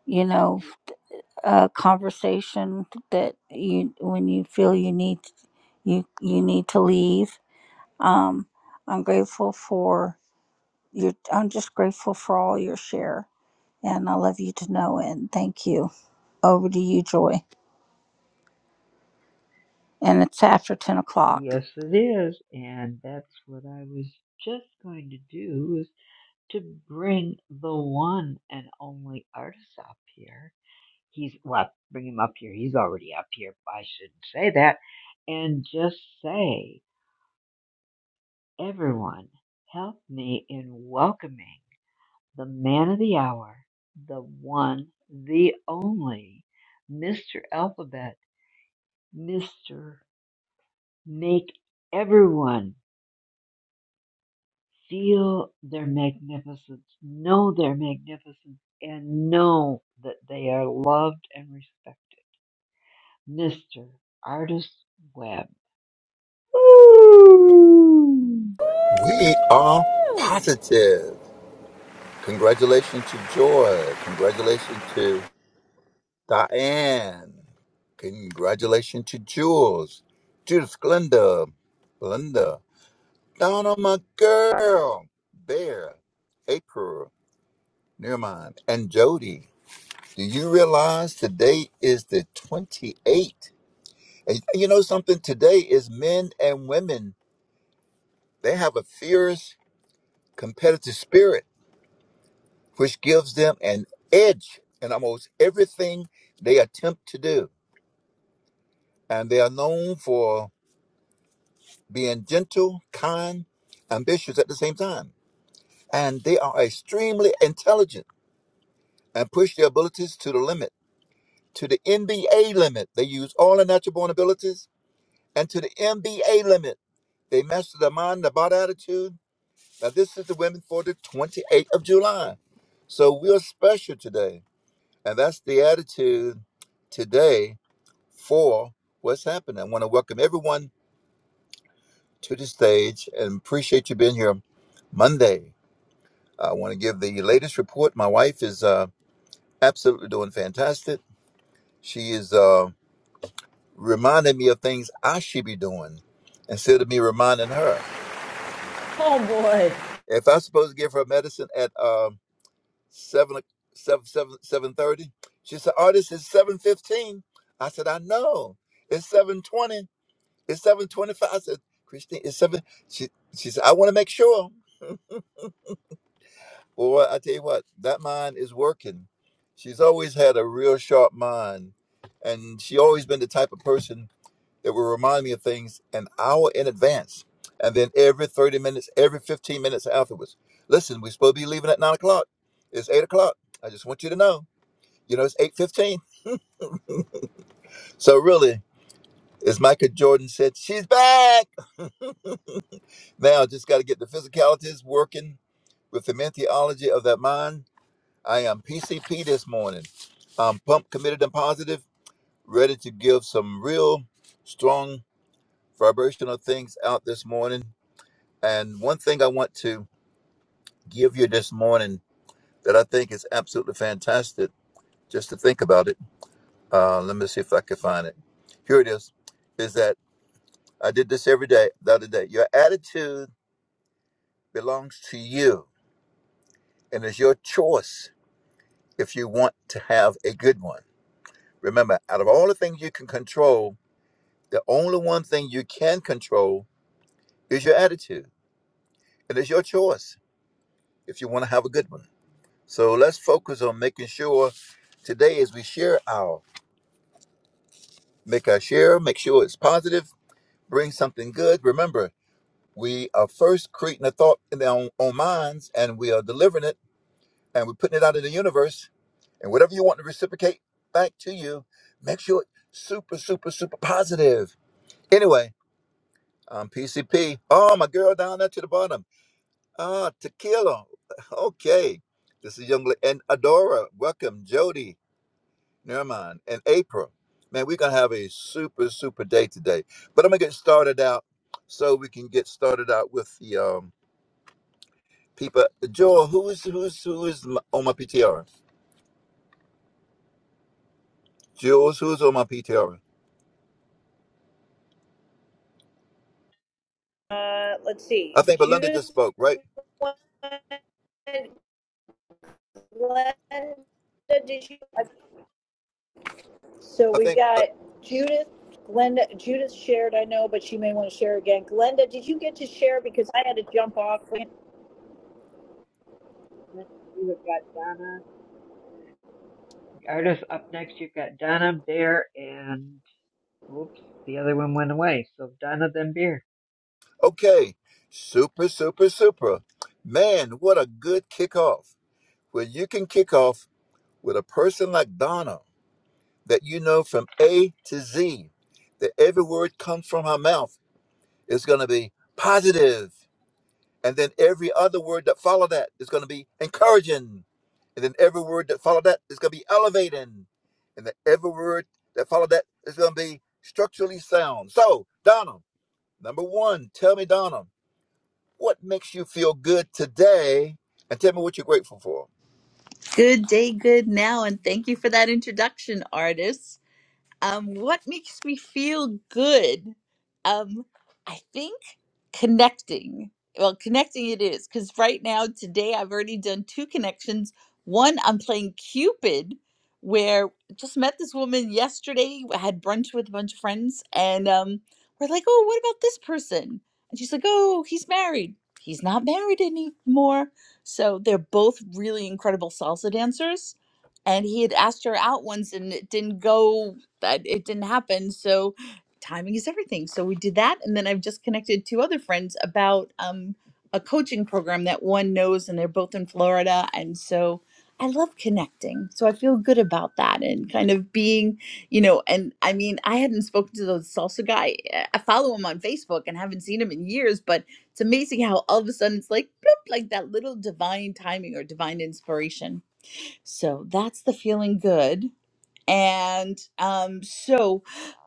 Speaker 22: you know a conversation that you when you feel you need you you need to leave um i'm grateful for you're, I'm just grateful for all your share. And I love you to know and thank you. Over to you, Joy. And it's after 10 o'clock.
Speaker 23: Yes, it is. And that's what I was just going to do is to bring the one and only artist up here. He's, well, bring him up here. He's already up here. I shouldn't say that. And just say Everyone, help me in welcoming the man of the hour, the one, the only, Mr. Alphabet, Mr. Make everyone feel their magnificence, know their magnificence, and know that they are loved and respected. Mr. Artist Webb. Woo!
Speaker 31: We are
Speaker 25: Ooh.
Speaker 31: positive. Congratulations to Joy. Congratulations to Diane. Congratulations to Jules. Judith, Glenda, Linda, Donna, my girl, Bear, April, Nirmine, and Jody. Do you realize today is the 28th? And you know something? Today is men and women. They have a fierce competitive spirit which gives them an edge in almost everything they attempt to do. And they are known for being gentle, kind, ambitious at the same time. And they are extremely intelligent and push their abilities to the limit, to the NBA limit. They use all their natural born abilities and to the MBA limit. They master the mind, the body attitude. Now, this is the women for the 28th of July. So we are special today. And that's the attitude today for what's happening. I want to welcome everyone to the stage and appreciate you being here Monday. I want to give the latest report. My wife is uh, absolutely doing fantastic. She is uh, reminding me of things I should be doing instead of me reminding her.
Speaker 25: Oh boy.
Speaker 31: If I'm supposed to give her medicine at uh, 7, o- seven, seven, seven thirty, she said, oh, this is seven fifteen." I said, I know. It's 7.20. It's seven twenty-five. I said, Christine, it's seven. She she said, I want to make sure. Well, I tell you what, that mind is working. She's always had a real sharp mind, and she always been the type of person that will remind me of things an hour in advance, and then every thirty minutes, every fifteen minutes afterwards. Listen, we're supposed to be leaving at nine o'clock. It's eight o'clock. I just want you to know. You know, it's eight fifteen. So really, as Michael Jordan said, she's back. Now, just got to get the physicalities working with the men theology of that mind. I am PCP this morning. I'm pumped, committed, and positive, ready to give some real strong vibrational things out this morning. And one thing I want to give you this morning that I think is absolutely fantastic, just to think about it. Uh, let me see if I can find it. Here it is. Is that I did this every day the other day. Your attitude belongs to you, and it's your choice if you want to have a good one. Remember, out of all the things you can control, the only one thing you can control is your attitude. It is your choice if you want to have a good one. So let's focus on making sure today as we share our make our share, make sure it's positive, bring something good. Remember, we are first creating a thought in our own, own minds and we are delivering it and we're putting it out in the universe. And whatever you want to reciprocate back to you, make sure it's super, super, super positive. Anyway, I'm PCP. Oh, my girl down there to the bottom. Ah, tequila. Okay. This is young la- and Adora. Welcome, Jody, Nerman, and April. Man, we're gonna have a super, super day today. But I'm gonna get started out so we can get started out with the um people. Joel, who is who is who is m- on my PTR? Jules, who's on my PTR?
Speaker 25: Uh, let's see.
Speaker 31: I think Belinda just
Speaker 25: Judith
Speaker 31: spoke, right?
Speaker 25: won. Glenda, did you? So
Speaker 31: I
Speaker 25: we
Speaker 31: think uh,
Speaker 25: got Judith. Glenda, Judith shared, I know, but she may want to share again. Glenda, did you get to share? Because I had to jump off.
Speaker 23: Next, you have got Donna. Artists up next, you've got Donna, Bear, and whoops, the other one went away. So Donna, then Bear.
Speaker 31: okay. Super, super, super. Man, what a good kickoff. where you can kick off with a person like Donna that you know from A to Z, that every word comes from her mouth is going to be positive, and then every other word that follow that is going to be encouraging, and then every word that follow that is going to be elevating, and then every word that follow that is going to be structurally sound. So, Donna, number one, tell me, Donna, what makes you feel good today, and tell me what you're grateful for.
Speaker 32: Good day, good now, and thank you for that introduction, artist. Um, what makes me feel good? Um, I think connecting. Well, connecting it is because right now, today, I've already done two connections. One, I'm playing Cupid, where I just met this woman yesterday. I had brunch with a bunch of friends, and um, we're like, "Oh, what about this person?" And she's like, "Oh, he's married. He's not married anymore." So they're both really incredible salsa dancers, and he had asked her out once, and it didn't go. That it didn't happen. So timing is everything. So we did that, and then I've just connected two other friends about um, a coaching program that one knows, and they're both in Florida, and so I love connecting. So I feel good about that, and kind of being, you know, and I mean, I hadn't spoken to the salsa guy. eh, I follow him on Facebook and haven't seen him in years, but it's amazing how all of a sudden it's like bloop, like that little divine timing or divine inspiration. So that's the feeling good. And um, so,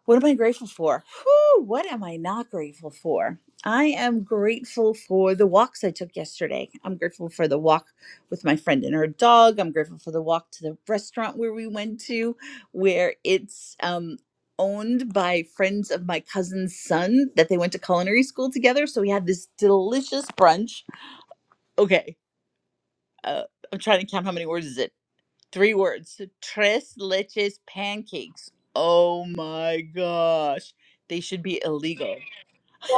Speaker 32: what am I grateful for? Whew, what am I not grateful for? I am grateful for the walks I took yesterday. I'm grateful for the walk with my friend and her dog. I'm grateful for the walk to the restaurant where we went to, where it's um, owned by friends of my cousin's son that they went to culinary school together. So we had this delicious brunch. Okay, uh, I'm trying to count how many words is it. Three words. Tres leches pancakes. Oh my gosh. They should be illegal.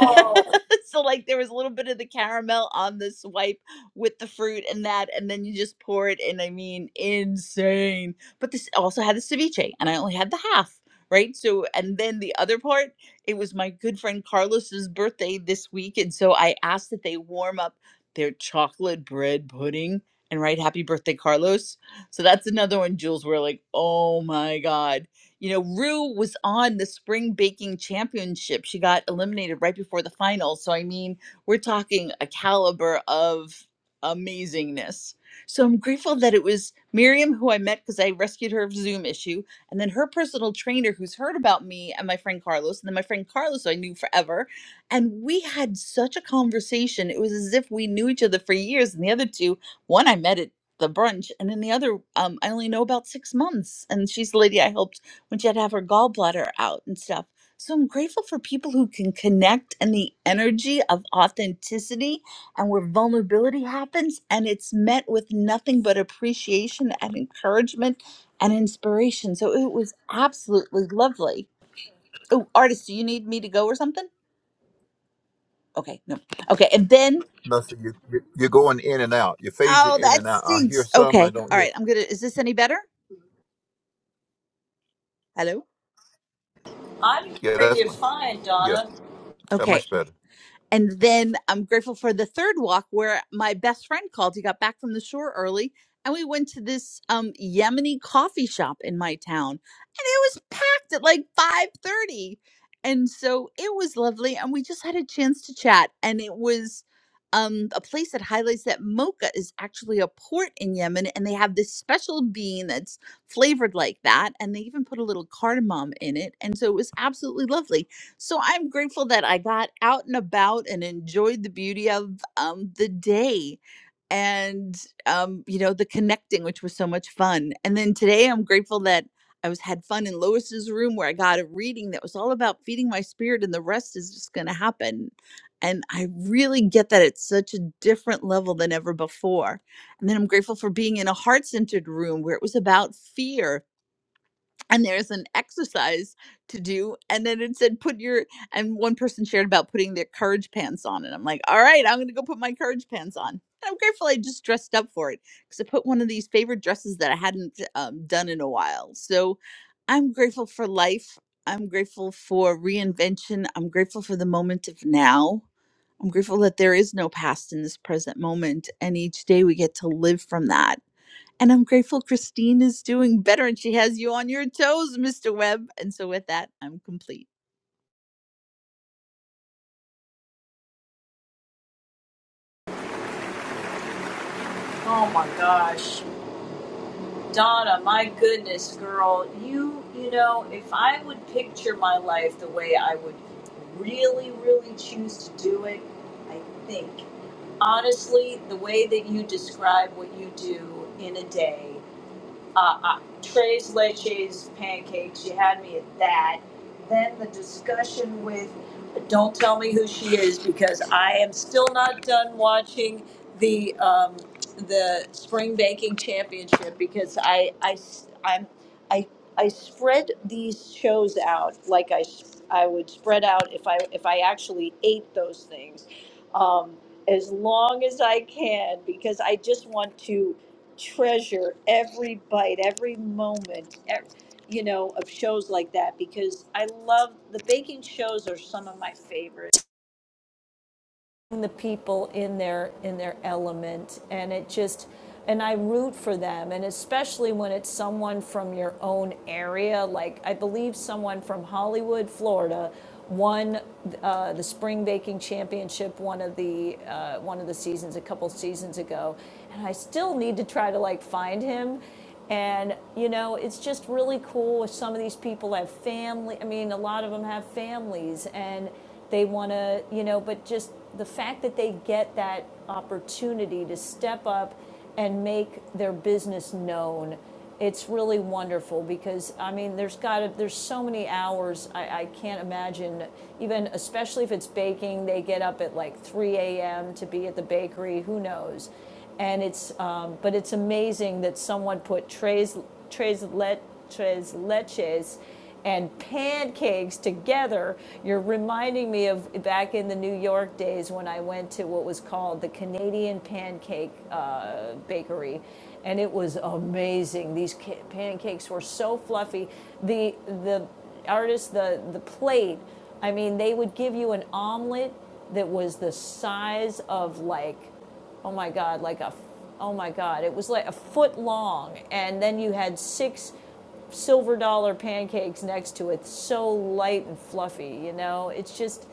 Speaker 32: so like there was a little bit of the caramel on the swipe with the fruit and that and then you just pour it and i mean insane but this also had the ceviche and i only had the half right so and then the other part it was my good friend carlos's birthday this week and so i asked that they warm up their chocolate bread pudding and write happy birthday carlos so that's another one jules we're like oh my god you know, Rue was on the spring baking championship. She got eliminated right before the finals. So, I mean, we're talking a caliber of amazingness. So, I'm grateful that it was Miriam who I met because I rescued her Zoom issue, and then her personal trainer who's heard about me and my friend Carlos, and then my friend Carlos, who I knew forever. And we had such a conversation. It was as if we knew each other for years. And the other two, one I met at the brunch, and then the other, um, I only know about six months. And she's the lady I helped when she had to have her gallbladder out and stuff. So I'm grateful for people who can connect and the energy of authenticity and where vulnerability happens and it's met with nothing but appreciation and encouragement and inspiration. So it was absolutely lovely. Oh, artist, do you need me to go or something? Okay, no. Okay, and then
Speaker 31: No, so you you- you're going in and out. You're phasing
Speaker 32: oh,
Speaker 31: in
Speaker 32: that
Speaker 31: and out. I hear
Speaker 32: stinks.
Speaker 31: some. I
Speaker 32: Okay,
Speaker 31: don't
Speaker 32: all
Speaker 31: hear.
Speaker 32: right. I'm gonna. Is this any better? Hello.
Speaker 25: I'm
Speaker 31: Yeah,
Speaker 25: hearing
Speaker 31: that's
Speaker 25: you
Speaker 31: my
Speaker 25: fine,
Speaker 31: yeah.
Speaker 25: Donna.
Speaker 31: That
Speaker 32: Okay.
Speaker 31: much better.
Speaker 32: And then I'm grateful for the third walk where my best friend called. He got back from the shore early and we went to this um, Yemeni coffee shop in my town. And it was packed at like 5:30. And so it was lovely and we just had a chance to chat and it was um, a place that highlights that mocha is actually a port in Yemen and they have this special bean that's flavored like that and they even put a little cardamom in it and so it was absolutely lovely so I'm grateful that I got out and about and enjoyed the beauty of um, the day and um, you know the connecting, which was so much fun. And then today I'm grateful that I was had fun in Lois's room where I got a reading that was all about feeding my spirit, and the rest is just going to happen. And I really get that it's such a different level than ever before. And then I'm grateful for being in a heart centered room where it was about fear and there's an exercise to do and then it said put your and one person shared about putting their courage pants on and i'm like all right i'm gonna go put my courage pants on and i'm grateful i just dressed up for it because i put one of these favorite dresses that i hadn't um, done in a while so i'm grateful for life i'm grateful for reinvention i'm grateful for the moment of now i'm grateful that there is no past in this present moment and each day we get to live from that and I'm grateful Christine is doing better and she has you on your toes, Mr. Webb. And so with that, I'm complete.
Speaker 25: Oh my gosh. Donna, my goodness, girl, you you know, if I would picture my life the way I would really, really choose to do it, I think honestly, the way that you describe what you do in a day uh, uh, tres leches pancakes. You had me at that. Then the discussion with, don't tell me who she is because I am still not done watching the um, the spring baking championship because I I s- I'm I. I spread these shows out like I, s- I would spread out if I if I actually ate those things, um, as long as I can because I just want to treasure every bite, every moment, ev you know, of shows like that because I love the baking shows are some of my favorites the people in their in their element and it just and I root for them and especially when it's someone from your own area like I believe someone from Hollywood Florida won uh, the spring baking championship one of the uh, one of the seasons a couple seasons ago and I still need to try to like find him and, you know, it's just really cool. Some of these people have family. I mean, a lot of them have families and they want to, you know, but just the fact that they get that opportunity to step up and make their business known it's really wonderful because I mean, there's got to, there's so many hours. I, I can't imagine even, especially if it's baking. They get up at like 3 a.m. to be at the bakery. Who knows? And it's, um, but it's amazing that someone put trays, trays let tres leches and pancakes together. You're reminding me of back in the New York days when I went to what was called the Canadian Pancake uh, Bakery, and it was amazing. These ca- pancakes were so fluffy. The the artist, the the plate. I mean, they would give you an omelet that was the size of like oh my god, like a oh my god, it was like a foot long, and then you had six silver dollar pancakes next to it, so light and fluffy, you know? It's just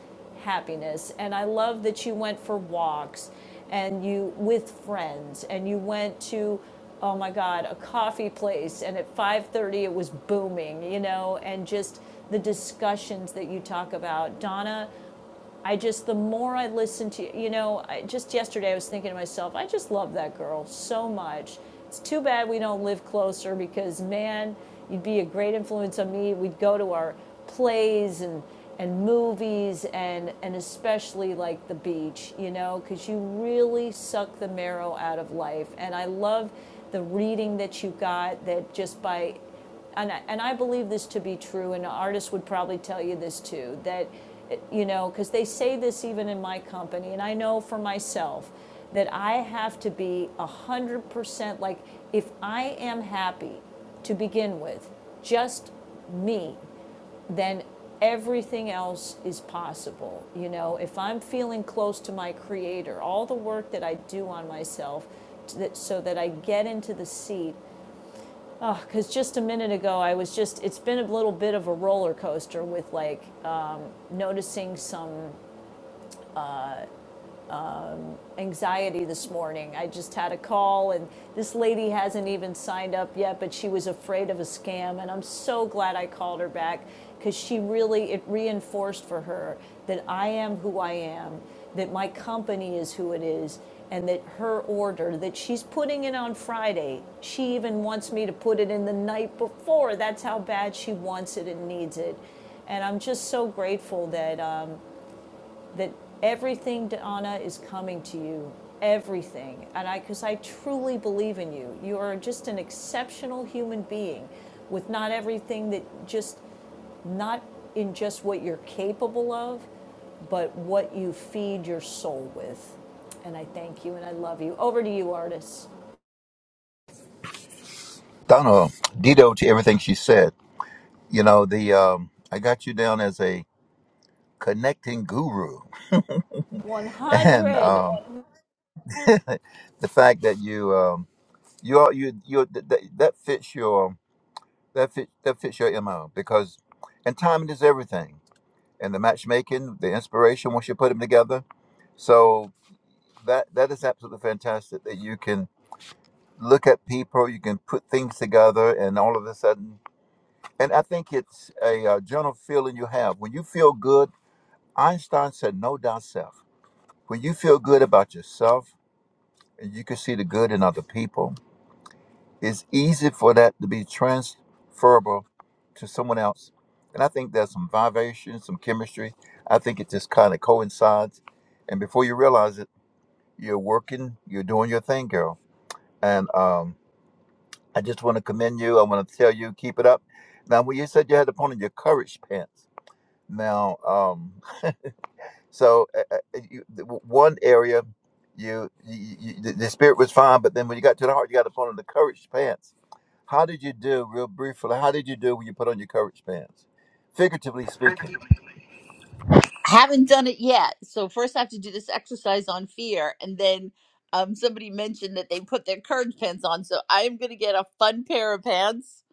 Speaker 25: happiness. And I love that you went for walks and you with friends and you went to oh my god, a coffee place and at 5:30 it was booming, you know, and just the discussions that you talk about. Donna I just, the more I listen to, you know, I, just yesterday I was thinking to myself, I just love that girl so much. It's too bad we don't live closer because, man, you'd be a great influence on me. We'd go to our plays and, and movies and, and especially like the beach, you know, because you really suck the marrow out of life. And I love the reading that you got that just by and I, and I believe this to be true, and artists would probably tell you this too, that, you know, because they say this even in my company, and I know for myself that I have to be 100% like, if I am happy to begin with, just me, then everything else is possible. You know, if I'm feeling close to my creator, all the work that I do on myself that, so that I get into the seat Oh, because just a minute ago, I was just, it's been a little bit of a roller coaster with like uh, noticing some anxiety this morning. I just had a call, and this lady hasn't even signed up yet, but she was afraid of a scam. And I'm so glad I called her back because she really, it reinforced for her that I am who I am, that my company is who it is, and that her order that she's putting in on Friday, she even wants me to put it in the night before. That's how bad she wants it and needs it. And I'm just so grateful that. Uh, that everything, Donna, is coming to you. Everything. And I, because I truly believe in you. You are just an exceptional human being with not everything that just, not in just what you're capable of, but what you feed your soul with. And I thank you and I love you. Over to you, artists.
Speaker 31: Donna, ditto to everything she said. You know the um, I got you down as a connecting guru, and
Speaker 25: 100.
Speaker 31: um, the fact that you um, you are you you that, that that fits your that fit that fits your mo because, and timing is everything, and the matchmaking, the inspiration once you put them together. So that that is absolutely fantastic that you can look at people, you can put things together, and all of a sudden, and I think it's a uh, general feeling you have. When you feel good, Einstein said, "Know thyself." When you feel good about yourself and you can see the good in other people, it's easy for that to be transferable to someone else. And I think there's some vibration, some chemistry. I think it just kind of coincides. And before you realize it, you're working, you're doing your thing, girl. And um, I just want to commend you. I want to tell you, keep it up. Now, when you said you had to put on your courage pants, now, um, so uh, uh, you, the w- one area, you, you, you the the spirit was fine, but then when you got to the heart, you got to put on the courage pants. How did you do, real briefly? How did you do when you put on your courage pants, figuratively speaking?
Speaker 32: haven't done it yet. So first I have to do this exercise on fear and then um somebody mentioned that they put their courage pants on. So I am going to get a fun pair of pants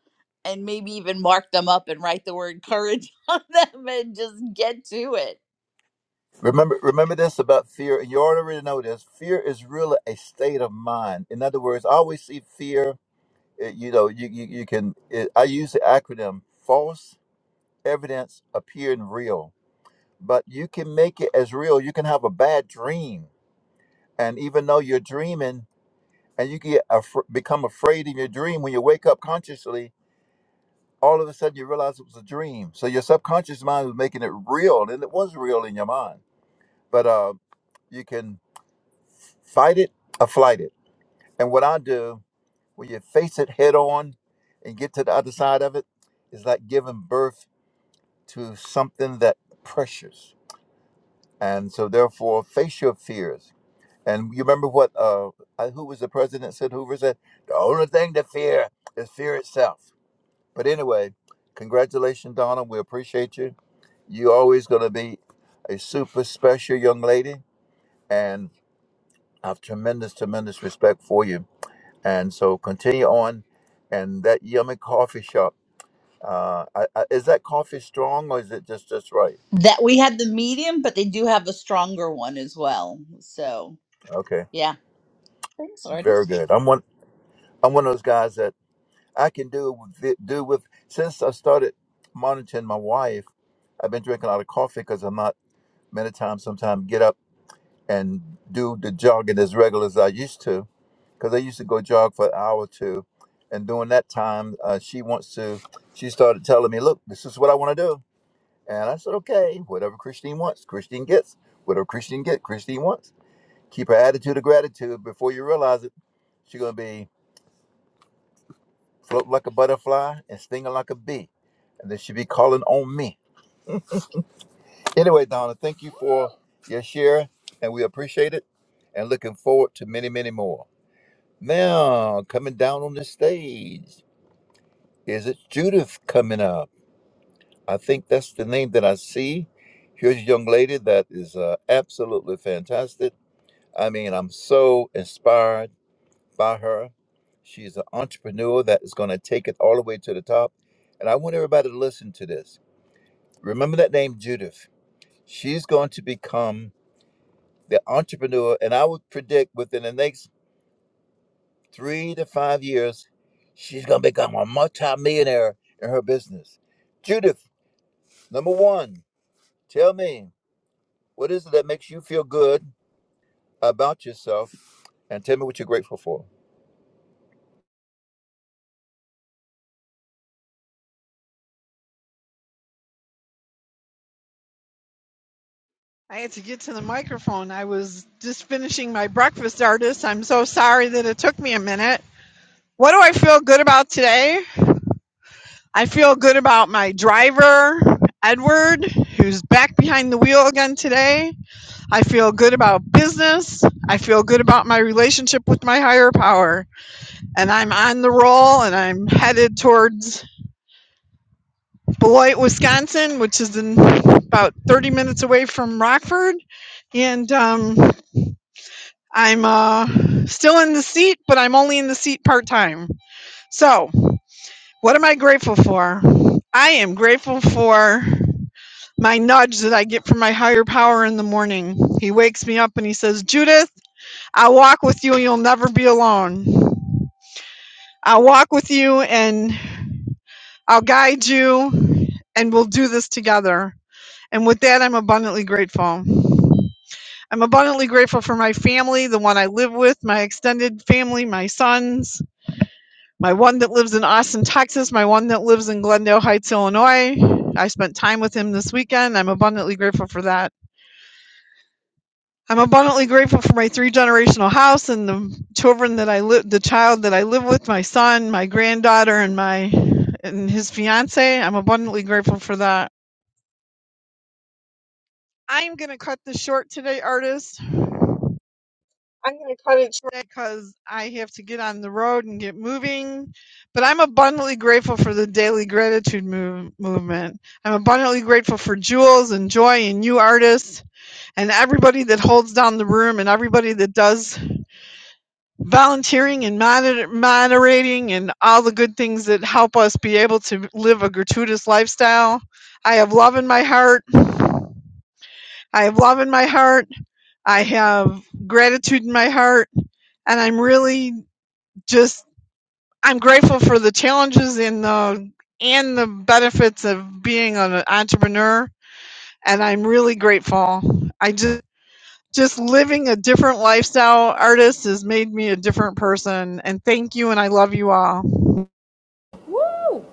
Speaker 32: and maybe even mark them up and write the word courage on them and just get to it.
Speaker 31: Remember, remember this about fear, and you already know this. Fear is really a state of mind. In other words, I always see fear. uh, You know, you you, you can. It, I use the acronym FALSE evidence appearing real. But you can make it as real. You can have a bad dream, and even though you're dreaming, and you get af- become afraid in your dream, when you wake up consciously, all of a sudden you realize it was a dream. So your subconscious mind was making it real, and it was real in your mind. But uh, you can fight it or flight it. And what I do when you face it head on and get to the other side of it is like giving birth to something that precious. And so, therefore, face your fears. And you remember what uh, I- who was the president said? Hoover said, "The only thing to fear is fear itself." But anyway, congratulations, Donna. We appreciate you. You're always going to be a super special young lady, and I have tremendous, tremendous respect for you. And so, continue on. And that yummy coffee shop. Uh, I, I, is that coffee strong or is it just just right?
Speaker 32: That we had the medium but they do have a stronger one as well. So,
Speaker 31: Okay,
Speaker 32: yeah. Thanks,
Speaker 31: very
Speaker 32: artist.
Speaker 31: good. I'm one. I'm one of those guys that I can do with do with since I started monitoring my wife. I've been drinking a lot of coffee because I'm not many times. Sometimes get up and do the jogging as regular as I used to because I used to go jog for an hour or two, and during that time, uh, she wants to. She started telling me, "Look, this is what I want to do," and I said, "Okay, whatever Christine wants, Christine gets. Whatever Christine get, Christine wants." Keep her attitude of gratitude. Before you realize it, she's gonna be float like a butterfly and stinging like a bee. And they should be calling on me. Anyway, Donna, thank you for your share, and we appreciate it. And looking forward to many, many more. Now, coming down on the stage, is it Judith coming up? I think that's the name that I see. Here's a young lady that is uh, absolutely fantastic. I mean, I'm so inspired by her. She's an entrepreneur that is going to take it all the way to the top. And I want everybody to listen to this Remember that name, Judith. She's going to become the entrepreneur, and I would predict within the next three to five years, she's going to become a multimillionaire in her business. Judith, number one, tell me what is it that makes you feel good about yourself, and tell me what you're grateful for.
Speaker 11: I had to get to the microphone. I was just finishing my breakfast, artist. I'm so sorry that it took me a minute. What do I feel good about today? I feel good about my driver, Edward, who's back behind the wheel again today. I feel good about business. I feel good about my relationship with my higher power. And I'm on the roll and I'm headed towards Beloit, Wisconsin, which is in about 30 minutes away from Rockford. And um, I'm uh, still in the seat, but I'm only in the seat part time. So, what am I grateful for? I am grateful for my nudge that I get from my higher power in the morning. He wakes me up and he says, Judith, I'll walk with you and you'll never be alone. I'll walk with you and I'll guide you and we'll do this together. And with that, I'm abundantly grateful. I'm abundantly grateful for my family, the one I live with, my extended family, my sons, my one that lives in Austin, Texas, my one that lives in Glendale Heights, Illinois. I spent time with him this weekend. I'm abundantly grateful for that. I'm abundantly grateful for my three generational house and the children that I live, the child that I live with, my son, my granddaughter, and my and his fiance. I'm abundantly grateful for that. I'm gonna cut this short today, artists. I'm going to cut it short. because I have to get on the road and get moving. But I'm abundantly grateful for the daily gratitude move, movement. I'm abundantly grateful for Jules and Joy and you artists and everybody that holds down the room and everybody that does volunteering and moder- moderating and all the good things that help us be able to live a gratuitous lifestyle. I have love in my heart. I have love in my heart. I have gratitude in my heart. And I'm really just I'm grateful for the challenges and the and the benefits of being an entrepreneur and I'm really grateful. I just just living a different lifestyle artist has made me a different person and thank you and I love you all.
Speaker 25: Woo!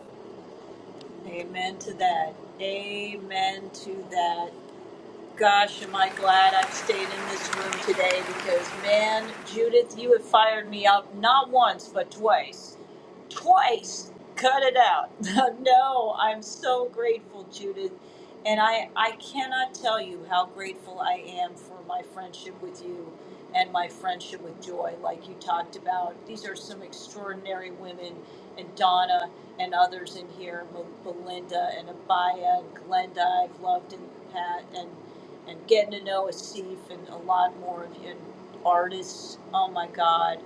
Speaker 25: Amen to that. Amen to that. Gosh, am I glad I've stayed in this room today because, man, Judith, you have fired me up not once, but twice. Twice! Cut it out. no, I'm so grateful, Judith. And I, I cannot tell you how grateful I am for my friendship with you and my friendship with Joy, like you talked about. These are some extraordinary women, and Donna and others in here, Bel- Belinda and Abaya and Glenda, I've loved and Pat and and getting to know Asif and a lot more of your artists. Oh my God.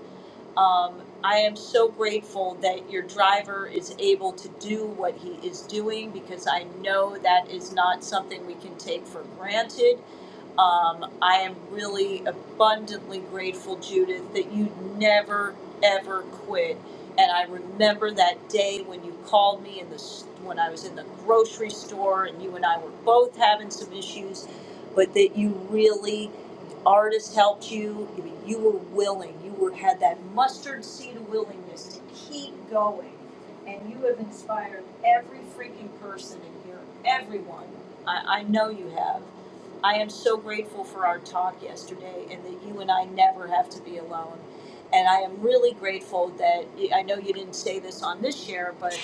Speaker 25: Um, I am so grateful that your driver is able to do what he is doing because I know that is not something we can take for granted. Um, I am really abundantly grateful, Judith, that you never ever quit. And I remember that day when you called me in the s- when I was in the grocery store, and you and I were both having some issues, but that you really artists helped you. I mean, you were willing. You were had that mustard seed of willingness to keep going, and you have inspired every freaking person in here. Everyone, I, I know you have. I am so grateful for our talk yesterday and that you and I never have to be alone. And I am really grateful that I know you didn't say this on this share, but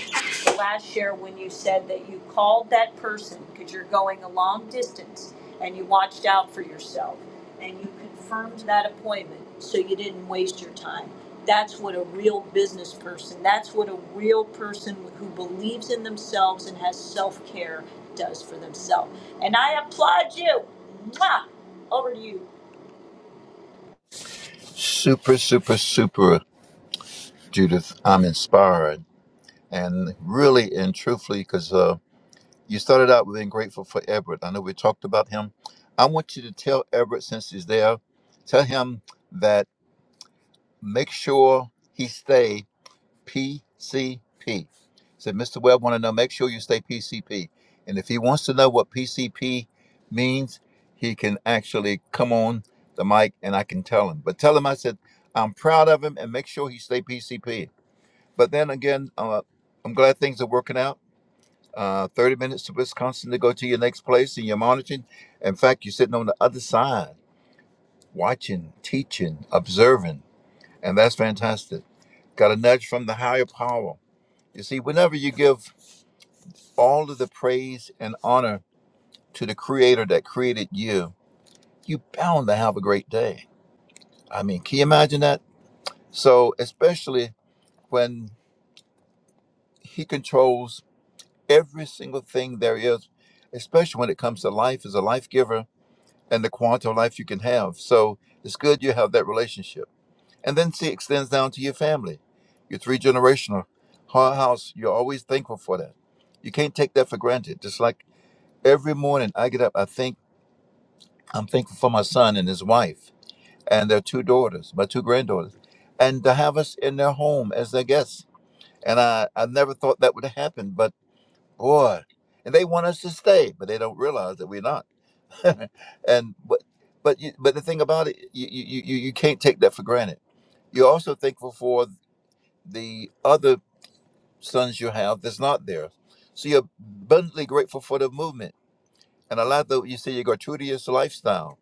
Speaker 25: the last share when you said that you called that person because you're going a long distance and you watched out for yourself and you confirmed that appointment so you didn't waste your time. That's what a real business person, that's what a real person who believes in themselves and has self care does for themselves. And I applaud you. Mwah! Over to you.
Speaker 31: Super, super, super, Judith. I'm inspired, and really and truthfully, because uh, You started out with being grateful for Everett. I know we talked about him. I want you to tell Everett since he's there, tell him that make sure he stay PCP. Said Mr. Webb want to know, make sure you stay PCP. And if he wants to know what PCP means, he can actually come on the mic and I can tell him. But tell him I said I'm proud of him and make sure he stay PCP. But then again, uh, I'm glad things are working out uh, 30 minutes to Wisconsin to go to your next place and you're monitoring. In fact, you're sitting on the other side, watching, teaching, observing. And that's fantastic. Got a nudge from the higher power. You see, whenever you give all of the praise and honor to the creator that created you, you bound to have a great day. I mean, can you imagine that? So, especially when he controls every single thing there is, especially when it comes to life as a life giver and the quality of life you can have. So it's good you have that relationship. And then see, it extends down to your family, your three generational house. You're always thankful for that. You can't take that for granted. Just like every morning I get up, I think I'm thankful for my son and his wife and their two daughters, my two granddaughters, and to have us in their home as their guests. And I, I never thought that would happen, but boy, and they want us to stay, but they don't realize that we're not. and but but you, but the thing about it, you, you you you can't take that for granted. You're also thankful for the other sons you have that's not there. So you're abundantly grateful for the movement, and I love that you say your gratuitous lifestyle.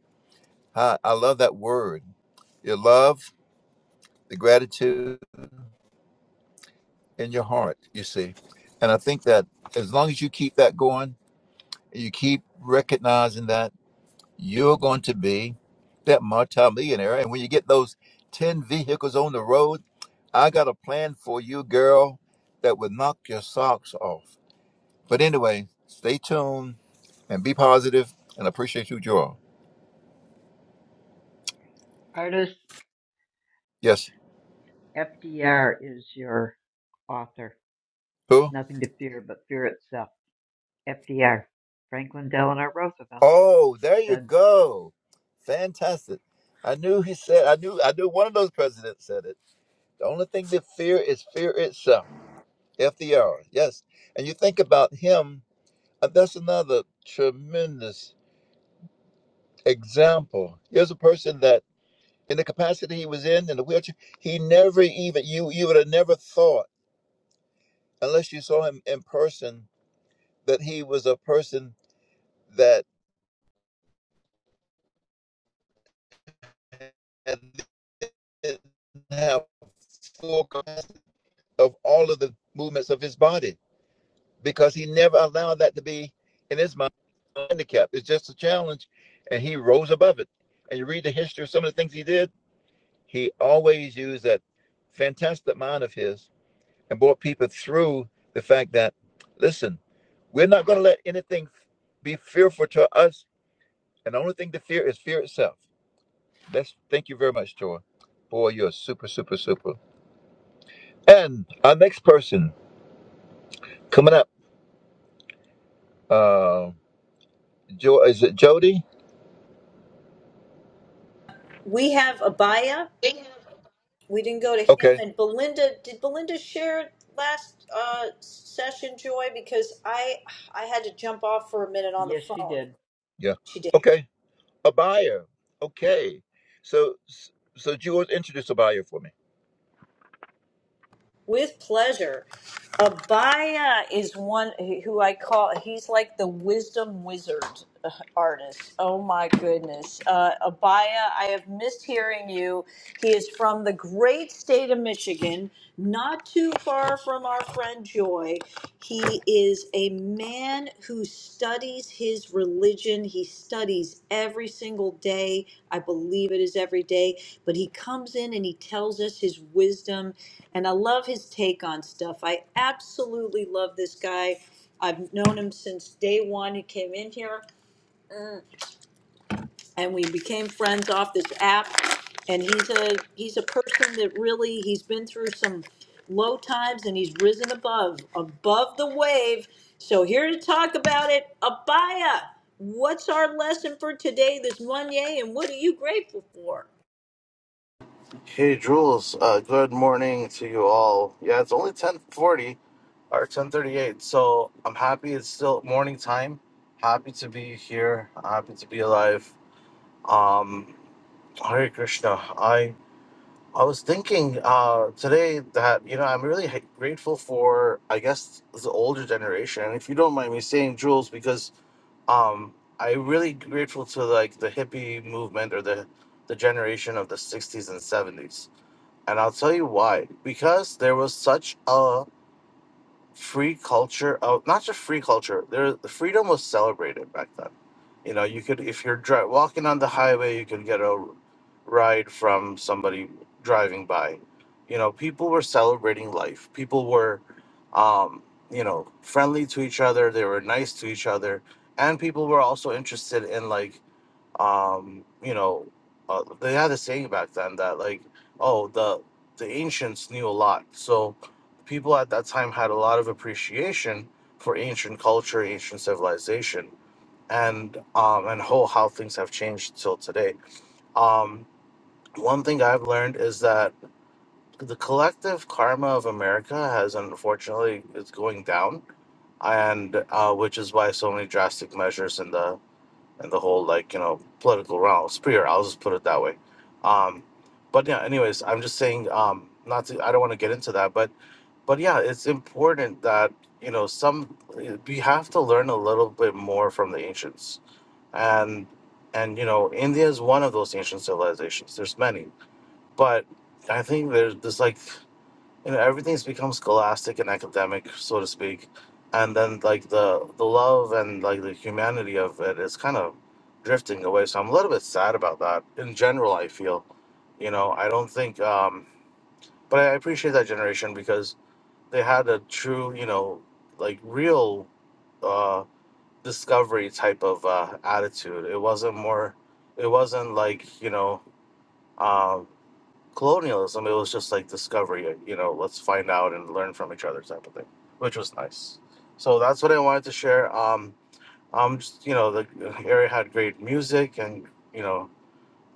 Speaker 31: I, I love that word. Your love, the gratitude in your heart. You see, and I think that as long as you keep that going, you keep recognizing that. You're going to be that multimillionaire. And when you get those 10 vehicles on the road, I got a plan for you, girl, that would knock your socks off. But anyway, stay tuned and be positive and appreciate you, Joel.
Speaker 23: Artist
Speaker 31: Yes.
Speaker 23: FDR is your author.
Speaker 31: Who?
Speaker 23: Nothing to fear but fear itself. FDR, Franklin Delano Roosevelt,
Speaker 31: Oh, there you
Speaker 23: said,
Speaker 31: go. Fantastic. I knew he said I knew I knew one of those presidents said it. The only thing to fear is fear itself. FDR. Yes. And you think about him, uh, that's another tremendous example. Here's a person that, in the capacity he was in, in the wheelchair, he never even you you would have never thought, unless you saw him in person, that he was a person that had- didn't have full capacity of all of the movements of his body, because he never allowed that to be in his mind a handicap. It's just a challenge, and he rose above it. And you read the history of some of the things he did. He always used that fantastic mind of his and brought people through the fact that, listen, we're not going to let anything be fearful to us. And the only thing to fear is fear itself. That's thank you very much, Tor. Boy, you're super, super, super. And our next person coming up, uh, jo- is it Jody?
Speaker 25: We have Abaya. We didn't go to him.
Speaker 31: Okay,
Speaker 25: And Belinda, did Belinda share last uh, session, Joy? Because I I had to jump off for a minute on the
Speaker 23: Yes, she
Speaker 25: phone.
Speaker 23: did.
Speaker 31: yeah,
Speaker 25: She
Speaker 31: okay, Abaya. Okay, so so Jules, introduce Abaya for me.
Speaker 25: With pleasure. Abaya is one who I call, he's like the wisdom wizard uh, artist. Oh my goodness. Uh, Abaya, I have missed hearing you. He is from the great state of Michigan, not too far from our friend Joy. He is a man who studies his religion. He studies every single day. I believe it is every day. But he comes in and he tells us his wisdom and I love his take on stuff. I absolutely love this guy. I've known him since day one. He came in here, and we became friends off this app. And he's a he's a person that really he's been through some low times, and he's risen above above the wave. So here to talk about it, Abaya. What's our lesson for today? This Monday, and what are you grateful for?
Speaker 33: Hey Jules, uh, good morning to you all. Yeah, it's only ten forty or ten thirty eight, so I'm happy it's still morning time. Happy to be here. Happy to be alive. Um, Hare Krishna. I I was thinking uh, today that you know I'm really h- grateful for I guess the older generation. And if you don't mind me saying Jules, because um, I'm really grateful to like the hippie movement or the the generation of the '60s and '70s and I'll tell you why. Because there was such a free culture of not just free culture, there the freedom was celebrated back then. You know, you could if you're dri- walking on the highway, you could get a ride from somebody driving by. You know, people were celebrating life. People were um, you know, friendly to each other, they were nice to each other, and people were also interested in like um, you know, uh, they had a saying back then that like, oh, the the ancients knew a lot, so people at that time had a lot of appreciation for ancient culture, ancient civilization, and um, and how how things have changed till today. Um, one thing I've learned is that the collective karma of America has unfortunately is going down, and uh, which is why so many drastic measures in the and the whole like you know political realm sphere. I'll just put it that way. Um, but yeah, anyways, I'm just saying. Um, not to, I don't want to get into that, but but yeah, it's important that you know some we have to learn a little bit more from the ancients, and and you know India is one of those ancient civilizations. There's many, but I think there's this like you know everything's become scholastic and academic so to speak and then like the the love and like the humanity of it is kind of drifting away so i'm a little bit sad about that in general i feel you know i don't think um but i appreciate that generation because they had a true you know like real uh discovery type of uh attitude it wasn't more it wasn't like you know um colonialism. It was just like discovery, uh, you know, let's find out and learn from each other type of thing, which was nice. So that's what I wanted to share. Um, um, just, you know, the area had great music and you know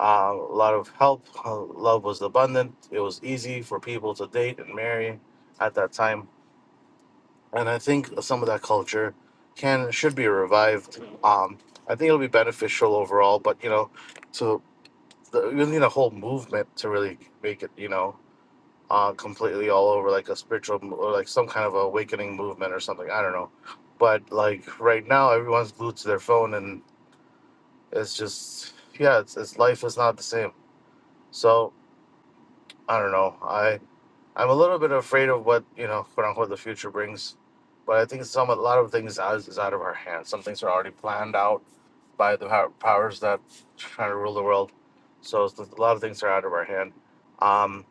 Speaker 33: uh, a lot of help. Uh, love was abundant. It was easy for people to date and marry at that time, and I think some of that culture can should be revived. Um, I think it'll be beneficial overall, but you know, to the, you'll need a whole movement to really make it. You know, uh, completely all over like a spiritual mo- or like some kind of awakening movement or something. I don't know. But like right now, everyone's glued to their phone and it's just, yeah, it's, it's life is not the same. So I don't know. I. I'm a little bit afraid of what you know, quote unquote, the future brings. But I think some a lot of things is, is out of our hands. Some things are already planned out by the pow- powers that trying to rule the world. So it's- a lot of things are out of our hand. Um,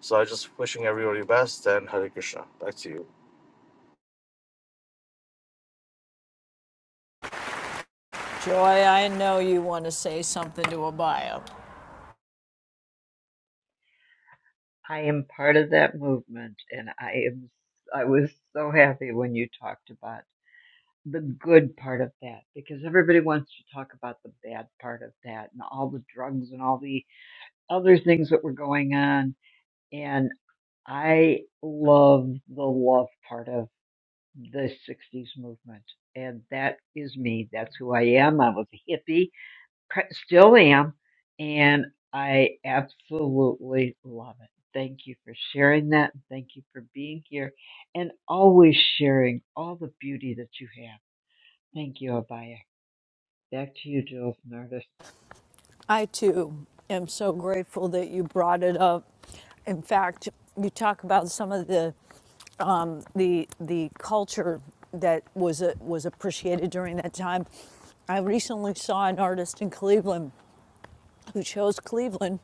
Speaker 33: so i just wishing everybody best and Hare Krishna. Back to you.
Speaker 25: Joy, I know you want to say something to Abaya.
Speaker 23: I am part of that movement, and I am. I was so happy when you talked about the good part of that because everybody wants to talk about the bad part of that and all the drugs and all the other things that were going on And I love the love part of the 60s movement. And that is me. That's who I am. I was a hippie, pre- still am. And I absolutely love it. Thank you for sharing that. Thank you for being here and always sharing all the beauty that you have. Thank you, Abaya. Back to you, Jules and Artis.
Speaker 25: I too am so grateful that you brought it up. In fact, you talk about some of the the the culture that was uh, was appreciated during that time. I recently saw an artist in Cleveland who chose Cleveland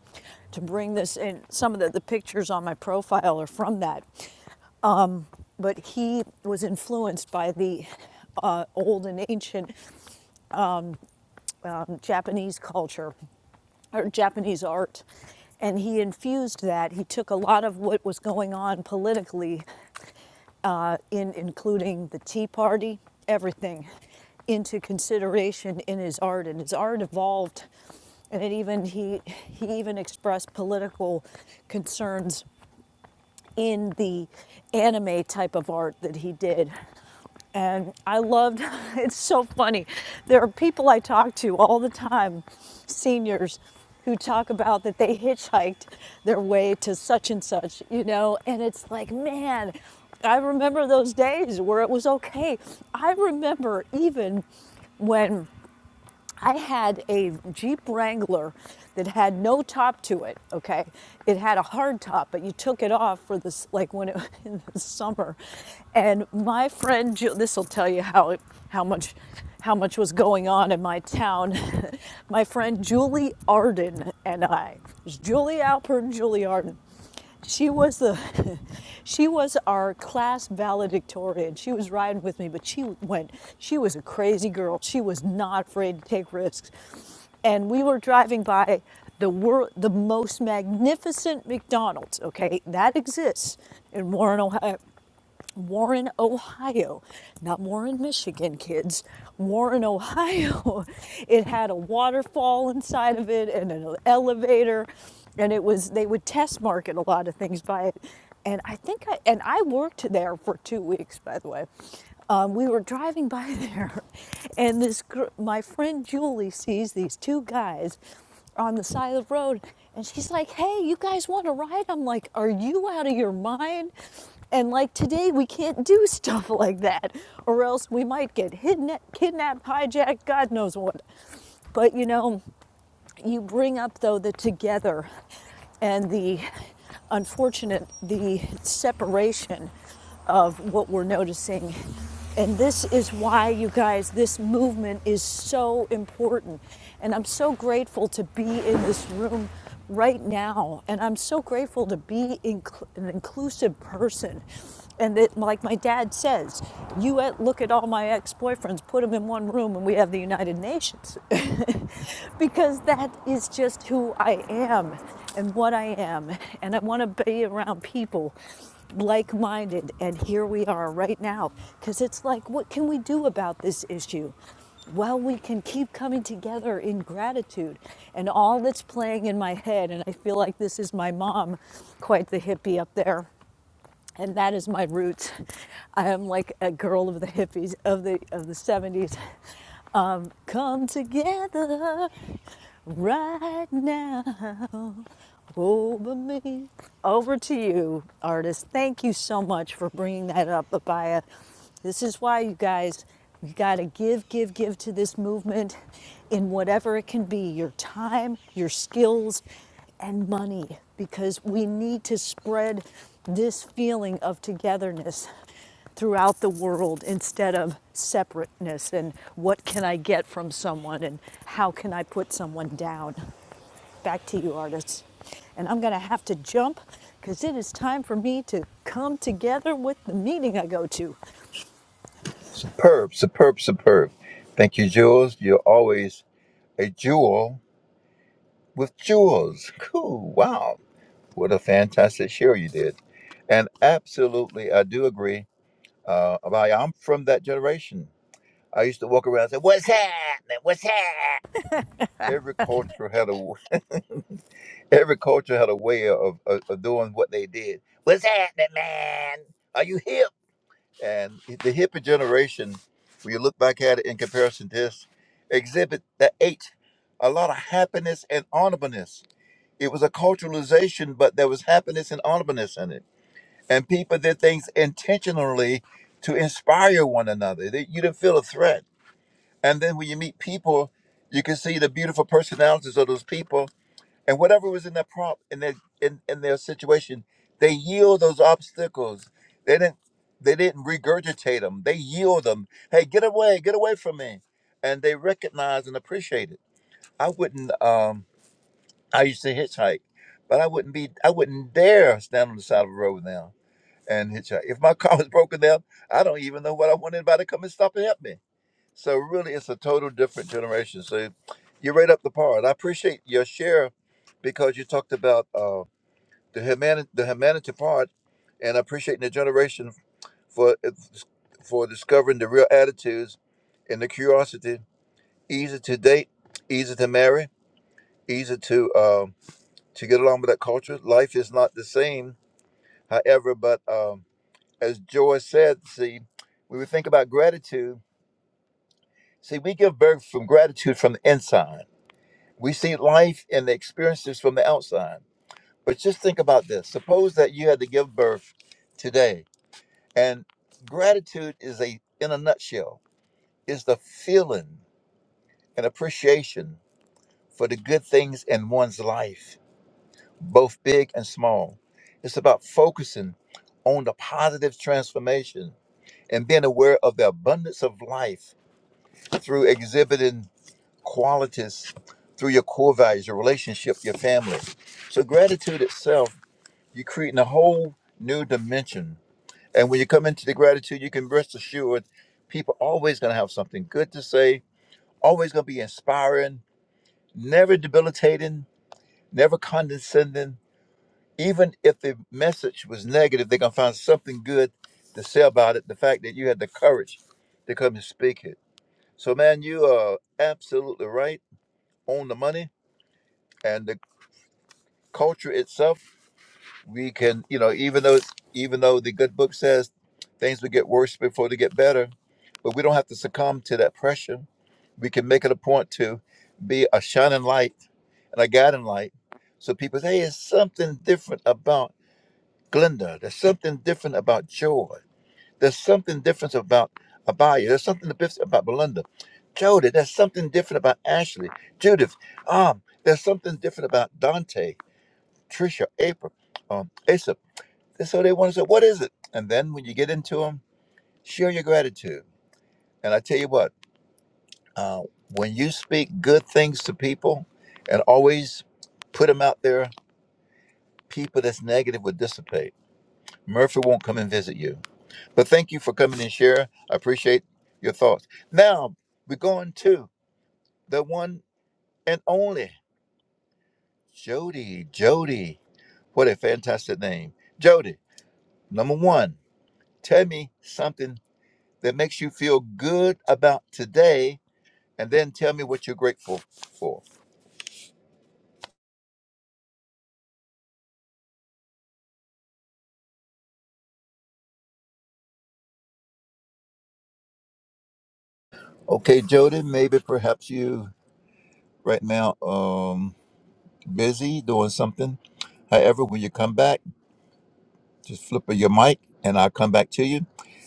Speaker 25: to bring this in. Some of the, the pictures on my profile are from that, but he was influenced by the uh, old and ancient Japanese culture or Japanese art. And he infused that. He took a lot of what was going on politically, uh, in including the Tea Party, everything, into consideration in his art. And his art evolved, and it even he he even expressed political concerns in the anime type of art that he did. And I loved it's so funny. There are people I talk to all the time, seniors, who talk about that they hitchhiked their way to such and such, you know, and it's like, man, I remember those days where it was okay. I remember even when I had a Jeep Wrangler that had no top to it. Okay, it had a hard top, but you took it off for this, like when it in the summer. And my friend, this will tell you how it, how much, how much was going on in my town. my friend Julie Arden and I, it was Julie Alpert and Julie Arden she was the, she was our class valedictorian. She was riding with me, but she went. She was a crazy girl. She was not afraid to take risks, and we were driving by the world, the most magnificent McDonald's. Okay, that exists in Warren, Ohio, Warren, Ohio, not Warren, Michigan, kids. Warren, Ohio. It had a waterfall inside of it and an elevator, and it was they would test market a lot of things by it. And I think I and I worked there for two weeks, by the way. Um, we were driving by there, and this my friend Julie sees these two guys on the side of the road and she's like hey you guys want to ride i'm like are you out of your mind and like today we can't do stuff like that or else we might get hidna- kidnapped hijacked god knows what but you know you bring up though the together and the unfortunate the separation of what we're noticing and this is why you guys this movement is so important and i'm so grateful to be in this room right now and i'm so grateful to be incl- an inclusive person and it, like my dad says, you look at all my ex boyfriends, put them in one room, and we have the United Nations. because that is just who I am and what I am. And I want to be around people like minded. And here we are right now. Because it's like, what can we do about this issue? Well, we can keep coming together in gratitude and all that's playing in my head. And I feel like this is my mom, quite the hippie up there and that is my roots. I am like a girl of the hippies of the of the 70s. Um, come together right now over me. Over to you, artist. Thank you so much for bringing that up, Abaya. This is why you guys, you got to give, give, give to this movement in whatever it can be your time, your skills, and money, because we need to spread this feeling of togetherness throughout the world instead of separateness and what can I get from someone and how can I put someone down. Back to you, artists. And I'm going to have to jump because it is time for me to come together with the meeting I go to.
Speaker 31: Superb, superb, superb. Thank you, Jules. You're always a jewel with jewels. Cool. Wow. What a fantastic show you did. And absolutely, I do agree. Uh, about- I'm from that generation. I used to walk around and say, "What's happening? What's happening?" Every culture had a every culture had a way of, of, of doing what they did. What's happening, man? Are you hip? And the hippie generation, when you look back at it in comparison to this, exhibit the eight, a lot of happiness and honorableness It was a culturalization, but there was happiness and honorableness in it. And people did things intentionally to inspire one another. That you didn't feel a threat. And then when you meet people, you can see the beautiful personalities of those people. And whatever was in their prop in their in, in their situation, they yield those obstacles. They didn't they didn't regurgitate them. They yield them. Hey, get away, get away from me. And they recognize and appreciate it. I wouldn't. Um, I used to hitchhike, but I wouldn't be I wouldn't dare stand on the side of the road now and hitchhike. If my car was broken down, I don't even know what I want anybody to come and stop and help me. So really it's a total different generation. So you're right up the par. And I appreciate your share because you talked about uh, the humanity the humanity part and appreciating the generation for for discovering the real attitudes and the curiosity. Easy to date, easy to marry, easy to um to get along with that culture. Life is not the same, however, but um, as Joy said, see, when we think about gratitude, see, we give birth from gratitude from the inside. We see life and the experiences from the outside. But just think about this. Suppose that you had to give birth today, and gratitude is a, in a nutshell, is the feeling and appreciation for the good things in one's life both big and small. It's about focusing on the positive transformation and being aware of the abundance of life through exhibiting qualities through your core values, your relationship, your family. So, gratitude itself, you're creating a whole new dimension. And when you come into the gratitude, you can rest assured people always going to have something good to say, always going to be inspiring, never debilitating, never condescending even if the message was negative, they're gonna find something good to say about it. The fact that you had the courage to come and speak it. So, man, you are absolutely right on the money and the culture itself. We can, you know, even though even though the good book says things will get worse before they get better, but we don't have to succumb to that pressure. We can make it a point to be a shining light and a guiding light, so people say, "Hey, it's something different about." Glenda. There's something different about Joy. There's something different about Abaya. There's something different about Belinda. Jody, there's something different about Ashley. Judith, um, there's something different about Dante, Trisha, April, um, Asa. And so they want to say, what is it? And then when you get into them, share your gratitude. And I tell you what, uh, when you speak good things to people and always put them out there, people that's negative will dissipate. Murphy won't come and visit you But thank you for coming and sharing. I appreciate your thoughts. Now we're going to the one and only Jody. Jody, what a fantastic name. Jody, number one, tell me something that makes you feel good about today, and then tell me what you're grateful for. Okay, Jody, maybe perhaps you right now um busy doing something. However, when you come back. Just flip your mic and I'll come back to you.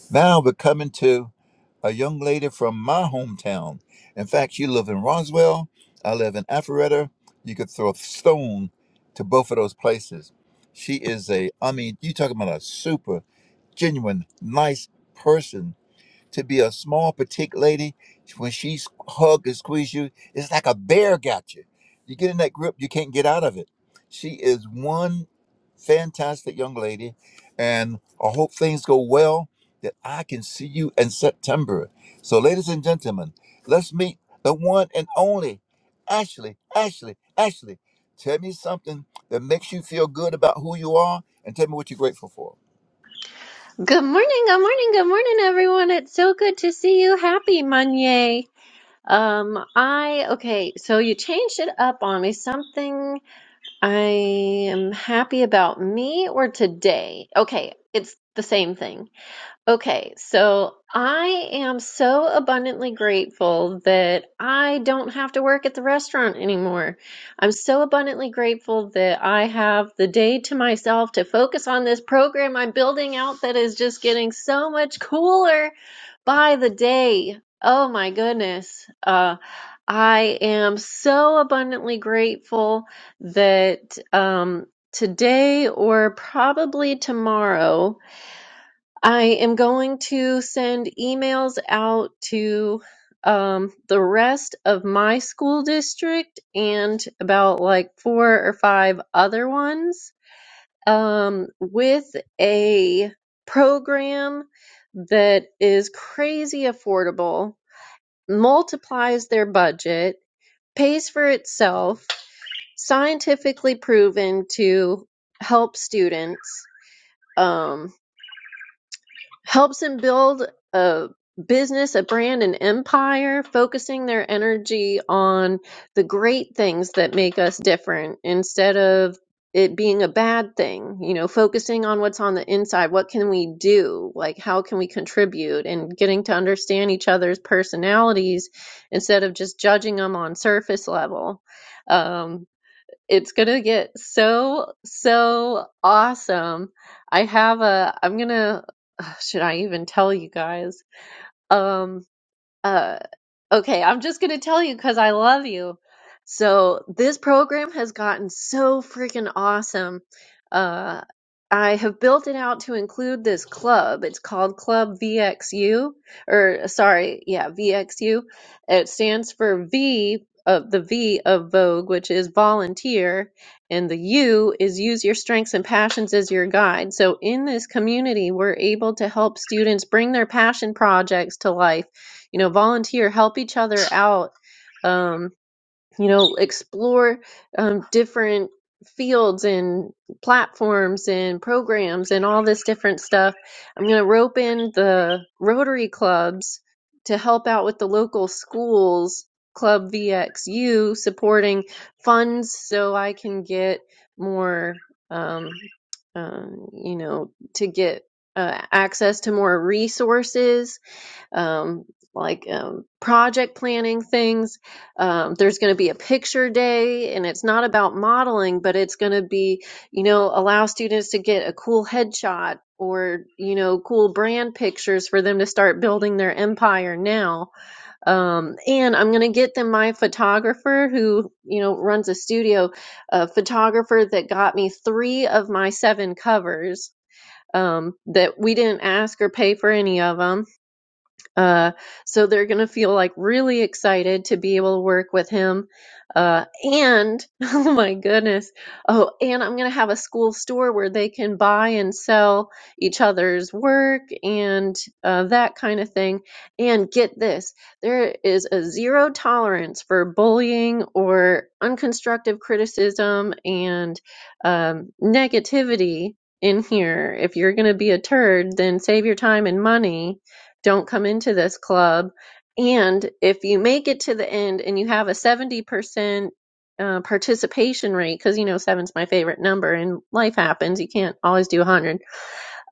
Speaker 31: Now we're coming to a young lady from my hometown. In fact, she lives in Roswell. I live in Alpharetta. You could throw a stone to both of those places. She is a, I mean, you talking about a super genuine, nice person to be a small, petite lady. When she s- hug and squeeze you, it's like a bear got you. You get in that grip, you can't get out of it. She is one fantastic young lady, and I hope things go well. That I can see you in September. So, ladies and gentlemen, let's meet the one and only Ashley. Ashley, Ashley, tell me something that makes you feel good about who you are, and tell me what you're grateful for.
Speaker 34: Good morning, good morning, good morning, everyone. It's so good to see you. Happy Monday. Um, I okay, so you changed it up on me. Something I am happy about me or today. Okay, it's the same thing. Okay, so I am so abundantly grateful that I don't have to work at the restaurant anymore. I'm so abundantly grateful that I have the day to myself to focus on this program I'm building out that is just getting so much cooler by the day. Oh my goodness. Uh, I am so abundantly grateful that um, today or probably tomorrow. I am going to send emails out to um, the rest of my school district and about like four or five other ones um, with a program that is crazy affordable, multiplies their budget, pays for itself, scientifically proven to help students. Um, helps them build a business, a brand, an empire, focusing their energy on the great things that make us different instead of it being a bad thing, you know, focusing on what's on the inside. What can we do? Like, how can we contribute and getting to understand each other's personalities instead of just judging them on surface level? Um, it's gonna get so, so awesome. I have a, I'm gonna, should I even tell you guys? Um, uh, okay, I'm just gonna tell you because I love you. So this program has gotten so freaking awesome. Uh, I have built it out to include this club. It's called Club VXU, or sorry, yeah, VXU. It stands for V of the V of Vogue, which is volunteer, and the U is use your strengths and passions as your guide. So in this community, we're able to help students bring their passion projects to life you know volunteer help each other out um, you know explore um, different fields and platforms and programs and all this different stuff i'm going to rope in the rotary clubs to help out with the local schools club vxu supporting funds so i can get more um, um, you know to get uh, access to more resources um, like um, project planning things. Um, there's going to be a picture day, and it's not about modeling, but it's going to be, you know, allow students to get a cool headshot or, you know, cool brand pictures for them to start building their empire now. Um, and I'm going to get them my photographer who, you know, runs a studio, a photographer that got me three of my seven covers. Um, that we didn't ask or pay for any of them uh, so they're going to feel like really excited to be able to work with him. Uh, and oh my goodness. Oh, and I'm going to have a school store where they can buy and sell each other's work and uh, that kind of thing. And get this there is a zero tolerance for bullying or unconstructive criticism and um, negativity in here. If you're going to be a turd, then save your time and money don't come into this club. And if you make it to the end and you have a 70% uh, participation rate, because you know, seven's my favorite number and life happens, you can't always do 100.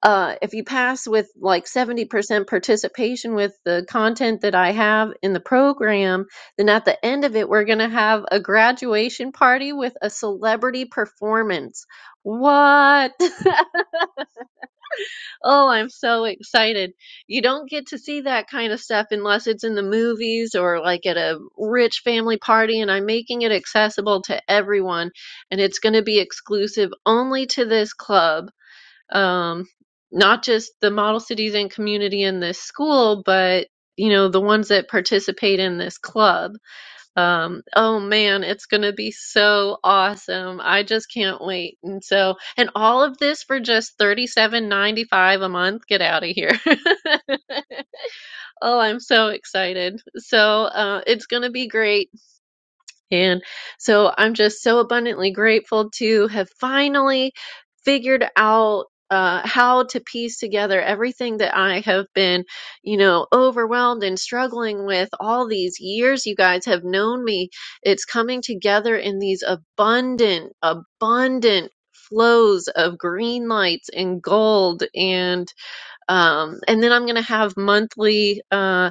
Speaker 34: Uh, if you pass with like 70% participation with the content that I have in the program, then at the end of it, we're going to have a graduation party with a celebrity performance. What? Oh, I'm so excited. You don't get to see that kind of stuff unless it's in the movies or like at a rich family party, and I'm making it accessible to everyone, and it's going to be exclusive only to this club. Um, not just the Model Cities and Community in this school, but you know, the ones that participate in this club. Um, oh man, it's going to be so awesome. I just can't wait. And so, and all of this for just thirty-seven ninety-five a month. Get out of here. oh, I'm so excited. So, uh, it's going to be great. And so I'm just so abundantly grateful to have finally figured out uh, how to piece together everything that I have been, you know, overwhelmed and struggling with all these years. You guys have known me. It's coming together in these abundant, abundant flows of green lights and gold and um and then i'm going to have monthly uh,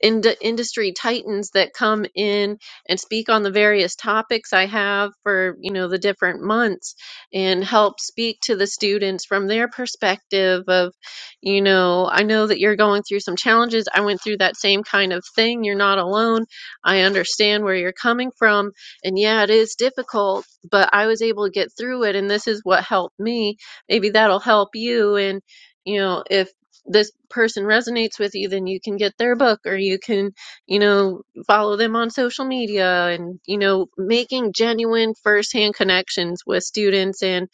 Speaker 34: ind- industry titans that come in and speak on the various topics I have for you know the different months and help speak to the students from their perspective of you know I know that you're going through some challenges I went through that same kind of thing you're not alone I understand where you're coming from and yeah it is difficult but I was able to get through it and this is what helped me maybe that'll help you and you know if this person resonates with you, then you can get their book or you can, you know, follow them on social media and, you know, making genuine firsthand connections with students and,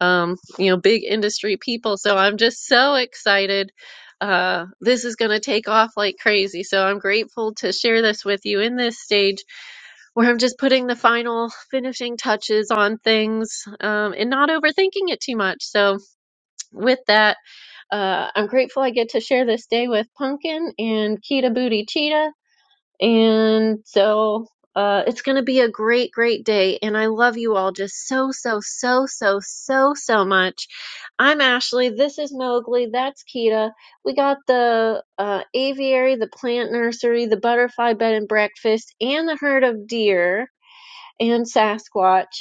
Speaker 34: um, you know, big industry people. So I'm just so excited. Uh, this is going to take off like crazy. So I'm grateful to share this with you in this stage where I'm just putting the final finishing touches on things um, and not overthinking it too much. So, with that, uh, I'm grateful I get to share this day with Pumpkin and Kita Booty Cheetah. And so uh, it's going to be a great, great day. And I love you all just so, so, so, so, so, so much. I'm Ashley. This is Mowgli. That's Kita. We got the uh, aviary, the plant nursery, the butterfly bed and breakfast, and the herd of deer and Sasquatch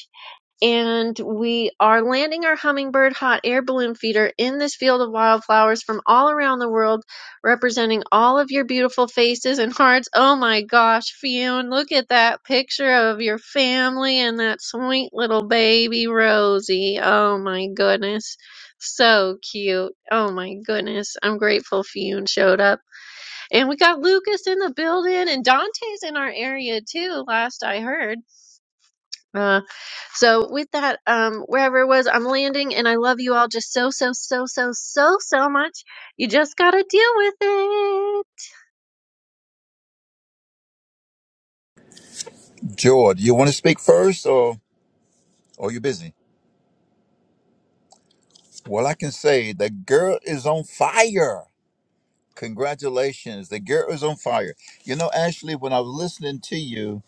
Speaker 34: and we are landing our hummingbird hot air balloon feeder in this field of wildflowers from all around the world, representing all of your beautiful faces and hearts. Oh my gosh, Fionn, look at that picture of your family and that sweet little baby Rosie. Oh my goodness. So cute. Oh my goodness. I'm grateful Fionn showed up. And we got Lucas in the building and Dante's in our area too, last I heard. Uh, so with that, um, wherever it was, I'm landing, and I love you all just so, so, so, so, so, so much. You just gotta deal with it.
Speaker 31: George, you want to speak first, or, or are you busy? Well, I can say the girl is on fire. Congratulations. The girl is on fire. You know, Ashley, when I was listening to you,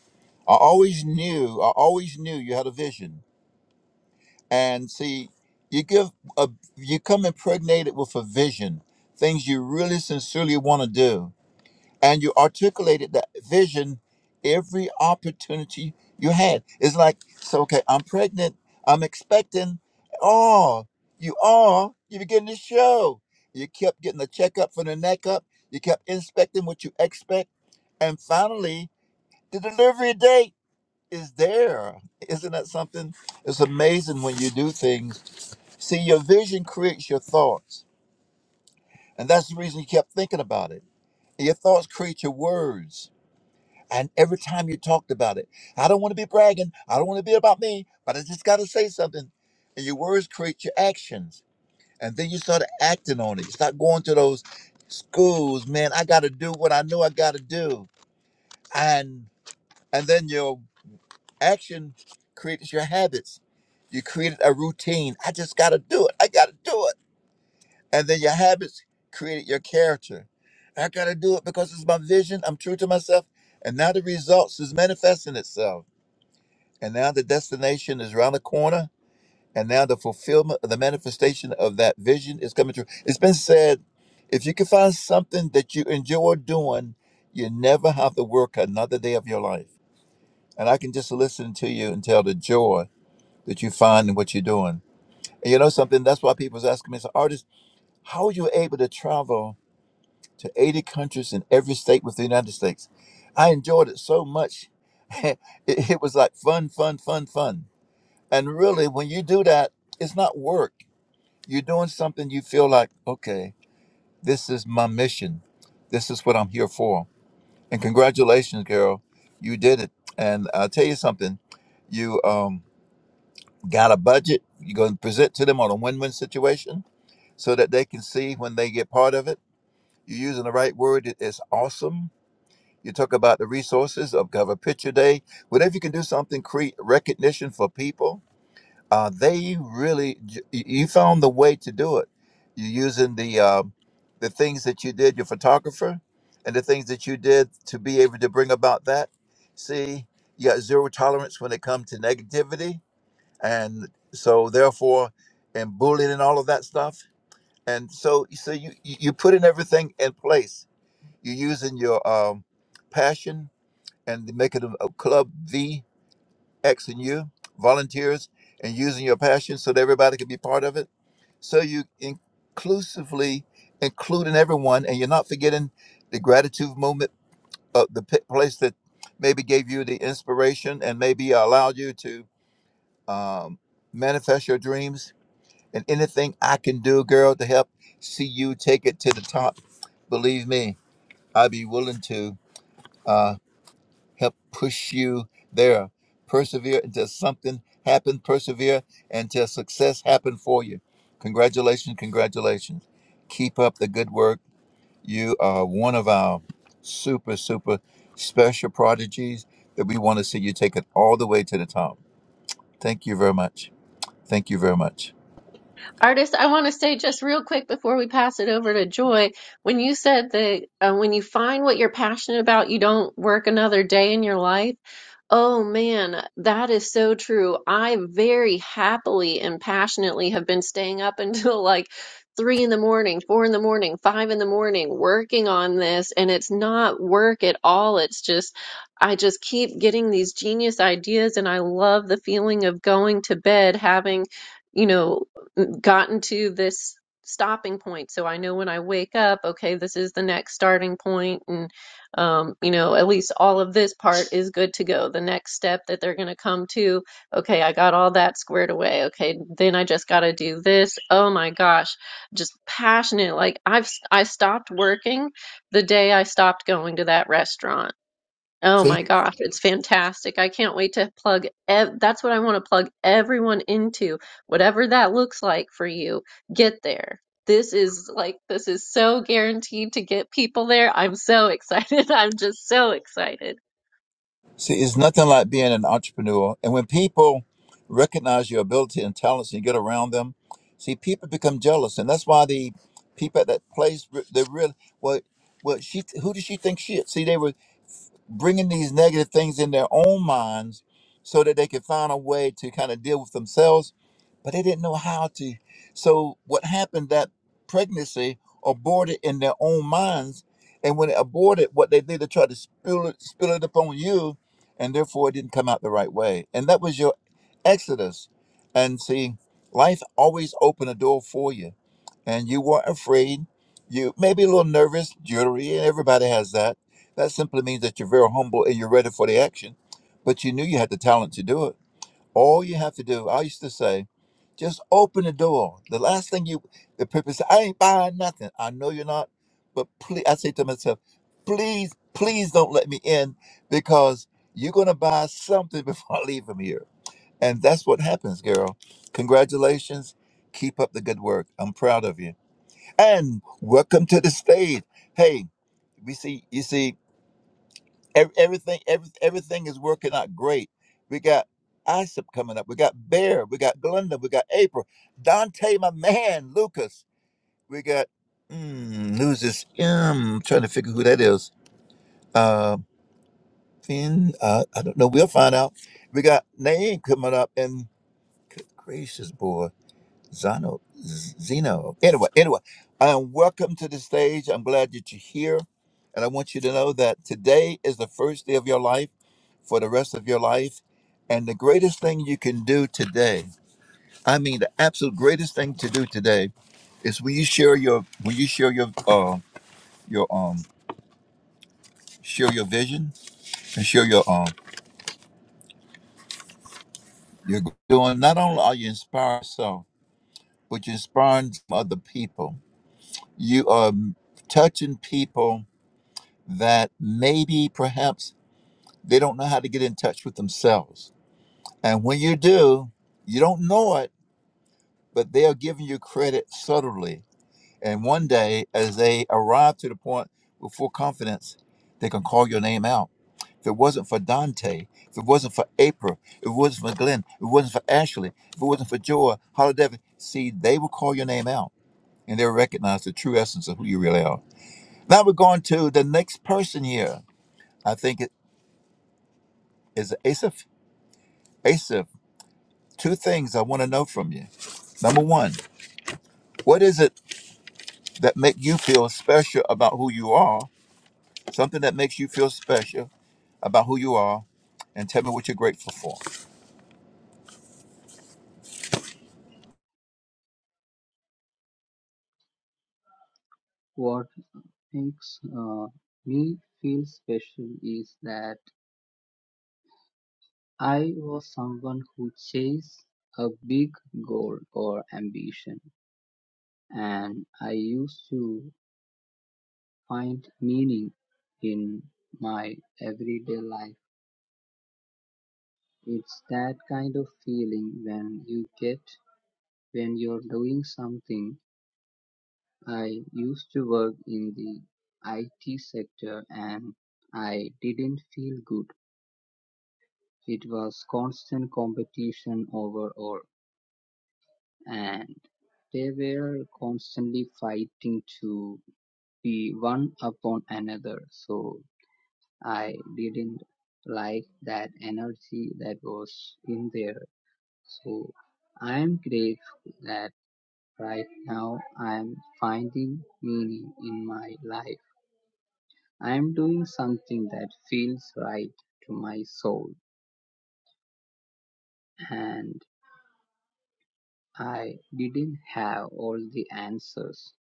Speaker 31: I always knew, I always knew you had a vision. And see, you give a you come impregnated with a vision, things you really sincerely want to do and you articulated that vision every opportunity you had. It's like, so okay, I'm pregnant, I'm expecting. Oh, you are, you begin to show. You kept getting the checkup for the neck up, you kept inspecting what you expect, and finally the delivery date is there. Isn't that something? It's amazing when you do things. See, your vision creates your thoughts. And that's the reason you kept thinking about it. Your thoughts create your words And every time you talked about it, I don't want to be bragging. I don't want to be about me, but I just got to say something. And your words create your actions. And then you start acting on it. You start going to those schools, man. I got to do what I know I got to do. And and then your action creates your habits. You created a routine. I just got to do it. I got to do it. And then your habits created your character. I got to do it because it's my vision. I'm true to myself. And now the results is manifesting itself And now the destination is around the corner. And now the fulfillment of the manifestation of that vision is coming true. It's been said if you can find something that you enjoy doing, you never have to work another day of your life. And I can just listen to you and tell the joy that you find in what you're doing. And you know something? That's why people's asking me, as an artist, how are you able to travel to 80 countries in every state with the United States? I enjoyed it so much. it, it was like fun, fun, fun, fun and really, when you do that, it's not work. You're doing something you feel like, okay, this is my mission. This is what I'm here for. And congratulations, girl. You did it. And I'll tell you something. You um, got a budget. You're going to present to them on a win-win situation so that they can see when they get part of it. You're using the right word. It is awesome. You talk about the resources of Cover Picture Day. Whatever you can do something, create recognition for people uh, they really j- y- you found the way to do it. You're using the uh, the things that you did, your photographer, and the things that you did to be able to bring about that. See, you got zero tolerance when it comes to negativity, and so therefore, and bullying and all of that stuff. And so, so you you you putting everything in place. You're using your um, passion and making a a club V X and you, volunteers, and using your passion so that everybody can be part of it. So you inclusively including everyone, and you're not forgetting the gratitude moment of the p- place that maybe gave you the inspiration and maybe allowed you to um, manifest your dreams. And anything I can do, girl, to help see you take it to the top, believe me, I'd be willing to. Uh, help push you there. Persevere until something happens, persevere until success happens for you. Congratulations, congratulations. Keep up the good work. You are one of our super, super special prodigies that we want to see you take it all the way to the top. Thank you very much. Thank you very much.
Speaker 34: Artist, I want to say just real quick before we pass it over to Joy, when you said that uh, when you find what you're passionate about, you don't work another day in your life. Oh man, that is so true. I very happily and passionately have been staying up until like three in the morning, four in the morning, five in the morning, working on this. And it's not work at all. It's just, I just keep getting these genius ideas. And I love the feeling of going to bed, having you know gotten to this stopping point so i know when i wake up okay this is the next starting point and um, you know at least all of this part is good to go the next step that they're going to come to okay i got all that squared away okay then i just got to do this oh my gosh just passionate like i've i stopped working the day i stopped going to that restaurant Oh
Speaker 31: See?
Speaker 34: my gosh, it's fantastic. I can't wait to plug ev that's what I want to plug everyone into. Whatever that looks like for you, get there. This is like this is so guaranteed to get people there. I'm so excited. I'm just so excited.
Speaker 31: See, it's nothing like being an entrepreneur. And when people recognize your ability and talents and you get around them, see, people become jealous. And that's why the people at that place, re- they really, well, well, she, who does she think she is? See, they were bringing these negative things in their own minds so that they could find a way to kind of deal with themselves, but they didn't know how to. So what happened that pregnancy aborted in their own minds, and when it aborted, what they did they tried to spill it, spill it upon you, and therefore it didn't come out the right way. And that was your exodus. And see, life always opened a door for you, and you weren't afraid. You may be a little nervous, jittery, and everybody has that that simply means that you're very humble and you're ready for the action, but you knew you had the talent to do it. All you have to do, I used to say, just open the door. The last thing you, the people say, I ain't buying nothing. I know you're not, but please, I say to myself, please, please don't let me in because you're going to buy something before I leave from here. And that's what happens, girl. Congratulations. Keep up the good work. I'm proud of you. And welcome to the stage. Hey, we see, you see, Ev- everything every, everything is working out great we got Isop coming up we got bear we got glenda we got april dante my man lucas we got mm, who's this mm, I'm trying to figure who that is uh, Finn, uh i don't know we'll find out we got naeem coming up and good gracious boy Zano, Z- Zeno. Anyway, anyway, um, welcome to the stage. I'm glad that you're here. And I want you to know that today is the first day of your life for the rest of your life. And the greatest thing you can do today, I mean, the absolute greatest thing to do today is when you share your, when you share your, uh, your, um, share your vision and share your, um, you're doing, not only are you inspiring yourself, but you're inspiring other people. You are touching people that maybe perhaps they don't know how to get in touch with themselves. And when you do, you don't know it, but they are giving you credit subtly. And one day, as they arrive to the point with full confidence, they can call your name out. If it wasn't for Dante, if it wasn't for April, if it wasn't for Glenn, if it wasn't for Ashley, if it wasn't for Joy, Holiday, see, they will call your name out and they'll recognize the true essence of who you really are. Now we're going to the next person here. I think it is Asaph. Asa, two things I want to know from you. Number one, what is it that make you feel special about who you are? Something that makes you feel special about who you are, and tell me what you're grateful for.
Speaker 35: What makes uh, me feel special is that I was someone who chased a big goal or ambition, and I used to find meaning in my everyday life. It's that kind of feeling when you get when you're doing something. I used to work in the IT sector and I didn't feel good It was constant competition overall, and they were constantly fighting to be one upon another. So I didn't like that energy that was in there. So I'm grateful that right now I'm finding meaning in my life. I'm doing something that feels right to my soul. And I didn't have all the answers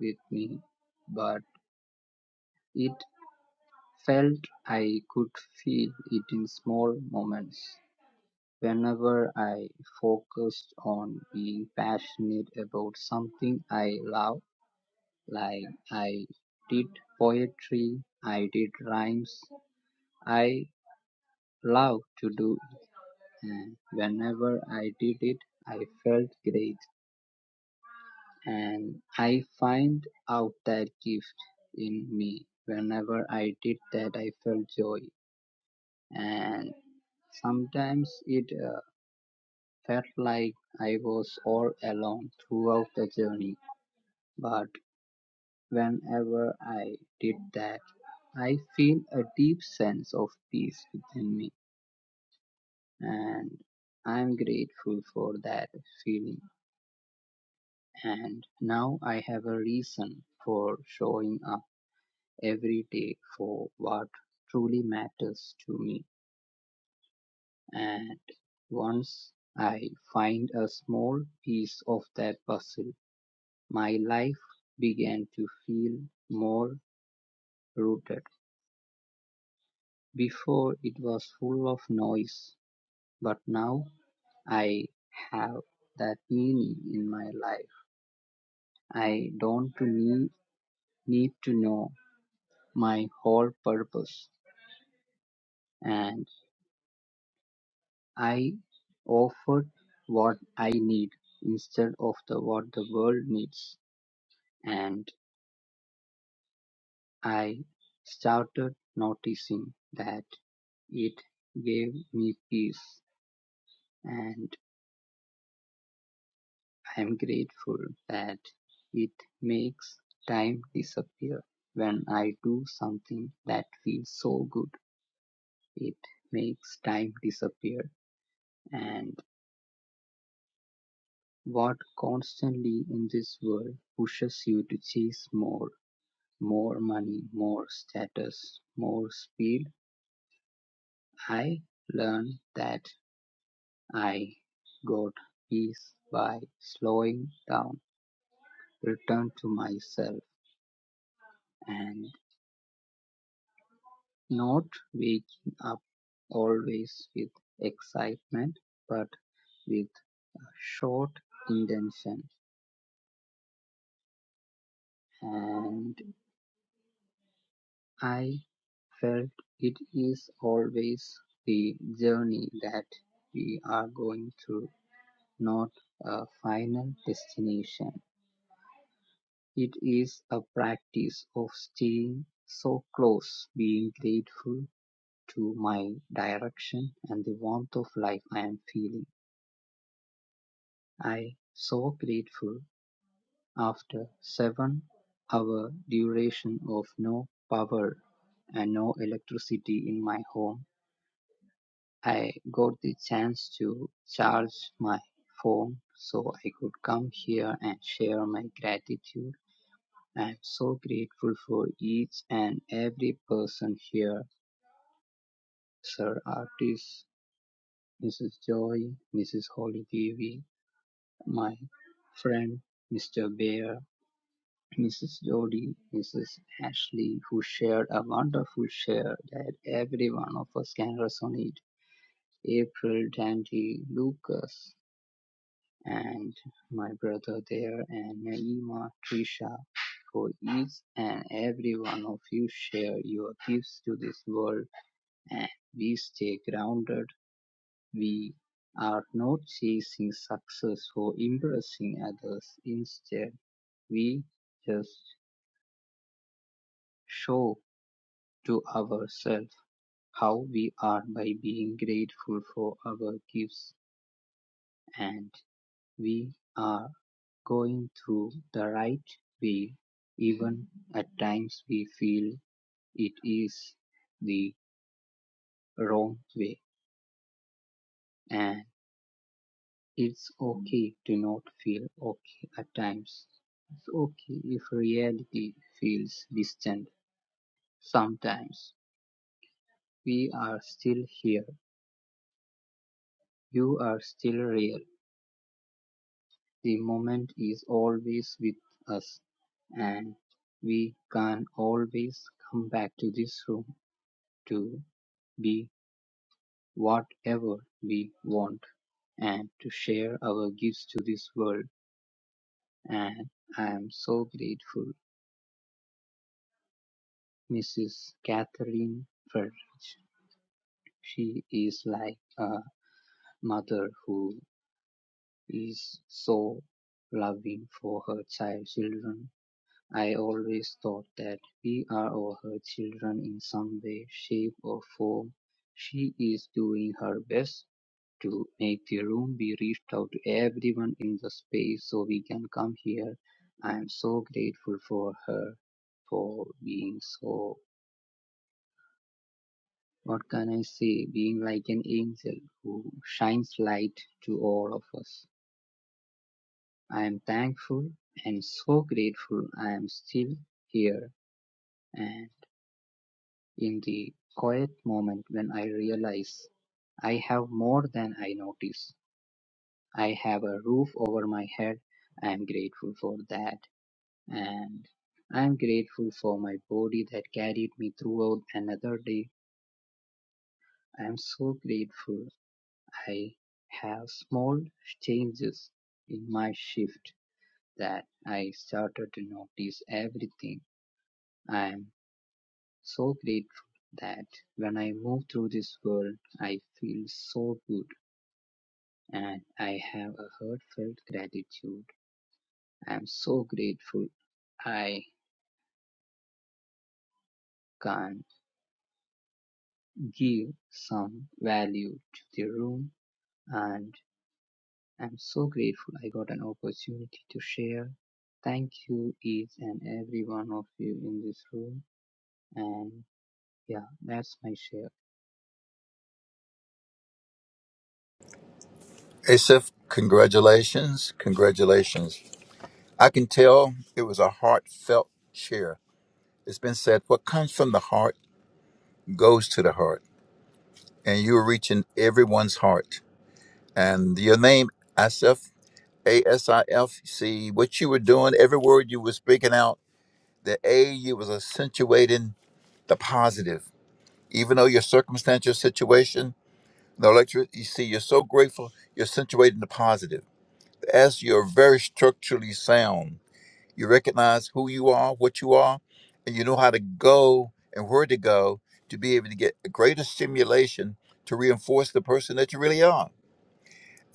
Speaker 35: with me, but it felt I could feel it in small moments. Whenever I focused on being passionate about something I love, like I did poetry, I did rhymes, I loved to do it, and whenever I did it, I felt great. And I find out that gift in me. Whenever I did that, I felt joy. And sometimes it uh, felt like I was all alone throughout the journey. But whenever I did that, I feel a deep sense of peace within me. And I'm grateful for that feeling. And now I have a reason for showing up. every day for what truly matters to me. And once I find a small piece of that puzzle, my life began to feel more rooted. Before it was full of noise, but now I have that meaning in my life. I don't need, need to know my whole purpose, and. I offered what I need instead of the what the world needs, and I started noticing that it gave me peace, and I am grateful that it makes time disappear. When I do something that feels so good, it makes time disappear. And what constantly in this world pushes you to chase more More money, more status, more speed. I learned that I got peace by slowing down, return to myself, and not waking up always with excitement, but with short intention. And I felt it is always the journey that we are going through not a final destination, it is a practice of staying so close, being grateful to my direction and the warmth of life I am feeling. I so grateful after seven hour duration of no power and no electricity in my home. I got the chance to charge my phone so I could come here and share my gratitude I am so grateful for each and every person here, Sir Artist, Mrs. Joy, Mrs. Holly Devi, my friend, Mr. Bear, Mrs. Jody, Mrs. Ashley, who shared a wonderful share that every one of us can resonate. April, Dandy, Lucas, and my brother there and Naima, Trisha, for each and every one of you share your gifts to this world and we stay grounded. We are not chasing success or impressing others. Instead, we just show to ourselves how we are by being grateful for our gifts and we are Going through the right way, even at times we feel it is the wrong way, and it's okay to not feel okay at times. It's okay if reality feels distant. Sometimes we are still here, you are still real. The moment is always with us, and we can always come back to this room to be whatever we want and to share our gifts to this world and I am so grateful Mrs. Catherine Frederick. She is like a mother who is so loving for her child children. I always thought that we are all her children in some way, shape or form. She is doing her best to make the room be reached out to everyone in the space so we can come here. I am so grateful for her for being so, what can I say, being like an angel who shines light to all of us. I am thankful and so grateful I am still here and in the quiet moment when I realize I have more than I notice. I have a roof over my head. I am grateful for that. and I am grateful for my body that carried me throughout another day. I am so grateful I have small changes in my shift that I started to notice everything. I am so grateful that when I move through this world, I feel so good and I have a heartfelt gratitude. I am so grateful I can give some value to the room and I'm so grateful I got an opportunity to share. Thank you, each and every one of you in this room. And yeah, that's my share.
Speaker 31: Asif, congratulations, congratulations. I can tell it was a heartfelt cheer. It's been said, what comes from the heart goes to the heart, and you're reaching everyone's heart. And your name, Asif, A S I F. See what you were doing, every word you were speaking out The A, you was accentuating the positive. Even though your circumstance, your situation, the electric, you see, you're so grateful, you're accentuating the positive. The S, you're very structurally sound. You recognize who you are, what you are, and you know how to go and where to go to be able to get a greater stimulation to reinforce the person that you really are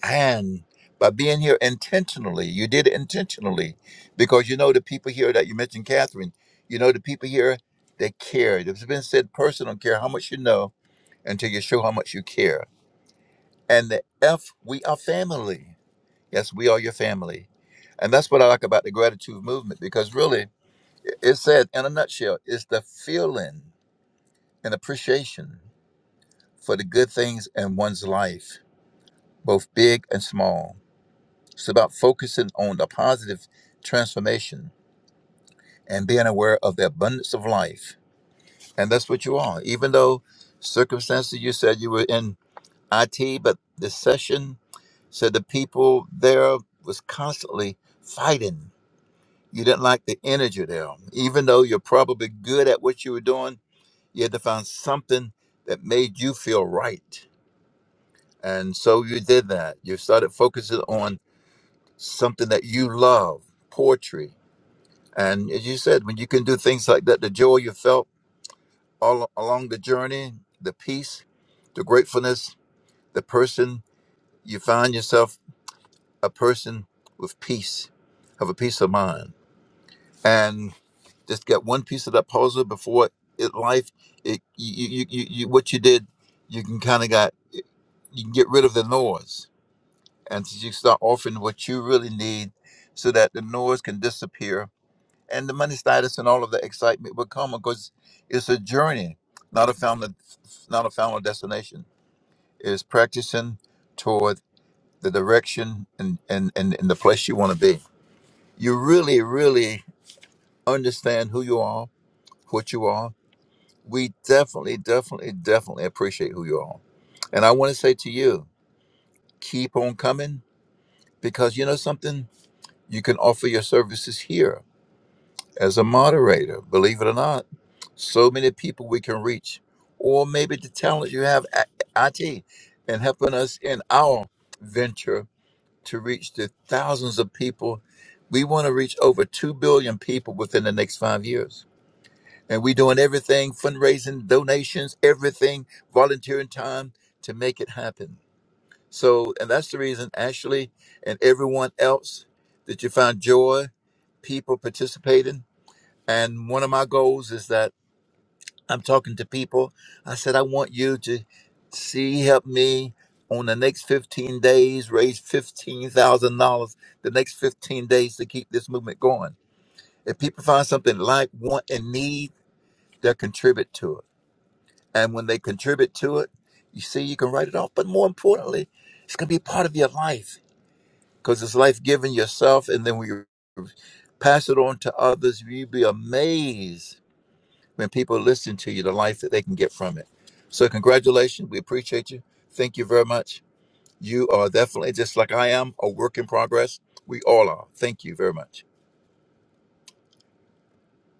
Speaker 31: and by being here intentionally, you did it intentionally because you know the people here that you mentioned, Catherine, you know the people here, they care. It's been said, person don't care how much you know until you show how much you care. And the F, we are family. Yes, we are your family. And that's what I like about the gratitude movement because really, it it said in a nutshell, it's the feeling and appreciation for the good things in one's life, both big and small It's about focusing on the positive transformation and being aware of the abundance of life. And that's what you are. Even though circumstances, you said you were in IT, but the session said the people there was constantly fighting. You didn't like the energy there. Even though you're probably good at what you were doing, you had to find something that made you feel right. And so you did that. You started focusing on something that you love poetry, And as you said, when you can do things like that, the joy you felt all along the journey, the peace, the gratefulness, the person, you find yourself a person with peace, have a peace of mind. And just get one piece of that puzzle before it life, it you you, you, you what you did, you can kind of got you can get rid of the noise. And you start offering what you really need so that the noise can disappear and the money status and all of the excitement will come because it's a journey, not a final, not a final destination. It's practicing toward the direction and, and, and, and the place you want to be. You really, really understand who you are, what you are. We definitely, definitely, definitely appreciate who you are. And I want to say to you, keep on coming because you know something? You can offer your services here as a moderator, believe it or not. So many people we can reach, or maybe the talent you have at IT and helping us in our venture to reach the thousands of people. We want to reach over 2 billion people within the next five years. And we're doing everything fundraising, donations, everything, volunteering time to make it happen. So, and that's the reason, Ashley and everyone else, that you found joy, people participating. And one of my goals is that I'm talking to people. I said, I want you to see, help me on the next 15 days, raise $15,000 the next 15 days to keep this movement going. If people find something they like, want, and need, they'll contribute to it. And when they contribute to it, you see, you can write it off. But more importantly, it's going to be part of your life because it's life giving yourself. And then when you pass it on to others, you'll be amazed when people listen to you, the life that they can get from it. So, congratulations. We appreciate you. Thank you very much. You are definitely, just like I am, a work in progress. We all are. Thank you very much.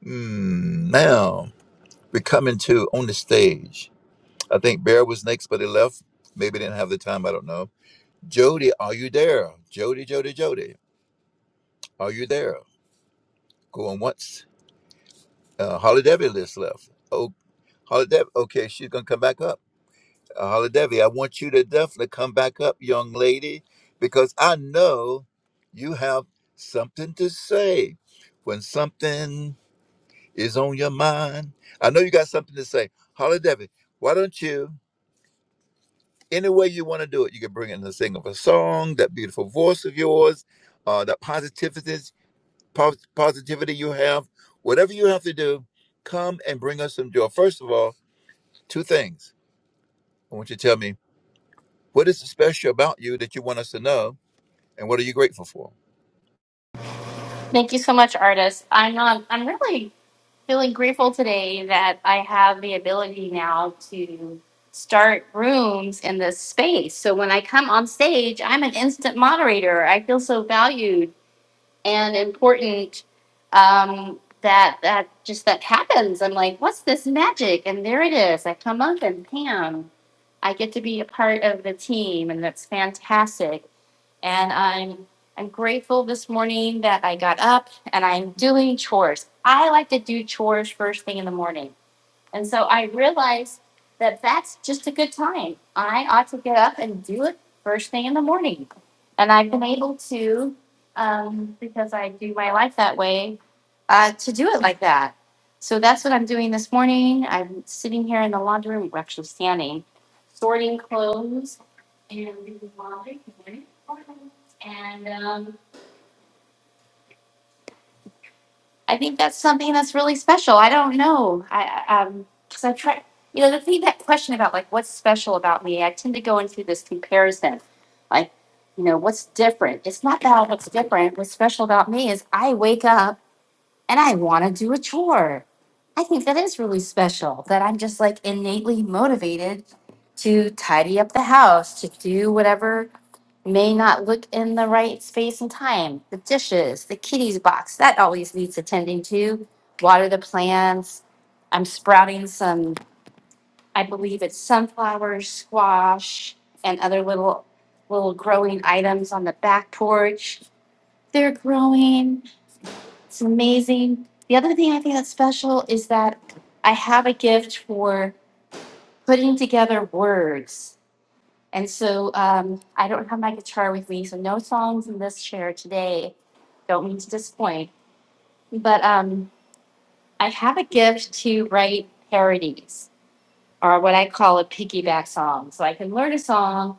Speaker 31: Mm, now, we're coming to on the stage. I think Bear was next, but he left. Maybe didn't have the time. I don't know. Jody, are you there? Jody, Jody, Jody, are you there? Going once. Uh, Holly Debbie list left. Oh, Holly Debbie. Okay, she's going to come back up. uh, Holly Devi, I want you to definitely come back up, young lady, because I know you have something to say. When something is on your mind, I know you got something to say. Holly Devi, why don't you, any way you want to do it, you can bring in the sing of a song, that beautiful voice of yours, uh, that positivity, pos- positivity you have, whatever you have to do, come and bring us some joy. First of all, two things. I want you to tell me what is special about you that you want us to know And what are you grateful for?
Speaker 36: Thank you so much, artist. I'm um, I'm really feeling grateful today that I have the ability now to start rooms in this space. So when I come on stage, I'm an instant moderator. I feel so valued and important um, that that just that happens. I'm like, what's this magic? And there it is. I come up and bam, I get to be a part of the team, and that's fantastic. And I'm I'm grateful this morning that I got up and I'm doing chores. I like to do chores first thing in the morning. And so I realized that that's just a good time. I ought to get up and do it first thing in the morning. And I've been able to, um, because I do my life that way, uh, to do it like that. So that's what I'm doing this morning. I'm sitting here in the laundry room, we're actually standing, sorting clothes and doing laundry. And um, I think that's something that's really special. I don't know. I I- um because I try you know the thing that question about like what's special about me. I tend to go into this comparison, like you know what's different. It's not about what's different. What's special about me is I wake up and I want to do a chore. I think that is really special. That I'm just like innately motivated to tidy up the house, to do whatever may not look in the right space and time. The dishes, the kitty's box, that always needs attending to. Water the plants. I'm sprouting some, I believe it's sunflower, squash, and other little little growing items on the back porch. They're growing. It's amazing. The other thing I think that's special is that I have a gift for putting together words and so um, I don't have my guitar with me, so no songs in this chair today. Don't mean to disappoint. But um, I have a gift to write parodies, or what I call a piggyback song. So I can learn a song,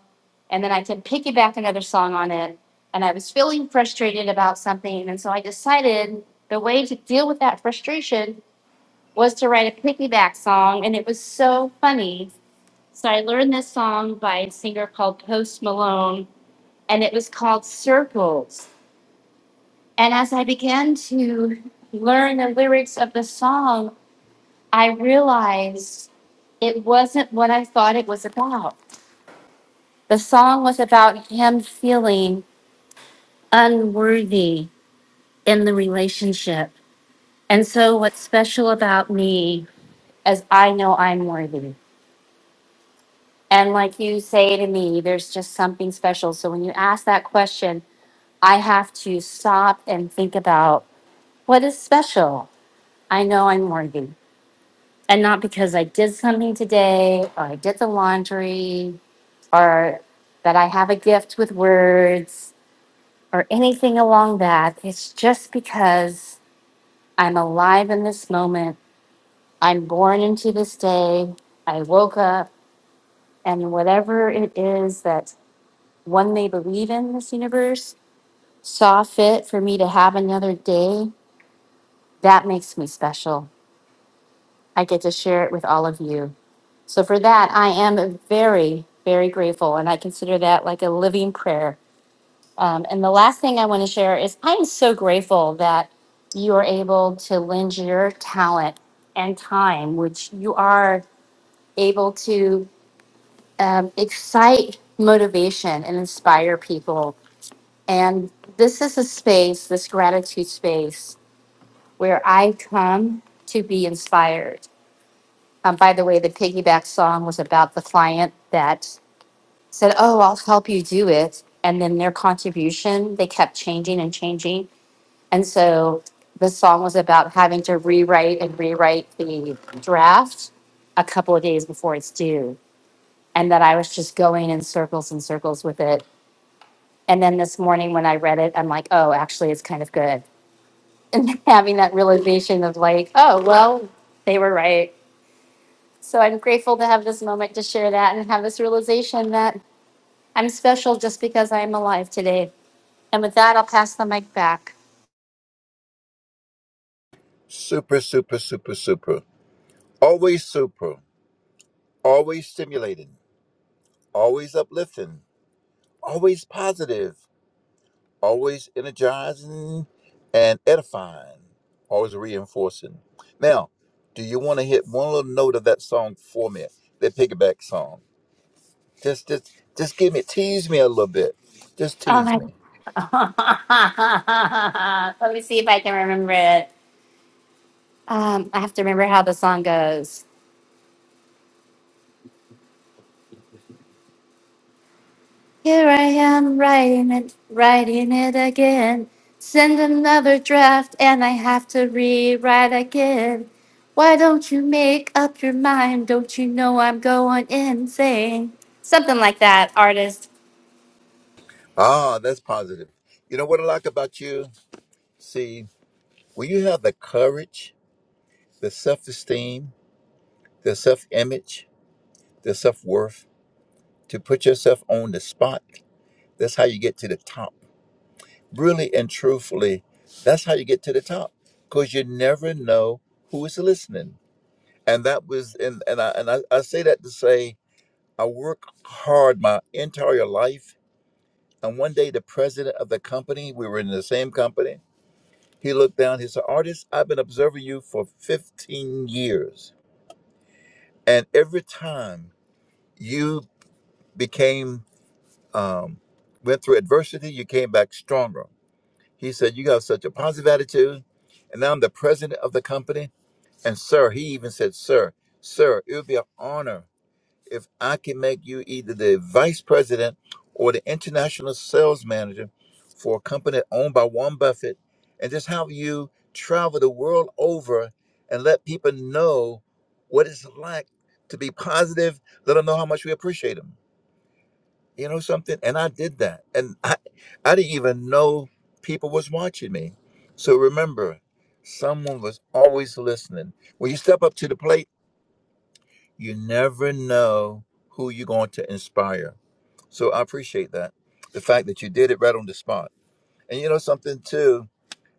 Speaker 36: and then I can piggyback another song on it. And I was feeling frustrated about something, and so I decided the way to deal with that frustration was to write a piggyback song, and it was so funny. So I learned this song by a singer called Post Malone and it was called Circles. And as I began to learn the lyrics of the song, I realized it wasn't what I thought it was about. The song was about him feeling unworthy in the relationship. And so, what's special about me is I know I'm worthy. And like you say to me, there's just something special. So, when you ask that question, I have to stop and think about what is special I know I'm worthy. And not because I did something today or I did the laundry or that I have a gift with words or anything along that. It's just because I'm alive in this moment. I'm born into this day. I woke up and whatever it is that one may believe in this universe saw fit for me to have another day, that makes me special. I get to share it with all of you. So for that, I am very, very grateful, and I consider that like a living prayer. Um, and the last thing I want to share is I am so grateful that you are able to lend your talent and time, which you are able to um, excite motivation and inspire people. And this is a space, this gratitude space, where I come to be inspired Um, by the way, the piggyback song was about the client that said, Oh, I'll help you do it. And then their contribution, they kept changing and changing. And so the song was about having to rewrite and rewrite the draft a couple of days before it's due. And that I was just going in circles and circles with it. And then this morning when I read it, I'm like, Oh, actually, it's kind of good. And having that realization of like, Oh, well, they were right So I'm grateful to have this moment to share that and have this realization that I'm special just because I'm alive today. And with that, I'll pass the mic back.
Speaker 31: Super, super, super, super. Always super. Always stimulated. Always uplifting. Always positive. Always energizing and edifying. Always reinforcing. Now, do you want to hit one little note of that song for me? That piggyback song. Just, just, just give me, tease me a little bit. Just
Speaker 36: Oh
Speaker 31: tease
Speaker 36: my!
Speaker 31: me.
Speaker 36: Let me see if I can remember it. Um, I have to remember how the song goes. Here I am writing it, writing it again. Send another draft and I have to rewrite again. Why don't you make up your mind? Don't you know I'm going insane? Something like that, artist.
Speaker 31: Ah, that's positive. You know what I like about you? See, when you have the courage, the self-esteem, their self image, their self worth, to put yourself on the spot. That's how you get to the top. Really and truthfully, that's how you get to the top because you never know who is listening. And that was, and, and, I, and I, I say that to say, I work hard my entire life. And one day, the president of the company, we were in the same company, he looked down, he said, Artist, I've been observing you for 15 years. And every time you became um, went through adversity, you came back stronger. He said, You have such a positive attitude. And now I'm the president of the company. And, sir, he even said, Sir, sir, it would be an honor if I can make you either the vice president or the international sales manager for a company owned by Warren Buffett and just have you travel the world over and let people know what it's like to be positive, let them know how much we appreciate them. You know something? And I did that. And I, I didn't even know people was watching me. So remember, someone was always listening. When you step up to the plate, you never know who you're going to inspire. So I appreciate that. The fact that you did it right on the spot. And you know something too,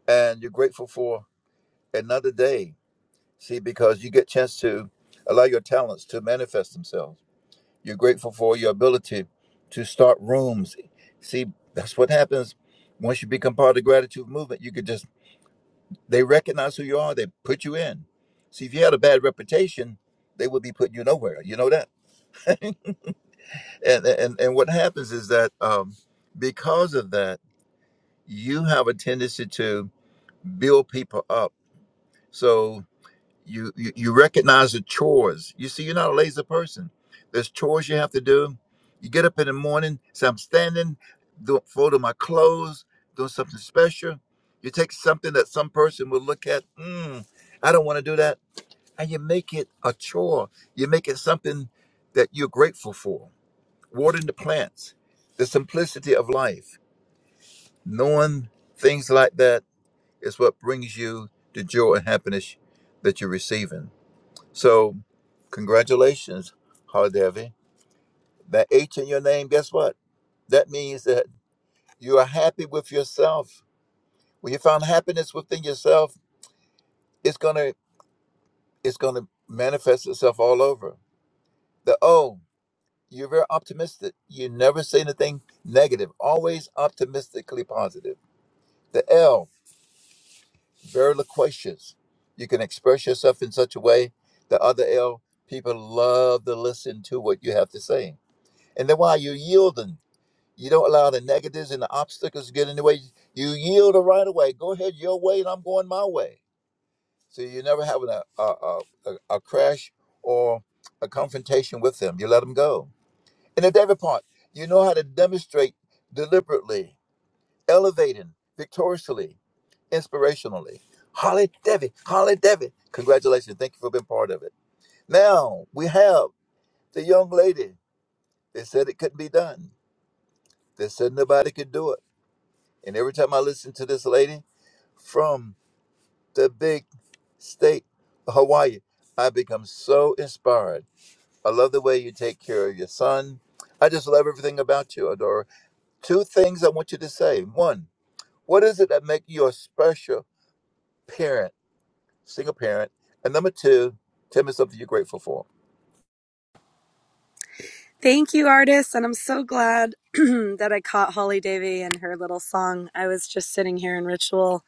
Speaker 31: and you're grateful for another day. See, because you get a chance to allow your talents to manifest themselves You're grateful for your ability to start rooms. See, that's what happens once you become part of the gratitude movement. You could just, they recognize who you are, they put you in. See, if you had a bad reputation, they would be putting you nowhere. You know that? And, and, and what happens is that um, because of that, you have a tendency to build people up. So You, you you recognize the chores. You see, you're not a lazy person. There's chores you have to do. You get up in the morning, say, I'm standing, do, folding my clothes, doing something special. You take something that some person will look at, mm, I don't want to do that. And you make it a chore. You make it something that you're grateful for. Watering the plants, the simplicity of life, knowing things like that is what brings you the joy and happiness that you're receiving. So, congratulations, Hardevi. That H in your name, guess what? That means that you are happy with yourself. When you found happiness within yourself, it's gonna it's gonna manifest itself all over. The O, you're very optimistic. You never say anything negative. Always optimistically positive. The L, very loquacious. You can express yourself in such a way. The other L, people love to listen to what you have to say. And then why you're yielding. You don't allow the negatives and the obstacles to get in the way. You yield the right of way. Go ahead your way, and I'm going my way. So you are never having a, a, a, a a crash or a confrontation with them. You let them go. And the David part, you know how to demonstrate deliberately, elevating, victoriously, inspirationally. Holly David, Holly David. Congratulations. Thank you for being part of it. Now we have the young lady that said it couldn't be done. That said nobody could do it. And every time I listen to this lady, from the big state of Hawaii. I become so inspired. I love the way you take care of your son. I just love everything about you, Adora. Two things I want you to say. One, what is it that makes you a special parent, single parent? And number two, tell me something you're grateful for.
Speaker 37: Thank you, artists. And I'm so glad that I caught Holly Davy and her little song. I was just sitting here in ritual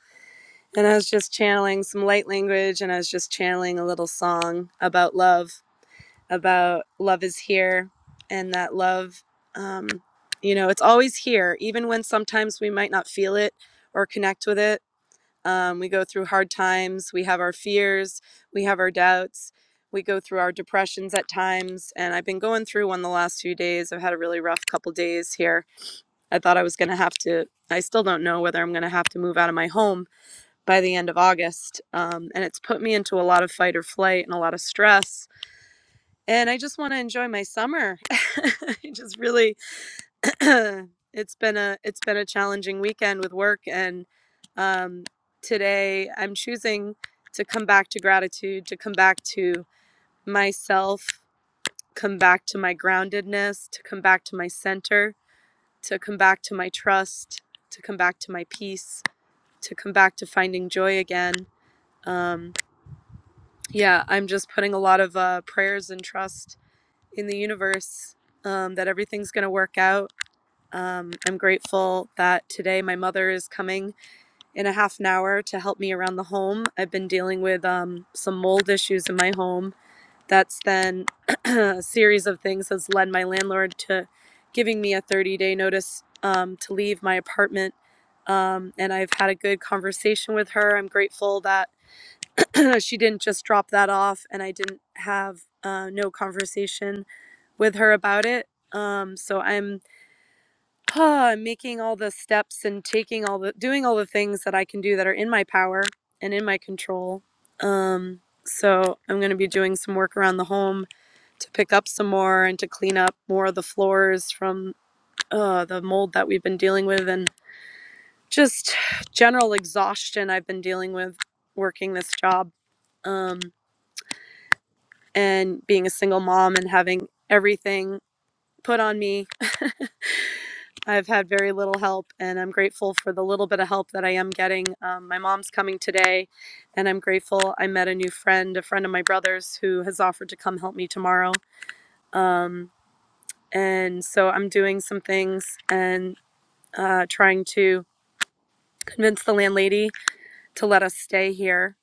Speaker 37: and I was just channeling some light language and I was just channeling a little song about love, about love is here and that love, um, you know, it's always here, even when sometimes we might not feel it or connect with it um, we go through hard times. We have our fears. We have our doubts. We go through our depressions at times. And I've been going through one the last few days. I've had a really rough couple days here. I thought I was going to have to, I still don't know whether I'm going to have to move out of my home by the end of August. Um, and it's put me into a lot of fight or flight and a lot of stress. And I just want to enjoy my summer. I just really it's been a it's been a challenging weekend with work and um, today i'm choosing to come back to gratitude to come back to myself come back to my groundedness to come back to my center to come back to my trust to come back to my peace to come back to finding joy again um, yeah i'm just putting a lot of uh, prayers and trust in the universe um, that everything's going to work out Um, I'm grateful that today my mother is coming in a half an hour to help me around the home. I've been dealing with um, some mold issues in my home. That's then a series of things has led my landlord to giving me a 30 day notice um, to leave my apartment. Um, and I've had a good conversation with her. I'm grateful that she didn't just drop that off and I didn't have uh, no conversation with her about it. Um, so I'm ah, making all the steps and taking all the doing all the things that I can do that are in my power and in my control. So I'm going to be doing some work around the home to pick up some more and to clean up more of the floors from uh, the mold that we've been dealing with and just general exhaustion I've been dealing with working this job um, and being a single mom and having everything put on me I've had very little help, and I'm grateful for the little bit of help that I am getting. Um, my mom's coming today, and I'm grateful. I met a new friend, a friend of my brother's, who has offered to come help me tomorrow. And so I'm doing some things and uh, trying to convince the landlady to let us stay here.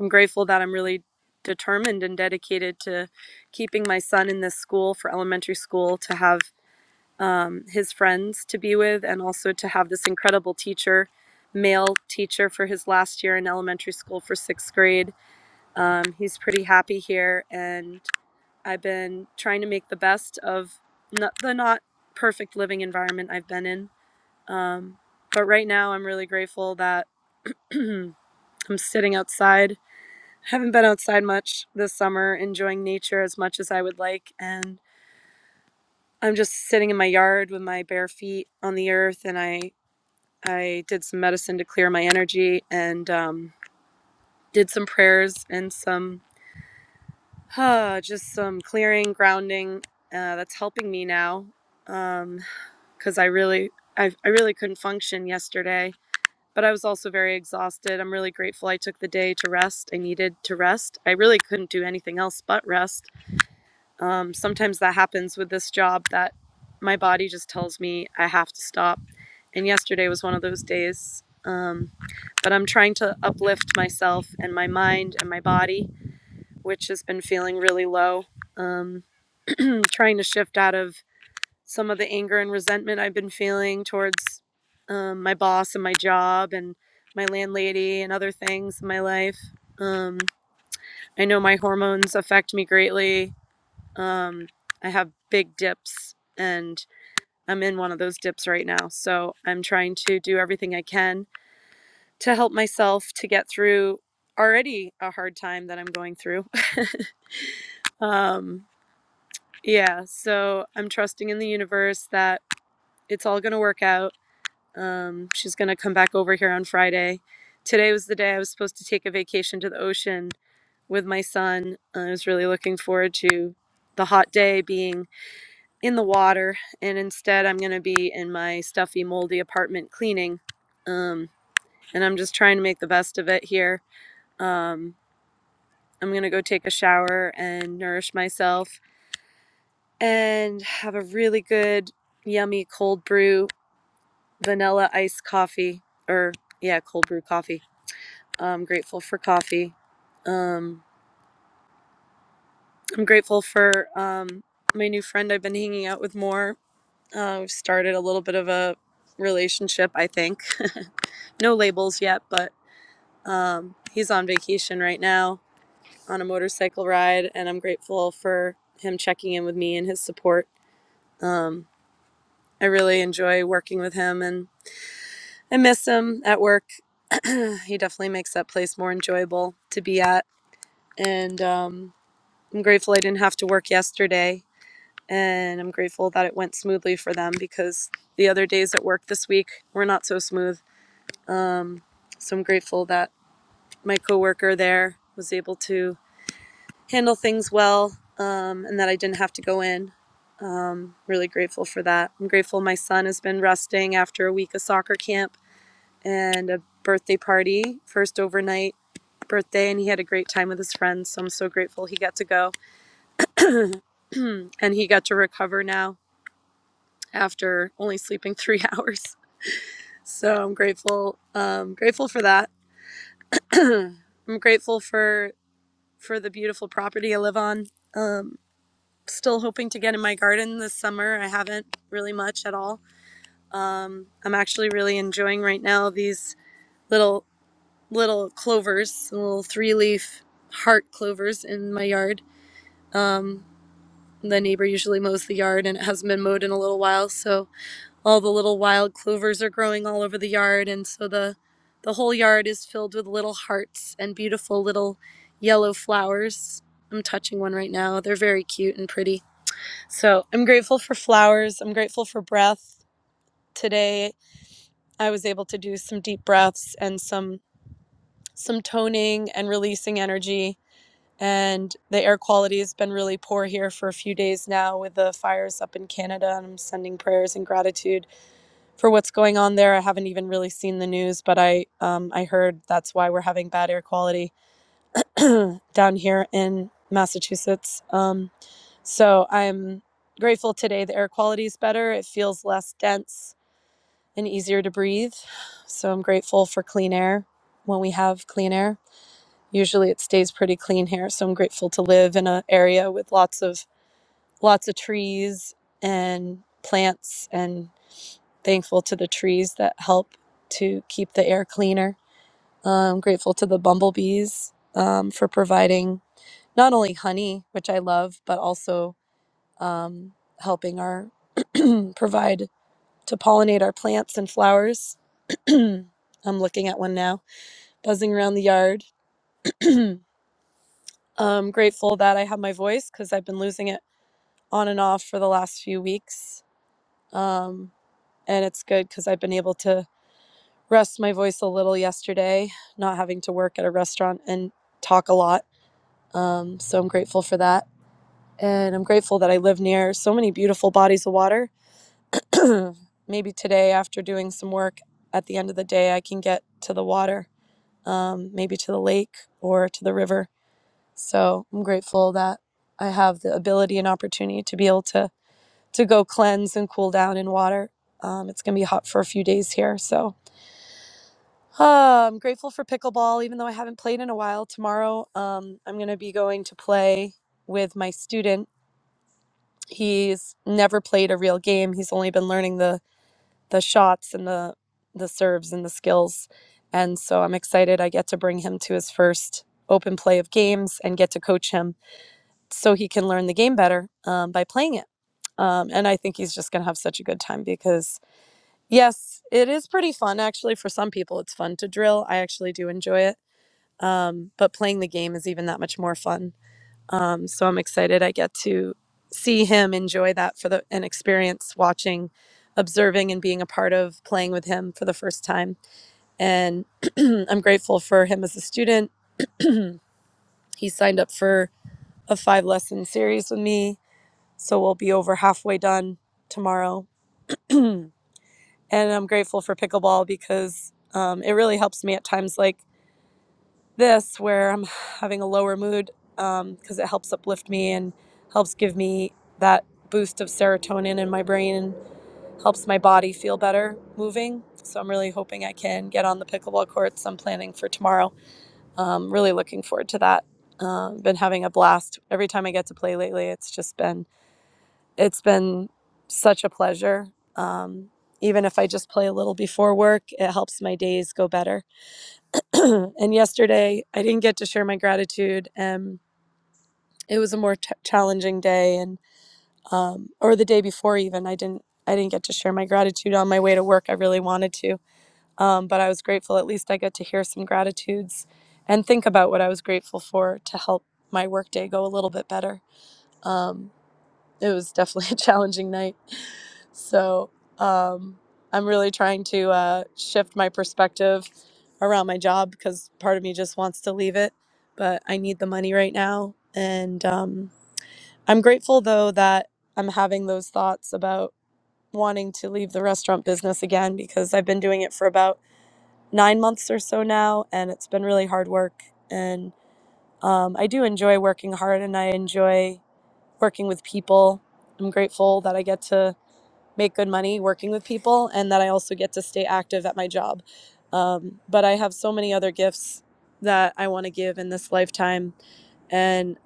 Speaker 37: I'm grateful that I'm really determined and dedicated to keeping my son in this school for elementary school to have his friends to be with and also to have this incredible teacher male teacher for his last year in elementary school for sixth grade um, he's pretty happy here and i've been trying to make the best of not, the not perfect living environment i've been in but right now i'm really grateful that i'm sitting outside I haven't been outside much this summer enjoying nature as much as i would like and i'm just sitting in my yard with my bare feet on the earth and i I did some medicine to clear my energy and um, did some prayers and some uh, just some clearing, grounding. Uh, that's helping me now because I really I, I really couldn't function yesterday. But I was also very exhausted. I'm really grateful I took the day to rest. I needed to rest. I really couldn't do anything else but rest. Um, sometimes that happens with this job that my body just tells me I have to stop. And yesterday was one of those days. Um, but I'm trying to uplift myself and my mind and my body, which has been feeling really low. Um, trying to shift out of some of the anger and resentment I've been feeling towards um, my boss and my job and my landlady and other things in my life. Um, I know my hormones affect me greatly. Um, I have big dips and I'm in one of those dips right now. So I'm trying to do everything I can to help myself to get through already a hard time that I'm going through. Um, yeah, so I'm trusting in the universe that it's all going to work out. Um, she's going to come back over here on Friday. Today was the day I was supposed to take a vacation to the ocean with my son. I was really looking forward to the hot day being in the water, and instead, I'm going to be in my stuffy, moldy apartment cleaning. Um, and I'm just trying to make the best of it here. Um, I'm going to go take a shower and nourish myself and have a really good, yummy cold brew vanilla iced coffee or, yeah, cold brew coffee. I'm grateful for coffee. Um, I'm grateful for um, my new friend I've been hanging out with more. Uh, we've started a little bit of a relationship, I think. no labels yet, but he's on vacation right now on a motorcycle ride, and I'm grateful for him checking in with me and his support. I really enjoy working with him and I miss him at work. He definitely makes that place more enjoyable to be at. And um, I'm grateful I didn't have to work yesterday. And I'm grateful that it went smoothly for them because the other days at work this week were not so smooth. So I'm grateful that my coworker there was able to handle things well um, and that I didn't have to go in. Really grateful for that. I'm grateful my son has been resting after a week of soccer camp and a birthday party, first overnight birthday, and he had a great time with his friends. So I'm so grateful he got to go and he got to recover now after only sleeping three hours. So I'm grateful, um, grateful for that. I'm grateful for for the beautiful property I live on. Still hoping to get in my garden this summer. I haven't really much at all. I'm actually really enjoying right now these little little clovers, little three leaf heart clovers in my yard The neighbor usually mows the yard and it hasn't been mowed in a little while, so all the little wild clovers are growing all over the yard and so the the whole yard is filled with little hearts and beautiful little yellow flowers. I'm touching one right now. They're very cute and pretty. So, I'm grateful for flowers. I'm grateful for breath. Today, I was able to do some deep breaths and some some toning and releasing energy and the air quality has been really poor here for a few days now with the fires up in Canada. And I'm sending prayers and gratitude for what's going on there. I haven't even really seen the news, but I um, I heard that's why we're having bad air quality down here in Massachusetts. Um, so I'm grateful today. The air quality is better. It feels less dense and easier to breathe. So I'm grateful for clean air when we have clean air. Usually it stays pretty clean here, so I'm grateful to live in an area with lots of lots of trees and plants and thankful to the trees that help to keep the air cleaner. I'm grateful to the bumblebees um, for providing not only honey, which I love, but also um, helping our provide to pollinate our plants and flowers. I'm looking at one now, buzzing around the yard. I'm grateful that I have my voice because I've been losing it on and off for the last few weeks. Um, and it's good because I've been able to rest my voice a little yesterday, not having to work at a restaurant and talk a lot. Um, so I'm grateful for that. And I'm grateful that I live near so many beautiful bodies of water. maybe today, after doing some work at the end of the day, I can get to the water, um, maybe to the lake or to the river So I'm grateful that I have the ability and opportunity to be able to to go cleanse and cool down in water. Um, it's gonna be hot for a few days here, so uh, I'm grateful for pickleball. Even though I haven't played in a while, tomorrow um, I'm gonna be going to play with my student. He's never played a real game. He's only been learning the the shots and the the serves and the skills, and so I'm excited. I get to bring him to his first open play of games and get to coach him so he can learn the game better um, by playing it. Um, and I think he's just going to have such a good time because, yes, it is pretty fun actually. For some people, it's fun to drill. I actually do enjoy it. Um, but playing the game is even that much more fun. Um, so I'm excited I get to see him enjoy that for the an experience watching, observing, and being a part of playing with him for the first time. And I'm grateful for him as a student. He signed up for a five lesson series with me So we'll be over halfway done tomorrow. and I'm grateful for pickleball because um, it really helps me at times like this where I'm having a lower mood because um, it helps uplift me and helps give me that boost of serotonin in my brain and helps my body feel better moving. So I'm really hoping I can get on the pickleball courts I'm planning for tomorrow. Um, really looking forward to that. Uh, been having a blast every time I get to play lately. It's just been it's been such a pleasure. Um, even if I just play a little before work, it helps my days go better. And yesterday, I didn't get to share my gratitude, and it was a more t- challenging day, and um, or the day before even, I didn't I didn't get to share my gratitude on my way to work. I really wanted to, um, but I was grateful. At least I got to hear some gratitudes and think about what I was grateful for to help my workday go a little bit better. Um, it was definitely a challenging night. So um, I'm really trying to uh, shift my perspective around my job because part of me just wants to leave it, but I need the money right now. And um, I'm grateful though that I'm having those thoughts about wanting to leave the restaurant business again because I've been doing it for about nine months or so now, and it's been really hard work. And um, I do enjoy working hard and I enjoy working with people. I'm grateful that I get to make good money working with people and that I also get to stay active at my job. Um, but I have so many other gifts that I want to give in this lifetime. And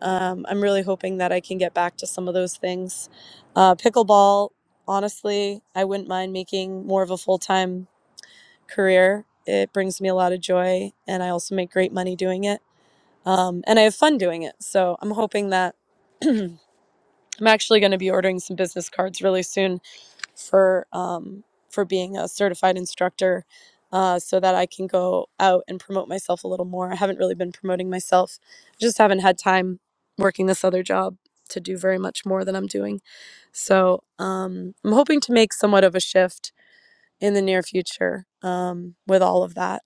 Speaker 37: um, I'm really hoping that I can get back to some of those things. Uh, pickleball, honestly, I wouldn't mind making more of a full time career. It brings me a lot of joy and I also make great money doing it. Um, and I have fun doing it. So I'm hoping that I'm actually going to be ordering some business cards really soon for um, for being a certified instructor uh, so that I can go out and promote myself a little more. I haven't really been promoting myself. I just haven't had time working this other job to do very much more than I'm doing. So um, I'm hoping to make somewhat of a shift in the near future um, with all of that.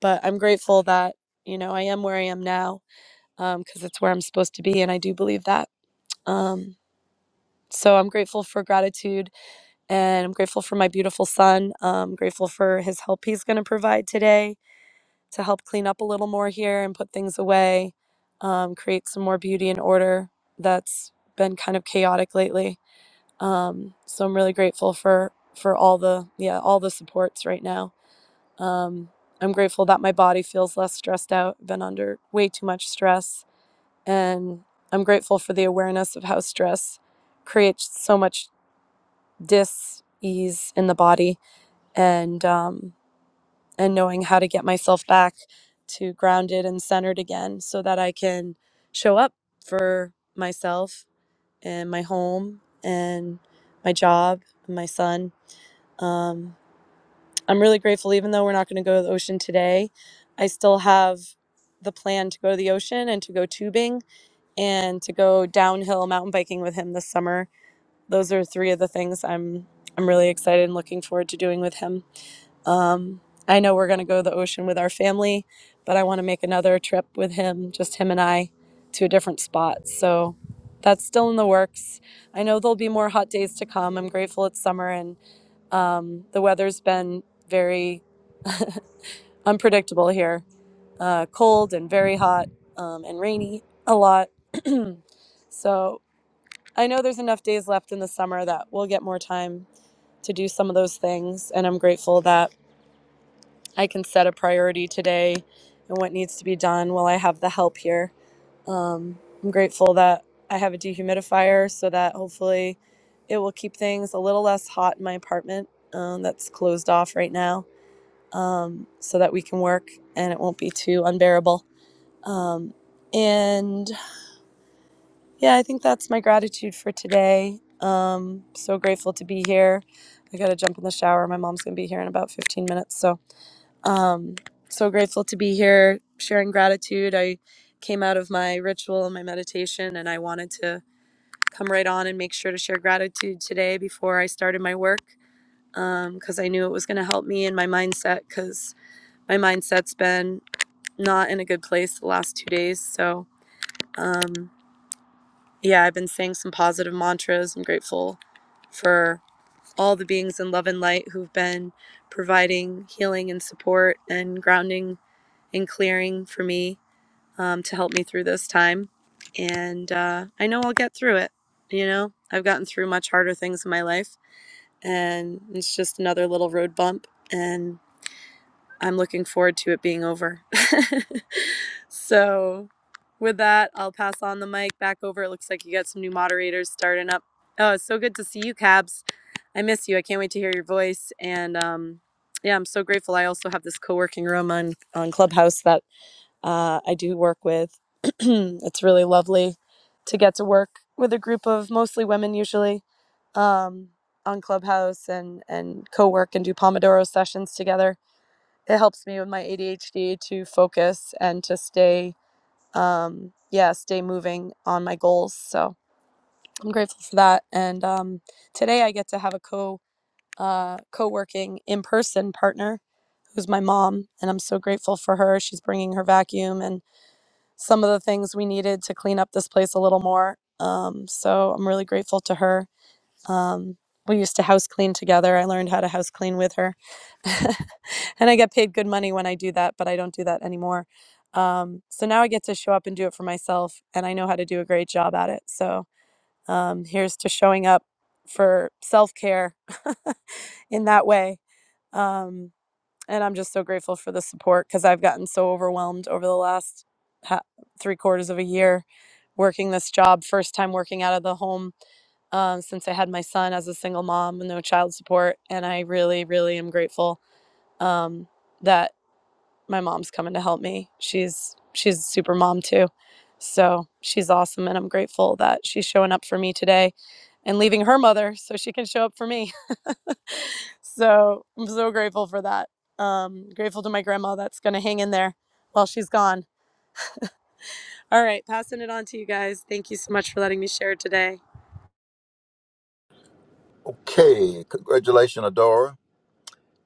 Speaker 37: But I'm grateful that, you know, I am where I am now because it's where I'm supposed to be. And I do believe that. Um, so I'm grateful for gratitude and I'm grateful for my beautiful son. I'm grateful for his help he's going to provide today to help clean up a little more here and put things away, um, create some more beauty and order that's been kind of chaotic lately. Um, so I'm really grateful for for all the yeah all the supports right now. Um, I'm grateful that my body feels less stressed out. I've been under way too much stress, and I'm grateful for the awareness of how stress creates so much dis ease in the body and um, and knowing how to get myself back to grounded and centered again so that I can show up for myself and my home and my job and my son. Um, I'm really grateful, even though we're not going to go to the ocean today, I still have the plan to go to the ocean and to go tubing and to go downhill mountain biking with him this summer those are three of the things I'm I'm really excited and looking forward to doing with him. Um, I know we're going to go to the ocean with our family, but I want to make another trip with him, just him and I, to a different spot. So that's still in the works. I know there'll be more hot days to come. I'm grateful it's summer and um, the weather's been very unpredictable here uh, cold and very hot um, and rainy a lot. so I know there's enough days left in the summer that we'll get more time to do some of those things. And I'm grateful that I can set a priority today and what needs to be done while I have the help here. Um, I'm grateful that I have a dehumidifier so that hopefully it will keep things a little less hot in my apartment um, that's closed off right now um, so that we can work and it won't be too unbearable. Um, and Yeah, I think that's my gratitude for today. Um, so grateful to be here. I gotta jump in the shower. My mom's gonna be here in about 15 minutes. So, um, so grateful to be here sharing gratitude. I came out of my ritual and my meditation, and I wanted to come right on and make sure to share gratitude today before I started my work because I knew it was gonna help me in my mindset because my mindset's been not in a good place the last two days. So, Um, yeah, I've been saying some positive mantras. I'm grateful for all the beings in love and light who've been providing healing and support and grounding and clearing for me um, to help me through this time. And uh, I know I'll get through it. You know, I've gotten through much harder things in my life, and it's just another little road bump. And I'm looking forward to it being over. so, with that, I'll pass on the mic back over. It looks like you got some new moderators starting up. Oh, it's so good to see you, Cabs. I miss you. I can't wait to hear your voice. And um, yeah, I'm so grateful. I also have this co working room on, on Clubhouse that uh, I do work with. it's really lovely to get to work with a group of mostly women, usually. Um, on Clubhouse and and co-work and do Pomodoro sessions together it helps me with my ADHD to focus and to stay um yeah stay moving on my goals so I'm grateful for that and um today I get to have a co uh co-working in-person partner who's my mom and I'm so grateful for her she's bringing her vacuum and some of the things we needed to clean up this place a little more um so I'm really grateful to her um, we used to house clean together. I learned how to house clean with her. and I get paid good money when I do that, but I don't do that anymore. Um, so now I get to show up and do it for myself, and I know how to do a great job at it. So um, here's to showing up for self care in that way. Um, and I'm just so grateful for the support because I've gotten so overwhelmed over the last ha- three quarters of a year working this job. First time working out of the home um, since I had my son as a single mom with no child support, and I really, really am grateful um, that my mom's coming to help me. She's she's a super mom too, so she's awesome, and I'm grateful that she's showing up for me today and leaving her mother so she can show up for me. so I'm so grateful for that. Um, grateful to my grandma that's going to hang in there while she's gone. All right, passing it on to you guys. Thank you so much for letting me share today.
Speaker 31: Okay, congratulations, Adora.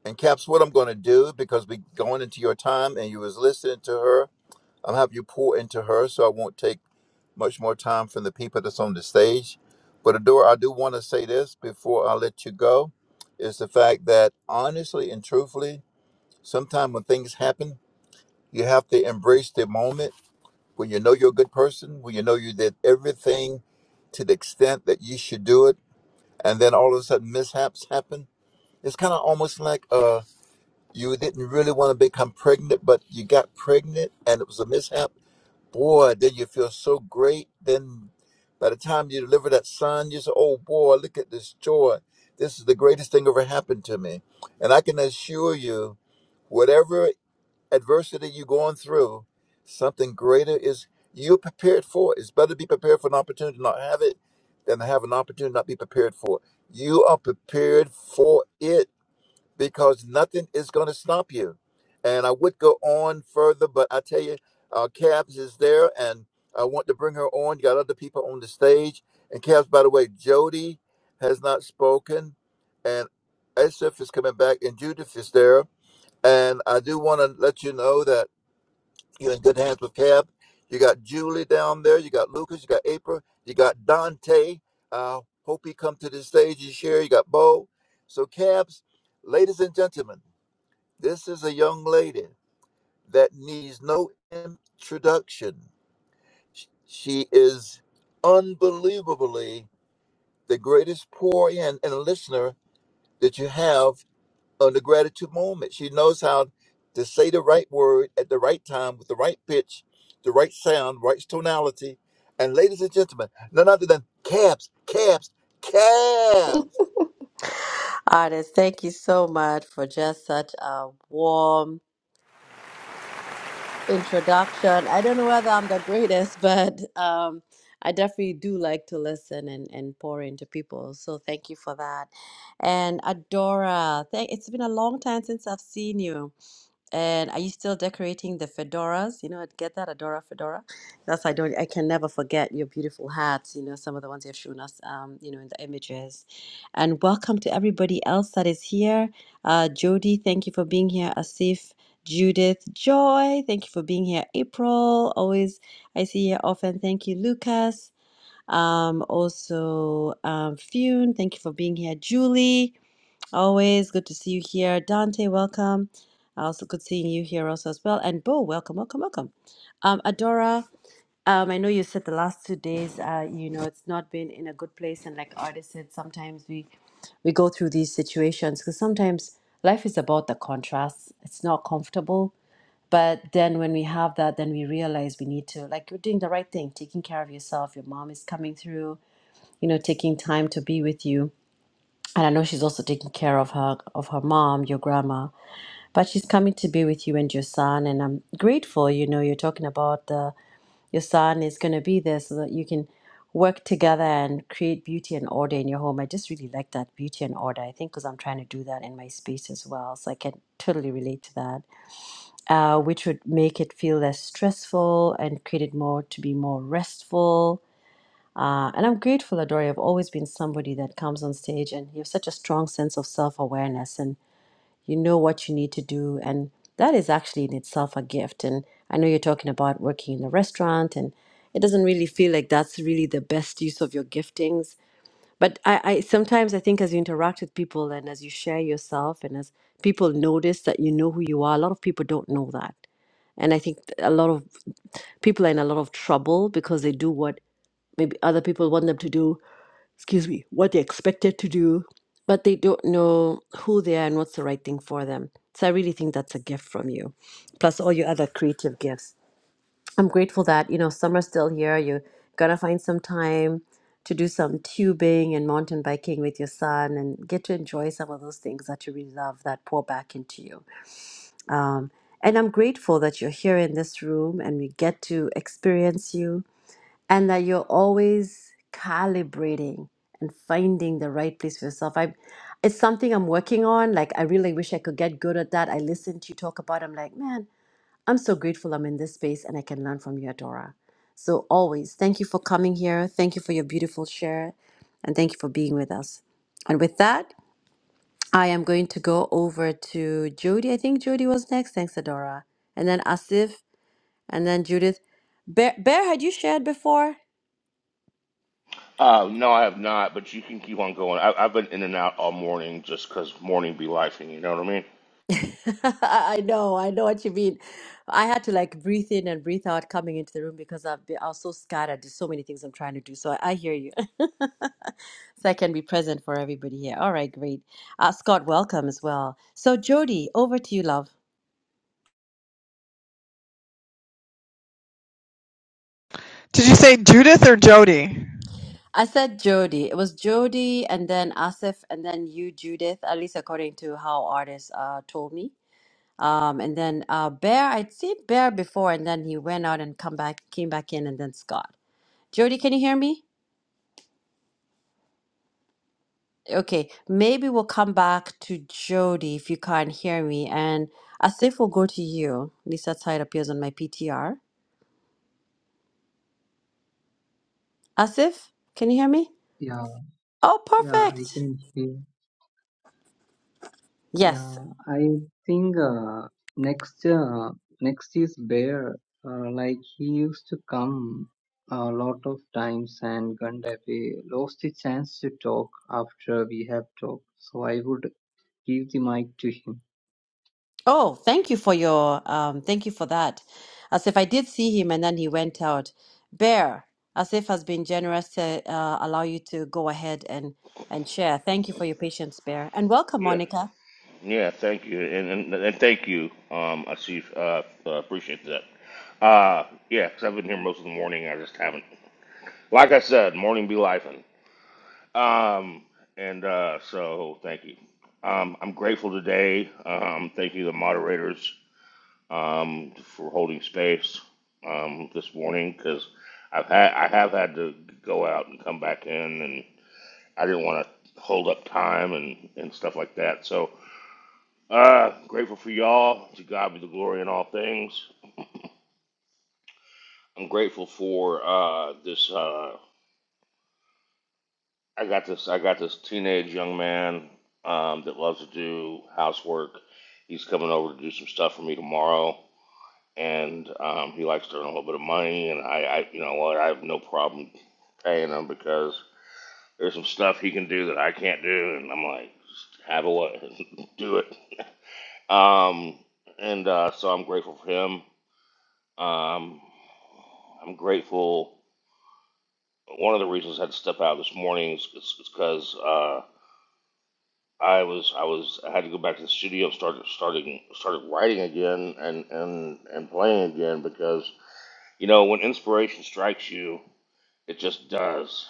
Speaker 31: And Caps, what I'm going to do because we going into your time and you was listening to her. I'm have you pour into her, so I won't take much more time from the people that's on the stage. But Adora, I do want to say this before I let you go is the fact that honestly and truthfully, sometimes when things happen, you have to embrace the moment when you know you're a good person, when you know you did everything to the extent that you should do it, and then all of a sudden mishaps happen. It's kind of almost like uh, you didn't really want to become pregnant, but you got pregnant and it was a mishap boy, then you feel so great. Then by the time you deliver that son, you say, oh boy, look at this joy. This is the greatest thing ever happened to me. And I can assure you, whatever adversity you're going through, something greater is you're prepared for. it. It's better to be prepared for an opportunity to not have it than to have an opportunity to not be prepared for it. You are prepared for it because nothing is going to stop you. And I would go on further, but I tell you, uh, Cabs is there, and I want to bring her on. You got other people on the stage. And Cabs, by the way, Jody has not spoken, and Asif is coming back, and Judith is there. And I do want to let you know that you're in good hands with Cab. You got Julie down there. You got Lucas. You got April. You got Dante. uh, hope he come to the stage and share. You got Bo. So, Cabs, ladies and gentlemen. This is a young lady that needs no introduction. She is unbelievably the greatest pour in and listener that you have on the gratitude moment. She knows how to say the right word at the right time with the right pitch, the right sound, right tonality. And ladies and gentlemen, none other than cabs, cabs, cabs.
Speaker 38: Artist, thank you so much for just such a warm introduction. I don't know whether I'm the greatest, but um, I definitely do like to listen and, and pour into people. So thank you for that. And Adora, thank, it's been a long time since I've seen you. And are you still decorating the fedoras? You know, I'd get that Adora fedora. That's I don't I can never forget your beautiful hats. You know, some of the ones you've shown us. Um, you know, in the images. And welcome to everybody else that is here. Uh, Jody, thank you for being here. Asif, Judith, Joy, thank you for being here. April, always I see you often. Thank you, Lucas. Um, also, um, Fune, thank you for being here. Julie. Always good to see you here. Dante, welcome. Also good seeing you here also as well. And Bo, welcome, welcome, welcome. Um, Adora, um, I know you said the last two days, uh, you know, it's not been in a good place. And like artists said, sometimes we we go through these situations because sometimes life is about the contrasts. It's not comfortable. But then when we have that, then we realize we need to, like, you're doing the right thing, taking care of yourself. Your mom is coming through, you know, taking time to be with you and I know she's also taking care of her of her mom, your grandma. But she's coming to be with you and your son, and I'm grateful. You know, you're talking about the your son is going to be there so that you can work together and create beauty and order in your home. I just really like that beauty and order. I think because I'm trying to do that in my space as well, so I can totally relate to that. Uh, which would make it feel less stressful and create it more to be more restful uh, and I'm grateful, Adore. I've always been somebody that comes on stage and you have such a strong sense of self awareness and you know what you need to do. And that is actually in itself a gift. And I know you're talking about working in a restaurant, and it doesn't really feel like that's really the best use of your giftings. But I, I sometimes I think as you interact with people and as you share yourself and as people notice that you know who you are, a lot of people don't know that. And I think a lot of people are in a lot of trouble because they do what maybe other people want them to do excuse me, what they're expected to do, but they don't know who they are and what's the right thing for them. So I really think that's a gift from you, plus all your other creative gifts. I'm grateful that, you know, summer's still here. You're going to find some time to do some tubing and mountain biking with your son and get to enjoy some of those things that you really love that pour back into you. And I'm grateful that you're here in this room and we get to experience you and that you're always calibrating and finding the right place for yourself. I it's something I'm working on. Like I really wish I could get good at that. I listen to you talk about it. I'm like, man, I'm so grateful I'm in this space and I can learn from you, Adora. So always thank you for coming here. Thank you for your beautiful share and thank you for being with us. And with that, I am going to go over to Jody. I think Jody was next. Thanks, Adora. And then Asif and then Judith. Bear, Bear had you shared before?
Speaker 39: Uh, no, I have not, but you can keep on going. I, I've been in and out all morning just 'cause morning be life, you know what I mean?
Speaker 38: I know, I know what you mean. I had to like breathe in and breathe out coming into the room because I've been, I was so scattered. There's so many things I'm trying to do. So I, I hear you. So I can be present for everybody here. All right, great. Uh, Scott, welcome as well. So Jody, over to you, love.
Speaker 11: Did you say Judith or Jody?
Speaker 38: I said Jody. It was Jody and then Asif and then you, Judith, at least according to how artists uh, told me. Um, and then uh, Bear, I'd seen Bear before and then he went out and come back, came back in and then Scott. Jody, can you hear me? Okay, maybe we'll come back to Jody if you can't hear me. And Asif will go to you. Lisa Tide appears on my PTR. Asif, can you hear me?
Speaker 35: Yeah,
Speaker 38: Oh,
Speaker 35: yeah, I
Speaker 38: perfect.
Speaker 35: can hear.
Speaker 38: Yes.
Speaker 35: Yeah, I think uh, next uh, next is Bear. Uh, like he used to come a lot of times, and Gandhi lost the chance to talk after we have talked. So I would give the mic to him.
Speaker 38: Oh, thank you for your um thank you for that. Asif, I did see him and then he went out. Bear, Asif has been generous to uh, allow you to go ahead and and share. Thank you for your patience, Bear. And welcome,
Speaker 39: Yeah.
Speaker 38: Monica.
Speaker 39: Yeah, thank you. And and, and thank you, um, Asif. Uh, uh, appreciate that. Uh, yeah, 'cause I've been here most of the morning. I just haven't. Like I said, morning be life. Um, and uh, so thank you. Um, I'm grateful today. Um, thank you, the moderators. um, for holding space um, this morning because I've had I have had to go out and come back in, and I didn't want to hold up time and, and stuff like that. So uh, grateful for y'all. To God be the glory in all things. I'm grateful for uh, this. Uh, I got this. I got this teenage young man um, that loves to do housework. He's coming over to do some stuff for me tomorrow. and um, he likes to earn a little bit of money. And I, I, you know what, I have no problem paying him because there's some stuff he can do that I can't do, and I'm like, just have a way, do it. Um, and uh, so I'm grateful for him. Um, I'm grateful. One of the reasons I had to step out this morning is because uh, I was I was I had to go back to the studio and started starting started writing again and and and playing again because you know when inspiration strikes you It just does.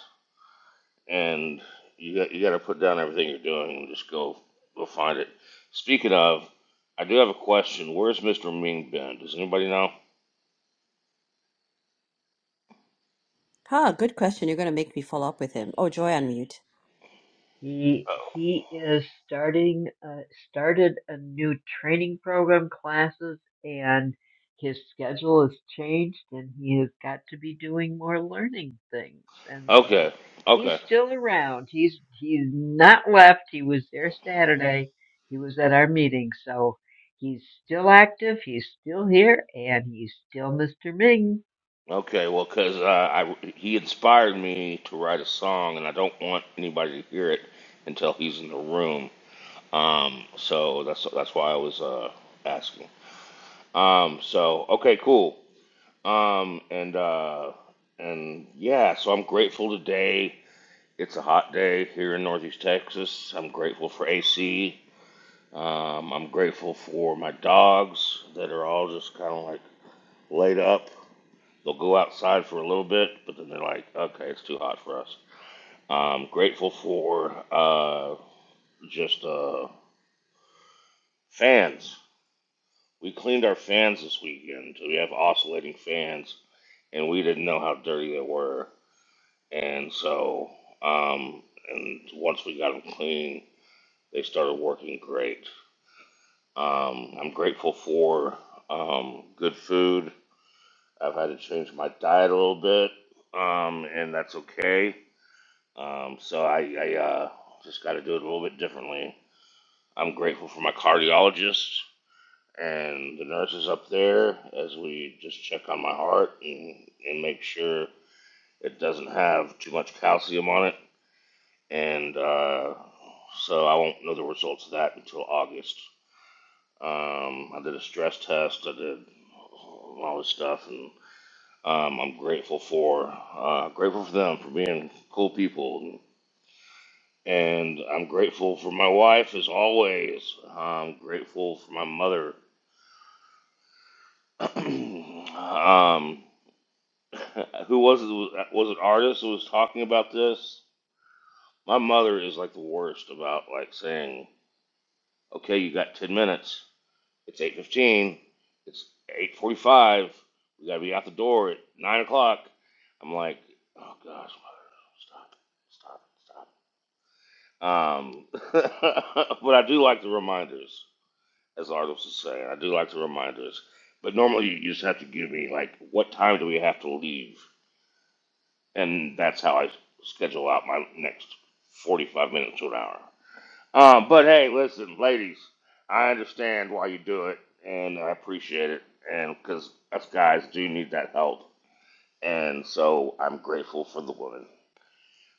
Speaker 39: And you got you got to put down everything you're doing and just go go find it. Speaking of, I do have a question. Where's Mr. Ming been? Does anybody know?
Speaker 38: Ah, good question. You're gonna make me follow up with him. Oh, Joy, unmute.
Speaker 23: He he
Speaker 39: Oh.
Speaker 23: is starting uh, started a new training program classes and his schedule has changed and he has got to be doing more learning things and so
Speaker 39: Okay.
Speaker 23: he's
Speaker 39: Okay.
Speaker 23: still around he's he's not left he was there Saturday he was at our meeting so he's still active he's still here and he's still Mr. Ming
Speaker 39: Okay. Well, because uh, I he inspired me to write a song, and I don't want anybody to hear it until he's in the room. Um. So that's that's why I was uh asking. Um. So okay. Cool. Um, and uh, and yeah, so I'm grateful today. It's a hot day here in Northeast Texas. I'm grateful for AC. Um, I'm grateful for my dogs that are all just kind of like laid up. They'll go outside for a little bit, but then they're like, okay, it's too hot for us. I'm grateful for uh, just uh, fans. We cleaned our fans this weekend, so we have oscillating fans, and we didn't know how dirty they were And so, um, and once we got them clean, they started working great. Um, I'm grateful for um, good food. I've had to change my diet a little bit, um, and that's okay. Um, so I, I uh, just got to do it a little bit differently. I'm grateful for my cardiologist and the nurses up there as we just check on my heart and, and make sure it doesn't have too much calcium on it and uh, so I won't know the results of that until August. Um, I did a stress test. I did all this stuff, and um, I'm grateful for uh, grateful for them for being cool people, and I'm grateful for my wife as always. I'm grateful for my mother. um, who was it? Was an artist who was talking about this? My mother is like the worst about like saying, "Okay, you got ten minutes." It's eight fifteen. It's eight forty five. We gotta be out the door at nine o'clock. I'm like, oh gosh, stop, it, stop, it, stop. it. Um, but I do like the reminders, as artists is saying. I do like the reminders. But normally you just have to give me like, what time do we have to leave? And that's how I schedule out my next forty five minutes to an hour. Um, but hey, listen, ladies, I understand why you do it, and I appreciate it, and because us guys do need that help, and so I'm grateful for the women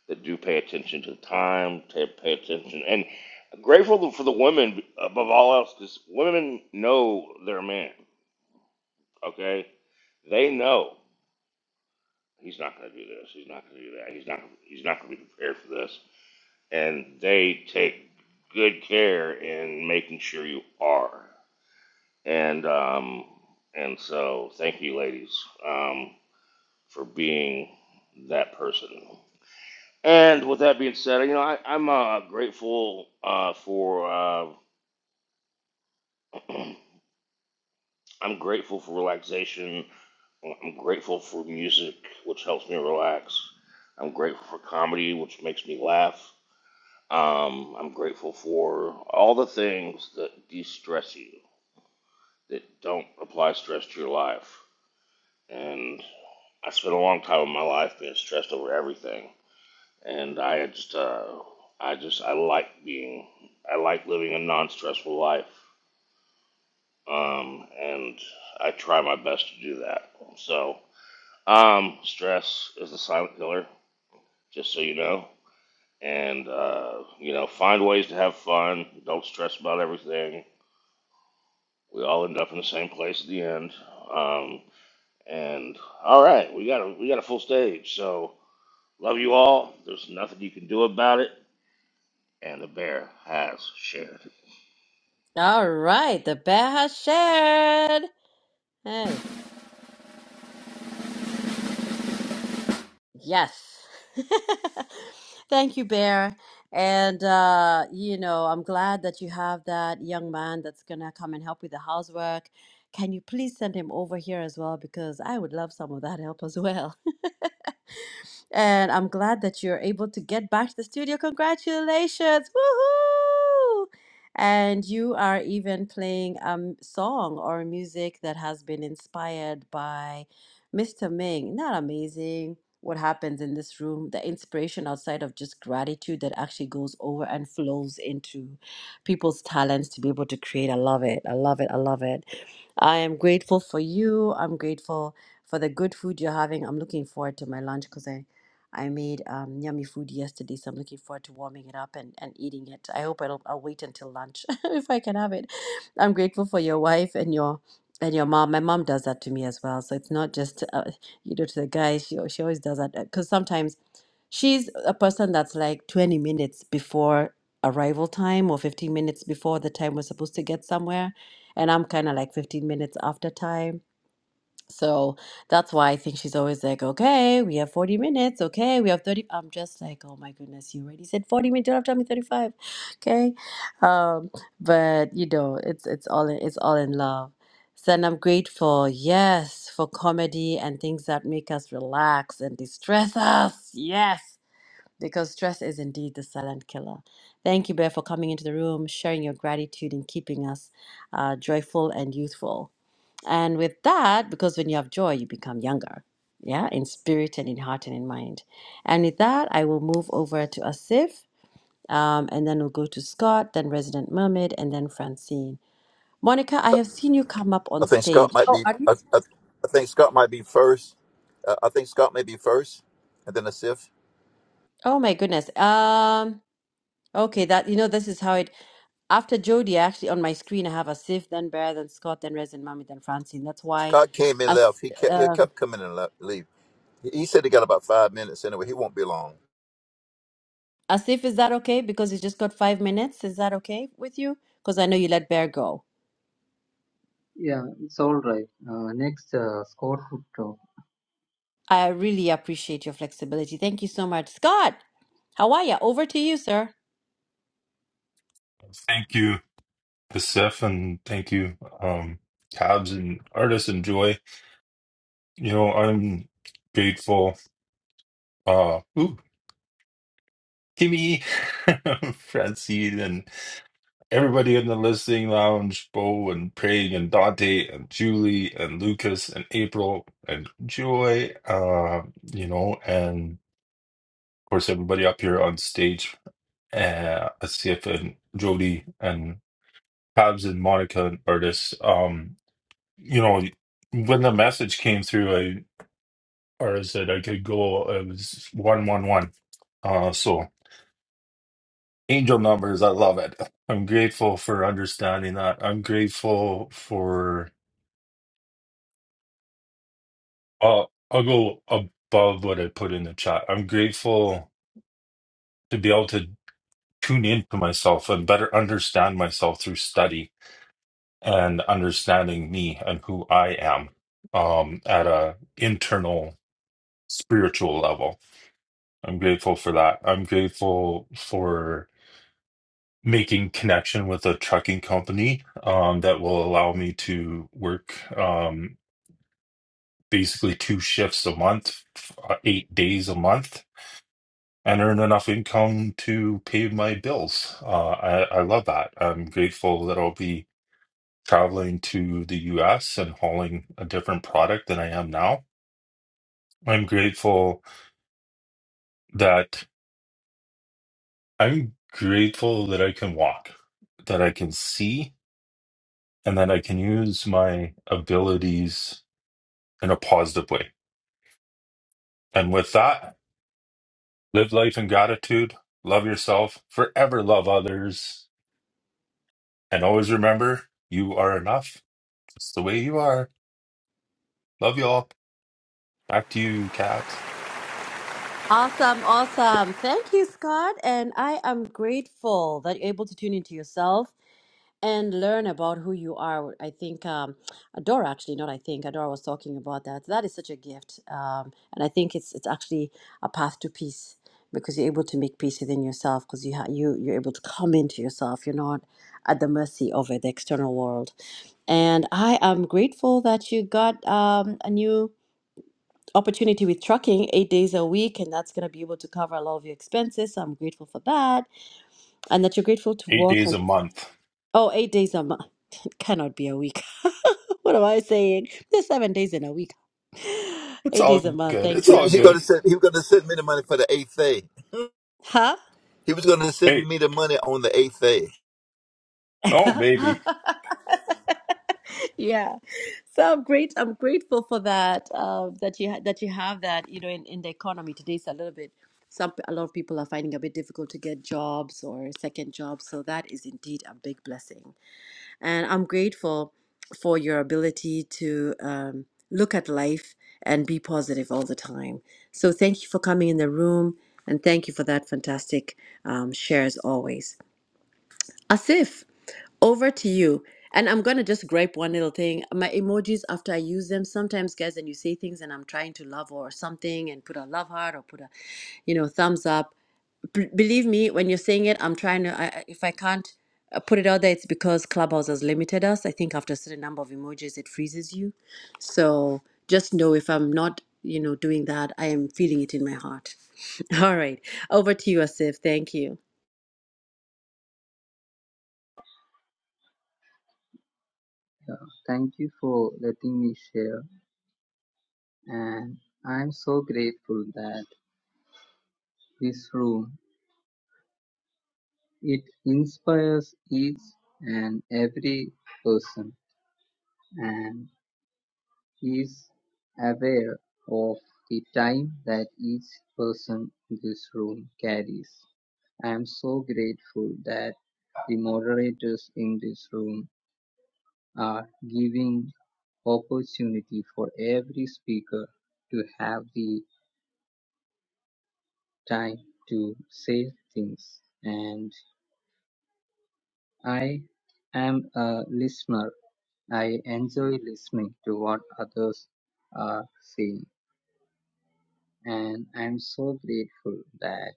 Speaker 39: that do pay attention to time, to pay attention, and grateful for the women above all else, because women know their man. Okay, they know he's not going to do this, he's not going to do that, he's not, he's not going to be prepared for this, and they take good care in making sure you are. and um, and so thank you, ladies, um, for being that person. And with that being said, you know I, I'm uh, grateful uh, for uh, I'm grateful for relaxation. I'm grateful for music, which helps me relax. I'm grateful for comedy, which makes me laugh. Um, I'm grateful for all the things that de-stress you, that don't apply stress to your life. and I spent a long time of my life being stressed over everything. And I just, uh, I just, I like being, I like living a non-stressful life. Um, and I try my best to do that. So, um, stress is a silent killer, just so you know. And, uh, you know, find ways to have fun. Don't stress about everything. We all end up in the same place at the end. Um, and all right, we got a, we got a full stage. So, Love you all. There's nothing you can do about it. And the bear has shared.
Speaker 38: All right, the bear has shared. Oh, yes. Thank you, Bear. And, uh, you know, I'm glad that you have that young man that's going to come and help with the housework. Can you please send him over here as well? Because I would love some of that help as well. And I'm glad that you're able to get back to the studio. Congratulations! Woohoo! And you are even playing a um, song or music that has been inspired by Mr. Ming. Isn't that amazing? What happens in this room, the inspiration outside of just gratitude that actually goes over and flows into people's talents to be able to create. I love it. I love it. I love it. I am grateful for you. I'm grateful for the good food you're having. I'm looking forward to my lunch because I, I made um, yummy food yesterday, so I'm looking forward to warming it up and, and eating it. I hope I'll, I'll wait until lunch if I can have it. I'm grateful for your wife and your and your mom. My mom does that to me as well. So it's not just uh, you know to the guys. She al- she always does that because sometimes she's a person that's like 20 minutes before arrival time or 15 minutes before the time we're supposed to get somewhere and I'm kind of like 15 minutes after time. So that's why I think she's always like, okay, we have 40 minutes. Okay, we have 30. I'm just like, oh my goodness, you already said 40 minutes. You don't have to tell me 35. Okay. Um, but you know, it's, it's all, in, it's all in love. So, and I'm grateful, yes, for comedy and things that make us relax and distress us. Yes because stress is indeed the silent killer. Thank you, Bear, for coming into the room, sharing your gratitude, and keeping us uh, joyful and youthful. And with that, because when you have joy, you become younger, yeah, in spirit and in heart and in mind. And with that, I will move over to Asif, um, and then we'll go to Scott, then Resident Mermaid, and then Francine. Monica, I have seen you come up on
Speaker 31: I think Scott
Speaker 38: stage.
Speaker 31: might
Speaker 38: Oh,
Speaker 31: be.
Speaker 38: are you?
Speaker 31: I, I, I think Scott might be first. Uh, I think Scott may be first, and then a Sif.
Speaker 38: Oh my goodness. Um. Okay. That you know, this is how it. After Jody, actually on my screen, I have Asif, then Bear, then Scott, then Rez, and Mommy, then Francine. That's why
Speaker 31: Scott came and left.
Speaker 38: As
Speaker 31: He kept, he
Speaker 38: uh,
Speaker 31: kept coming and left, leave. He he said he got about five minutes anyway. He won't be long.
Speaker 38: Asif, is that okay? Because you just got five minutes. Is that okay with you? Because I know you let Bear go.
Speaker 35: Yeah, it's all right. Uh, next, uh, Scott would talk.
Speaker 38: I really appreciate your flexibility. Thank you so much. Scott, how are you? Over to you, sir.
Speaker 40: Thank you, Steph, and thank you, um, Cabs and artists and Joy. You know, I'm grateful. Uh, ooh, Kimmy, Francine, and everybody in the listening lounge, Bo and Praying and Dante and Julie and Lucas and April and Joy. Uh, you know, and of course everybody up here on stage. Uh, Steph and Jody and Cabs and Monica and artists. Um, you know, when the message came through, I or I said I could go. It was one one one. Uh, so angel numbers, I love it. I'm grateful for understanding that. I'm grateful for. Uh, I'll go above what I put in the chat. I'm grateful to be able to tune into myself and better understand myself through study and understanding me and who I am um, at a internal spiritual level I'm grateful for that. I'm grateful for making connection with a trucking company um, that will allow me to work um, basically two shifts a month, f- uh, eight days a month, and earn enough income to pay my bills. Uh, I, I love that. I'm grateful that I'll be traveling to the US and hauling a different product than I am now. I'm grateful that I'm grateful that I can walk, that I can see and that I can use my abilities in a positive way. And with that, live life in gratitude, love yourself, forever love others, and always remember you are enough It's the way you are. Love y'all. Back to you, Cabs.
Speaker 38: Awesome, awesome. Thank you, Scott. And I am grateful that you're able to tune into yourself and learn about who you are. I think um, Adora actually, not I think Adora was talking about that. That is such a gift, um, and I think it's it's actually a path to peace because you're able to make peace within yourself because you ha- you you're able to come into yourself. You're not at the mercy of it, the external world. And I am grateful that you got um, a new opportunity with trucking eight days a week and that's going to be able to cover a lot of your expenses so i'm grateful for that and that you're grateful to
Speaker 40: Eight
Speaker 38: work
Speaker 40: days
Speaker 38: on
Speaker 40: a month.
Speaker 38: oh eight days a month cannot be a week. what am I saying? There's seven days in a week,
Speaker 40: It's
Speaker 38: eight days a
Speaker 40: all
Speaker 38: month.
Speaker 40: good.
Speaker 31: He
Speaker 38: Thank
Speaker 40: It's
Speaker 31: he
Speaker 38: you.
Speaker 40: all
Speaker 31: was going
Speaker 40: good.
Speaker 31: to send. He was going to send me the money for the eighth day.
Speaker 38: Huh?
Speaker 31: He was going to send
Speaker 40: Hey,
Speaker 31: me the money on the eighth day.
Speaker 40: oh, maybe.
Speaker 38: yeah. So I'm great. I'm grateful for that. Uh, that you ha- that you have that. You know, in, in the economy today, it's a little bit. Some a lot of people are finding it a bit difficult to get jobs or second jobs. So that is indeed a big blessing. And I'm grateful for your ability to um, look at life and be positive all the time. So thank you for coming in the room and thank you for that fantastic um, share as always. Asif, over to you. And I'm gonna just gripe one little thing. My emojis after I use them, sometimes guys, and you say things and I'm trying to love or something and put a love heart or put a you know thumbs up. B- believe me, when you're saying it, I'm trying to. I, I- if I can't uh, put it out there, it's because Clubhouse has limited us. I think after a certain number of emojis, it freezes you. So just know if I'm not, you know, doing that, I am feeling it in my heart. All right, over to you, Asif. Thank you.
Speaker 35: Yeah, thank you for letting me share, and I'm so grateful that this room it inspires each and every person, and is aware of the time that each person in this room carries. I am so grateful that the moderators in this room are giving opportunity for every speaker to have the time to say things and i am a listener i enjoy listening to what others are saying and i'm so grateful that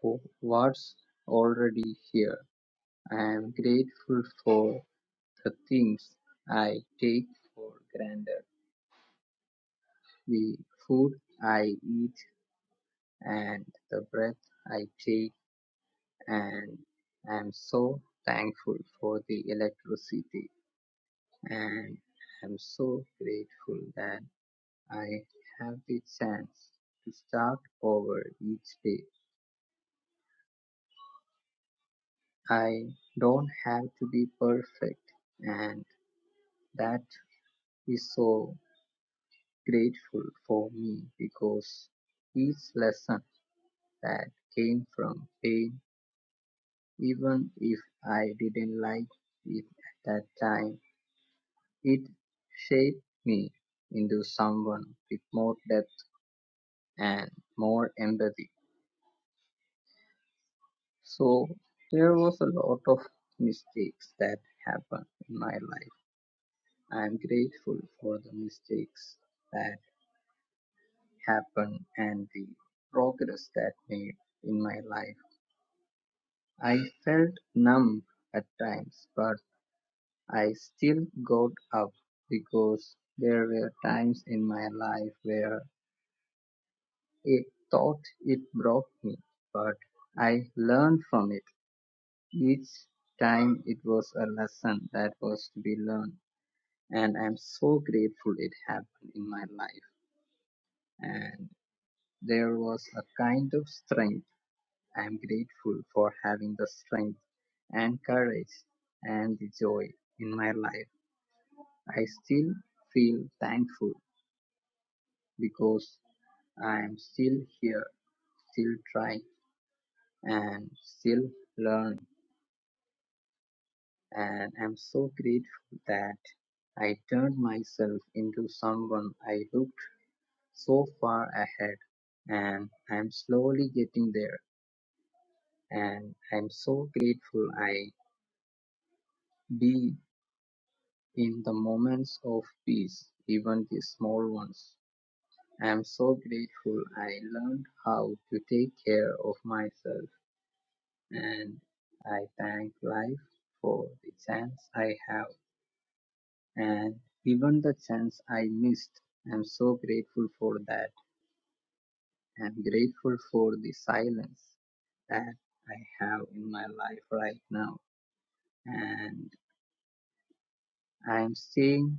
Speaker 35: for what's already here i am grateful for the things i take for granted the food i eat and the breath I take and I'm so thankful for the electricity and I'm so grateful that I have the chance to start over each day. I don't have to be perfect and that is so grateful for me because each lesson that came from pain even if I didn't like it at that time It shaped me into someone with more depth and more empathy. So there was a lot of mistakes that happened in my life. I am grateful for the mistakes that happened and the progress that made in my life. I felt numb at times, but I still got up because there were times in my life where I thought it broke me, but I learned from it. Each time it was a lesson that was to be learned, and I'm so grateful it happened in my life. And there was a kind of strength. I'm grateful for having the strength and courage and the joy in my life. I still feel thankful because I am still here, still trying, and still learning. and I'm so grateful that I turned myself into someone I looked so far ahead and I'm slowly getting there and I'm so grateful I be in the moments of peace, even the small ones. I'm so grateful I learned how to take care of myself and I thank life for the chance I have and given the chance I missed, I'm so grateful for that. I'm grateful for the silence that I have in my life right now. And I'm staying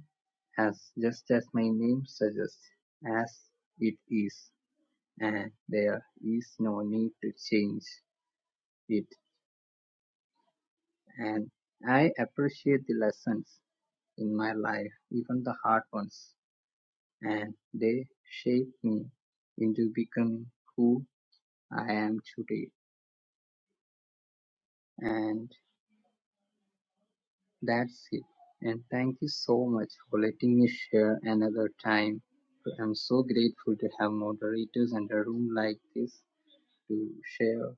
Speaker 35: as just as my name suggests, as it is. And there is no need to change it. And I appreciate the lessons in my life, even the hard ones. And they shape me into becoming who I am today. And that's it. And thank you so much for letting me share another time. I'm so grateful to have moderators and a room like this to share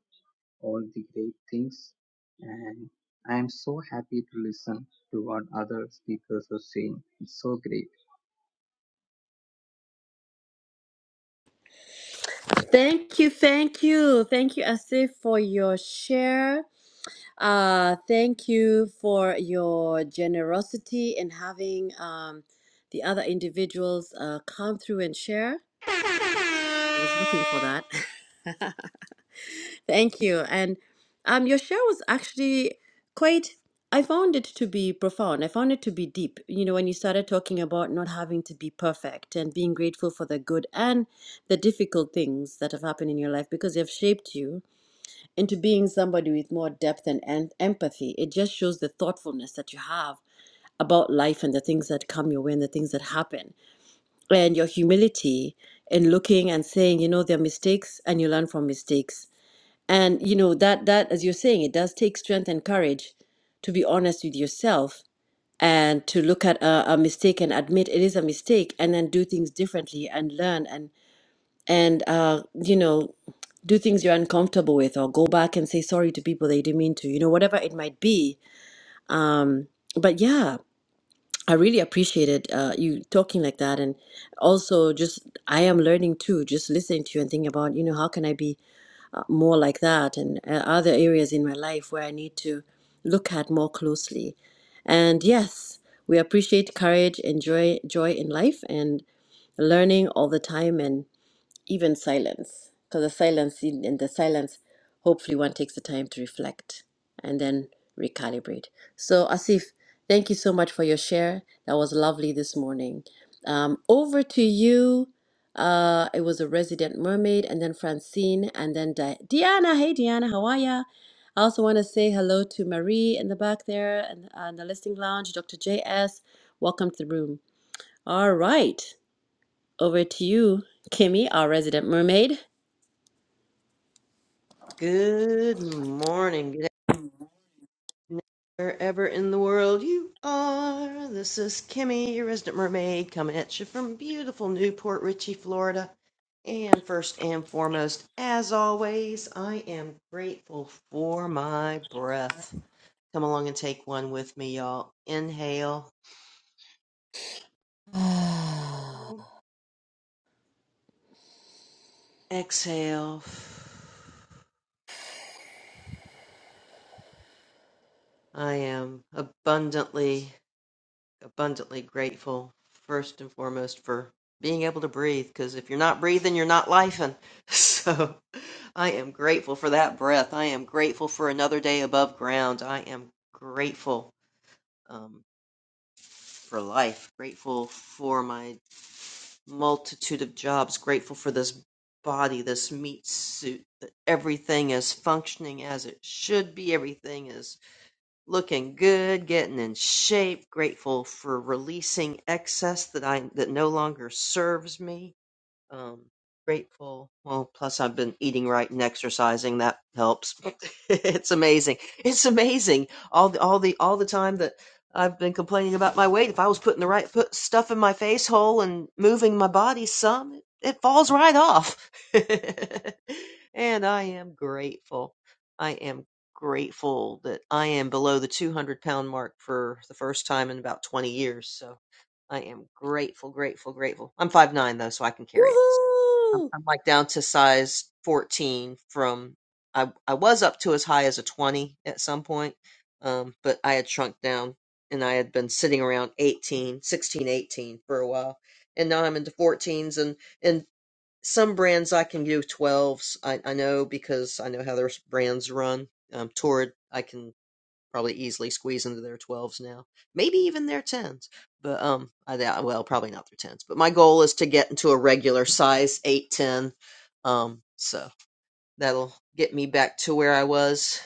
Speaker 35: all the great things. And I'm so happy to listen to what other speakers are saying. It's so great.
Speaker 38: Thank you, thank you, thank you, Asif, for your share. Uh, thank you for your generosity in having um, the other individuals uh, come through and share. I was looking for that. Thank you. And um, your share was actually quite, I found it to be profound. I found it to be deep. You know, when you started talking about not having to be perfect and being grateful for the good and the difficult things that have happened in your life because they've shaped you into being somebody with more depth and, and empathy. It just shows the thoughtfulness that you have about life and the things that come your way and the things that happen and your humility and looking and saying you know there are mistakes and you learn from mistakes and you know that that as you're saying it does take strength and courage to be honest with yourself and to look at a, a mistake and admit it is a mistake and then do things differently and learn and and uh you know do things you're uncomfortable with or go back and say sorry to people that you didn't mean to you know whatever it might be um but yeah I really appreciated uh, you talking like that, and also just I am learning too, just listening to you and thinking about you know how can I be uh, more like that, and uh, other areas in my life where I need to look at more closely. And yes, we appreciate courage and joy, joy in life, and learning all the time, and even silence because the silence in, in the silence hopefully one takes the time to reflect and then recalibrate so asif thank you so much for your share that was lovely this morning um, over to you uh, it was a resident mermaid and then francine and then Di- deanna hey Diana, how are ya i also want to say hello to marie in the back there and uh, the listing lounge dr js welcome to the room all right over to you kimmy our resident mermaid
Speaker 41: Good morning, good afternoon, wherever in the world you are. This is Kimmy, your resident mermaid, coming at you from beautiful Newport Richey, Florida. And first and foremost, as always, I am grateful for my breath. Come along and take one with me, y'all. Inhale,
Speaker 38: Ah,
Speaker 41: exhale. I am abundantly abundantly grateful, first and foremost, for being able to breathe, because if you're not breathing, you're not lifing. So I am grateful for that breath. I am grateful for another day above ground. I am grateful um, for life, grateful for my multitude of jobs, grateful for this body, this meat suit, that everything is functioning as it should be. Everything is looking good, getting in shape, grateful for releasing excess that I that no longer serves me. Um, grateful. Well, plus I've been eating right and exercising. That helps. it's amazing. It's amazing. All the all the all the time that I've been complaining about my weight. If I was putting the right put stuff in my face hole and moving my body some, it, it falls right off. and I am grateful. I am grateful that I am below the 200 pound mark for the first time in about 20 years. So I am grateful, grateful, grateful. I'm five nine though, so I can carry it. I'm,
Speaker 38: Woohoo!
Speaker 41: I'm like down to size 14 from I I was up to as high as a 20 at some point, um, but I had shrunk down and I had been sitting around 18 16 18 for a while, and now I'm into 14s and and some brands I can do 12s. I I know because I know how their brands run. Um, Torrid I can probably easily squeeze into their 12s now, maybe even their 10s. But um, I doubt, well, probably not their 10s. But my goal is to get into a regular size 8, 10. Um, so that'll get me back to where I was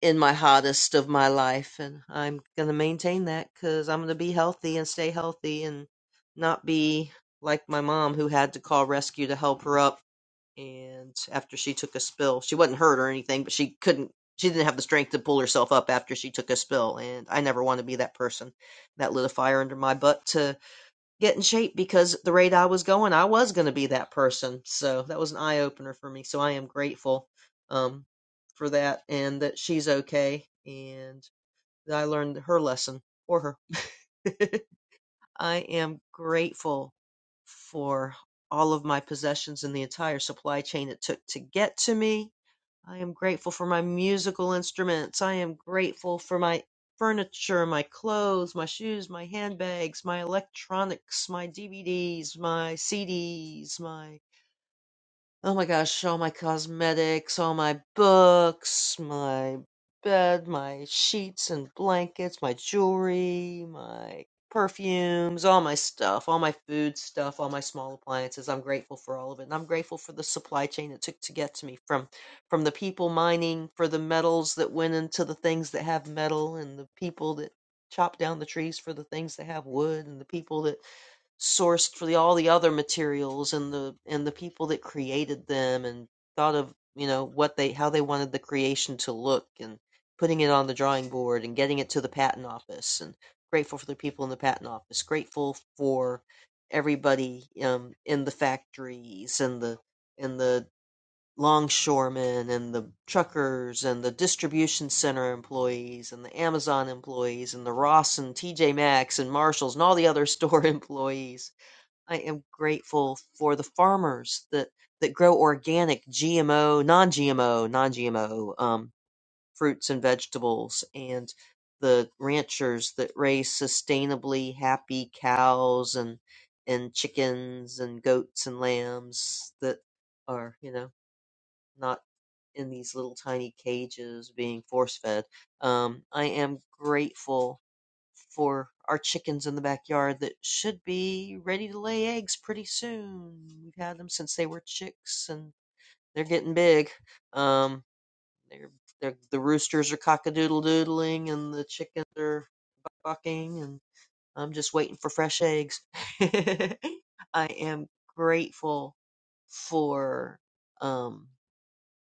Speaker 41: in my hottest of my life. And I'm going to maintain that because I'm going to be healthy and stay healthy and not be like my mom who had to call rescue to help her up and after she took a spill, she wasn't hurt or anything, but she couldn't, she didn't have the strength to pull herself up after she took a spill. And I never want to be that person that lit a fire under my butt to get in shape because the rate I was going, I was going to be that person. So that was an eye opener for me. So I am grateful um, for that and that she's okay and I learned her lesson for her. I am grateful for all of my possessions and the entire supply chain it took to get to me. I am grateful for my musical instruments. I am grateful for my furniture, my clothes, my shoes, my handbags, my electronics, my DVDs, my CDs, my Oh my gosh, all my cosmetics, all my books, my bed, my sheets and blankets, my jewelry, my perfumes, all my stuff, all my food stuff, all my small appliances. I'm grateful for all of it. And I'm grateful for the supply chain it took to get to me from from the people mining for the metals that went into the things that have metal and the people that chop down the trees for the things that have wood and the people that sourced for the, all the other materials and the and the people that created them and thought of you know what they how they wanted the creation to look and putting it on the drawing board and getting it to the patent office and grateful for the people in the patent office grateful for everybody um, in the factories and the and the longshoremen and the truckers and the distribution center employees and the Amazon employees and the Ross and TJ Maxx and Marshalls and all the other store employees I am grateful for the farmers that that grow organic, GMO, non-GMO, non-GMO um, fruits and vegetables, and the ranchers that raise sustainably happy cows and and chickens and goats and lambs that are you know not in these little tiny cages being force fed. Um, I am grateful for our chickens in the backyard that should be ready to lay eggs pretty soon. We've had them since they were chicks, and they're getting big. Um, they're, they're the roosters are cockadoodle doodling, and the chickens are bucking, and I'm just waiting for fresh eggs. I am grateful for um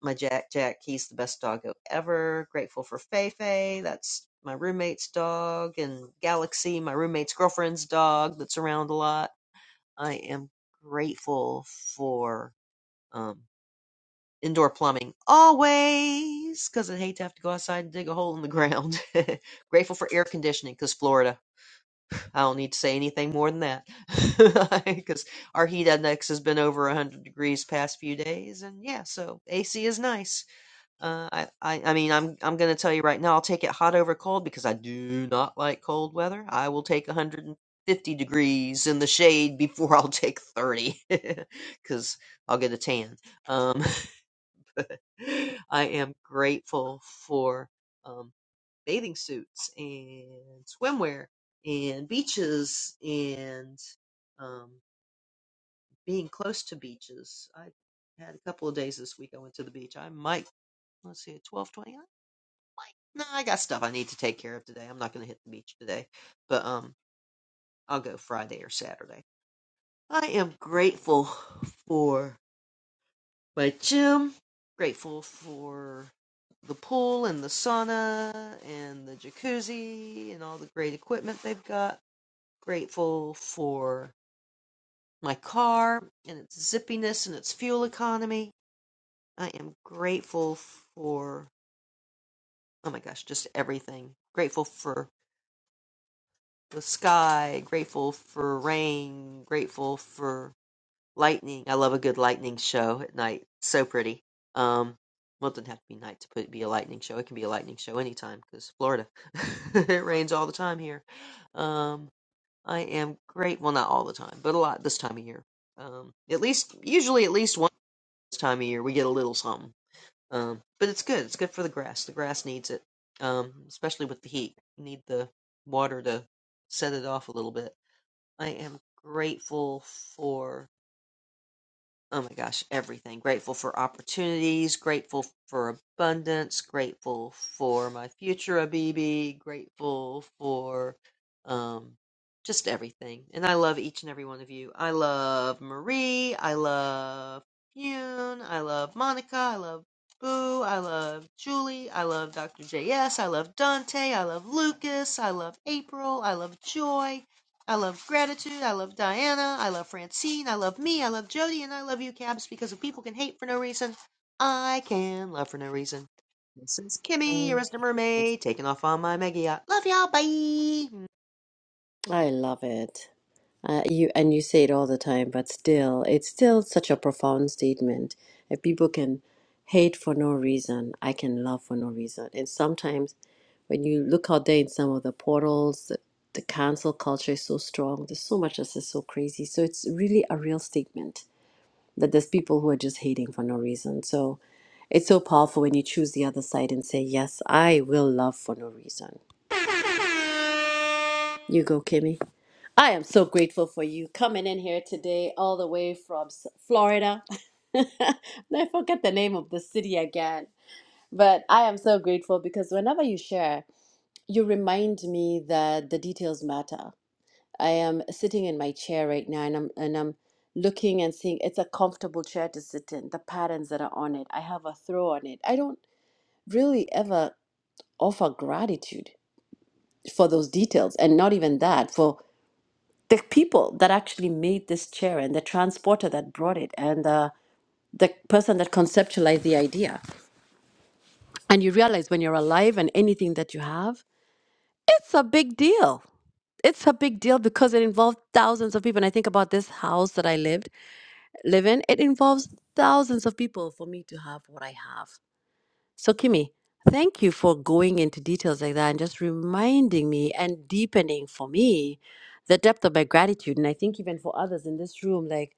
Speaker 41: my Jack Jack. He's the best doggo ever. Grateful for Fei Fei. That's my roommate's dog. And Galaxy, my roommate's girlfriend's dog that's around a lot. I am grateful for um, indoor plumbing always because I hate to have to go outside and dig a hole in the ground. grateful for air conditioning because Florida. I don't need to say anything more than that because our heat index has been over 100 degrees past few days. And yeah, so AC is nice uh, I I I mean, I'm I'm gonna tell you right now, I'll take it hot over cold because I do not like cold weather. I will take 150 degrees in the shade before I'll take 30 because I'll get a tan. Um, I am grateful for um, bathing suits and swimwear and beaches and um, being close to beaches. I had a couple of days this week I went to the beach. I might, let's see, 12, twenty. like, no, I got stuff I need to take care of today. I'm not going to hit the beach today, but um, I'll go Friday or Saturday. I am grateful for my gym, grateful for the pool and the sauna and the jacuzzi and all the great equipment they've got. Grateful for my car and its zippiness and its fuel economy. I am grateful for, oh my gosh, just everything. Grateful for the sky, grateful for rain, grateful for lightning. I love a good lightning show at night. It's so pretty. Um, well, it doesn't have to be night to put be a lightning show. It can be a lightning show anytime because Florida, it rains all the time here. Um, I am great. Well, not all the time, but a lot this time of year. Um, at least usually at least once this time of year we get a little something. Um, but it's good. It's good for the grass. The grass needs it. Um, especially with the heat, you need the water to set it off a little bit I am grateful for, oh my gosh, everything. Grateful for opportunities, grateful for abundance, grateful for my future Abibi, grateful for um, just everything. And I love each and every one of you. I love Marie. I love Yoon. I love Monica. I love Boo. I love Julie. I love Dr. S. I love Dante. I love Lucas. I love April. I love Joy. I love gratitude. I love Diana. I love Francine. I love me. I love Jody. And I love you, Cabs, because if people can hate for no reason, I can love for no reason. This is Kimmy,
Speaker 38: Oh,
Speaker 41: your resident
Speaker 38: yes.
Speaker 41: mermaid, taking off on my mega yacht. Love y'all. Bye.
Speaker 38: I love it. Uh, you and you say it all the time, but still, it's still such a profound statement. If people can hate for no reason, I can love for no reason. And sometimes when you look out there in some of the portals, the, the cancel culture is so strong. There's so much that's just so crazy. So it's really a real statement. that there's people who are just hating for no reason. So it's so powerful when you choose the other side and say, Yes, I will love for no reason. You go, Kimmy. I am so grateful for you coming in here today, all the way from S- Florida. And I forget the name of the city again, but I am so grateful because whenever you share, you remind me that the details matter. I am sitting in my chair right now and I'm and I'm looking and seeing it's a comfortable chair to sit in, the patterns that are on it. I have a throw on it. I don't really ever offer gratitude for those details and not even that for the people that actually made this chair and the transporter that brought it and the the person that conceptualized the idea. And you realize when you're alive and anything that you have, it's a big deal it's a big deal because it involved thousands of people. And I think about this house that I lived. Living, it involves thousands of people for me to have what I have. So, Kimmy, thank you for going into details like that and just reminding me and deepening for me the depth of my gratitude. And I think even for others in this room, like,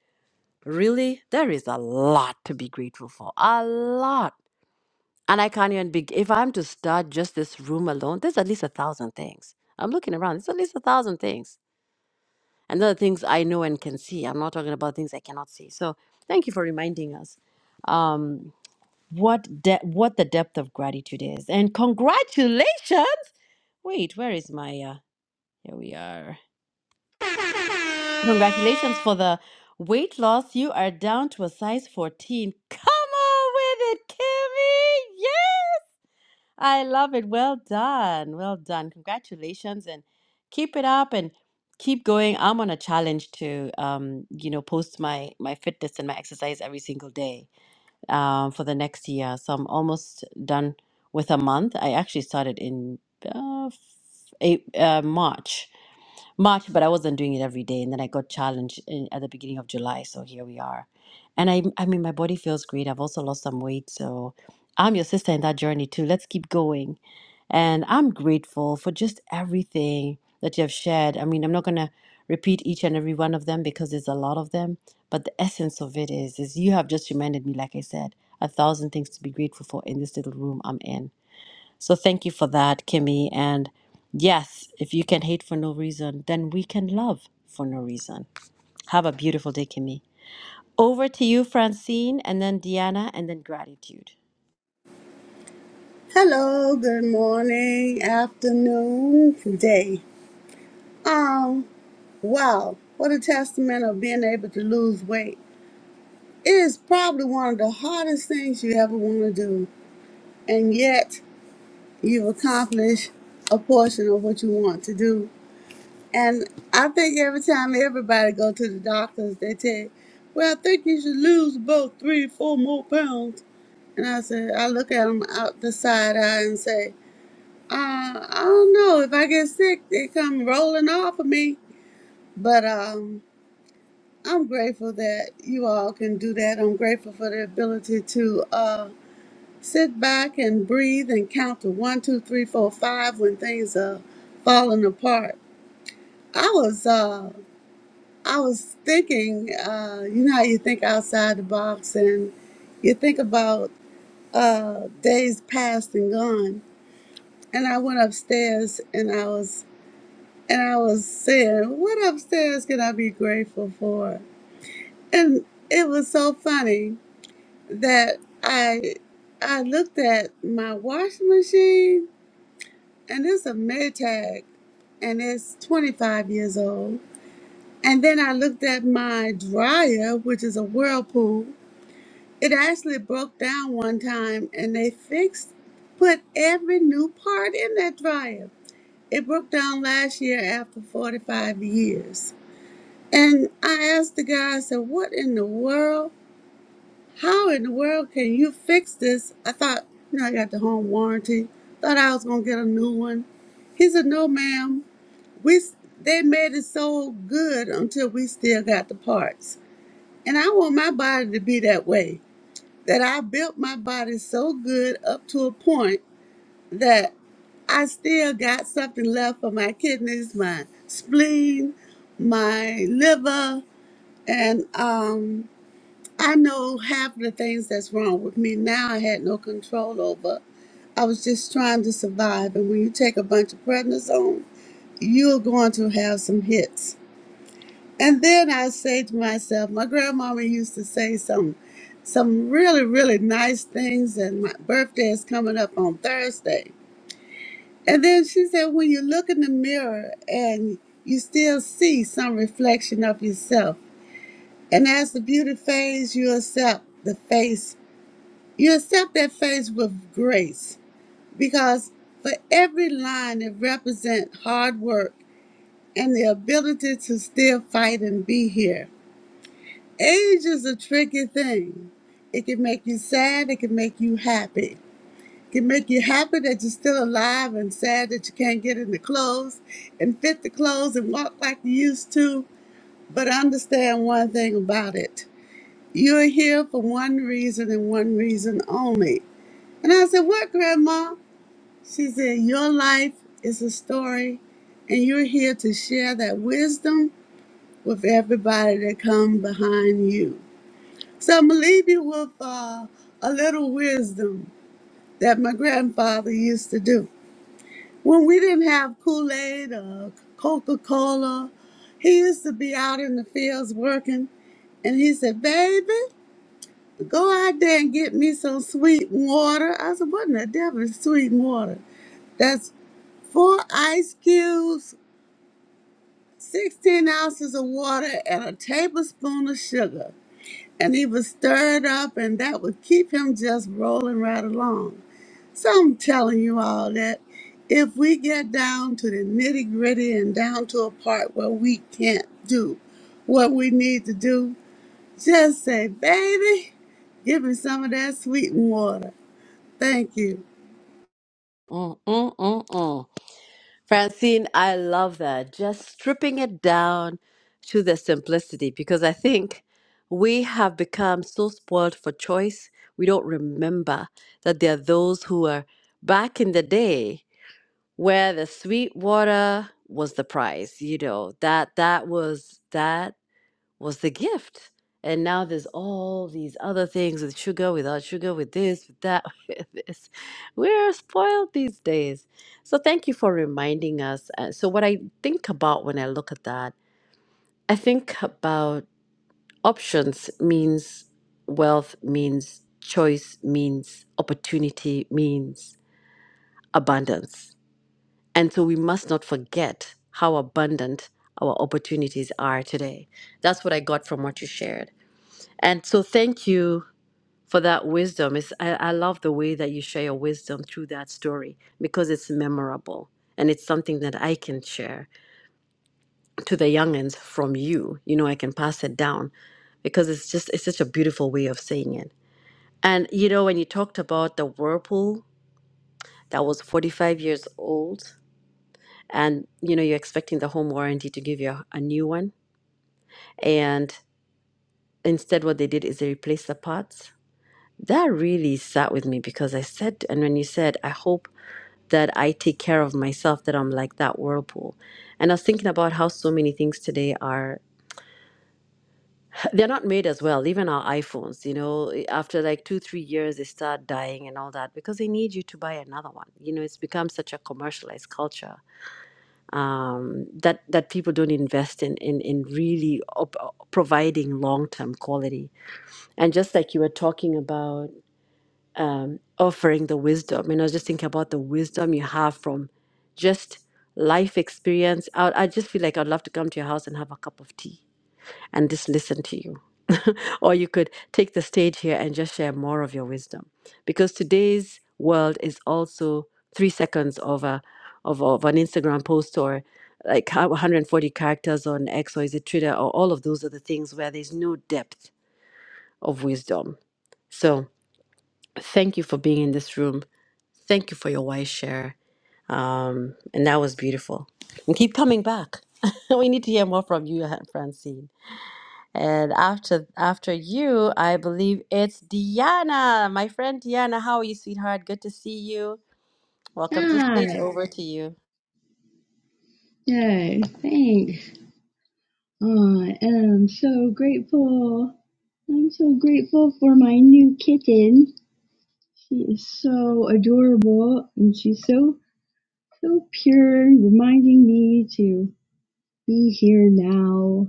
Speaker 38: really, there is a lot to be grateful for, a lot. And I can't even be, if I'm to start just this room alone, there's at least a thousand things. I'm looking around, there's at least a thousand things and there are things I know and can see. I'm not talking about things I cannot see. So thank you for reminding us um, what de- what the depth of gratitude is. And congratulations! Wait, where is my? Uh, here we are. Congratulations for the weight loss. You are down to a size 14. Come on with it, Kimmy! I love it. Well done. Well done. Congratulations and keep it up and keep going. I'm on a challenge to um, you know, post my my fitness and my exercise every single day um for the next year. So I'm almost done with a month. I actually started in uh, f- eight, uh March. March, but I wasn't doing it every day and then I got challenged in, at the beginning of July, so here we are. And I I mean my body feels great. I've also lost some weight, so I'm your sister in that journey too. Let's keep going. And I'm grateful for just everything that you have shared. I mean, I'm not going to repeat each and every one of them because there's a lot of them, but the essence of it is is you have just reminded me like I said, a thousand things to be grateful for in this little room I'm in. So thank you for that, Kimmy, and yes, if you can hate for no reason, then we can love for no reason. Have a beautiful day, Kimmy. Over to you, Francine, and then Deanna, and then gratitude.
Speaker 42: Hello, good morning, afternoon, today. Um, wow, what a testament of being able to lose weight. It is probably one of the hardest things you ever want to do, and yet you've accomplished a portion of what you want to do. And I think every time everybody go to the doctors, they tell, "Well, I think you should lose about three, four more pounds." And I said, I look at them out the side eye and say. Uh, I don't know. If I get sick, they come rolling off of me. But um, I'm grateful that you all can do that. I'm grateful for the ability to uh, sit back and breathe and count to one, two, three, four, five when things are falling apart. I was uh, I was thinking, uh, you know how you think outside the box and you think about uh, days past and gone. And I went upstairs and I was And I was saying, what upstairs can I be grateful for? And it was so funny that I I looked at my washing machine and it's a Maytag and it's 25 years old. And then I looked at my dryer, which is a Whirlpool. It actually broke down one time and they fixed, put every new part in that dryer. It broke down last year after 45 years. And I asked the guy, I said, What in the world? How in the world can you fix this? I thought, you know, I got the home warranty. Thought I was gonna get a new one. He said, No, ma'am. We s- they made it so good until we still got the parts. And I want my body to be that way. That I built my body so good up to a point that I still got something left for my kidneys, my spleen, my liver, and um I know half of the things that's wrong with me now I had no control over. I was just trying to survive. And when you take a bunch of prednisone, you're going to have some hits. And then I say to myself, my grandmama used to say some some really, really nice things, and my birthday is coming up on Thursday. And then she said, when you look in the mirror and you still see some reflection of yourself, and as the beauty fades, you accept the face You accept that phase with grace because for every line it represents hard work and the ability to still fight and be here. Age is a tricky thing. It can make you sad, it can make you happy. It can make you happy that you're still alive and sad that you can't get in the clothes and fit the clothes and walk like you used to. But understand one thing about it. You're here for one reason and one reason only. And I said, What, Grandma? She said, Your life is a story, and you're here to share that wisdom with everybody that come behind you. So I'm going to leave you with uh, a little wisdom that my grandfather used to do. When we didn't have Kool Aid or Coca Cola, he used to be out in the fields working, and he said, Baby, go out there and get me some sweet water. I said, What in the devil is sweet water? That's four ice cubes 16 ounces of water and a tablespoon of sugar. And he was stirred up, and that would keep him just rolling right along. So I'm telling you all that if we get down to the nitty gritty and down to a part where we can't do what we need to do, just say, baby, give me some of that sweetened water. Thank you.
Speaker 38: Mm, mm, mm, mm. Francine, I love that. Just stripping it down to the simplicity because I think we have become so spoiled for choice. We don't remember that there are those who are back in the day where the sweet water was the prize, you know, that that was that was the gift. And now there's all these other things with sugar, without sugar, with this, with that, with this. We're spoiled these days. So thank you for reminding us. Uh, So, what I think about when I look at that, I think about options means wealth, means choice, means opportunity, means abundance. And so we must not forget how abundant our opportunities are today. That's what I got from what you shared. And so, thank you for that wisdom. It's, I, I love the way that you share your wisdom through that story because it's memorable and it's something that I can share to the youngins from you. You know, I can pass it down because it's just it's such a beautiful way of saying it. And you know, when you talked about the whirlpool that was 45 years old, and you know, you're expecting the home warranty to give you a, a new one, and instead, what they did is they replaced the parts That really sat with me because I said, and when you said, I hope that I take care of myself, that I'm like that whirlpool. And I was thinking about how so many things today are, they're not made as well, even our iPhones, you know, e, after like two, three years, they start dying and all that because they need you to buy another one. You know, it's become such a commercialized culture um, that, that people don't invest in, in, in really op- providing long term quality. And just like you were talking about, um, offering the wisdom. And I was just thinking about the wisdom you have from just life experience. I, I just feel like I'd love to come to your house and have a cup of tea and just listen to you. or you could take the stage here and just share more of your wisdom. Because today's world is also three seconds of, a, of, of an Instagram post or like how- 140 characters on X or is it Twitter or all of those other things where there's no depth of wisdom. So thank you for being in this room Thank you for your wise share. Um, and that was beautiful. And keep coming back. we need to hear more from you, Francine. And after after you, I believe it's Diana, my friend Diana. How are you, sweetheart? Good to see you. Welcome to the stage.
Speaker 43: Hi.
Speaker 38: Over to you.
Speaker 43: Yay. Thanks. Oh, I am so grateful. I'm so grateful for my new kitten. She is so adorable and she's so, so pure, reminding me to be here now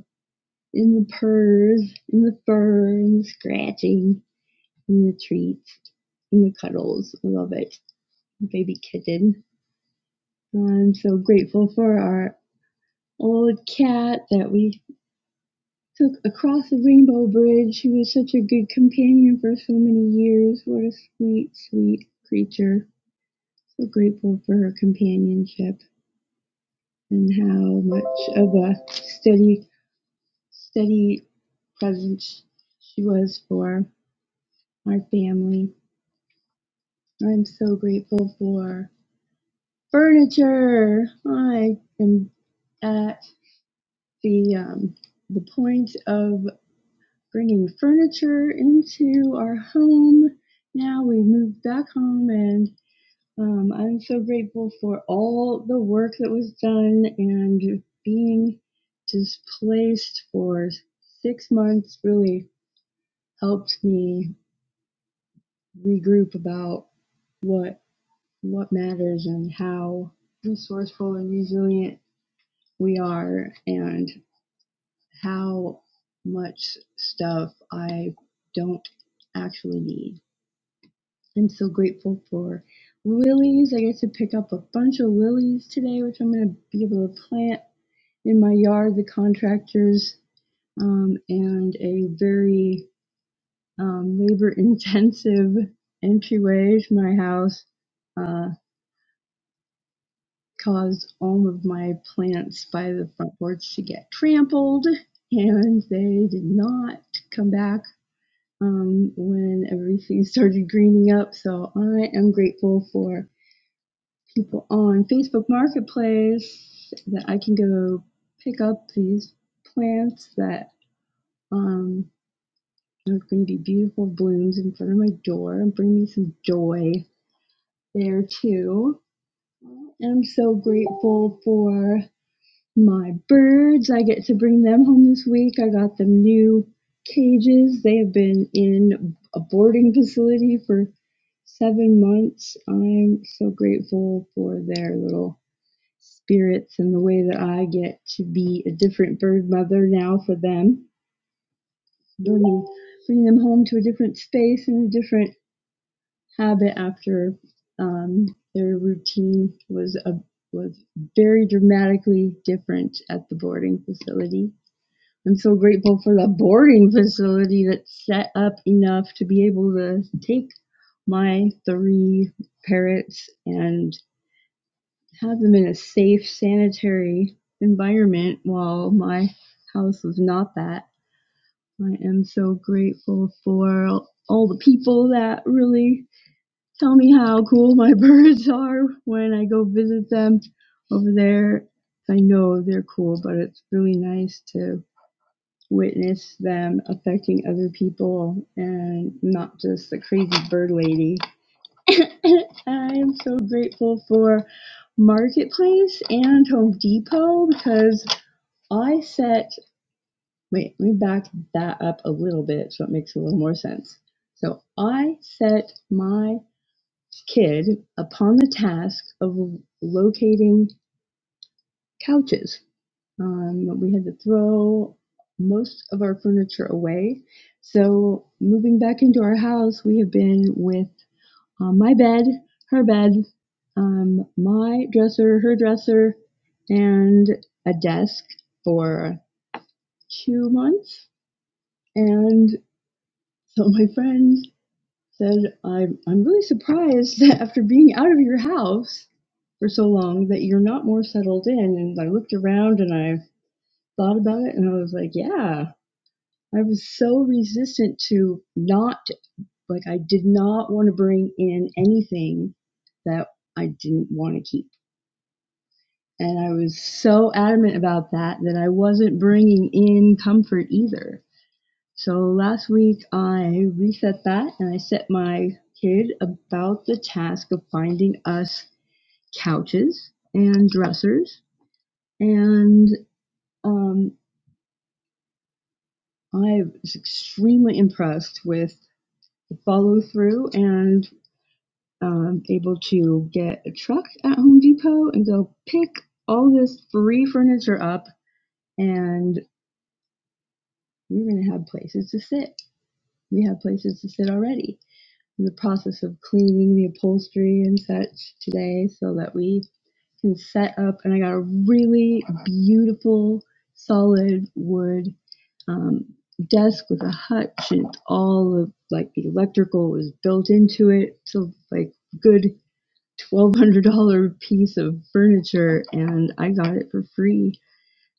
Speaker 43: in the purrs, in the fur, in the scratching, in the treats, in the cuddles. I love it. Baby kitten. I'm so grateful for our old cat that we took across the Rainbow Bridge. He was such a good companion for so many years. What a sweet, sweet creature. So grateful for her companionship and how much of a steady, steady presence she was for our family. I'm so grateful for furniture. I am at the um, the point of bringing furniture into our home. Now we moved back home, and um, I'm so grateful for all the work that was done and being displaced for six months really helped me regroup about what what matters and how resourceful and resilient we are and how much stuff I don't actually need. I'm so grateful for lilies. I get to pick up a bunch of lilies today, which I'm going to be able to plant in my yard, the contractors, um, and a very um, labor intensive entryway to my house uh, caused all of my plants by the front porch to get trampled, and they did not come back um, when everything started greening up. So I am grateful for people on Facebook Marketplace that I can go pick up these plants that um, are going to be beautiful blooms in front of my door and bring me some joy there too. And I'm so grateful for my birds. I get to bring them home this week. I got them new cages. They have been in a boarding facility for seven months. I'm so grateful for their little spirits and the way that I get to be a different bird mother now for them, bringing bringing them home to a different space and a different habit after um, their routine was a, was very dramatically different at the boarding facility. I'm so grateful for the boarding facility that's set up enough to be able to take my three parrots and have them in a safe, sanitary environment while my house was not that. I am so grateful for all the people that really tell me how cool my birds are when I go visit them over there. I know they're cool, but it's really nice to witness them affecting other people and not just the crazy bird lady I'm so grateful for Marketplace and Home Depot because I set, wait, let me back that up a little bit so it makes a little more sense. So I set my kid upon the task of locating couches. Um, we had to throw most of our furniture away. So moving back into our house, we have been with um, my bed, her bed, um, my dresser, her dresser, and a desk for two months. And so my friend said, I'm, I'm really surprised that after being out of your house for so long that you're not more settled in. And I looked around and I thought about it and I was like, yeah, I was so resistant to not, like, I did not want to bring in anything that I didn't want to keep. And I was so adamant about that that I wasn't bringing in comfort either. So last week I reset that and I set my kid about the task of finding us couches and dressers. And um, I was extremely impressed with the follow through and um, able to get a truck at Home Depot and go pick all this free furniture up and. we're going to have places to sit. We have places to sit already. the process of cleaning the upholstery and such today so that we can set up. And I got a really beautiful solid wood um, desk with a hutch and all of like the electrical was built into it. So like good twelve hundred dollar piece of furniture and I got it for free.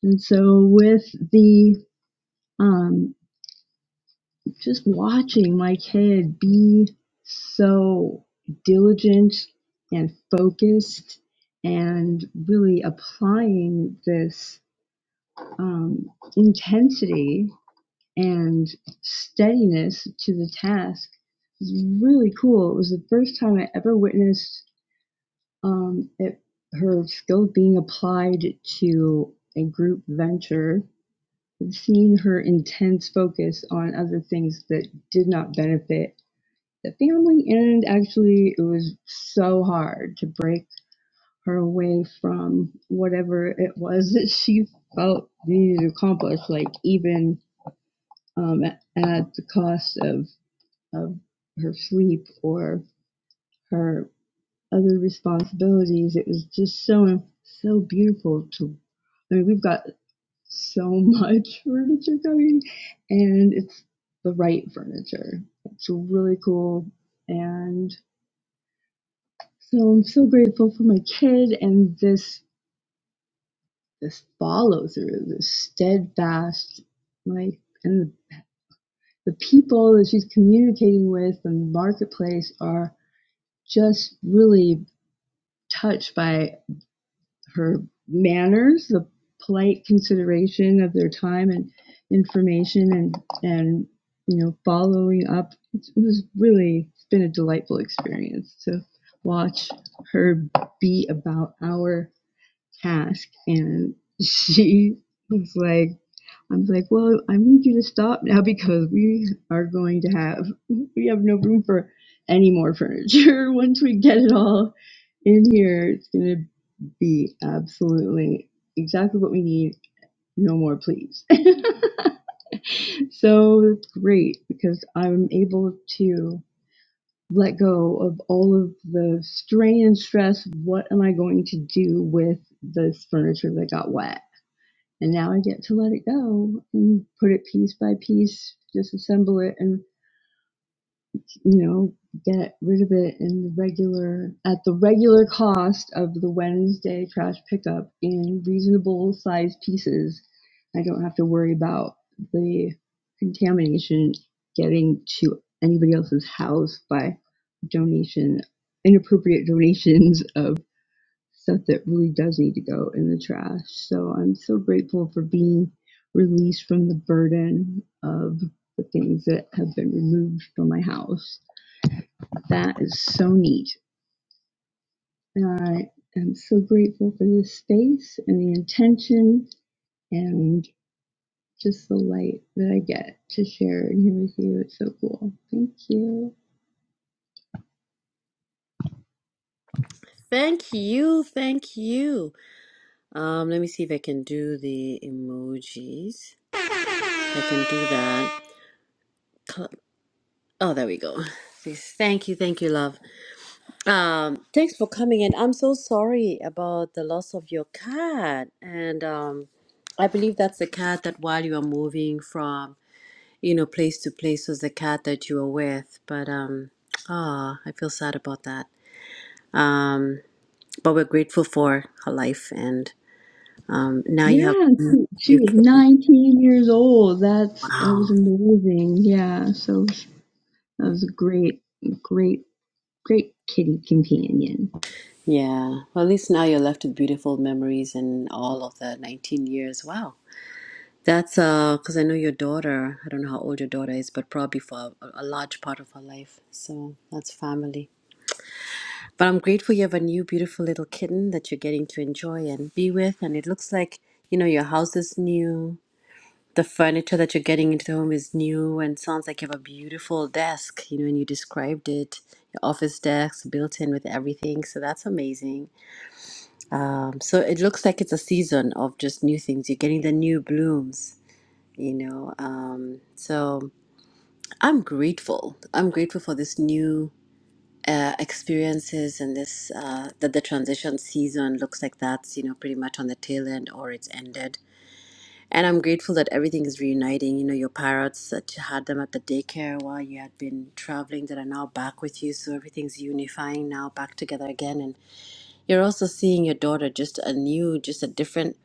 Speaker 43: And so with the um, just watching my kid be so diligent and focused and really applying this um, intensity and steadiness to the task was really cool. It was the first time I ever witnessed um, it, her skill being applied to a group venture. I've seen her intense focus on other things that did not benefit the family and actually it was so hard to break her away from whatever it was that she felt needed to accomplish like even um, at, at the cost of, of her sleep or her other responsibilities it was just so so beautiful to i mean we've got so much furniture coming and it's the right furniture it's really cool and So I'm so grateful for my kid and this this follow through, this steadfast like and the, the people that she's communicating with in the marketplace are just really touched by her manners, the polite consideration of their time and information and and you know following up. It was really it's been a delightful experience to watch her be about our task and she was like I was like, well, I need you to stop now because we are going to have we have no room for any more furniture. Once we get it all in here, it's gonna be absolutely exactly what we need. No more, please. so it's great because I'm able to let go of all of the strain and stress. What am I going to do with this furniture that got wet? And now I get to let it go and put it piece by piece, disassemble it and, you know, get rid of it in the regular, at the regular cost of the Wednesday trash pickup in reasonable size pieces. I don't have to worry about the contamination getting to anybody else's house by donation, inappropriate donations of stuff that really does need to go in the trash. So I'm so grateful for being released from the burden of the things that have been removed from my house. That is so neat. And I am so grateful for this space and the intention and just the light that I get to share and here with you. It's so cool. Thank you.
Speaker 38: Thank you, thank you. Um, let me see if I can do the emojis. If I can do that. Cl- Oh, there we go. Please, thank you, thank you, love. Um, thanks for coming in. I'm so sorry about the loss of your cat. And um, I believe that's the cat that while you were moving from, you know, place to place was the cat that you were with. But um, ah, I feel sad about that. Um, but we're grateful for her life. And um, now you have
Speaker 43: Yeah, she, she
Speaker 38: you
Speaker 43: was
Speaker 38: can,
Speaker 43: 19 years old. That's that was
Speaker 38: wow.
Speaker 43: amazing. Yeah, so That was a great, great, great kitty companion.
Speaker 38: Yeah. Well, at least now you're left with beautiful memories and all of the 19 years. Wow. That's uh, because I know your daughter, I don't know how old your daughter is, but probably for a, a large part of her life. So that's family. But I'm grateful you have a new beautiful little kitten that you're getting to enjoy and be with. And it looks like, you know, your house is new. The furniture that you're getting into the home is new and sounds like you have a beautiful desk, you know, and you described it. Your office desk built in with everything. So that's amazing. Um, so it looks like it's a season of just new things. You're getting the new blooms, you know. Um, so I'm grateful. I'm grateful for this new uh, experiences and this uh, that the transition season looks like that's you know pretty much on the tail end or it's ended. And I'm grateful that everything is reuniting. You know, your parrots that you had them at the daycare while you had been traveling that are now back with you. So everything's unifying now back together again. And you're also seeing your daughter just a new, just a different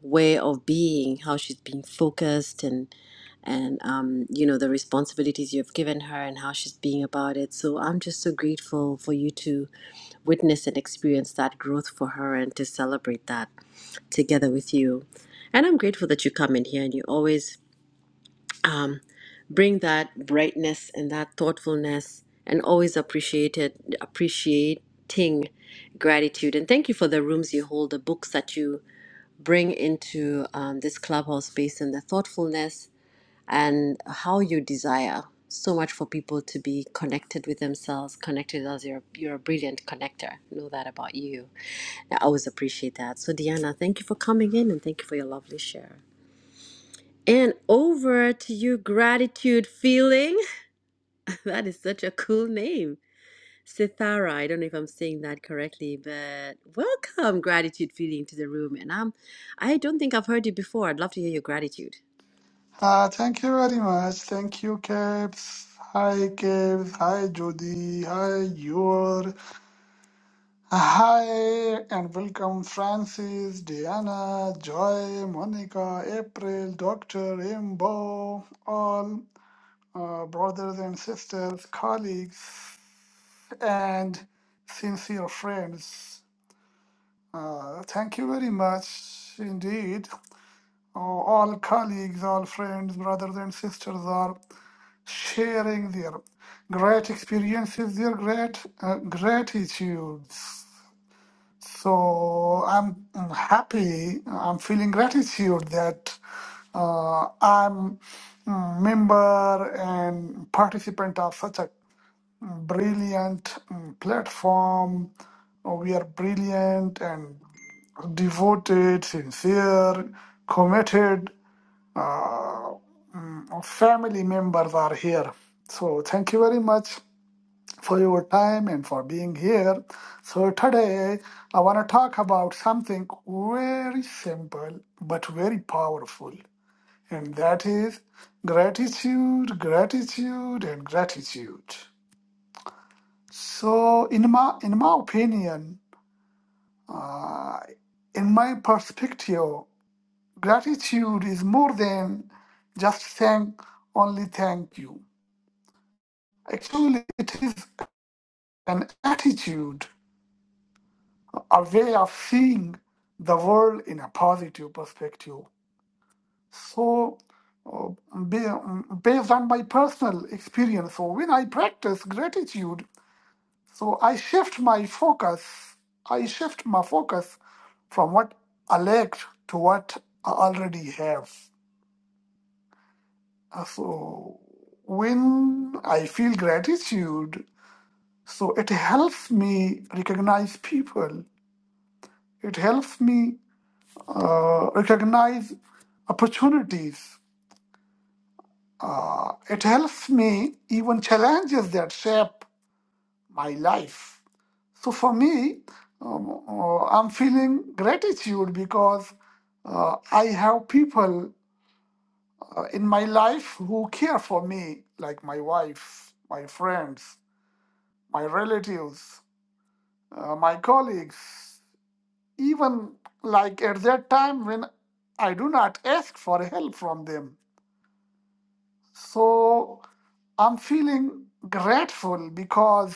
Speaker 38: way of being, how she's being focused and and um, you know the responsibilities you've given her and how she's being about it. So I'm just so grateful for you to witness and experience that growth for her and to celebrate that together with you. And I'm grateful that you come in here and you always um, bring that brightness and that thoughtfulness and always appreciated appreciating gratitude. And thank you for the rooms you hold, the books that you bring into um, this clubhouse space and the thoughtfulness and how you desire so much for people to be connected with themselves, connected with others. You're, you're a brilliant connector. I Know that about you. I always appreciate that. So, Deanna, thank you for coming in and thank you for your lovely share. And over to you, gratitude feeling. that is such a cool name. Sithara, I don't know if I'm saying that correctly, but welcome, gratitude feeling to the room. And I'm, I don't think I've heard you before. I'd love to hear your gratitude.
Speaker 18: Uh, thank you very much. Thank you, Caps. Hi, Caps. Hi, Jody. Hi, Yor. Hi and welcome Francis, Diana, Joy, Monica, April, Dr. Imbo, all uh, brothers and sisters, colleagues, and sincere friends. Uh, thank you very much indeed. Uh, all colleagues, all friends, brothers and sisters are sharing their great experiences, their great uh, gratitudes So I'm happy. I'm feeling gratitude that uh, I'm mm, member and participant of such a brilliant mm, platform. We are brilliant and devoted, sincere, committed. Uh, family members are here. So thank you very much for your time and for being here. So today I want to talk about something very simple but very powerful, and that is gratitude, gratitude, and gratitude. So in my in my opinion, uh, in my perspective, gratitude is more than just saying only thank you. Actually, it is an attitude a way of seeing the world in a positive perspective. So, uh, ba- based on my personal experience, so when I practice gratitude, so I shift my focus, I shift my focus from what I lacked to what I already have. Uh, So, when I feel gratitude, so it helps me recognize people. It helps me uh, recognize opportunities. Uh, it helps me even challenges that shape my life. So for me, um, uh, I'm feeling gratitude because uh, I have people uh, in my life who care for me, like my wife, my friends, my relatives, uh, my colleagues. Even like at that time when I do not ask for help from them. So I'm feeling grateful because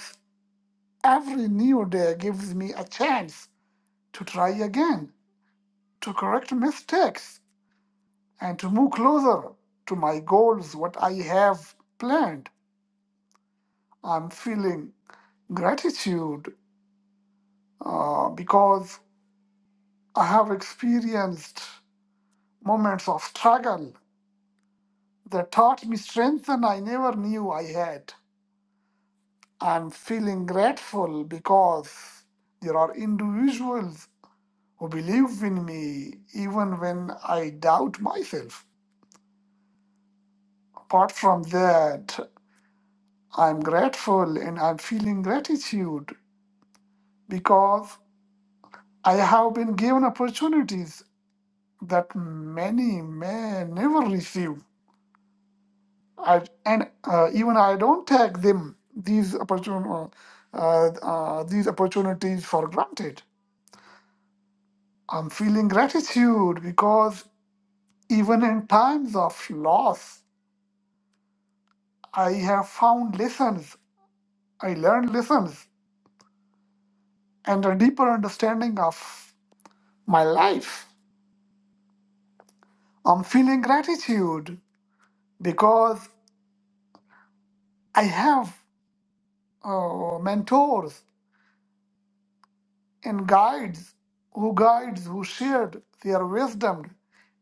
Speaker 18: every new day gives me a chance to try again, to correct mistakes, and to move closer to my goals, what I have planned. I'm feeling gratitude uh, because I have experienced moments of struggle that taught me strength and I never knew I had. I'm feeling grateful because there are individuals who believe in me even when I doubt myself. Apart from that, I'm grateful and I'm feeling gratitude because I have been given opportunities that many may never receive. I, and uh, even I don't take them these opportun- uh, uh, these opportunities for granted. I'm feeling gratitude because even in times of loss, I have found lessons I learned lessons and a deeper understanding of my life. I'm feeling gratitude because I have uh, mentors and guides who guides who shared their wisdom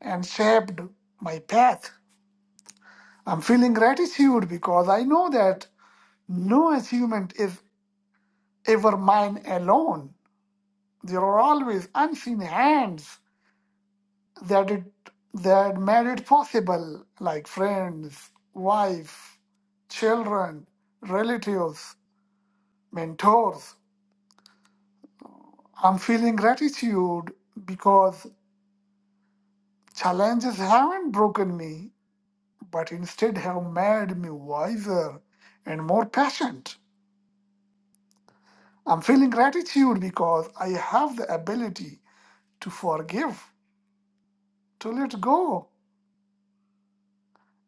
Speaker 18: and shaped my path. I'm feeling gratitude because I know that no achievement is ever mine alone. There are always unseen hands that it that made it possible, like friends, wife, children, relatives, mentors. I'm feeling gratitude because challenges haven't broken me, but instead have made me wiser and more patient. I'm feeling gratitude because I have the ability to forgive, to let go,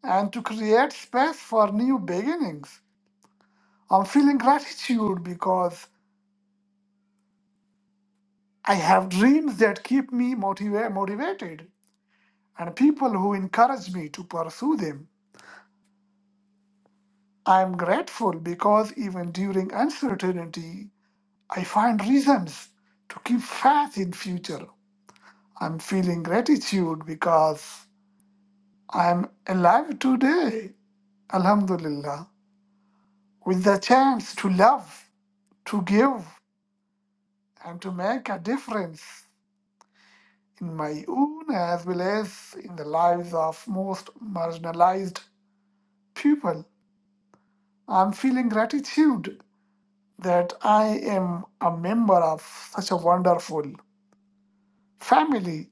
Speaker 18: and to create space for new beginnings. I'm feeling gratitude because I have dreams that keep me motiva- motivated and people who encourage me to pursue them. I am grateful because even during uncertainty, I find reasons to keep faith in future. I'm feeling gratitude because I am alive today, alhamdulillah, with the chance to love, to give, and to make a difference in my own as well as in the lives of most marginalized people, I'm feeling gratitude that I am a member of such a wonderful family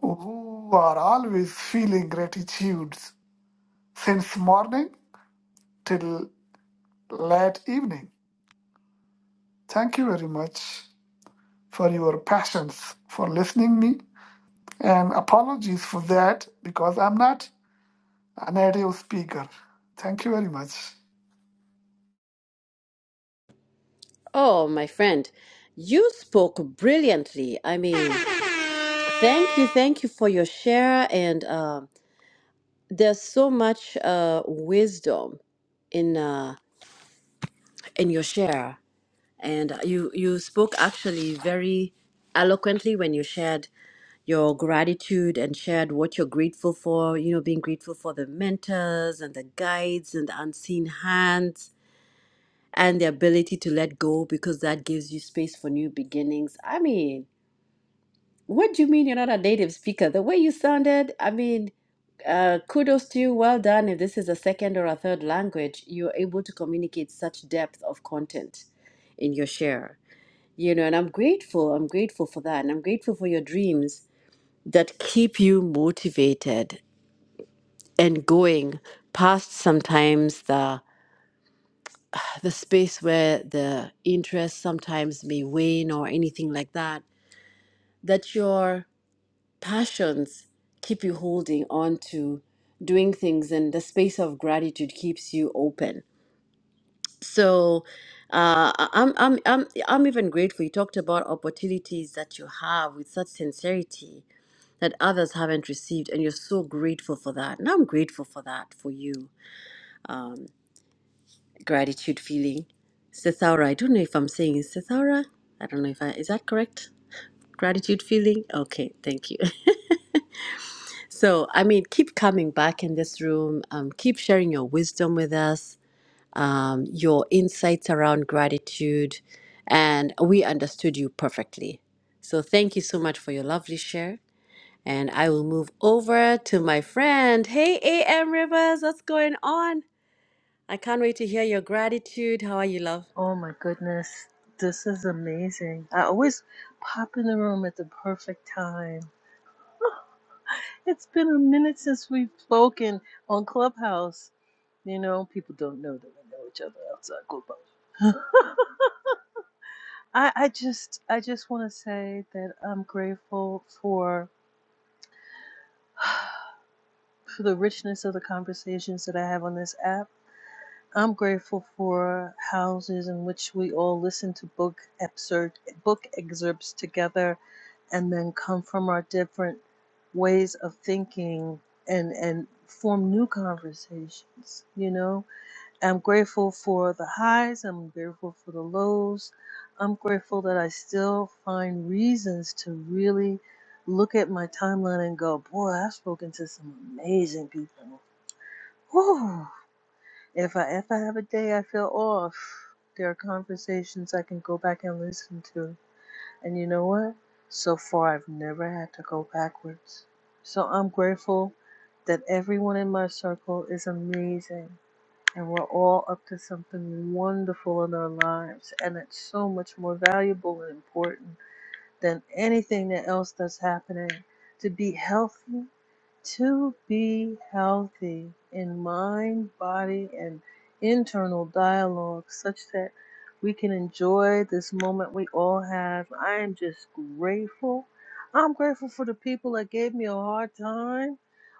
Speaker 18: who are always feeling gratitude since morning till late evening. Thank you very much for your patience for listening me and apologies for that because I'm not a native speaker. Thank you very much.
Speaker 38: Oh, my friend, you spoke brilliantly. I mean, thank you, thank you for your share. And uh, there's so much uh, wisdom in uh, in your share. And you you spoke actually very eloquently when you shared your gratitude and shared what you're grateful for. You know, being grateful for the mentors and the guides and the unseen hands and the ability to let go because that gives you space for new beginnings. I mean. What do you mean you're not a native speaker? The way you sounded, I mean, uh, kudos to you. Well done. If this is a second or a third language, you're able to communicate such depth of content in your share. You know, and I'm grateful. I'm grateful for that. And I'm grateful for your dreams that keep you motivated and going past sometimes the the space where the interest sometimes may wane or anything like that. That you're passions keep you holding on to doing things and the space of gratitude keeps you open so uh, I- I'm, I'm, I'm, I'm even grateful you talked about opportunities that you have with such sincerity that others haven't received and you're so grateful for that and i'm grateful for that for you um, gratitude feeling Sethaura, i don't know if i'm saying it, Sethaura. i don't know if i is that correct gratitude feeling okay thank you So, I mean, keep coming back in this room. Um, keep sharing your wisdom with us, um, your insights around gratitude. And we understood you perfectly. So, thank you so much for your lovely share. And I will move over to my friend. Hey, AM Rivers, what's going on? I can't wait to hear your gratitude. How are you, love?
Speaker 15: Oh my goodness, this is amazing. I always pop in the room at the perfect time. It's been a minute since we've spoken on Clubhouse. You know, people don't know that we know each other outside Clubhouse. I, I just I just want to say that I'm grateful for for the richness of the conversations that I have on this app. I'm grateful for houses in which we all listen to book excerpt, book excerpts together and then come from our different ways of thinking and and form new conversations, you know? I'm grateful for the highs. I'm grateful for the lows. I'm grateful that I still find reasons to really look at my timeline and go, boy, I've spoken to some amazing people. Whew. If I if I have a day I feel off, there are conversations I can go back and listen to. And you know what? So far, I've never had to go backwards. So I'm grateful that everyone in my circle is amazing and we're all up to something wonderful in our lives and it's so much more valuable and important than anything that else that's happening. To be healthy, to be healthy in mind, body, and internal dialogue, such that we can enjoy this moment we all have. I am just grateful. I'm grateful for the people that gave me a hard time.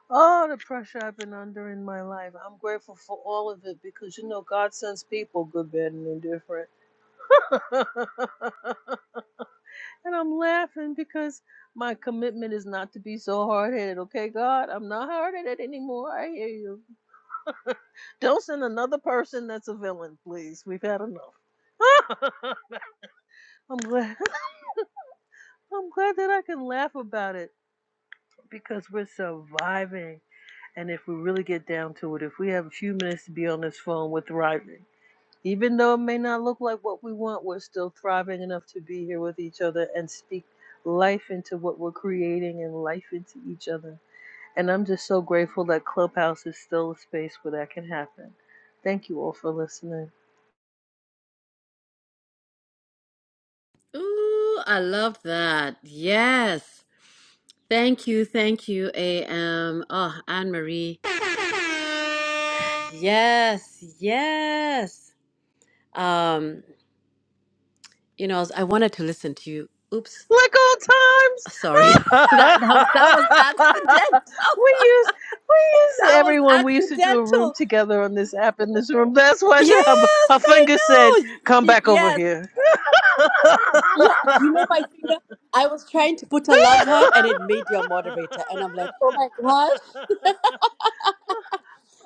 Speaker 15: Oh, the pressure I've been under in my life. I'm grateful for all of it because you know God sends people good, bad, and indifferent. And I'm laughing because my commitment is not to be so hard headed. Okay, God, I'm not hard headed anymore. I hear you. Don't send another person that's a villain, please. We've had enough. I'm glad. I'm glad that I can laugh about it because we're surviving. And if we really get down to it, if we have a few minutes to be on this phone, we're thriving. Even though it may not look like what we want, we're still thriving enough to be here with each other and speak life into what we're creating and life into each other. And I'm just so grateful that Clubhouse is still a space where that can happen. Thank you all for listening.
Speaker 38: Ooh, I love that. Yes. Thank you. Thank you, AM. Oh, Anne Marie. Yes, yes. Um, you know, I wanted to listen to you. Oops,
Speaker 15: Like old
Speaker 38: sorry.
Speaker 15: times,
Speaker 38: that that was that was accidental.
Speaker 15: we used we used
Speaker 38: That was
Speaker 15: everyone. We used to do a room
Speaker 38: accidental.
Speaker 15: together on this app in this room. That's why she, her, her
Speaker 38: Yes,
Speaker 15: finger said,
Speaker 38: I know.
Speaker 15: "Come
Speaker 38: You,
Speaker 15: back over
Speaker 38: yes,
Speaker 15: here."
Speaker 38: yeah. You know my finger. I was trying to put a love heart, and it made your moderator. And I'm like, oh my gosh,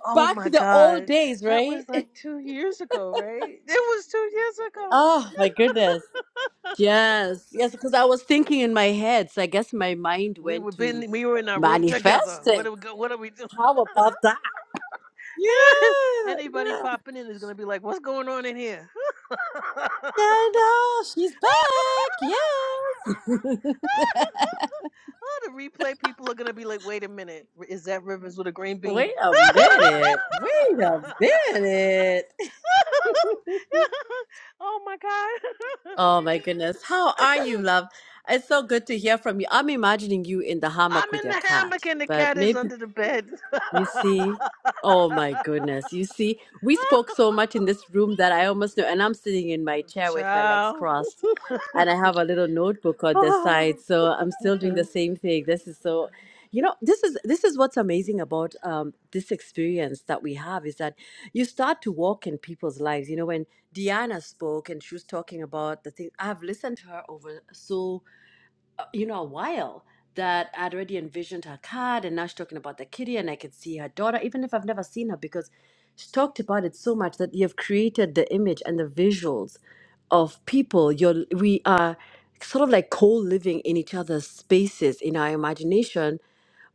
Speaker 15: oh
Speaker 38: back
Speaker 15: my
Speaker 38: to the old
Speaker 15: god,
Speaker 38: days,
Speaker 15: that was
Speaker 38: right?
Speaker 15: like two years ago, right? It was two years ago.
Speaker 38: Oh my goodness. Yes, yes, because I was thinking in my head, so I guess my mind
Speaker 15: We
Speaker 38: went
Speaker 15: were
Speaker 38: to
Speaker 15: been we were in our room together.
Speaker 38: manifest
Speaker 15: What
Speaker 38: it.
Speaker 15: are we go, what are we doing?
Speaker 38: How about that? Yeah,
Speaker 15: Anybody
Speaker 38: yeah,
Speaker 15: popping in is gonna be like, what's going on in here?
Speaker 38: yeah. I know she's back. Yes.
Speaker 15: oh, the replay people are gonna be like, wait a minute, is that Rivers with a green bean?
Speaker 38: Wait a minute. Wait a minute.
Speaker 15: oh my god.
Speaker 38: Oh my goodness. How are you, love? It's so good to hear from you. I'm imagining you in the hammock
Speaker 15: I'm
Speaker 38: with
Speaker 15: in
Speaker 38: your
Speaker 15: the
Speaker 38: cat,
Speaker 15: hammock and the
Speaker 38: but
Speaker 15: cat is
Speaker 38: maybe.
Speaker 15: under the bed.
Speaker 38: You see, oh my goodness. You see, we spoke so much in this room that I almost know. And I'm sitting in my chair with my legs
Speaker 15: Child.
Speaker 38: crossed, and I have a little notebook on the side.
Speaker 15: Oh,
Speaker 38: So I'm still doing the same thing. This is so, you know, this is this is what's amazing about um, this experience that we have is that you start to walk in people's lives. You know, when Diana spoke and she was talking about the thing, I have listened to her over so uh, you know, a while that I'd already envisioned her card and now she's talking about the kitty and I can see her daughter, even if I've never seen her, because she talked about it so much that you've created the image and the visuals of people. You're we are sort of like co-living in each other's spaces in our imagination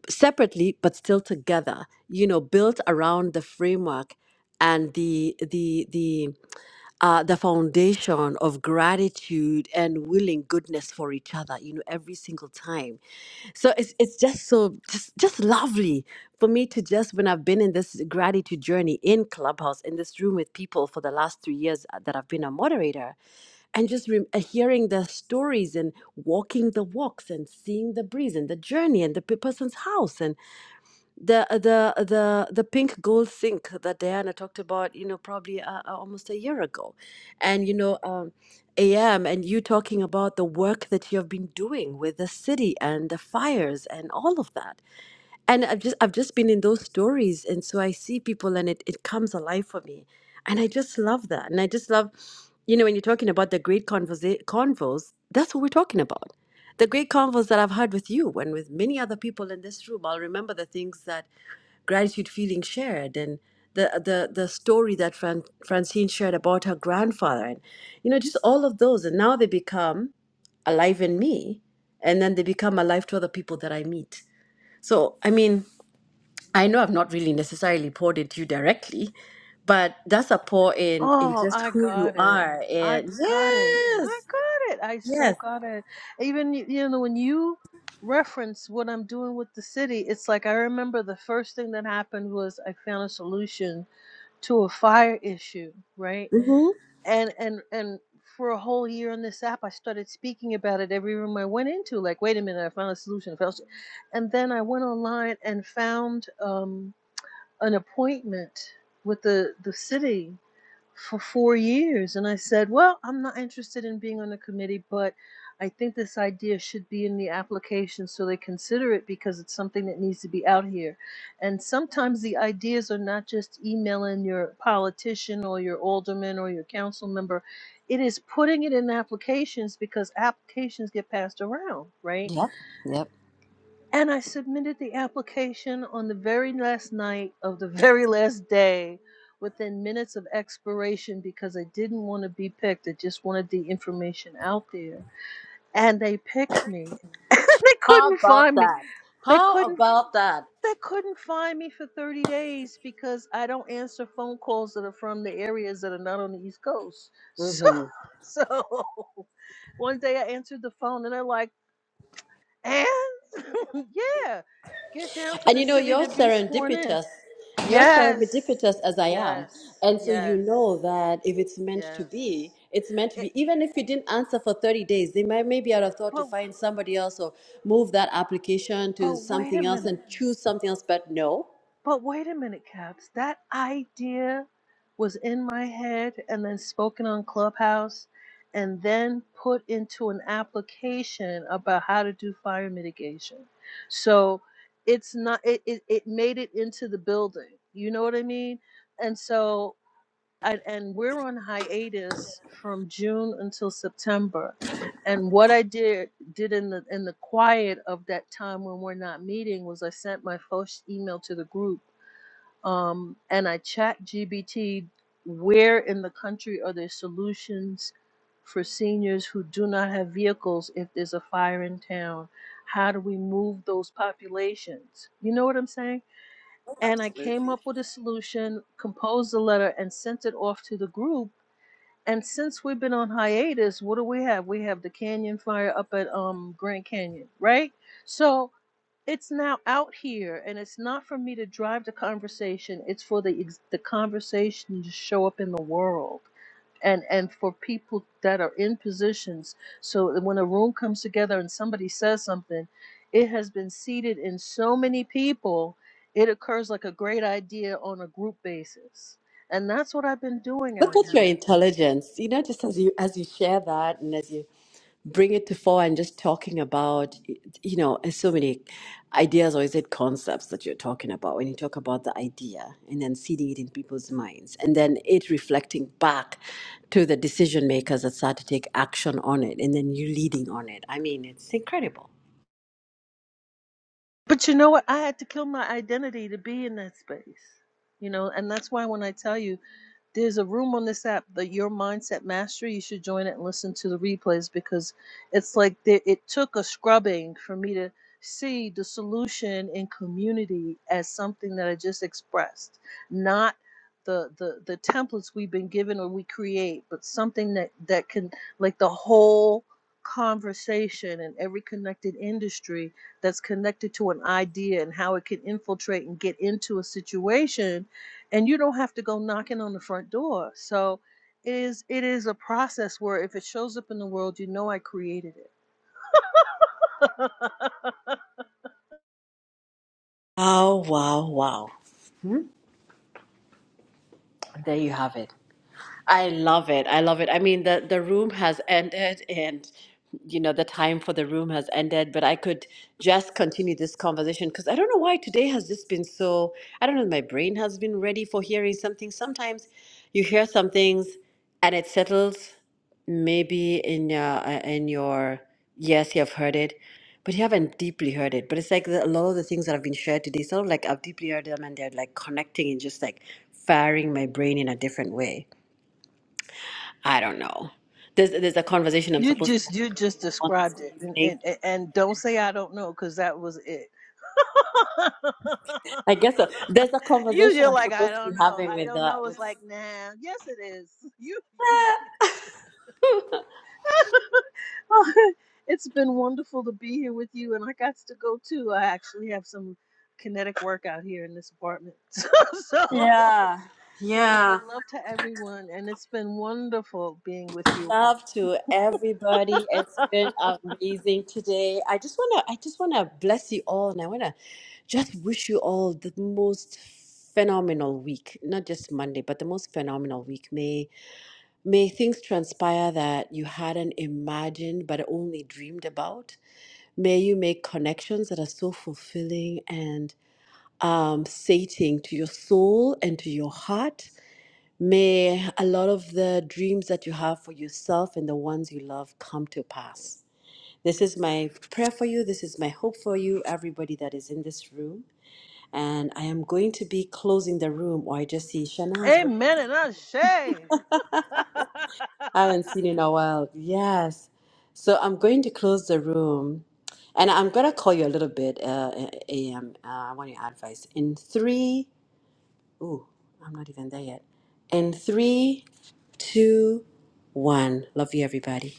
Speaker 38: separately but still together you know built around the framework and the the the uh, the foundation of gratitude and willing goodness for each other you know every single time so it's it's just so just just lovely for me to just when I've been in this gratitude journey in Clubhouse in this room with people for the last three years uh, that I've been a moderator and just rem- uh, hearing the stories and walking the walks and seeing the breeze and the journey and the pe- person's house and the uh, the uh, the the pink gold sink that Diana talked about, you know, probably uh, uh, almost a year ago, and you know, um, AM and you talking about the work that you have been doing with the city and the fires and all of that and I've just I've just been in those stories, and so I see people, and it it comes alive for me, and I just love that, and I just love, you know, when you're talking about the great conversa- convos, that's what we're talking about, the great convos that I've had with you and with many other people in this room. I'll remember the things that gratitude feeling shared, and the the the story that Fran- Francine shared about her grandfather, and you know, just all of those, and now they become alive in me, and then they become alive to other people that I meet. So I mean. I know I've not really necessarily poured into you directly, but that's a pour in in
Speaker 15: oh,
Speaker 38: just
Speaker 15: I
Speaker 38: who you
Speaker 15: got it.
Speaker 38: are.
Speaker 15: I
Speaker 38: And
Speaker 15: got it. I
Speaker 38: yes,
Speaker 15: got it. I so
Speaker 38: yes.
Speaker 15: got it. Even, y- you know, when you reference what I'm doing with the city, it's like I remember the first thing that happened was I found a solution to a fire issue, right?
Speaker 38: Mm-hmm.
Speaker 15: And and and for a whole year on this app, I started speaking about it every room I went into. Like, wait a minute, I found a solution. I found a s- And then I went online and found um, an appointment with the, the city for four years. And I said, Well, I'm not interested in being on the committee, but I think this idea should be in the application so they consider it because it's something that needs to be out here. And sometimes the ideas are not just emailing your politician or your alderman or your council member, it is putting it in applications because applications get passed around, right?
Speaker 38: Yep, yep.
Speaker 15: And I submitted the application on the very last night of the very last day within minutes of expiration because I didn't want to be picked. I just wanted the information out there. And they picked me. they
Speaker 38: How
Speaker 15: couldn't
Speaker 38: about
Speaker 15: find me.
Speaker 38: that?
Speaker 15: They
Speaker 38: How
Speaker 15: couldn't
Speaker 38: about that?
Speaker 15: they couldn't find me for 30 days because I don't answer phone calls that are from the areas that are not on the East Coast. So
Speaker 38: Mm-hmm.
Speaker 15: so one day I answered the phone and they're like and yeah, get down to
Speaker 38: And
Speaker 15: the
Speaker 38: you know,
Speaker 15: city
Speaker 38: you're
Speaker 15: to be sworn in.
Speaker 38: serendipitous. You're
Speaker 15: Yes,
Speaker 38: serendipitous as I am.
Speaker 15: yes,
Speaker 38: And so you
Speaker 15: yes,
Speaker 38: know that if it's meant to
Speaker 15: yes.
Speaker 38: be, it's meant to
Speaker 15: It,
Speaker 38: be. Even if you didn't answer for 30 days, they might maybe out of thought to
Speaker 15: but
Speaker 38: find somebody else or move that application to
Speaker 15: but wait a
Speaker 38: something else and
Speaker 15: minute.
Speaker 38: choose something else. But no.
Speaker 15: But wait a minute, Caps. That idea was in my head and then spoken on Clubhouse and then put into an application about how to do fire mitigation. So it's not it it, it made it into the building. You know what I mean? And so and, and we're on hiatus from June until September. And what I did did in the in the quiet of that time when we're not meeting was I sent my first email to the group um, and I chat GBT where in the country are there solutions for seniors who do not have vehicles if there's a fire in town? How do we move those populations? You know what I'm saying? And I came up with a solution, composed a letter, and sent it off to the group. And since we've been on hiatus, what do we have? We have the canyon fire up at um, Grand Canyon, right? So it's now out here and it's not for me to drive the conversation it's for the ex- the conversation to show up in the world and and for people that are in positions so that when a room comes together and somebody says something it has been seeded in so many people it occurs like a great idea on a group basis and that's what i've been doing
Speaker 38: Look
Speaker 15: out
Speaker 38: at your
Speaker 15: here
Speaker 38: intelligence. You know, just as you as you share that and as you bring it to fore and just talking about you know there's so many ideas or is it concepts that you're talking about when you talk about the idea and then seeding it in people's minds and then it reflecting back to the decision makers that start to take action on it and then you leading on it i mean it's incredible
Speaker 15: but you know what i had to kill my identity to be in that space you know and that's why when i tell you There's a room on this app, the Your Mindset Mastery. You should join it and listen to the replays because it's like the, it took a scrubbing for me to see the solution in community as something that I just expressed, not the the the templates we've been given or we create, but something that that can like the whole conversation and every connected industry that's connected to an idea and how it can infiltrate and get into a situation and you don't have to go knocking on the front door. So it is it is a process where if it shows up in the world, you know I created it.
Speaker 38: oh wow wow there you have it I love it. I love it. I mean, the the room has ended and you know, the time for the room has ended, but I could just continue this conversation because I don't know why today has just been so, I don't know, my brain has been ready for hearing something. Sometimes you hear some things and it settles maybe in your uh, in your yes, you've heard it, but you haven't deeply heard it. But it's like the, a lot of the things that have been shared today, sort of like I've deeply heard them and they're like connecting and just like firing my brain in a different way. I don't know. There's there's a conversation I'm
Speaker 15: you
Speaker 38: supposed to
Speaker 15: just you
Speaker 38: have
Speaker 15: just
Speaker 38: on this
Speaker 15: described it, and
Speaker 38: evening.
Speaker 15: and, and don't say I don't know because that was it.
Speaker 38: I guess so. there's a
Speaker 15: you
Speaker 38: conversation
Speaker 15: you're
Speaker 38: I'm
Speaker 15: like I
Speaker 38: supposed to
Speaker 15: don't
Speaker 38: be
Speaker 15: know,
Speaker 38: having
Speaker 15: I
Speaker 38: with
Speaker 15: don't
Speaker 38: uh
Speaker 15: know. It's
Speaker 38: with.
Speaker 15: like nah, yes it is. You you. ma- it's been wonderful to be here with you, and I got to go too. I actually have some kinetic work out here in this apartment, so.
Speaker 38: yeah,
Speaker 15: You know,
Speaker 38: yeah.
Speaker 15: but love to everyone. And it's been wonderful being with you all.
Speaker 38: Love to everybody. It's been amazing today. I just wanna I just wanna bless you all, and I wanna just wish you all the most phenomenal week not just monday but the most phenomenal week may may things transpire that you hadn't imagined but only dreamed about May you make connections that are so fulfilling and um, sating to your soul and to your heart. May a lot of the dreams that you have for yourself and the ones you love come to pass. This is my prayer for you. This is my hope for you, everybody that is in this room. And I am going to be closing the room, or I just see Shana's.
Speaker 15: Amen and ashay.
Speaker 38: I haven't seen in a while. Yes. So I'm going to close the room and I'm going to call you a little bit, uh, AM. Uh, I want your advice. In three, ooh, I'm not even there yet. In three, two, one. Love you, everybody.